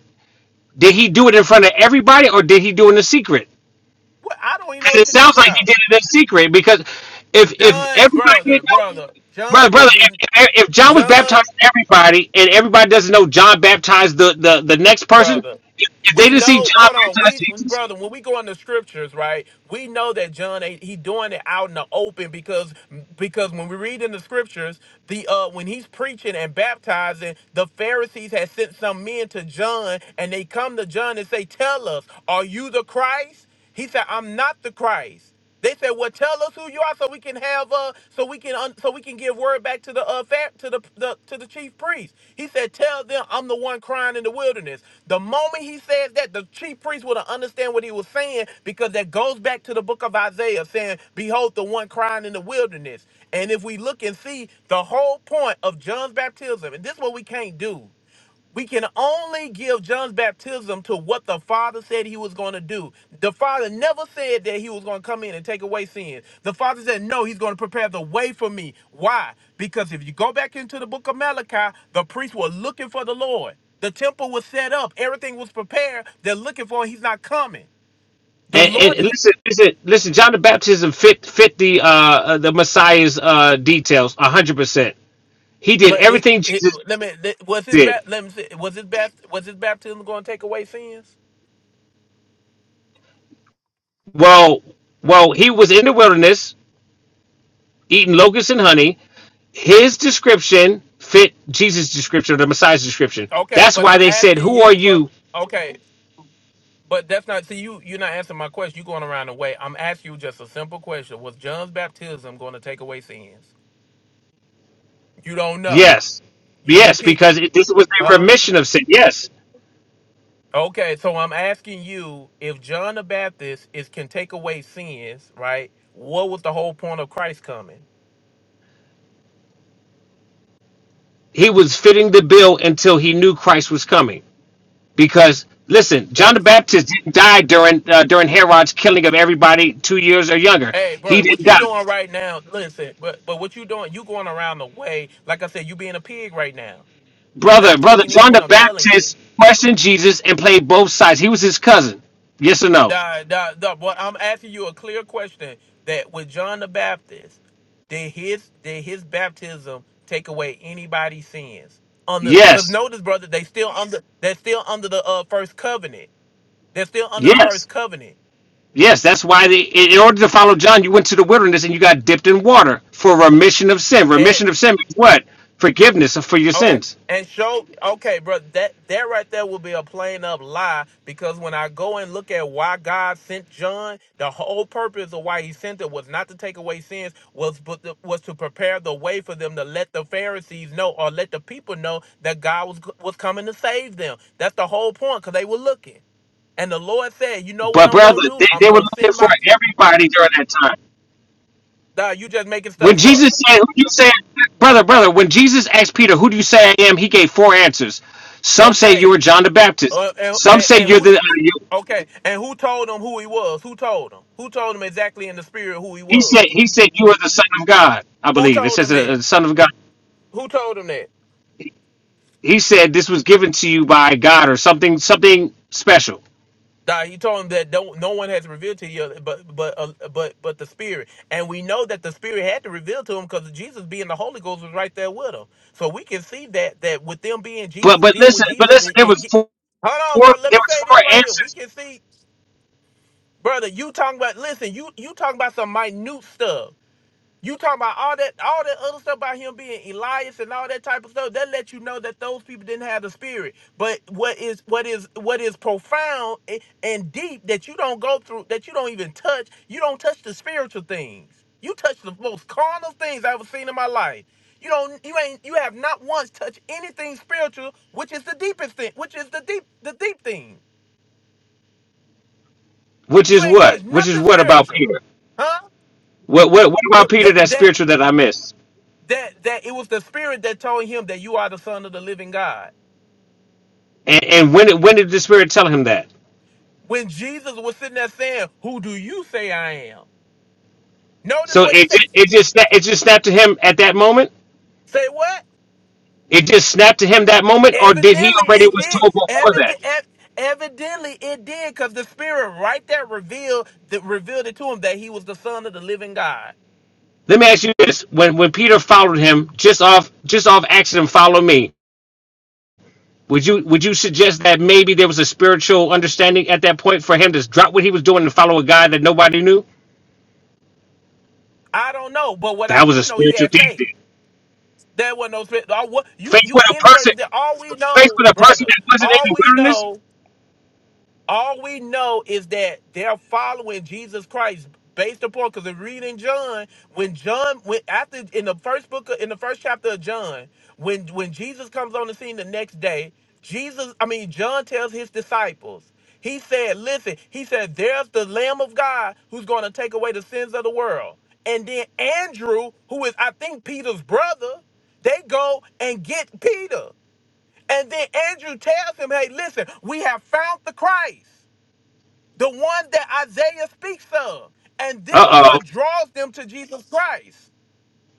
Speaker 5: Did he do it in front of everybody, or did he do it in secret?
Speaker 11: What I don't even know
Speaker 5: Because
Speaker 11: what
Speaker 5: it
Speaker 11: you're
Speaker 5: sounds
Speaker 11: talking
Speaker 5: like he
Speaker 11: about.
Speaker 5: did it in secret. Because if if
Speaker 11: John,
Speaker 5: everybody
Speaker 11: brother,
Speaker 5: didn't know,
Speaker 11: brother.
Speaker 5: brother,
Speaker 11: John
Speaker 5: brother,
Speaker 11: didn't
Speaker 5: if,
Speaker 11: do
Speaker 5: if John was
Speaker 11: John.
Speaker 5: baptizing everybody, and everybody doesn't know John baptized the the, the next person,
Speaker 11: brother.
Speaker 5: if, if they
Speaker 11: We
Speaker 5: didn't see
Speaker 11: know.
Speaker 5: John
Speaker 11: Hold on,
Speaker 5: baptize
Speaker 11: we
Speaker 5: Jesus,
Speaker 11: brother. When we go in the scriptures, right? We know that John ain't he doing it out in the open because because when we read in the scriptures, the uh when he's preaching and baptizing, the Pharisees had sent some men to John, and they come to John and say, "Tell us, are you the Christ?" He said, "I'm not the Christ." They said, "Well, tell us who you are, so we can have uh, so we can un- so we can give word back to the uh, fa- to the, the to the chief priest." He said, "Tell them I'm the one crying in the wilderness." The moment he says that, the chief priest would understand what he was saying because that goes back to the book of Isaiah, saying, "Behold, the one crying in the wilderness." And if we look and see the whole point of John's baptism, and this is what we can't do. We can only give John's baptism to what the Father said he was going to do. The Father never said that he was going to come in and take away sin. The Father said, No, he's going to prepare the way for me. Why? Because if you go back into the book of Malachi, the priests were looking for the Lord. The temple was set up, everything was prepared. They're looking for him. He's not coming. The
Speaker 5: and, and
Speaker 11: Lord
Speaker 5: and
Speaker 11: is.
Speaker 5: listen, listen, listen, John the baptism fit fit the uh uh, the Messiah's uh details a hundred percent. He did
Speaker 11: But it,
Speaker 5: everything
Speaker 11: it
Speaker 5: Jesus
Speaker 11: let me was his
Speaker 5: did.
Speaker 11: bat let me see, was his bat was his baptism going to take away sins?
Speaker 5: Well, well, he was in the wilderness eating locusts and honey. his description fit Jesus' description or the Messiah's description.
Speaker 11: Okay,
Speaker 5: That's
Speaker 11: but
Speaker 5: why
Speaker 11: I'm
Speaker 5: they said,
Speaker 11: asking
Speaker 5: Who are
Speaker 11: you from
Speaker 5: you?
Speaker 11: okay. But that's not see you you're not answering my question. You're going around the way. I'm asking you just a simple question. Was John's baptism going to take away sins? You don't know.
Speaker 5: Yes.
Speaker 11: You being
Speaker 5: Yes, because
Speaker 11: picky.
Speaker 5: it, this was a
Speaker 11: Huh?
Speaker 5: remission of sin. Yes.
Speaker 11: Okay, so I'm asking you if John the Baptist is can take away sins, right? What was the whole point of Christ coming?
Speaker 5: He was fitting the bill until he knew Christ was coming. Because, listen,
Speaker 11: The
Speaker 5: John the Baptist didn't die during, uh, during Herod's killing of everybody two years or younger.
Speaker 11: Hey,
Speaker 5: He
Speaker 11: bro, what
Speaker 5: didn't
Speaker 11: you
Speaker 5: die.
Speaker 11: doing right now? Listen, but but what you doing? You going around the way. Like I said, you being a pig right now. You're
Speaker 5: Brother,
Speaker 11: not
Speaker 5: brother,
Speaker 11: taking in
Speaker 5: John
Speaker 11: what
Speaker 5: the
Speaker 11: I'm telling you.
Speaker 5: Baptist questioned Jesus and played both sides. He was his cousin. Yes or no?
Speaker 11: Nah, nah, nah, boy, I'm asking you a clear question that with John the Baptist, did his did his baptism take away anybody's sins? On the cause
Speaker 5: Yes.
Speaker 11: notice, brother, they still under they're still under the uh, first covenant. They're still under the
Speaker 5: Yes.
Speaker 11: first covenant.
Speaker 5: Yes, that's why they, in order to follow John, you went to the wilderness and you got dipped in water for remission of sin. Remission of sin means what? Forgiveness for your
Speaker 11: Okay.
Speaker 5: sins.
Speaker 11: And show okay, bro, that that right there will be a plain up lie because when I go and look at why God sent John, the whole purpose of why he sent it was not to take away sins, was but the- was to prepare the way for them to let the Pharisees know or let the people know that God was was coming to save them. That's the whole point cuz they were looking. And the Lord said, "You know what
Speaker 5: But
Speaker 11: I'm
Speaker 5: brother,
Speaker 11: going to do?
Speaker 5: they,
Speaker 11: I'm
Speaker 5: they were
Speaker 11: going to
Speaker 5: looking
Speaker 11: send
Speaker 5: for
Speaker 11: my
Speaker 5: everybody during that time.
Speaker 11: Nah, you just making
Speaker 5: When
Speaker 11: stuff up."
Speaker 5: Jesus said, "Who do you say, brother, brother?" When Jesus asked Peter, "Who do you say I am?" He gave four answers. Some say you are
Speaker 11: Okay.
Speaker 5: John the Baptist.
Speaker 11: Uh, and,
Speaker 5: Some
Speaker 11: and,
Speaker 5: say
Speaker 11: and
Speaker 5: you're
Speaker 11: who?
Speaker 5: the. Uh, you,
Speaker 11: Okay, and who told him who he was? Who told him? Who told him exactly in the spirit who he
Speaker 5: he said.
Speaker 11: was?
Speaker 5: He said you are the Son of God. I
Speaker 11: Who
Speaker 5: believe it
Speaker 11: told
Speaker 5: says
Speaker 11: him
Speaker 5: the
Speaker 11: that?
Speaker 5: the Son of God.
Speaker 11: Who told him that?
Speaker 5: He said this was given to you by God or something, something special.
Speaker 11: Nah, he told him that don't, no one has revealed to you, but but uh, but but the spirit, and we know that the spirit had to reveal to him because Jesus being the Holy Ghost was right there with him. So we can see that that with them being
Speaker 5: But
Speaker 11: Jesus,
Speaker 5: but
Speaker 11: being with
Speaker 5: listen, but
Speaker 11: Jesus,
Speaker 5: listen,
Speaker 11: it-
Speaker 5: there
Speaker 11: it
Speaker 5: was
Speaker 11: ge-
Speaker 5: four
Speaker 11: hold on, bro. Let
Speaker 5: there
Speaker 11: me
Speaker 5: was
Speaker 11: say
Speaker 5: four
Speaker 11: this right here. We
Speaker 5: answers,
Speaker 11: can see, brother. You talking about? Listen, you you talking about some minute stuff. You talking about all that, all that other stuff about him being Elias and all that type of stuff. That let you know that those people didn't have the spirit. But what is, what is, what is profound and deep that you don't go through, that you don't even touch. You don't touch the spiritual things. You touch the most carnal things I've ever seen in my life. You don't, you ain't, you have not once touched anything spiritual, which is the deepest thing, which is the deep, the deep thing.
Speaker 5: which
Speaker 11: You
Speaker 5: is
Speaker 11: ain't
Speaker 5: what?
Speaker 11: touched
Speaker 5: Which is
Speaker 11: nothing
Speaker 5: what about
Speaker 11: spiritual,
Speaker 5: Peter?
Speaker 11: huh?
Speaker 5: What what what about
Speaker 11: Th-
Speaker 5: Peter
Speaker 11: that,
Speaker 5: that
Speaker 11: that
Speaker 5: spiritual that I missed?
Speaker 11: that that it was the spirit that told him that you are the son of the living God.
Speaker 5: And and when did when did the spirit tell him that?
Speaker 11: When Jesus was sitting there saying, "Who do you say I am?" Notice
Speaker 5: So
Speaker 11: what he
Speaker 5: it
Speaker 11: said.
Speaker 5: ju- it just sna- it just snapped to him at that moment?
Speaker 11: Say what?
Speaker 5: It just snapped to him that moment or did he
Speaker 11: Evidently
Speaker 5: already
Speaker 11: he
Speaker 5: was
Speaker 11: did.
Speaker 5: told before
Speaker 11: Evid-
Speaker 5: that?
Speaker 11: ev- evidently it did, because the spirit right there revealed that revealed it to him that he was the son of the living God.
Speaker 5: Let me ask you this. When when Peter followed him just off just off accident follow me, would you would you suggest that maybe there was a spiritual understanding at that point for him to drop what he was doing and follow a guy that nobody knew?
Speaker 11: I don't know, but what I
Speaker 5: That was a
Speaker 11: do know, he
Speaker 5: spiritual
Speaker 11: had
Speaker 5: thing. then.
Speaker 11: faith. There was no spirit. All, what, you
Speaker 5: Faced
Speaker 11: you
Speaker 5: with a person,
Speaker 11: inserted that. All we
Speaker 5: faced
Speaker 11: know,
Speaker 5: with a person
Speaker 11: brother.
Speaker 5: that wasn't in
Speaker 11: All
Speaker 5: the
Speaker 11: we
Speaker 5: wilderness.
Speaker 11: know. All we know is that they're following Jesus Christ based upon because if reading John, when John when after in the first book of, in the first chapter of John, when when Jesus comes on the scene the next day, Jesus, I mean John tells his disciples, he said, listen, he said, there's the Lamb of God who's going to take away the sins of the world. And then Andrew, who is I think Peter's brother, they go and get Peter. And then Andrew tells him, hey, listen, we have found the Christ the one that Isaiah speaks of. And this is
Speaker 5: Uh oh.
Speaker 11: what draws them to Jesus Christ.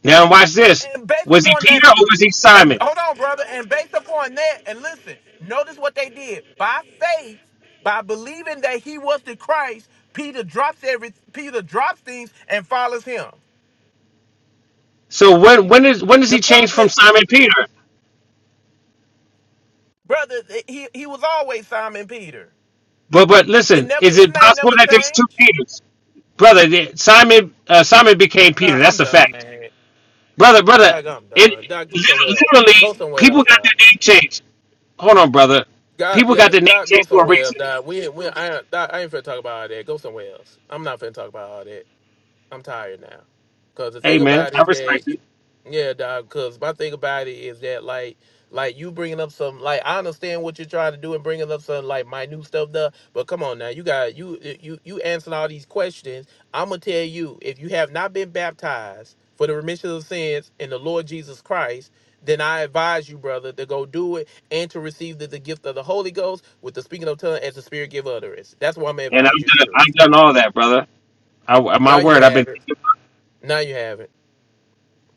Speaker 5: Now watch this.
Speaker 11: And based
Speaker 5: Was he
Speaker 11: upon that,
Speaker 5: Peter or was he
Speaker 11: and
Speaker 5: Simon?
Speaker 11: hold on, brother, and based upon that, and listen, notice what they did. By faith, by believing that he was the Christ, Peter drops every Peter drops things and follows him.
Speaker 5: So when when is when does he
Speaker 11: The
Speaker 5: change
Speaker 11: problem
Speaker 5: from
Speaker 11: is,
Speaker 5: Simon Peter?
Speaker 11: brother, he, he was always Simon Peter.
Speaker 5: But but
Speaker 11: It
Speaker 5: listen,
Speaker 11: never
Speaker 5: is
Speaker 11: his
Speaker 5: it
Speaker 11: name
Speaker 5: possible
Speaker 11: never
Speaker 5: that there's two
Speaker 11: changed.
Speaker 5: Peters, brother? the- Simon uh, Simon became Peter.
Speaker 11: Nah,
Speaker 5: That's
Speaker 11: I'm
Speaker 5: a
Speaker 11: done,
Speaker 5: fact,
Speaker 11: man.
Speaker 5: brother. Brother,
Speaker 11: Doug, I'm
Speaker 5: it
Speaker 11: done. Doug,
Speaker 5: lit-
Speaker 11: somewhere else.
Speaker 5: literally
Speaker 11: Go somewhere
Speaker 5: people
Speaker 11: else, Doug.
Speaker 5: got their name changed. Hold on, brother.
Speaker 11: God,
Speaker 5: People got
Speaker 11: yeah,
Speaker 5: their name
Speaker 11: God, go
Speaker 5: changed for a
Speaker 11: somewhere else,
Speaker 5: reason.
Speaker 11: Dad. We, we, I, ain't- Doc, I ain't finna talk about all that. Go somewhere else. I'm not finna talk about all that. I'm tired now. Cause the
Speaker 5: Hey
Speaker 11: thing
Speaker 5: man,
Speaker 11: about it
Speaker 5: I
Speaker 11: is that
Speaker 5: respect
Speaker 11: you,
Speaker 5: it,
Speaker 11: yeah, dog. Cause my thing about it is that like, like you bringing up some like I understand what you're trying to do and bringing up some like minute stuff, though. But come on now, you got you you you answering all these questions. I'm gonna tell you if you have not been baptized for the remission of sins in the Lord Jesus Christ, then I advise you, brother, to go do it and to receive the, the gift of the Holy Ghost with the speaking of tongue as the Spirit give utterance. That's what I'm gonna
Speaker 5: and
Speaker 11: advise
Speaker 5: I've
Speaker 11: you to
Speaker 5: done
Speaker 11: do.
Speaker 5: I've done all that, brother. I, my
Speaker 11: Now you
Speaker 5: word, I've been.
Speaker 11: have it. Now you have it.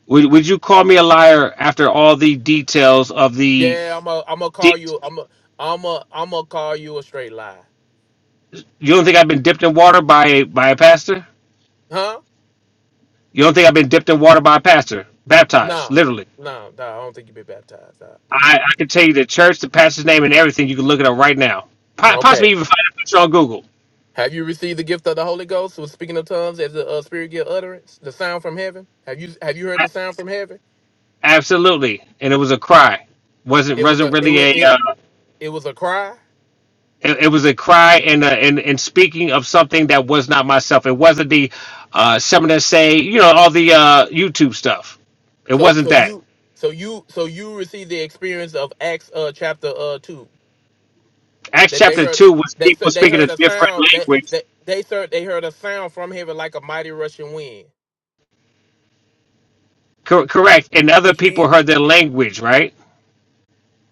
Speaker 5: Would, would you call me a liar after all the details of the?
Speaker 11: Yeah, I'm a, I'm gonna call you.
Speaker 5: You
Speaker 11: I'm a, I'm a, I'm gonna call you a straight lie.
Speaker 5: don't think I've been dipped in water by a by a pastor?
Speaker 11: Huh?
Speaker 5: You don't think I've been dipped in water by a pastor? Baptized,
Speaker 11: No,
Speaker 5: literally.
Speaker 11: no, no. I don't think you've been baptized. Uh,
Speaker 5: I, I can tell you the church, the pastor's name, and everything. You can look it up right now. Po-
Speaker 11: Okay.
Speaker 5: possibly even find a picture on Google.
Speaker 11: Have you received the gift of the Holy Ghost, who is speaking of tongues as a uh, spirit gift utterance, the sound from heaven? Have you have you heard the
Speaker 5: A-
Speaker 11: sound from heaven?
Speaker 5: absolutely, and it was a cry. wasn't
Speaker 11: It was
Speaker 5: wasn't
Speaker 11: a it
Speaker 5: really
Speaker 11: was
Speaker 5: a.
Speaker 11: it
Speaker 5: Uh,
Speaker 11: it was a cry.
Speaker 5: it, it was a cry and, uh, and and speaking of something that was not myself. It wasn't the uh, someone that say you know all the uh, YouTube stuff. It
Speaker 11: So
Speaker 5: wasn't
Speaker 11: so
Speaker 5: that.
Speaker 11: you so you so you received the experience of Acts uh chapter uh two
Speaker 5: Acts
Speaker 11: that they
Speaker 5: chapter
Speaker 11: heard
Speaker 5: two was
Speaker 11: they
Speaker 5: people
Speaker 11: said they
Speaker 5: speaking a
Speaker 11: heard a
Speaker 5: different
Speaker 11: sound that
Speaker 5: language.
Speaker 11: that they said they heard a sound from heaven like a mighty rushing wind
Speaker 5: Cor- correct, and other
Speaker 11: which means
Speaker 5: people heard their language, right?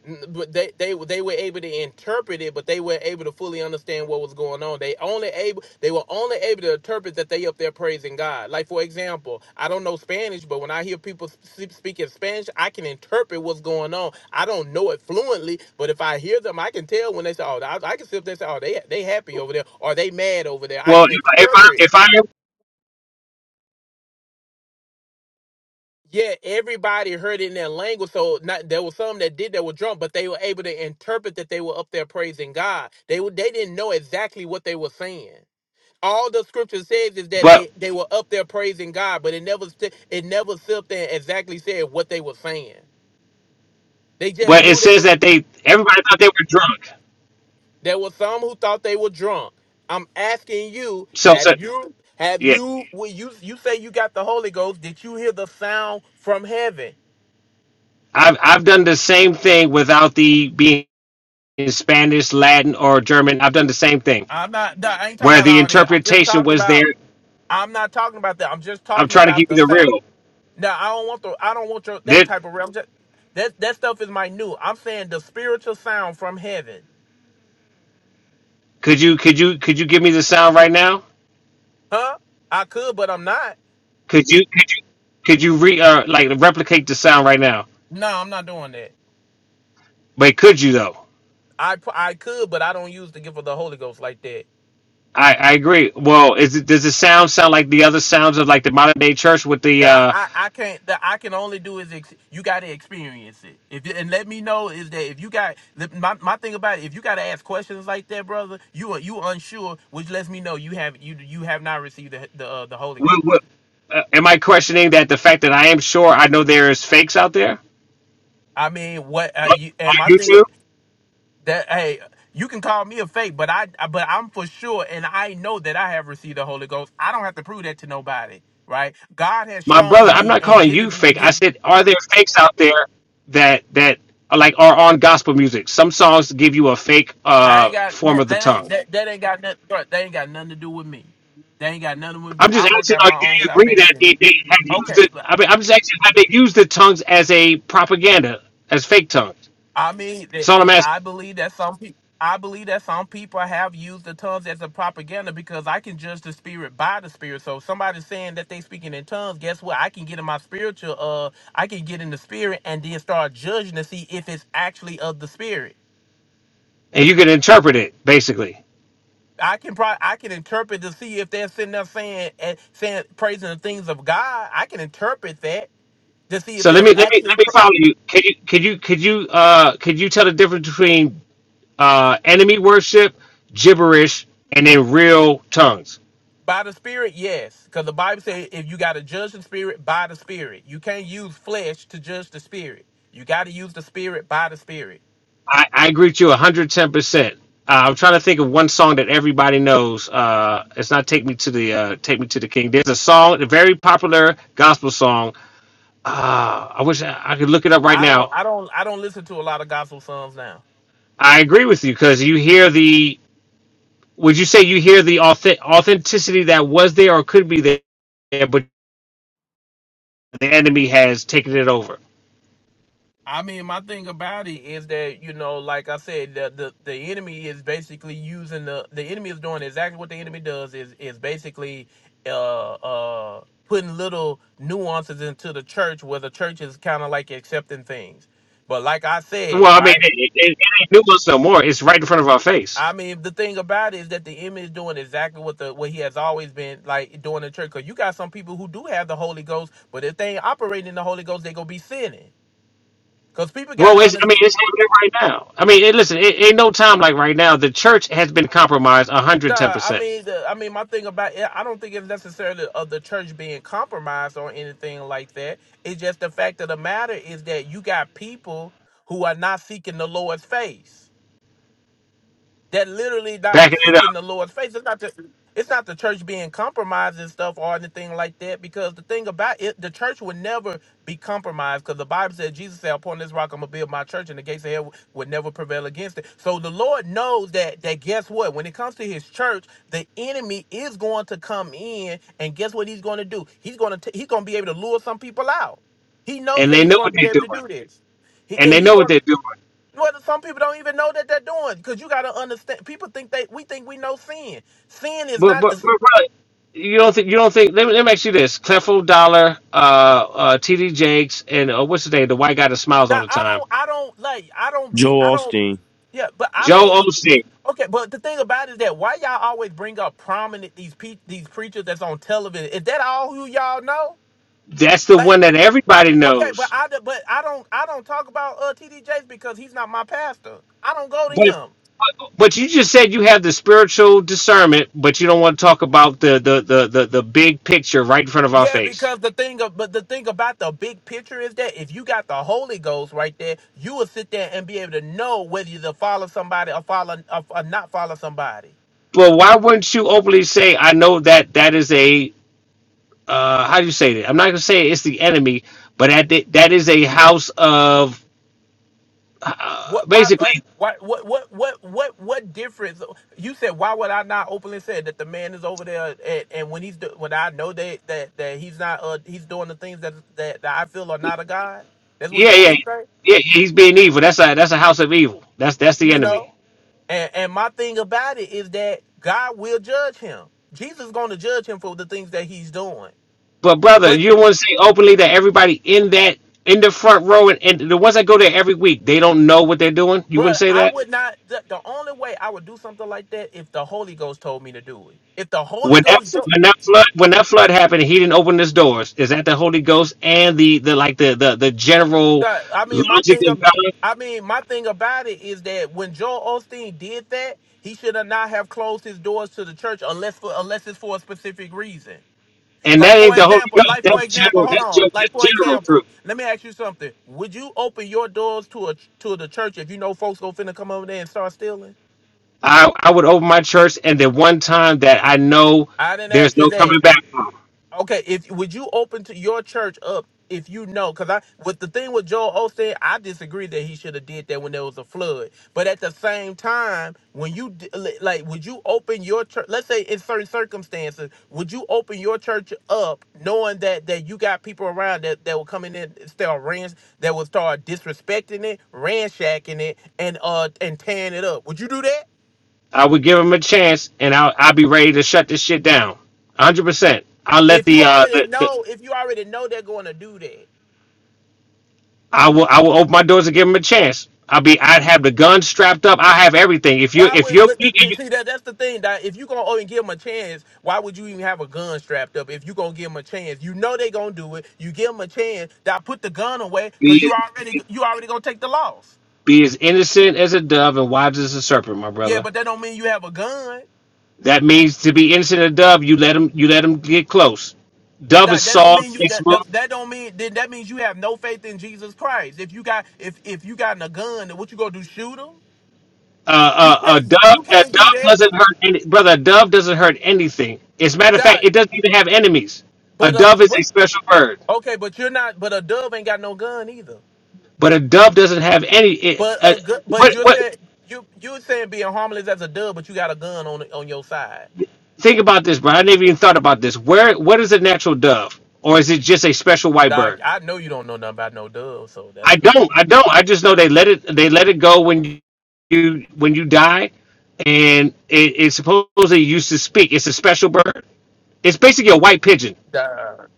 Speaker 11: N- but they they were- they were able to interpret it, but they were able to fully understand what was going on. They only able they were only able to interpret that they up there praising God. Like for example, I don't know Spanish, but when I hear people sp- speak in Spanish, I can interpret what's going on. I don't know it fluently, but if I hear them, I can tell when they say, "Oh, I, I can see if they say, oh, they they happy over there, or they mad over there." I
Speaker 5: Well,
Speaker 11: can
Speaker 5: if, I- if I
Speaker 11: interpret.
Speaker 5: if I
Speaker 11: yeah, everybody heard it in their language. So not there were some that did that were drunk, but they were able to interpret that they were up there praising God. They were they didn't know exactly what they were saying. All the scripture says is that
Speaker 5: but
Speaker 11: they they were up there praising God, but it never st- it never sit there and exactly said what they were saying. They just
Speaker 5: but it
Speaker 11: knew they
Speaker 5: says
Speaker 11: were.
Speaker 5: that they everybody thought they were drunk.
Speaker 11: There were some who thought they were drunk. I'm asking you,
Speaker 5: So, so
Speaker 11: have you have
Speaker 5: yeah,
Speaker 11: you when you you say you got the Holy Ghost? Did you hear the sound from heaven?
Speaker 5: I've I've done the same thing without the being in Spanish, Latin, or German. I've done the same thing
Speaker 11: I'm not. nah, I ain't talking
Speaker 5: where
Speaker 11: about
Speaker 5: the
Speaker 11: all that. I'm just
Speaker 5: interpretation
Speaker 11: talking
Speaker 5: was
Speaker 11: about.
Speaker 5: there
Speaker 11: I'm not talking about that. I'm just
Speaker 5: I'm
Speaker 11: talking
Speaker 5: trying to give
Speaker 11: about
Speaker 5: you
Speaker 11: the
Speaker 5: the
Speaker 11: sound.
Speaker 5: real.
Speaker 11: Now I don't want the. I don't want your that
Speaker 5: That
Speaker 11: type of realm. Just, that that stuff is my new. I'm saying the spiritual sound from heaven.
Speaker 5: could you could you could you give me the sound right now?
Speaker 11: Huh? I could, but I'm not.
Speaker 5: Could you could you could you re uh, like replicate the sound right now?
Speaker 11: No, I'm not doing that.
Speaker 5: But could you though?
Speaker 11: I p- I could, but I don't use the gift of the Holy Ghost like that.
Speaker 5: I, I agree. Well, is it, does the sound sound like the other sounds of like the modern day church with the
Speaker 11: The,
Speaker 5: uh?
Speaker 11: I, I can't. The, I can only do is ex, you got to experience it. If you- and let me know is that if you got the- my my thing about it, if you got to ask questions like that, brother, you are you unsure, which lets me know you have you you have not received the the, uh, the Holy
Speaker 5: What,
Speaker 11: Ghost.
Speaker 5: what, uh am I questioning that the fact that I am sure I know there is fakes out there
Speaker 11: I mean, what uh,
Speaker 5: Like,
Speaker 11: you
Speaker 5: on
Speaker 11: and my thing
Speaker 5: YouTube?
Speaker 11: of that hey, you can call me a fake, but I but I'm for sure, and I know that I have received the Holy Ghost. I don't have to prove that to nobody, right? God has
Speaker 5: My brother,
Speaker 11: shown
Speaker 5: I'm
Speaker 11: me
Speaker 5: not
Speaker 11: and
Speaker 5: calling
Speaker 11: given
Speaker 5: you
Speaker 11: me the
Speaker 5: fake. I
Speaker 11: gift
Speaker 5: said, are there fakes out there that that are like are on gospel music? Some songs give you a fake
Speaker 11: I
Speaker 5: uh
Speaker 11: ain't got
Speaker 5: form of
Speaker 11: that,
Speaker 5: the
Speaker 11: that
Speaker 5: tongue.
Speaker 11: ain't that, that ain't got nothing. Bro, they ain't got nothing to do with me. They ain't got nothing with me.
Speaker 5: I'm just
Speaker 11: I work
Speaker 5: asking,
Speaker 11: out
Speaker 5: like,
Speaker 11: my
Speaker 5: do
Speaker 11: own
Speaker 5: you agree that
Speaker 11: salvation.
Speaker 5: they, they have used
Speaker 11: Okay,
Speaker 5: it?
Speaker 11: so,
Speaker 5: I mean, I'm just asking, have they used the tongues as a propaganda, as fake tongues?
Speaker 11: I mean,
Speaker 5: That's
Speaker 11: it,
Speaker 5: all I'm
Speaker 11: it,
Speaker 5: asking.
Speaker 11: I believe that some people. I believe that some people have used the tongues as a propaganda because I can judge the spirit by the spirit. So if somebody's saying that they speaking in tongues, guess what? I can get in my spiritual uh I can get in the spirit and then start judging to see if it's actually of the spirit.
Speaker 5: And you can interpret it basically.
Speaker 11: I can probably I can interpret to see if they're sitting there saying and saying praising the things of God. I can interpret that to see if
Speaker 5: So let
Speaker 11: they're
Speaker 5: me let me
Speaker 11: actually
Speaker 5: let me
Speaker 11: pr-
Speaker 5: follow you. Could you could you could you uh could you tell the difference between uh enemy worship, gibberish, and then real tongues?
Speaker 11: by the Spirit. Yes, because the Bible says if you got to judge the Spirit by the Spirit, you can't use flesh to judge the Spirit. You got to use the Spirit by the Spirit.
Speaker 5: I, I agree with you 110. percent uh, I'm trying to think of one song that everybody knows. Uh, it's not "Take Me to the uh, Take Me to the King." There's a song, a very popular gospel song Uh, I wish I I could look it up right
Speaker 11: I don't
Speaker 5: now.
Speaker 11: I don't I don't listen to a lot of gospel songs now.
Speaker 5: I agree with you because you hear the. Would you say you hear the authe- authenticity that was there or could be there, but the enemy has taken it over?
Speaker 11: I mean, my thing about it is that you know, like I said, the the, the enemy is basically using the the enemy is doing exactly what the enemy does is is basically uh uh putting little nuances into the church where the church is kind of like accepting things. But like I
Speaker 5: Well,
Speaker 11: said,
Speaker 5: I mean,
Speaker 11: right?
Speaker 5: it, it, it ain't new us no more. It's right in front of our face.
Speaker 11: I mean, the thing about it is that the enemy is doing exactly what the what he has always been like doing in church. Cause you got some people who do have the Holy Ghost, but if they ain't operating in the Holy Ghost, they gonna be sinning. Cause people
Speaker 5: Well,
Speaker 11: gotta
Speaker 5: it's, I mean,
Speaker 11: understand.
Speaker 5: it's happening right now. I mean, it, listen, it ain't no time like right now. The church has been compromised
Speaker 11: Nah, I
Speaker 5: 110%,
Speaker 11: mean, the, I mean, my thing about it, I don't think it's necessarily of the church being compromised or anything like that. It's just the fact of the matter is that you got people who are not seeking the Lord's face that literally not
Speaker 5: backing it up.
Speaker 11: seeking the Lord's face. It's not the it's not the church being compromised and stuff or anything like that. Because the thing about it, the church would never be compromised. Because the Bible said, Jesus said, "Upon this rock I'm gonna build my church, and the gates of hell would never prevail against it." So the Lord knows that. That guess what? When it comes to His church, the enemy is going to come in, and guess what he's going to do? He's going to he's going to be able to lure some people out. He knows
Speaker 5: And
Speaker 11: that
Speaker 5: they
Speaker 11: he's
Speaker 5: know
Speaker 11: going
Speaker 5: what
Speaker 11: to be
Speaker 5: they're
Speaker 11: able to
Speaker 5: doing.
Speaker 11: do this. He,
Speaker 5: And
Speaker 11: and
Speaker 5: they
Speaker 11: he's
Speaker 5: know
Speaker 11: going.
Speaker 5: what they're doing.
Speaker 11: Well, some people don't even know that they're doing because you got to understand. People think they we think we know sin. Sin is
Speaker 5: But
Speaker 11: not
Speaker 5: but,
Speaker 11: the.
Speaker 5: but really, you don't think you don't think let me, let me ask you this: Clifford Dollar, uh, uh, T.D. Jakes, and uh, what's his name, the white guy that smiles all
Speaker 11: Now,
Speaker 5: the
Speaker 11: I
Speaker 5: time,
Speaker 11: don't. I don't like. I don't be.
Speaker 14: Joel
Speaker 11: I don't.
Speaker 14: Osteen,
Speaker 11: Yeah, but I
Speaker 5: Joe
Speaker 11: don't.
Speaker 5: Osteen.
Speaker 11: Okay, but the thing about it is that why y'all always bring up prominent these pe- these preachers that's on television? Is that all who y'all know?
Speaker 5: That's the
Speaker 11: Like,
Speaker 5: one that everybody
Speaker 11: okay, but
Speaker 5: knows.
Speaker 11: I d- but I don't I don't talk about uh TD Jakes because he's not my pastor. I don't go to
Speaker 5: But
Speaker 11: him.
Speaker 5: but you just said you have the spiritual discernment, but you don't want to talk about the the the the, the big picture right in front of our
Speaker 11: Yeah,
Speaker 5: face.
Speaker 11: because the thing, of, but the thing about the big picture is that if you got the Holy Ghost right there, you will sit there and be able to know whether you to follow somebody or follow or, or not follow somebody.
Speaker 5: Well, why wouldn't you openly say, "I know that that is a uh, how do you say that? I'm not gonna say it's the enemy, but that that is a house of uh,
Speaker 11: What, why,
Speaker 5: basically
Speaker 11: what, why, what, what, what, what, what difference? You said why would I not openly say that the man is over there and, and when he's do, when I know that that that he's not uh he's doing the things that that, that I feel are not a God. That's what
Speaker 5: Yeah,
Speaker 11: you want me
Speaker 5: yeah,
Speaker 11: to say,
Speaker 5: yeah. He's being evil. That's a that's a house of evil. That's that's the
Speaker 11: you know?
Speaker 5: enemy.
Speaker 11: And and my thing about it is that God will judge him. Jesus is going to judge him for the things that he's doing.
Speaker 5: But brother,
Speaker 11: But
Speaker 5: you want to say openly that everybody in that in the front row and, and the ones that go there every week, they don't know what they're doing. You
Speaker 11: bro,
Speaker 5: wouldn't say
Speaker 11: I
Speaker 5: that
Speaker 11: would not. The, the only way I would do something like that if the Holy Ghost told me to do it. If the Holy
Speaker 5: when that
Speaker 11: Ghost, dro-
Speaker 5: when that flood when that flood happened, and he didn't open his doors. Is that the Holy Ghost and the the like the the the general
Speaker 11: God, I mean, my
Speaker 5: logic
Speaker 11: thing
Speaker 5: of
Speaker 11: about.
Speaker 5: God?
Speaker 11: I mean, my thing about it is that when Joel Osteen did that, he should have not have closed his doors to the church unless for unless it's for a specific reason.
Speaker 5: And that
Speaker 11: Like
Speaker 5: ain't
Speaker 11: for
Speaker 5: the Holy
Speaker 11: example,
Speaker 5: Ghost.
Speaker 11: like for
Speaker 5: That's
Speaker 11: example,
Speaker 5: general.
Speaker 11: hold
Speaker 5: That's
Speaker 11: on.
Speaker 5: just
Speaker 11: Like
Speaker 5: that's
Speaker 11: for
Speaker 5: general truth.
Speaker 11: example, let me ask you something. Would you open your doors to a to the church if you know folks go finna come over there and start stealing?
Speaker 5: I I would open my church, and the one time that I know
Speaker 11: I didn't
Speaker 5: there's
Speaker 11: ask you
Speaker 5: no
Speaker 11: that.
Speaker 5: coming back from.
Speaker 11: Okay, if would you open to your church up if you know? Because I with the thing with Joel Osteen, I disagree that he should have did that when there was a flood. But at the same time, when you d- li- like, would you open your church? Let's say in certain circumstances, would you open your church up knowing that that you got people around that that will come in and start rans that will start disrespecting it, ransacking it, and uh and tearing it up? Would you do that?
Speaker 5: I would give him a chance, and I'll I'll be ready to shut this shit down. hundred percent. I'll let
Speaker 11: If you
Speaker 5: the, uh,
Speaker 11: already
Speaker 5: the, the
Speaker 11: know, if you already know they're going to do that.
Speaker 5: I will I will open my doors and give him a chance. I'll be I'd have the gun strapped up. I have everything. If you
Speaker 11: Why
Speaker 5: if
Speaker 11: would
Speaker 5: you're
Speaker 11: but th- th- see that that's the thing that if you gonna even give them a chance, why would you even have a gun strapped up if you gonna give them a chance? You know they gonna do it. You give them a chance. That put the gun away because
Speaker 5: be
Speaker 11: you already
Speaker 5: as,
Speaker 11: you already gonna take the loss.
Speaker 5: be as innocent as a dove and wise as a serpent, my
Speaker 11: Yeah,
Speaker 5: brother.
Speaker 11: but that don't mean you have a gun.
Speaker 5: That means to be innocent as a dove. You let him you let him get close. Dove is
Speaker 11: That that don't
Speaker 5: soft.
Speaker 11: mean you
Speaker 5: and
Speaker 11: that
Speaker 5: smooth.
Speaker 11: that, that don't mean then that means you have no faith in Jesus Christ. If you got if if you got a gun, then what you gonna do? Shoot him? You
Speaker 5: uh, a a
Speaker 11: can't you,
Speaker 5: dove,
Speaker 11: you
Speaker 5: a
Speaker 11: can't do
Speaker 5: dove
Speaker 11: that.
Speaker 5: doesn't hurt any brother. A dove doesn't hurt anything. As a matter of fact,
Speaker 11: Dot.
Speaker 5: it doesn't even have enemies. A
Speaker 11: But uh,
Speaker 5: dove is a
Speaker 11: but
Speaker 5: special bird,
Speaker 11: okay, but you're not. But a dove ain't got no gun either.
Speaker 5: but a dove doesn't have any. It,
Speaker 11: But
Speaker 5: uh,
Speaker 11: a good, but
Speaker 5: what
Speaker 11: you're
Speaker 5: what?
Speaker 11: saying you you're saying being harmless as a dove, but you got a gun on on your side.
Speaker 5: Think about this, bro. I never even thought about this. Where what is a natural dove, or is it just a special white
Speaker 11: Dog,
Speaker 5: bird?
Speaker 11: I know you don't know nothing about no dove, so that's
Speaker 5: I
Speaker 11: the thing.
Speaker 5: don't. I don't. I just know they let it. They let it go when you you when you die, and it, it's supposedly used to speak. It's a special bird. It's basically a white pigeon.
Speaker 11: Dog,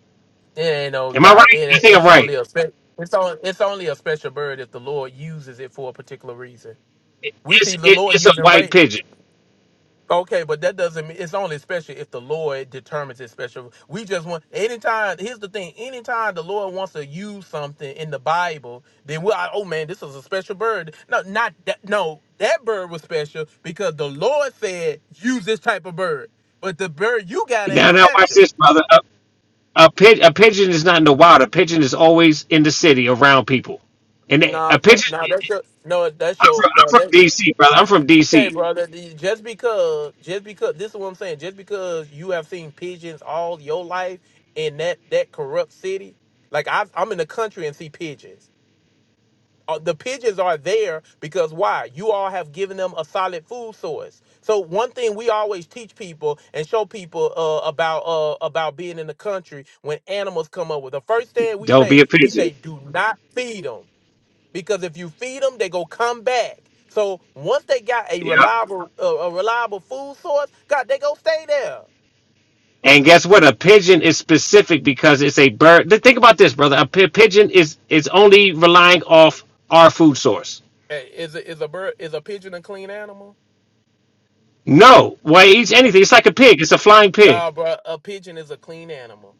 Speaker 11: it ain't no
Speaker 5: Am I
Speaker 11: dog. It
Speaker 5: right? I
Speaker 11: ain't,
Speaker 5: think
Speaker 11: it
Speaker 5: I'm
Speaker 11: is
Speaker 5: right.
Speaker 11: only a spe- it's on it's only a special bird if the Lord uses it for a particular reason. We
Speaker 5: it's
Speaker 11: see the
Speaker 5: it,
Speaker 11: Lord
Speaker 5: it's a
Speaker 11: using
Speaker 5: white
Speaker 11: Ray.
Speaker 5: pigeon.
Speaker 11: Okay, but that doesn't mean it's only special if the Lord determines it's special. We just want anytime. Here's the thing: anytime the Lord wants to use something in the Bible, then we are oh man, this is a special bird. No, not that. No, that bird was special because the Lord said use this type of bird. But the bird you got ain't
Speaker 5: Now, now watch
Speaker 11: special.
Speaker 5: this, brother. A, a, pi- a pigeon is not in the wild. A pigeon is always in the city around people. And they- a
Speaker 11: No, that,
Speaker 5: pigeon,
Speaker 11: no, that's your no, that's
Speaker 5: I'm
Speaker 11: your
Speaker 5: from, I'm
Speaker 11: no, that
Speaker 5: from DC, brother. I'm from
Speaker 11: Okay,
Speaker 5: DC.
Speaker 11: brother. the- Just because, just because, this is what I'm saying. Just because you have seen pigeons all your life in that that corrupt city, like I, I'm in the country and see pigeons. Uh, the pigeons are there because why? You all have given them a solid food source. So one thing we always teach people and show people uh, about uh, about being in the country when animals come up with the first thing we
Speaker 5: Don't be
Speaker 11: say,
Speaker 5: a
Speaker 11: we
Speaker 5: pigeon.
Speaker 11: say, do not feed them because if you feed them, they go come back. So once they got a
Speaker 5: Yeah.
Speaker 11: reliable a, a reliable food source, God, they go stay there.
Speaker 5: And guess what? A pigeon is specific because it's a bird. Th- Think about this, brother. A pi- pigeon is is only relying off our food source.
Speaker 11: Hey, is a, is a bird is a pigeon a clean animal?
Speaker 5: No, well, it eats anything. It's like a pig. It's a flying pig.
Speaker 11: Nah, bro, a pigeon is a clean animal.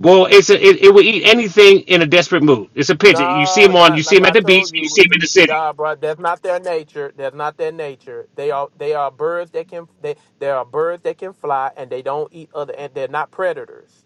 Speaker 5: Well, it's a, it, it will eat anything in a desperate mood. It's a pigeon. You see
Speaker 11: No,
Speaker 5: them on, you
Speaker 11: that
Speaker 5: see
Speaker 11: like
Speaker 5: them at
Speaker 11: I
Speaker 5: the beach,
Speaker 11: told
Speaker 5: you
Speaker 11: you,
Speaker 5: see them in the city.
Speaker 11: nah, bro, that's not their nature. That's not their nature. They are they are birds that can they they are birds that can fly and they don't eat other and they're not predators.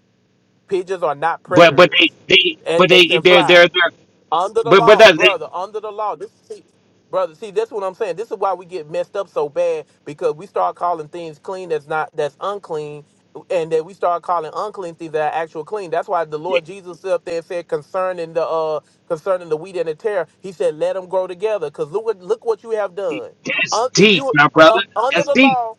Speaker 11: Pigeons are not
Speaker 5: But but
Speaker 11: predators,
Speaker 5: they they but
Speaker 11: and they
Speaker 5: they
Speaker 11: can
Speaker 5: they're
Speaker 11: fly.
Speaker 5: they're, they're
Speaker 11: Under the
Speaker 5: but but
Speaker 11: law,
Speaker 5: that they,
Speaker 11: brother. Under the law. This see, brother. See, that's what I'm saying. This is why we get messed up so bad because we start calling things clean that's not that's unclean, and then we start calling unclean things that are actual clean. That's why the Lord Jesus stood up there and said concerning the uh concerning the wheat and the tare, He said, "Let them grow together." Because look what look what you have done.
Speaker 5: that's
Speaker 11: Un- if
Speaker 5: deep,
Speaker 11: you
Speaker 5: my brother.
Speaker 11: uh, under
Speaker 5: That's
Speaker 11: the
Speaker 5: deep.
Speaker 11: law,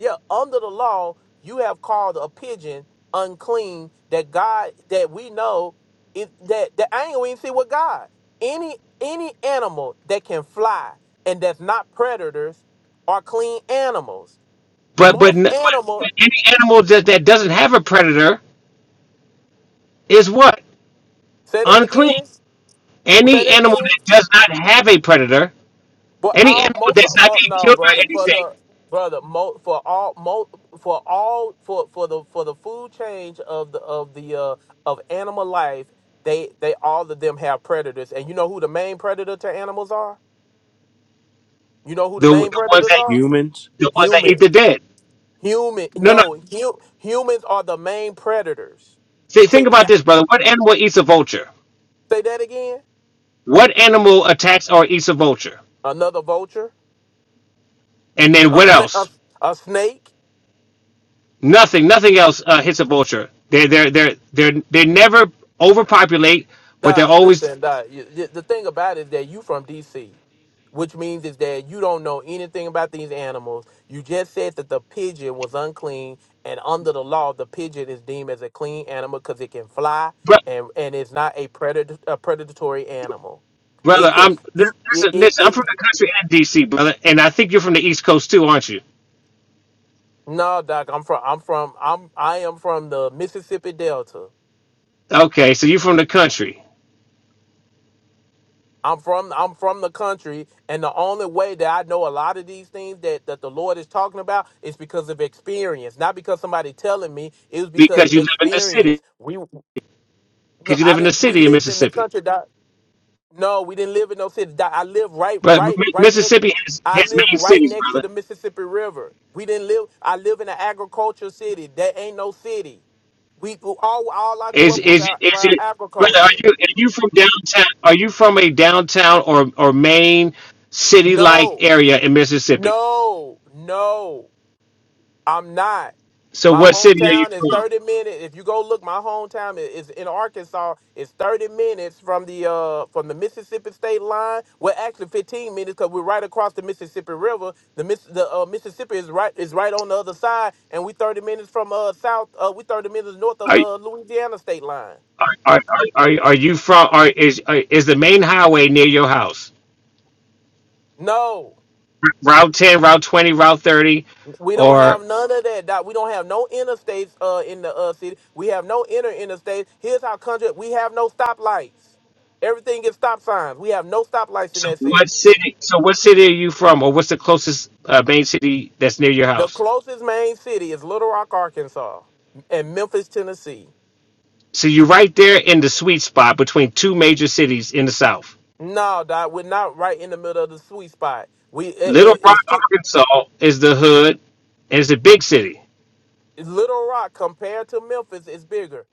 Speaker 11: yeah, under the law, you have called a pigeon unclean that God that we know if that the angle we see with God. Any any animal that can fly and that's not predators are clean animals.
Speaker 5: But but
Speaker 11: Most
Speaker 5: n-
Speaker 11: animals
Speaker 5: but any animal that that doesn't have a predator is what
Speaker 11: say that
Speaker 5: unclean.
Speaker 11: again. Say
Speaker 5: Any
Speaker 11: that
Speaker 5: animal
Speaker 11: again.
Speaker 5: that does not have a predator,
Speaker 11: But
Speaker 5: any
Speaker 11: all
Speaker 5: animal
Speaker 11: most,
Speaker 5: that's
Speaker 11: of-
Speaker 5: not
Speaker 11: mo
Speaker 5: being
Speaker 11: no
Speaker 5: killed by
Speaker 11: brother for
Speaker 5: anything,
Speaker 11: the brother mo, for all mo, for all for for the for the food change of the of the uh of animal life they they all of them have predators and you know who the main predator to animals are you know who the
Speaker 5: the
Speaker 11: main
Speaker 5: the ones
Speaker 11: predators
Speaker 5: that
Speaker 11: are
Speaker 14: Humans.
Speaker 5: the ones that
Speaker 11: humans
Speaker 5: eat the dead.
Speaker 11: Human,
Speaker 5: No no.
Speaker 11: no, hu- humans are the main predators.
Speaker 5: Th-
Speaker 11: To
Speaker 5: think about
Speaker 11: say
Speaker 5: this, brother. What animal eats a vulture?
Speaker 11: that again,
Speaker 5: What animal attacks or eats a vulture?
Speaker 11: another vulture,
Speaker 5: And then
Speaker 11: a,
Speaker 5: what
Speaker 11: sna- a,
Speaker 5: else?
Speaker 11: a snake.
Speaker 5: Nothing. Nothing else uh, hits a vulture. They they they they they never overpopulate, but they're
Speaker 11: Nah,
Speaker 5: always.
Speaker 11: listen, nah, you, you- the thing about it is that you from DC, which means is that you don't know anything about these animals. You just said that the pigeon was unclean, and under the law, the pigeon is deemed as a clean animal because it can fly
Speaker 5: Bro-
Speaker 11: and and it's not a predator, a predatory animal.
Speaker 5: brother,
Speaker 11: It can
Speaker 5: I'm
Speaker 11: you it
Speaker 5: listen,
Speaker 11: it,
Speaker 5: listen. I'm
Speaker 11: it
Speaker 5: from the country and DC, brother, and I think you're from the East Coast too, aren't you?
Speaker 11: No, Doc, I'm from I'm from I'm I am from the Mississippi Delta.
Speaker 5: Okay, so you're from the country
Speaker 11: I'm from I'm from the country, and the only way that I know a lot of these things that, that the Lord is talking about is because of experience, not because somebody telling me. It was because
Speaker 5: because you live in the city.
Speaker 11: experience. We no,
Speaker 5: Because you live
Speaker 11: I
Speaker 5: in the
Speaker 11: didn't. We
Speaker 5: city in
Speaker 11: lived in the
Speaker 5: Mississippi,
Speaker 11: country. Doc. No, we didn't live in no city. Di- I live right,
Speaker 5: but
Speaker 11: right,
Speaker 5: Mi-
Speaker 11: right next.
Speaker 5: Mississippi has
Speaker 11: I
Speaker 5: has
Speaker 11: live
Speaker 5: main
Speaker 11: right
Speaker 5: cities,
Speaker 11: next
Speaker 5: brother.
Speaker 11: to the Mississippi River. We didn't live. I live in an agricultural city. That ain't no city. We all all I grew
Speaker 5: Is
Speaker 11: up was
Speaker 5: is
Speaker 11: ar-
Speaker 5: is
Speaker 11: around
Speaker 5: it brother? Are
Speaker 11: agriculture.
Speaker 5: you are you from downtown? Are you from a downtown or or main city like
Speaker 11: No,
Speaker 5: area in Mississippi?
Speaker 11: no, no. I'm not.
Speaker 5: So
Speaker 11: My
Speaker 5: what city are you
Speaker 11: hometown is
Speaker 5: from?
Speaker 11: 30 minutes. If you go look, my hometown i- is in Arkansas. It's 30 minutes from the uh from the Mississippi state line. Well, actually 15 minutes because we're right across the Mississippi River. The Miss the uh, Mississippi is right is right on the other side, and we 30 minutes from uh south. Uh, we 30 minutes north of
Speaker 5: Are
Speaker 11: the Louisiana state line.
Speaker 5: are are are, are you from? Are is are, is the main highway near your house?
Speaker 11: No.
Speaker 5: Route ten, Route twenty, Route thirty,
Speaker 11: We don't have
Speaker 5: or
Speaker 11: none of that. Doc. We don't have no interstates uh, in the uh, city. We have no inner interstates. Here's our country. We have no stoplights. Everything is stop signs. We have no stoplights in
Speaker 5: so
Speaker 11: that
Speaker 5: what
Speaker 11: city.
Speaker 5: city? So what city are you from, or what's the closest uh, main city that's near your
Speaker 11: The
Speaker 5: house?
Speaker 11: closest main city is Little Rock, Arkansas, and Memphis, Tennessee.
Speaker 5: So you're right there in the sweet spot between two major cities in the South.
Speaker 11: No, Doc, we're not right in the middle of the sweet spot. We it,
Speaker 5: Little
Speaker 11: it,
Speaker 5: Rock,
Speaker 11: it's too
Speaker 5: Arkansas is the hood and it's a big city.
Speaker 11: Little Rock compared to Memphis is bigger.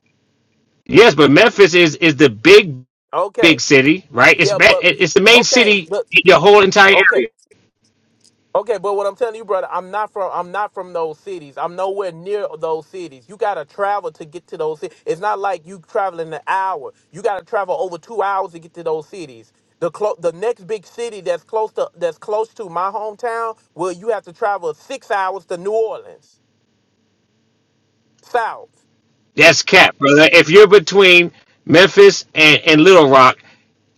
Speaker 5: Yes, but Memphis is is the big
Speaker 11: Okay,
Speaker 5: big city, right? It's
Speaker 11: yeah,
Speaker 5: ma-
Speaker 11: but
Speaker 5: it- it's the main
Speaker 11: okay,
Speaker 5: city
Speaker 11: but
Speaker 5: in your whole entire
Speaker 11: okay.
Speaker 5: area.
Speaker 11: Okay, but what I'm telling you, brother, I'm not from I'm not from those cities. I'm nowhere near those cities. You gotta travel to get to those cities. It's not like you traveling an hour. You gotta travel over two hours to get to those cities. The clo- the next big city that's close to that's close to my hometown, well, you have to travel six hours to New Orleans, south.
Speaker 5: That's cap, brother. If you're between Memphis and, and Little Rock,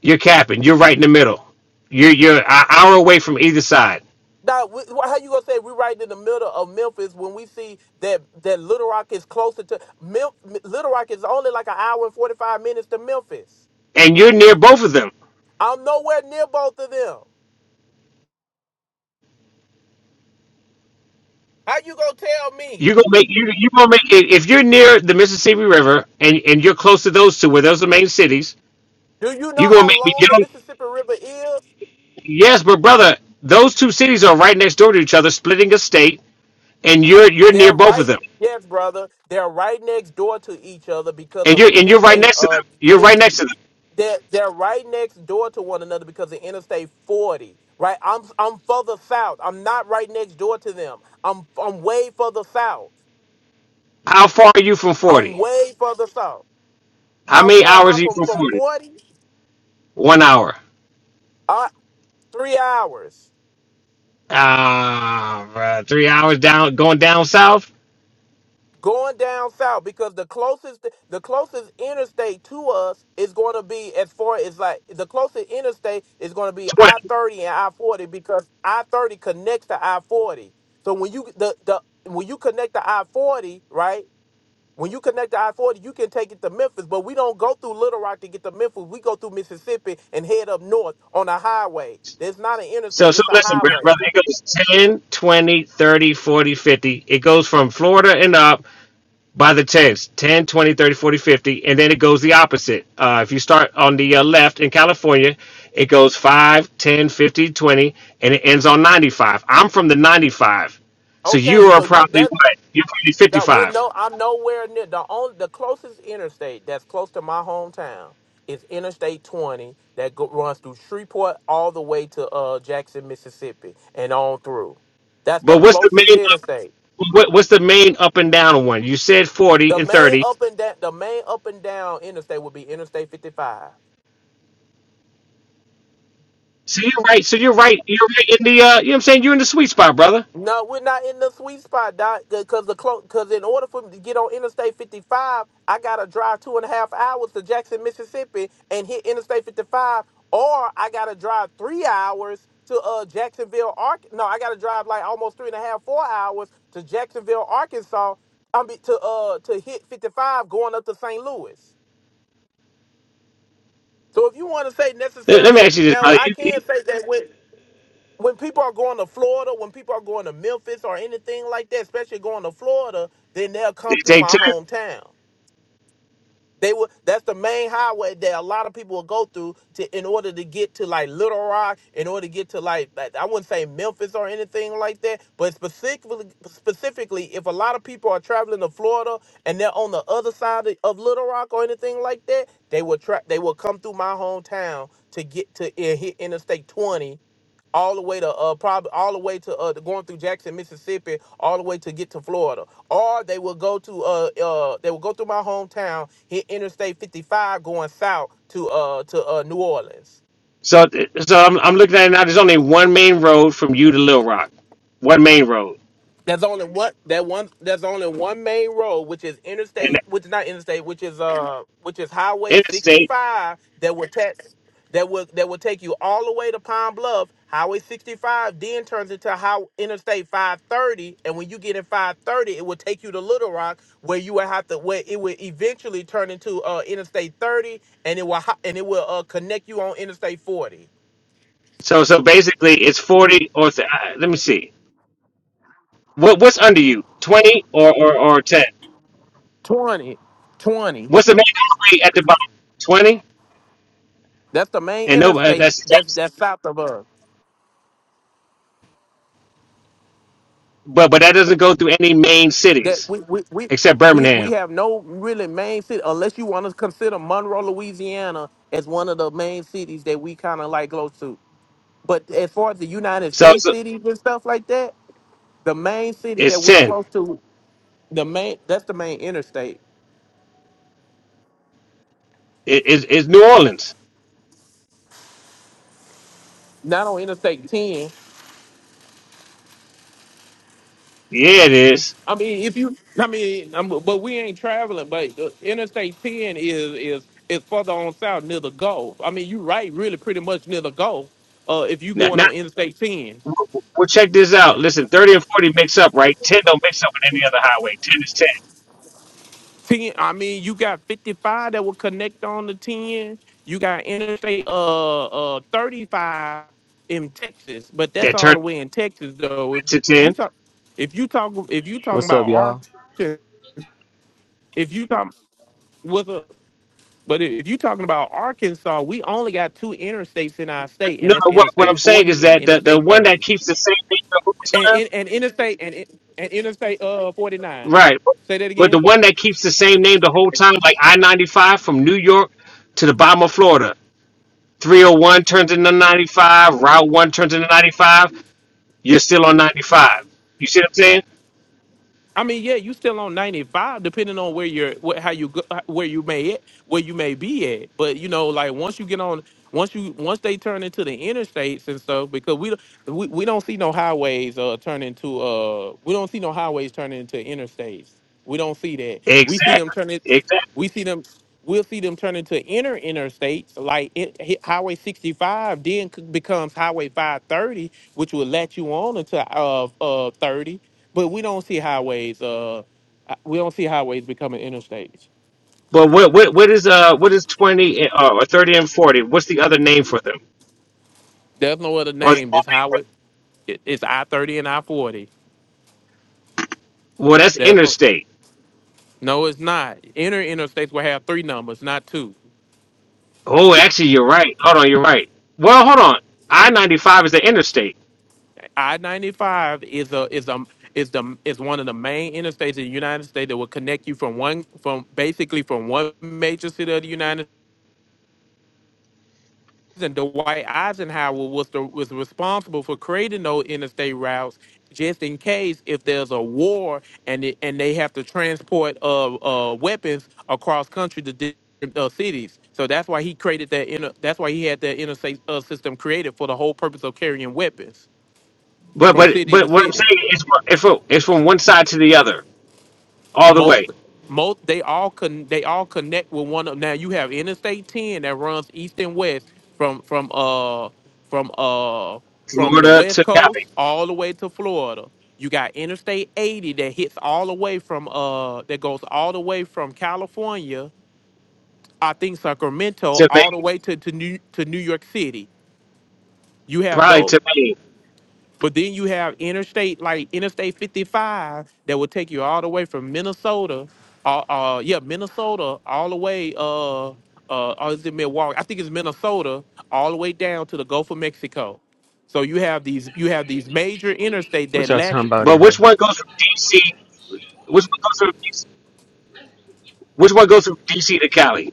Speaker 5: you're capping. You're right in the middle. You're you're an hour away from either side,
Speaker 11: Now, wh- wh- how you gonna say we're right in the middle of Memphis when we see that that Little Rock is closer to Mem- Little Rock is only like an hour and forty five minutes to Memphis.
Speaker 5: and you're near both of them.
Speaker 11: I'm nowhere near both of them. How you gonna tell me?
Speaker 5: You're gonna make you you gonna make if if you're near the Mississippi River and and you're close to those two where those are the main cities.
Speaker 11: Do you
Speaker 5: You're
Speaker 11: know
Speaker 5: gonna
Speaker 11: how
Speaker 5: make me
Speaker 11: long the
Speaker 5: jealous.
Speaker 11: Mississippi River is?
Speaker 5: Yes, but brother, those two cities are right next door to each other, splitting a state, and you're you're
Speaker 11: They're
Speaker 5: near both of
Speaker 11: right,
Speaker 5: them,
Speaker 11: yes, brother. They're right next door to each other because
Speaker 5: and
Speaker 11: of
Speaker 5: you're and you're right
Speaker 11: interstate.
Speaker 5: next to
Speaker 11: Uh,
Speaker 5: them. You're right
Speaker 11: inter,
Speaker 5: next to them.
Speaker 11: they're, they're right next door to one another because of Interstate 40. Right, I'm I'm further south. I'm not right next door to them. I'm I'm way further south.
Speaker 5: How far are you from
Speaker 11: I'm
Speaker 5: forty?
Speaker 11: way further south.
Speaker 5: How
Speaker 11: How
Speaker 5: many
Speaker 11: far am I
Speaker 5: hours are you
Speaker 11: from
Speaker 5: from
Speaker 11: from
Speaker 5: forty?
Speaker 11: 40?
Speaker 5: One hour.
Speaker 11: Uh, three hours.
Speaker 5: Ah, bruh, three hours down, going down south.
Speaker 11: going down south because the closest the closest interstate to us is going to be as far as like the closest interstate is going to be I
Speaker 5: Twenty.
Speaker 11: thirty and I forty because I thirty connects to I forty. So when you the the when you connect to I forty, right? When you connect to I forty, you can take it to Memphis, but we don't go through Little Rock to get to Memphis. We go through Mississippi and head up north on a highway. That's not an
Speaker 5: So
Speaker 11: interstate;
Speaker 5: so
Speaker 11: it's a
Speaker 5: listen, brother,
Speaker 11: highway.
Speaker 5: brother, it goes 10, 20, 30, 40, 50. It goes from Florida and up by the tens ten, twenty, thirty, forty, fifty, and then it goes the opposite uh, if you start on the uh, left in california it goes 5, 10, 50, 20, and it ends on 95 i'm from the 95 so you
Speaker 11: Okay,
Speaker 5: are
Speaker 11: so you are
Speaker 5: probably
Speaker 11: that's
Speaker 5: what you're probably
Speaker 11: That we
Speaker 5: 55
Speaker 11: no, I'm nowhere near the only the closest interstate that's close to my hometown is Interstate 20 that go, runs through Shreveport all the way to uh Jackson, Mississippi, and on through. That's the
Speaker 5: but what's the
Speaker 11: closest
Speaker 5: main up,
Speaker 11: interstate.
Speaker 5: what, what's the main up and down one you said 40
Speaker 11: The
Speaker 5: and
Speaker 11: main
Speaker 5: 30
Speaker 11: up and down, the main up and down interstate would be Interstate 55.
Speaker 5: so you're right so you're right you're right in the uh, you know what i'm saying you're in the sweet spot brother
Speaker 11: No, we're not in the sweet spot, Doc. Because the because in order for me to get on Interstate 55, I gotta drive two and a half hours to Jackson, Mississippi, and hit Interstate 55, or I gotta drive three hours to uh Jacksonville, Ark. No, I gotta drive like almost three and a half, four hours to Jacksonville, Arkansas. I mean to uh to hit 55 going up to St. Louis. So if you want to say
Speaker 5: let, let me
Speaker 11: necessarily, uh,
Speaker 5: ask you this
Speaker 11: now
Speaker 5: brother.
Speaker 11: I
Speaker 5: You-
Speaker 11: can
Speaker 5: you-
Speaker 11: say that when when people are going to Florida, when people are going to Memphis or anything like that, especially going to Florida, then they'll
Speaker 5: you
Speaker 11: come through
Speaker 5: take
Speaker 11: my
Speaker 5: two.
Speaker 11: hometown. They were that's the main highway that a lot of people will go through to in order to get to like Little Rock, in order to get to like, like I wouldn't say Memphis or anything like that, but specifically specifically if a lot of people are traveling to Florida and they're on the other side of, of Little Rock or anything like that, they will tra- they will come through my hometown to get to and hit Interstate 20 all the way to uh probably all the way to uh going through Jackson, Mississippi, all the way to get to Florida or they will go to uh uh they will go through my hometown hit interstate 55 going south to uh to uh new orleans
Speaker 5: So, so I'm, I'm looking at it now. There's only one main road from you to Little Rock, one main road,
Speaker 11: There's only one. That one. There's only one main road, which is
Speaker 5: and
Speaker 11: interstate, which is not interstate, which is uh, which is
Speaker 5: the
Speaker 11: Highway
Speaker 5: interstate.
Speaker 11: 65 that will take that will that will take you all the way to Pine Bluff. Highway 65 then turns into how Interstate 530, and when you get in 530, it will take you to Little Rock, where you will have to where it will eventually turn into uh Interstate 30, and it will ho- and it will uh connect you on Interstate 40,
Speaker 5: So, so basically, it's 40 or th- uh, let me see. What what's under you? 20 or or, or 10?
Speaker 11: 20, 20.
Speaker 5: What's the main highway at the bottom? 20,
Speaker 11: That's the main
Speaker 5: and no, uh,
Speaker 11: interstate.
Speaker 5: that's,
Speaker 11: That's
Speaker 5: that's
Speaker 11: that's south of us.
Speaker 5: but but that doesn't go through any main
Speaker 11: that
Speaker 5: cities
Speaker 11: we we we
Speaker 5: except
Speaker 11: we, we
Speaker 5: Birmingham.
Speaker 11: have no really main city unless you want to consider Monroe, Louisiana as one of the main cities that we kind of like close to. But as far as the United
Speaker 5: So,
Speaker 11: States
Speaker 5: so
Speaker 11: cities and stuff like that, the main city that
Speaker 5: it's
Speaker 11: we're
Speaker 5: 10.
Speaker 11: close to, the main that's the main interstate.
Speaker 5: It, it's, it's New Orleans.
Speaker 11: Not on Interstate 10.
Speaker 5: Yeah, it is.
Speaker 11: I mean, if you, I mean, i but we ain't traveling. But the Interstate 10 is is is further on south near the Gulf. I mean, you right, really, pretty much near the Gulf. Uh, if you
Speaker 5: Now, now,
Speaker 11: going on Interstate 10.
Speaker 5: Well, check this out. Listen, 30 and 40 mix up, right? 10 don't mix up with any other highway. 10 is 10.
Speaker 11: Ten, I mean, you got 55 that will connect on the 10. You got Interstate uh uh 35 in Texas, but that's
Speaker 5: That
Speaker 11: all
Speaker 5: turns
Speaker 11: the way in Texas though. If
Speaker 5: into
Speaker 11: you
Speaker 5: 10.
Speaker 11: talk if you talk if you talking
Speaker 15: What's up,
Speaker 11: about
Speaker 15: y'all?
Speaker 11: Arkansas, if you talk with a but if you talking about Arkansas, we only got two interstates in our state,
Speaker 5: No,
Speaker 11: and
Speaker 5: no
Speaker 11: that's
Speaker 5: what, what
Speaker 11: Interstate
Speaker 5: I'm saying is
Speaker 11: 40 and
Speaker 5: that the, the
Speaker 11: Interstate
Speaker 5: one that
Speaker 11: 30.
Speaker 5: keeps the same name the whole
Speaker 11: And
Speaker 5: time,
Speaker 11: and, and Interstate and and Interstate uh 49.
Speaker 5: right?
Speaker 11: Say that
Speaker 5: But the
Speaker 11: again.
Speaker 5: one that keeps the same name the whole time, like I 95 from New York to the bottom of Florida, 301 turns into 95, Route 1 turns into 95, you're still on 95. You see what I'm saying?
Speaker 11: I mean, yeah, you still on ninety five, depending on where you're, wh- how you go, uh, where you may at, where you may be at. But you know, like once you get on, once you once they turn into the interstates and stuff, because we don't we, we don't see no highways uh turn into uh we don't see no highways turning into interstates. We don't see that. We see them
Speaker 5: Exactly.
Speaker 11: turn it.
Speaker 5: Exactly.
Speaker 11: We see them. We'll see them turn into inner interstates, like it, hit Highway 65, then c- becomes Highway 530, which will let you on into uh, uh 30. But we don't see highways. Uh, uh, we don't see highways becoming interstates.
Speaker 5: But what, what, what is uh what is 20 and- uh, or 30 and 40? What's the other name for them?
Speaker 11: There's no other
Speaker 5: Oh, you're
Speaker 11: name. This highway. it- It's I 30 and I 40.
Speaker 5: well, that's
Speaker 11: There's no.
Speaker 5: interstate.
Speaker 11: No, it's not. Inner interstates will have three numbers, not two.
Speaker 5: Oh, actually, you're right. Hold on, you're right. Well, hold on. I ninety five is the interstate,
Speaker 11: I ninety five is a is a is the is one of the main interstates in the United States that will connect you from one from basically from one major city of the United States. And Dwight Eisenhower was the, was responsible for creating those interstate routes just in case if there's a war and it, and they have to transport uh, uh weapons across country to different uh, cities. So that's why he created that inner. That's why he had that interstate uh, system created for the whole purpose of carrying weapons
Speaker 5: but
Speaker 11: from
Speaker 5: but
Speaker 11: city
Speaker 5: but
Speaker 11: to
Speaker 5: what I'm
Speaker 11: city.
Speaker 5: saying is, fro- it's from, it's from one side to the other, all the way,
Speaker 11: most most they all con they all connect with one of now you have interstate 10 that runs east and west from from uh from uh from the
Speaker 5: Florida
Speaker 11: west
Speaker 5: to Cali
Speaker 11: coast all the way to florida you got interstate 80 that hits all the way from uh that goes all the way from california i think sacramento
Speaker 5: to
Speaker 11: all the
Speaker 5: Maine,
Speaker 11: way to to new to new york city you have
Speaker 5: probably
Speaker 11: those
Speaker 5: to Maine.
Speaker 11: but then you have interstate, like Interstate 55, that will take you all the way from Minnesota, uh, uh yeah, Minnesota, all the way, uh, uh, or is it Milwaukee? I think it's Minnesota, all the way down to the Gulf of Mexico. So you have these, you have these major interstate
Speaker 15: What
Speaker 11: that
Speaker 15: y'all
Speaker 11: latch.
Speaker 15: talking about in
Speaker 5: But which
Speaker 15: hell?
Speaker 5: one goes from DC? Which one goes from DC? Which one goes from DC to Cali?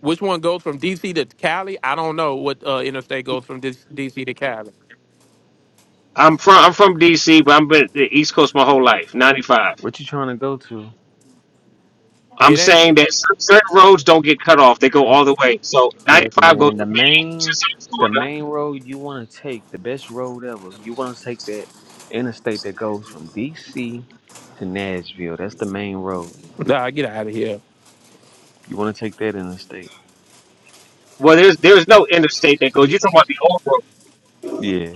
Speaker 11: Which one goes from DC to Cali? I don't know what uh, interstate goes from DC to Cali.
Speaker 5: I'm from I'm from DC, but I've been at the East Coast my whole life. Ninety five.
Speaker 15: What you trying to go to?
Speaker 5: I'm
Speaker 11: It ain't.
Speaker 5: saying that cer- certain roads don't get cut off; they go all the way. So ninety
Speaker 15: Look,
Speaker 5: five goes
Speaker 15: man, the
Speaker 5: from Maine to
Speaker 15: main,
Speaker 5: South
Speaker 15: the
Speaker 5: Florida
Speaker 15: main road you want to take, the best road ever. You want to take that interstate that goes from D.C. to Nashville. That's the main road.
Speaker 11: Nah, get out of here.
Speaker 15: You want to take that interstate?
Speaker 5: Well, there's there's no interstate that goes. You're talking about the old road
Speaker 15: Yeah.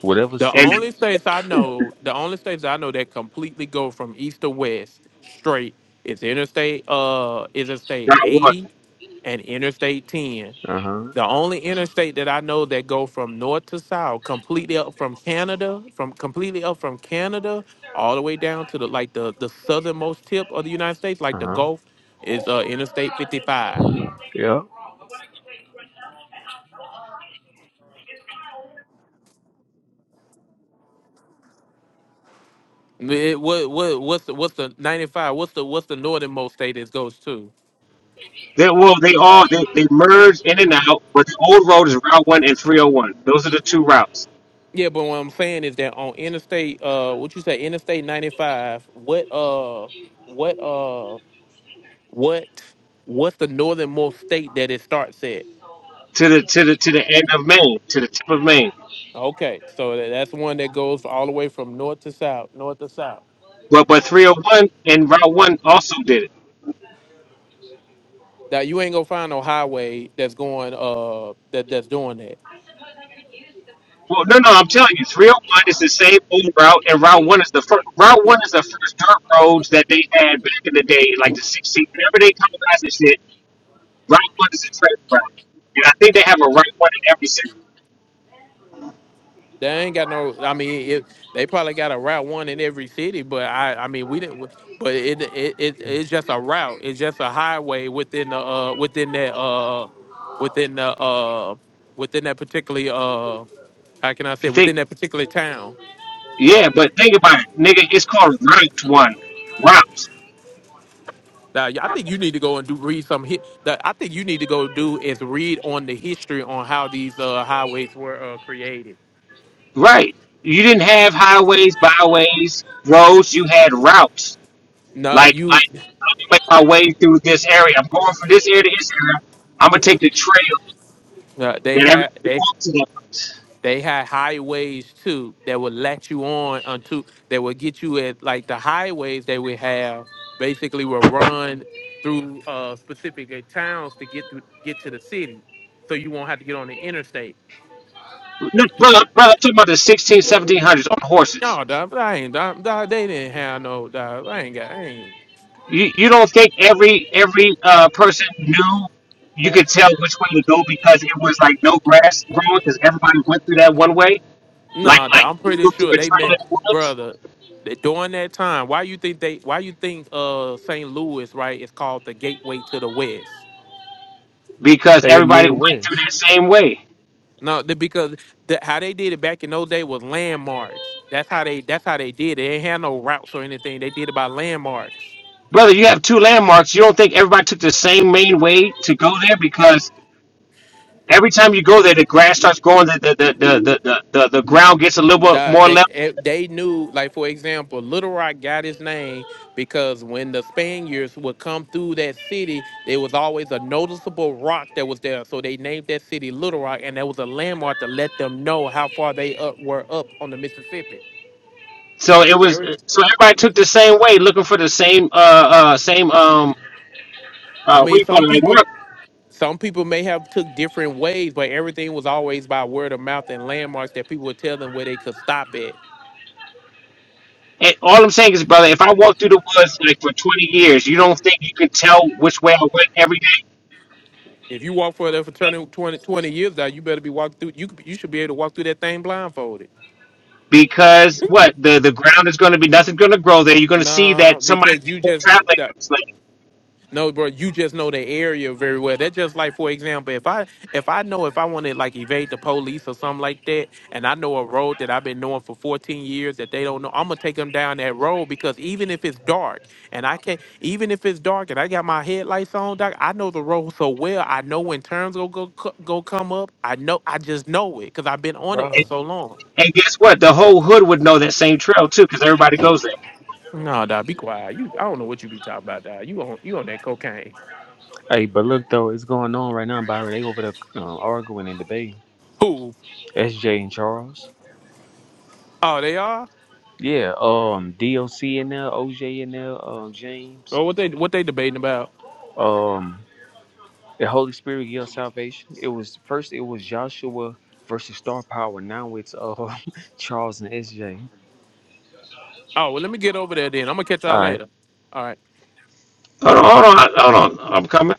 Speaker 15: Whatever
Speaker 11: The
Speaker 5: and
Speaker 15: city.
Speaker 11: only states I know, the only states I know that completely go from east to west straight is interstate uh is interstate
Speaker 5: Route One.
Speaker 11: 80 and interstate 10.
Speaker 15: Uh huh.
Speaker 11: The only interstate that I know that go from north to south, completely up from Canada, from completely up from Canada all the way down to the like the the southernmost tip of the United States, like
Speaker 15: Uh
Speaker 11: the
Speaker 15: huh.
Speaker 11: Gulf, is uh interstate 55.
Speaker 15: Yeah.
Speaker 11: It- what what what's the, what's the 95? What's the what's the northernmost state it goes to?
Speaker 5: They, well, they all they, they merge in and out, but the old road is Route One and 301. Those are the two routes
Speaker 11: Yeah, but what I'm saying is that on Interstate, uh, what you say, Interstate 95, what, uh, what, uh, what, what's the northernmost state that it starts at?
Speaker 5: to the to the to the end of Maine, to the tip of Maine.
Speaker 11: Okay, so tha- that's one that goes all the way from north to south, north to south.
Speaker 5: But but 301 and Route One also did it.
Speaker 11: Now you ain't gonna find no highway that's going, uh, that that's doing that.
Speaker 5: Well, no, no, I'm telling you, 301 is the same old route, and Route One is the first. Route One is the first dirt roads that they had back in the day, like the 16. Whenever they colonized this shit, Route One is a track route. And I think they have a Route one in every
Speaker 11: They ain't got no. I mean, it, they probably got a route one in every city, but I, I mean, we didn't. But it, it, it it's just a route. It's just a highway within the, uh, within that, uh, within the, uh, within that particularly, uh, how can I say,
Speaker 5: city.
Speaker 11: within that particular town.
Speaker 5: Yeah, but think about it, nigga. It's called Route One. Routes.
Speaker 11: Now, I think you need to go and do read some. Hit. I think you need to go do is read on the history on how these uh highways were uh created.
Speaker 5: Right. You didn't have highways, byways, roads. You had routes.
Speaker 11: No,
Speaker 5: Like I,
Speaker 11: you,
Speaker 5: I'm gonna make my way through this area. I'm going from this area to this area. I'm gonna take the trail
Speaker 11: uh,
Speaker 5: that
Speaker 11: they had
Speaker 5: everyone
Speaker 11: they
Speaker 5: walks on.
Speaker 11: They had highways too that would let you on onto that would get you at like the highways they would have basically would run through uh specific uh, towns to get through get to the city. So you won't have to get on the interstate.
Speaker 5: No, brother, brother, I'm talking about the sixteen, seventeen hundreds on horses.
Speaker 11: No, dog, but I ain't dog, dog, they didn't have no dog. I ain't got I ain't
Speaker 5: You, you don't think every every uh, person knew you could tell which way to go because it was like no grass growing because everybody went through that one way? like
Speaker 11: no dog,
Speaker 5: like
Speaker 11: I'm
Speaker 5: you
Speaker 11: pretty
Speaker 5: go to
Speaker 11: sure
Speaker 5: a
Speaker 11: they
Speaker 5: trail in
Speaker 11: met
Speaker 5: the woods
Speaker 11: brother that during that time, why you think they why you think uh St. Louis, right, is called the gateway to the West?
Speaker 5: because
Speaker 15: They the
Speaker 5: everybody went through
Speaker 15: Midwest,
Speaker 5: that same way.
Speaker 11: No, the, because the, how they did it back in those days was landmarks. That's how they. That's how they did it. They ain't had no routes or anything. They did it by landmarks.
Speaker 5: Brother, you have two landmarks. You don't think everybody took the same main way to go there because every time you go there, the grass starts growing, the the the the the, the, the, the ground gets a little bit
Speaker 11: The,
Speaker 5: more
Speaker 11: they
Speaker 5: level.
Speaker 11: eh, they knew, like for example, Little Rock got its name because when the Spaniards would come through that city, there was always a noticeable rock that was there. So they named that city Little Rock, and that was a landmark to let them know how far they up, were up on the Mississippi.
Speaker 5: So it was
Speaker 11: Every,
Speaker 5: so everybody took the same way, looking for the same uh uh same um
Speaker 11: I
Speaker 5: uh what do
Speaker 11: mean,
Speaker 5: you call
Speaker 11: some
Speaker 5: it like
Speaker 11: people some people may have took different ways, but everything was always by word of mouth and landmarks that people would tell them where they could stop at.
Speaker 5: And all I'm saying is, brother, if I walk through the woods like for 20 years, you don't think you can tell which way I went every day?
Speaker 11: If you walk for that fraternity 20 20 years now, you better be walking through. You could- be- you should be able to walk through that thing blindfolded.
Speaker 5: because what the the ground is going to be nothing's going to grow there. You're going to see
Speaker 11: Nah,
Speaker 5: that somebody's
Speaker 11: because
Speaker 5: been
Speaker 11: you just
Speaker 5: traveling.
Speaker 11: that.
Speaker 5: It's like-
Speaker 11: No, bro, you just know the area very well. That's just like, for example, if I if I know if I want to like evade the police or something like that, and I know a road that I've been knowing for 14 years that they don't know, I'm gonna take them down that road because even if it's dark and I can't, even if it's dark and I got my headlights on, doc, I know the road so well. I know when turns go go co- go come up. I know, I just know it because I've been on it for
Speaker 5: And,
Speaker 15: bro.
Speaker 11: so long.
Speaker 5: and guess what? The whole hood would know that same trail too, because everybody goes there.
Speaker 11: No, doc, be quiet. You, I don't know what you be talking about, doc. You on you on that cocaine?
Speaker 15: Hey, but look though, it's going on right now, Byron. They over there um, arguing and debating.
Speaker 11: Who?
Speaker 15: S.J. and Charles.
Speaker 11: Oh, they are.
Speaker 15: Yeah, um, DOC in there, OJ in there, um, James.
Speaker 11: Or what they what they debating about?
Speaker 15: Um, the Holy Spirit gives salvation. It was first it was Joshua versus Star Power. Now it's uh Charles and SJ.
Speaker 11: Oh well, let me get over there then. I'm gonna catch
Speaker 15: All
Speaker 11: y'all
Speaker 15: right.
Speaker 11: later. All right.
Speaker 5: Hold on, hold on, hold on. I'm coming.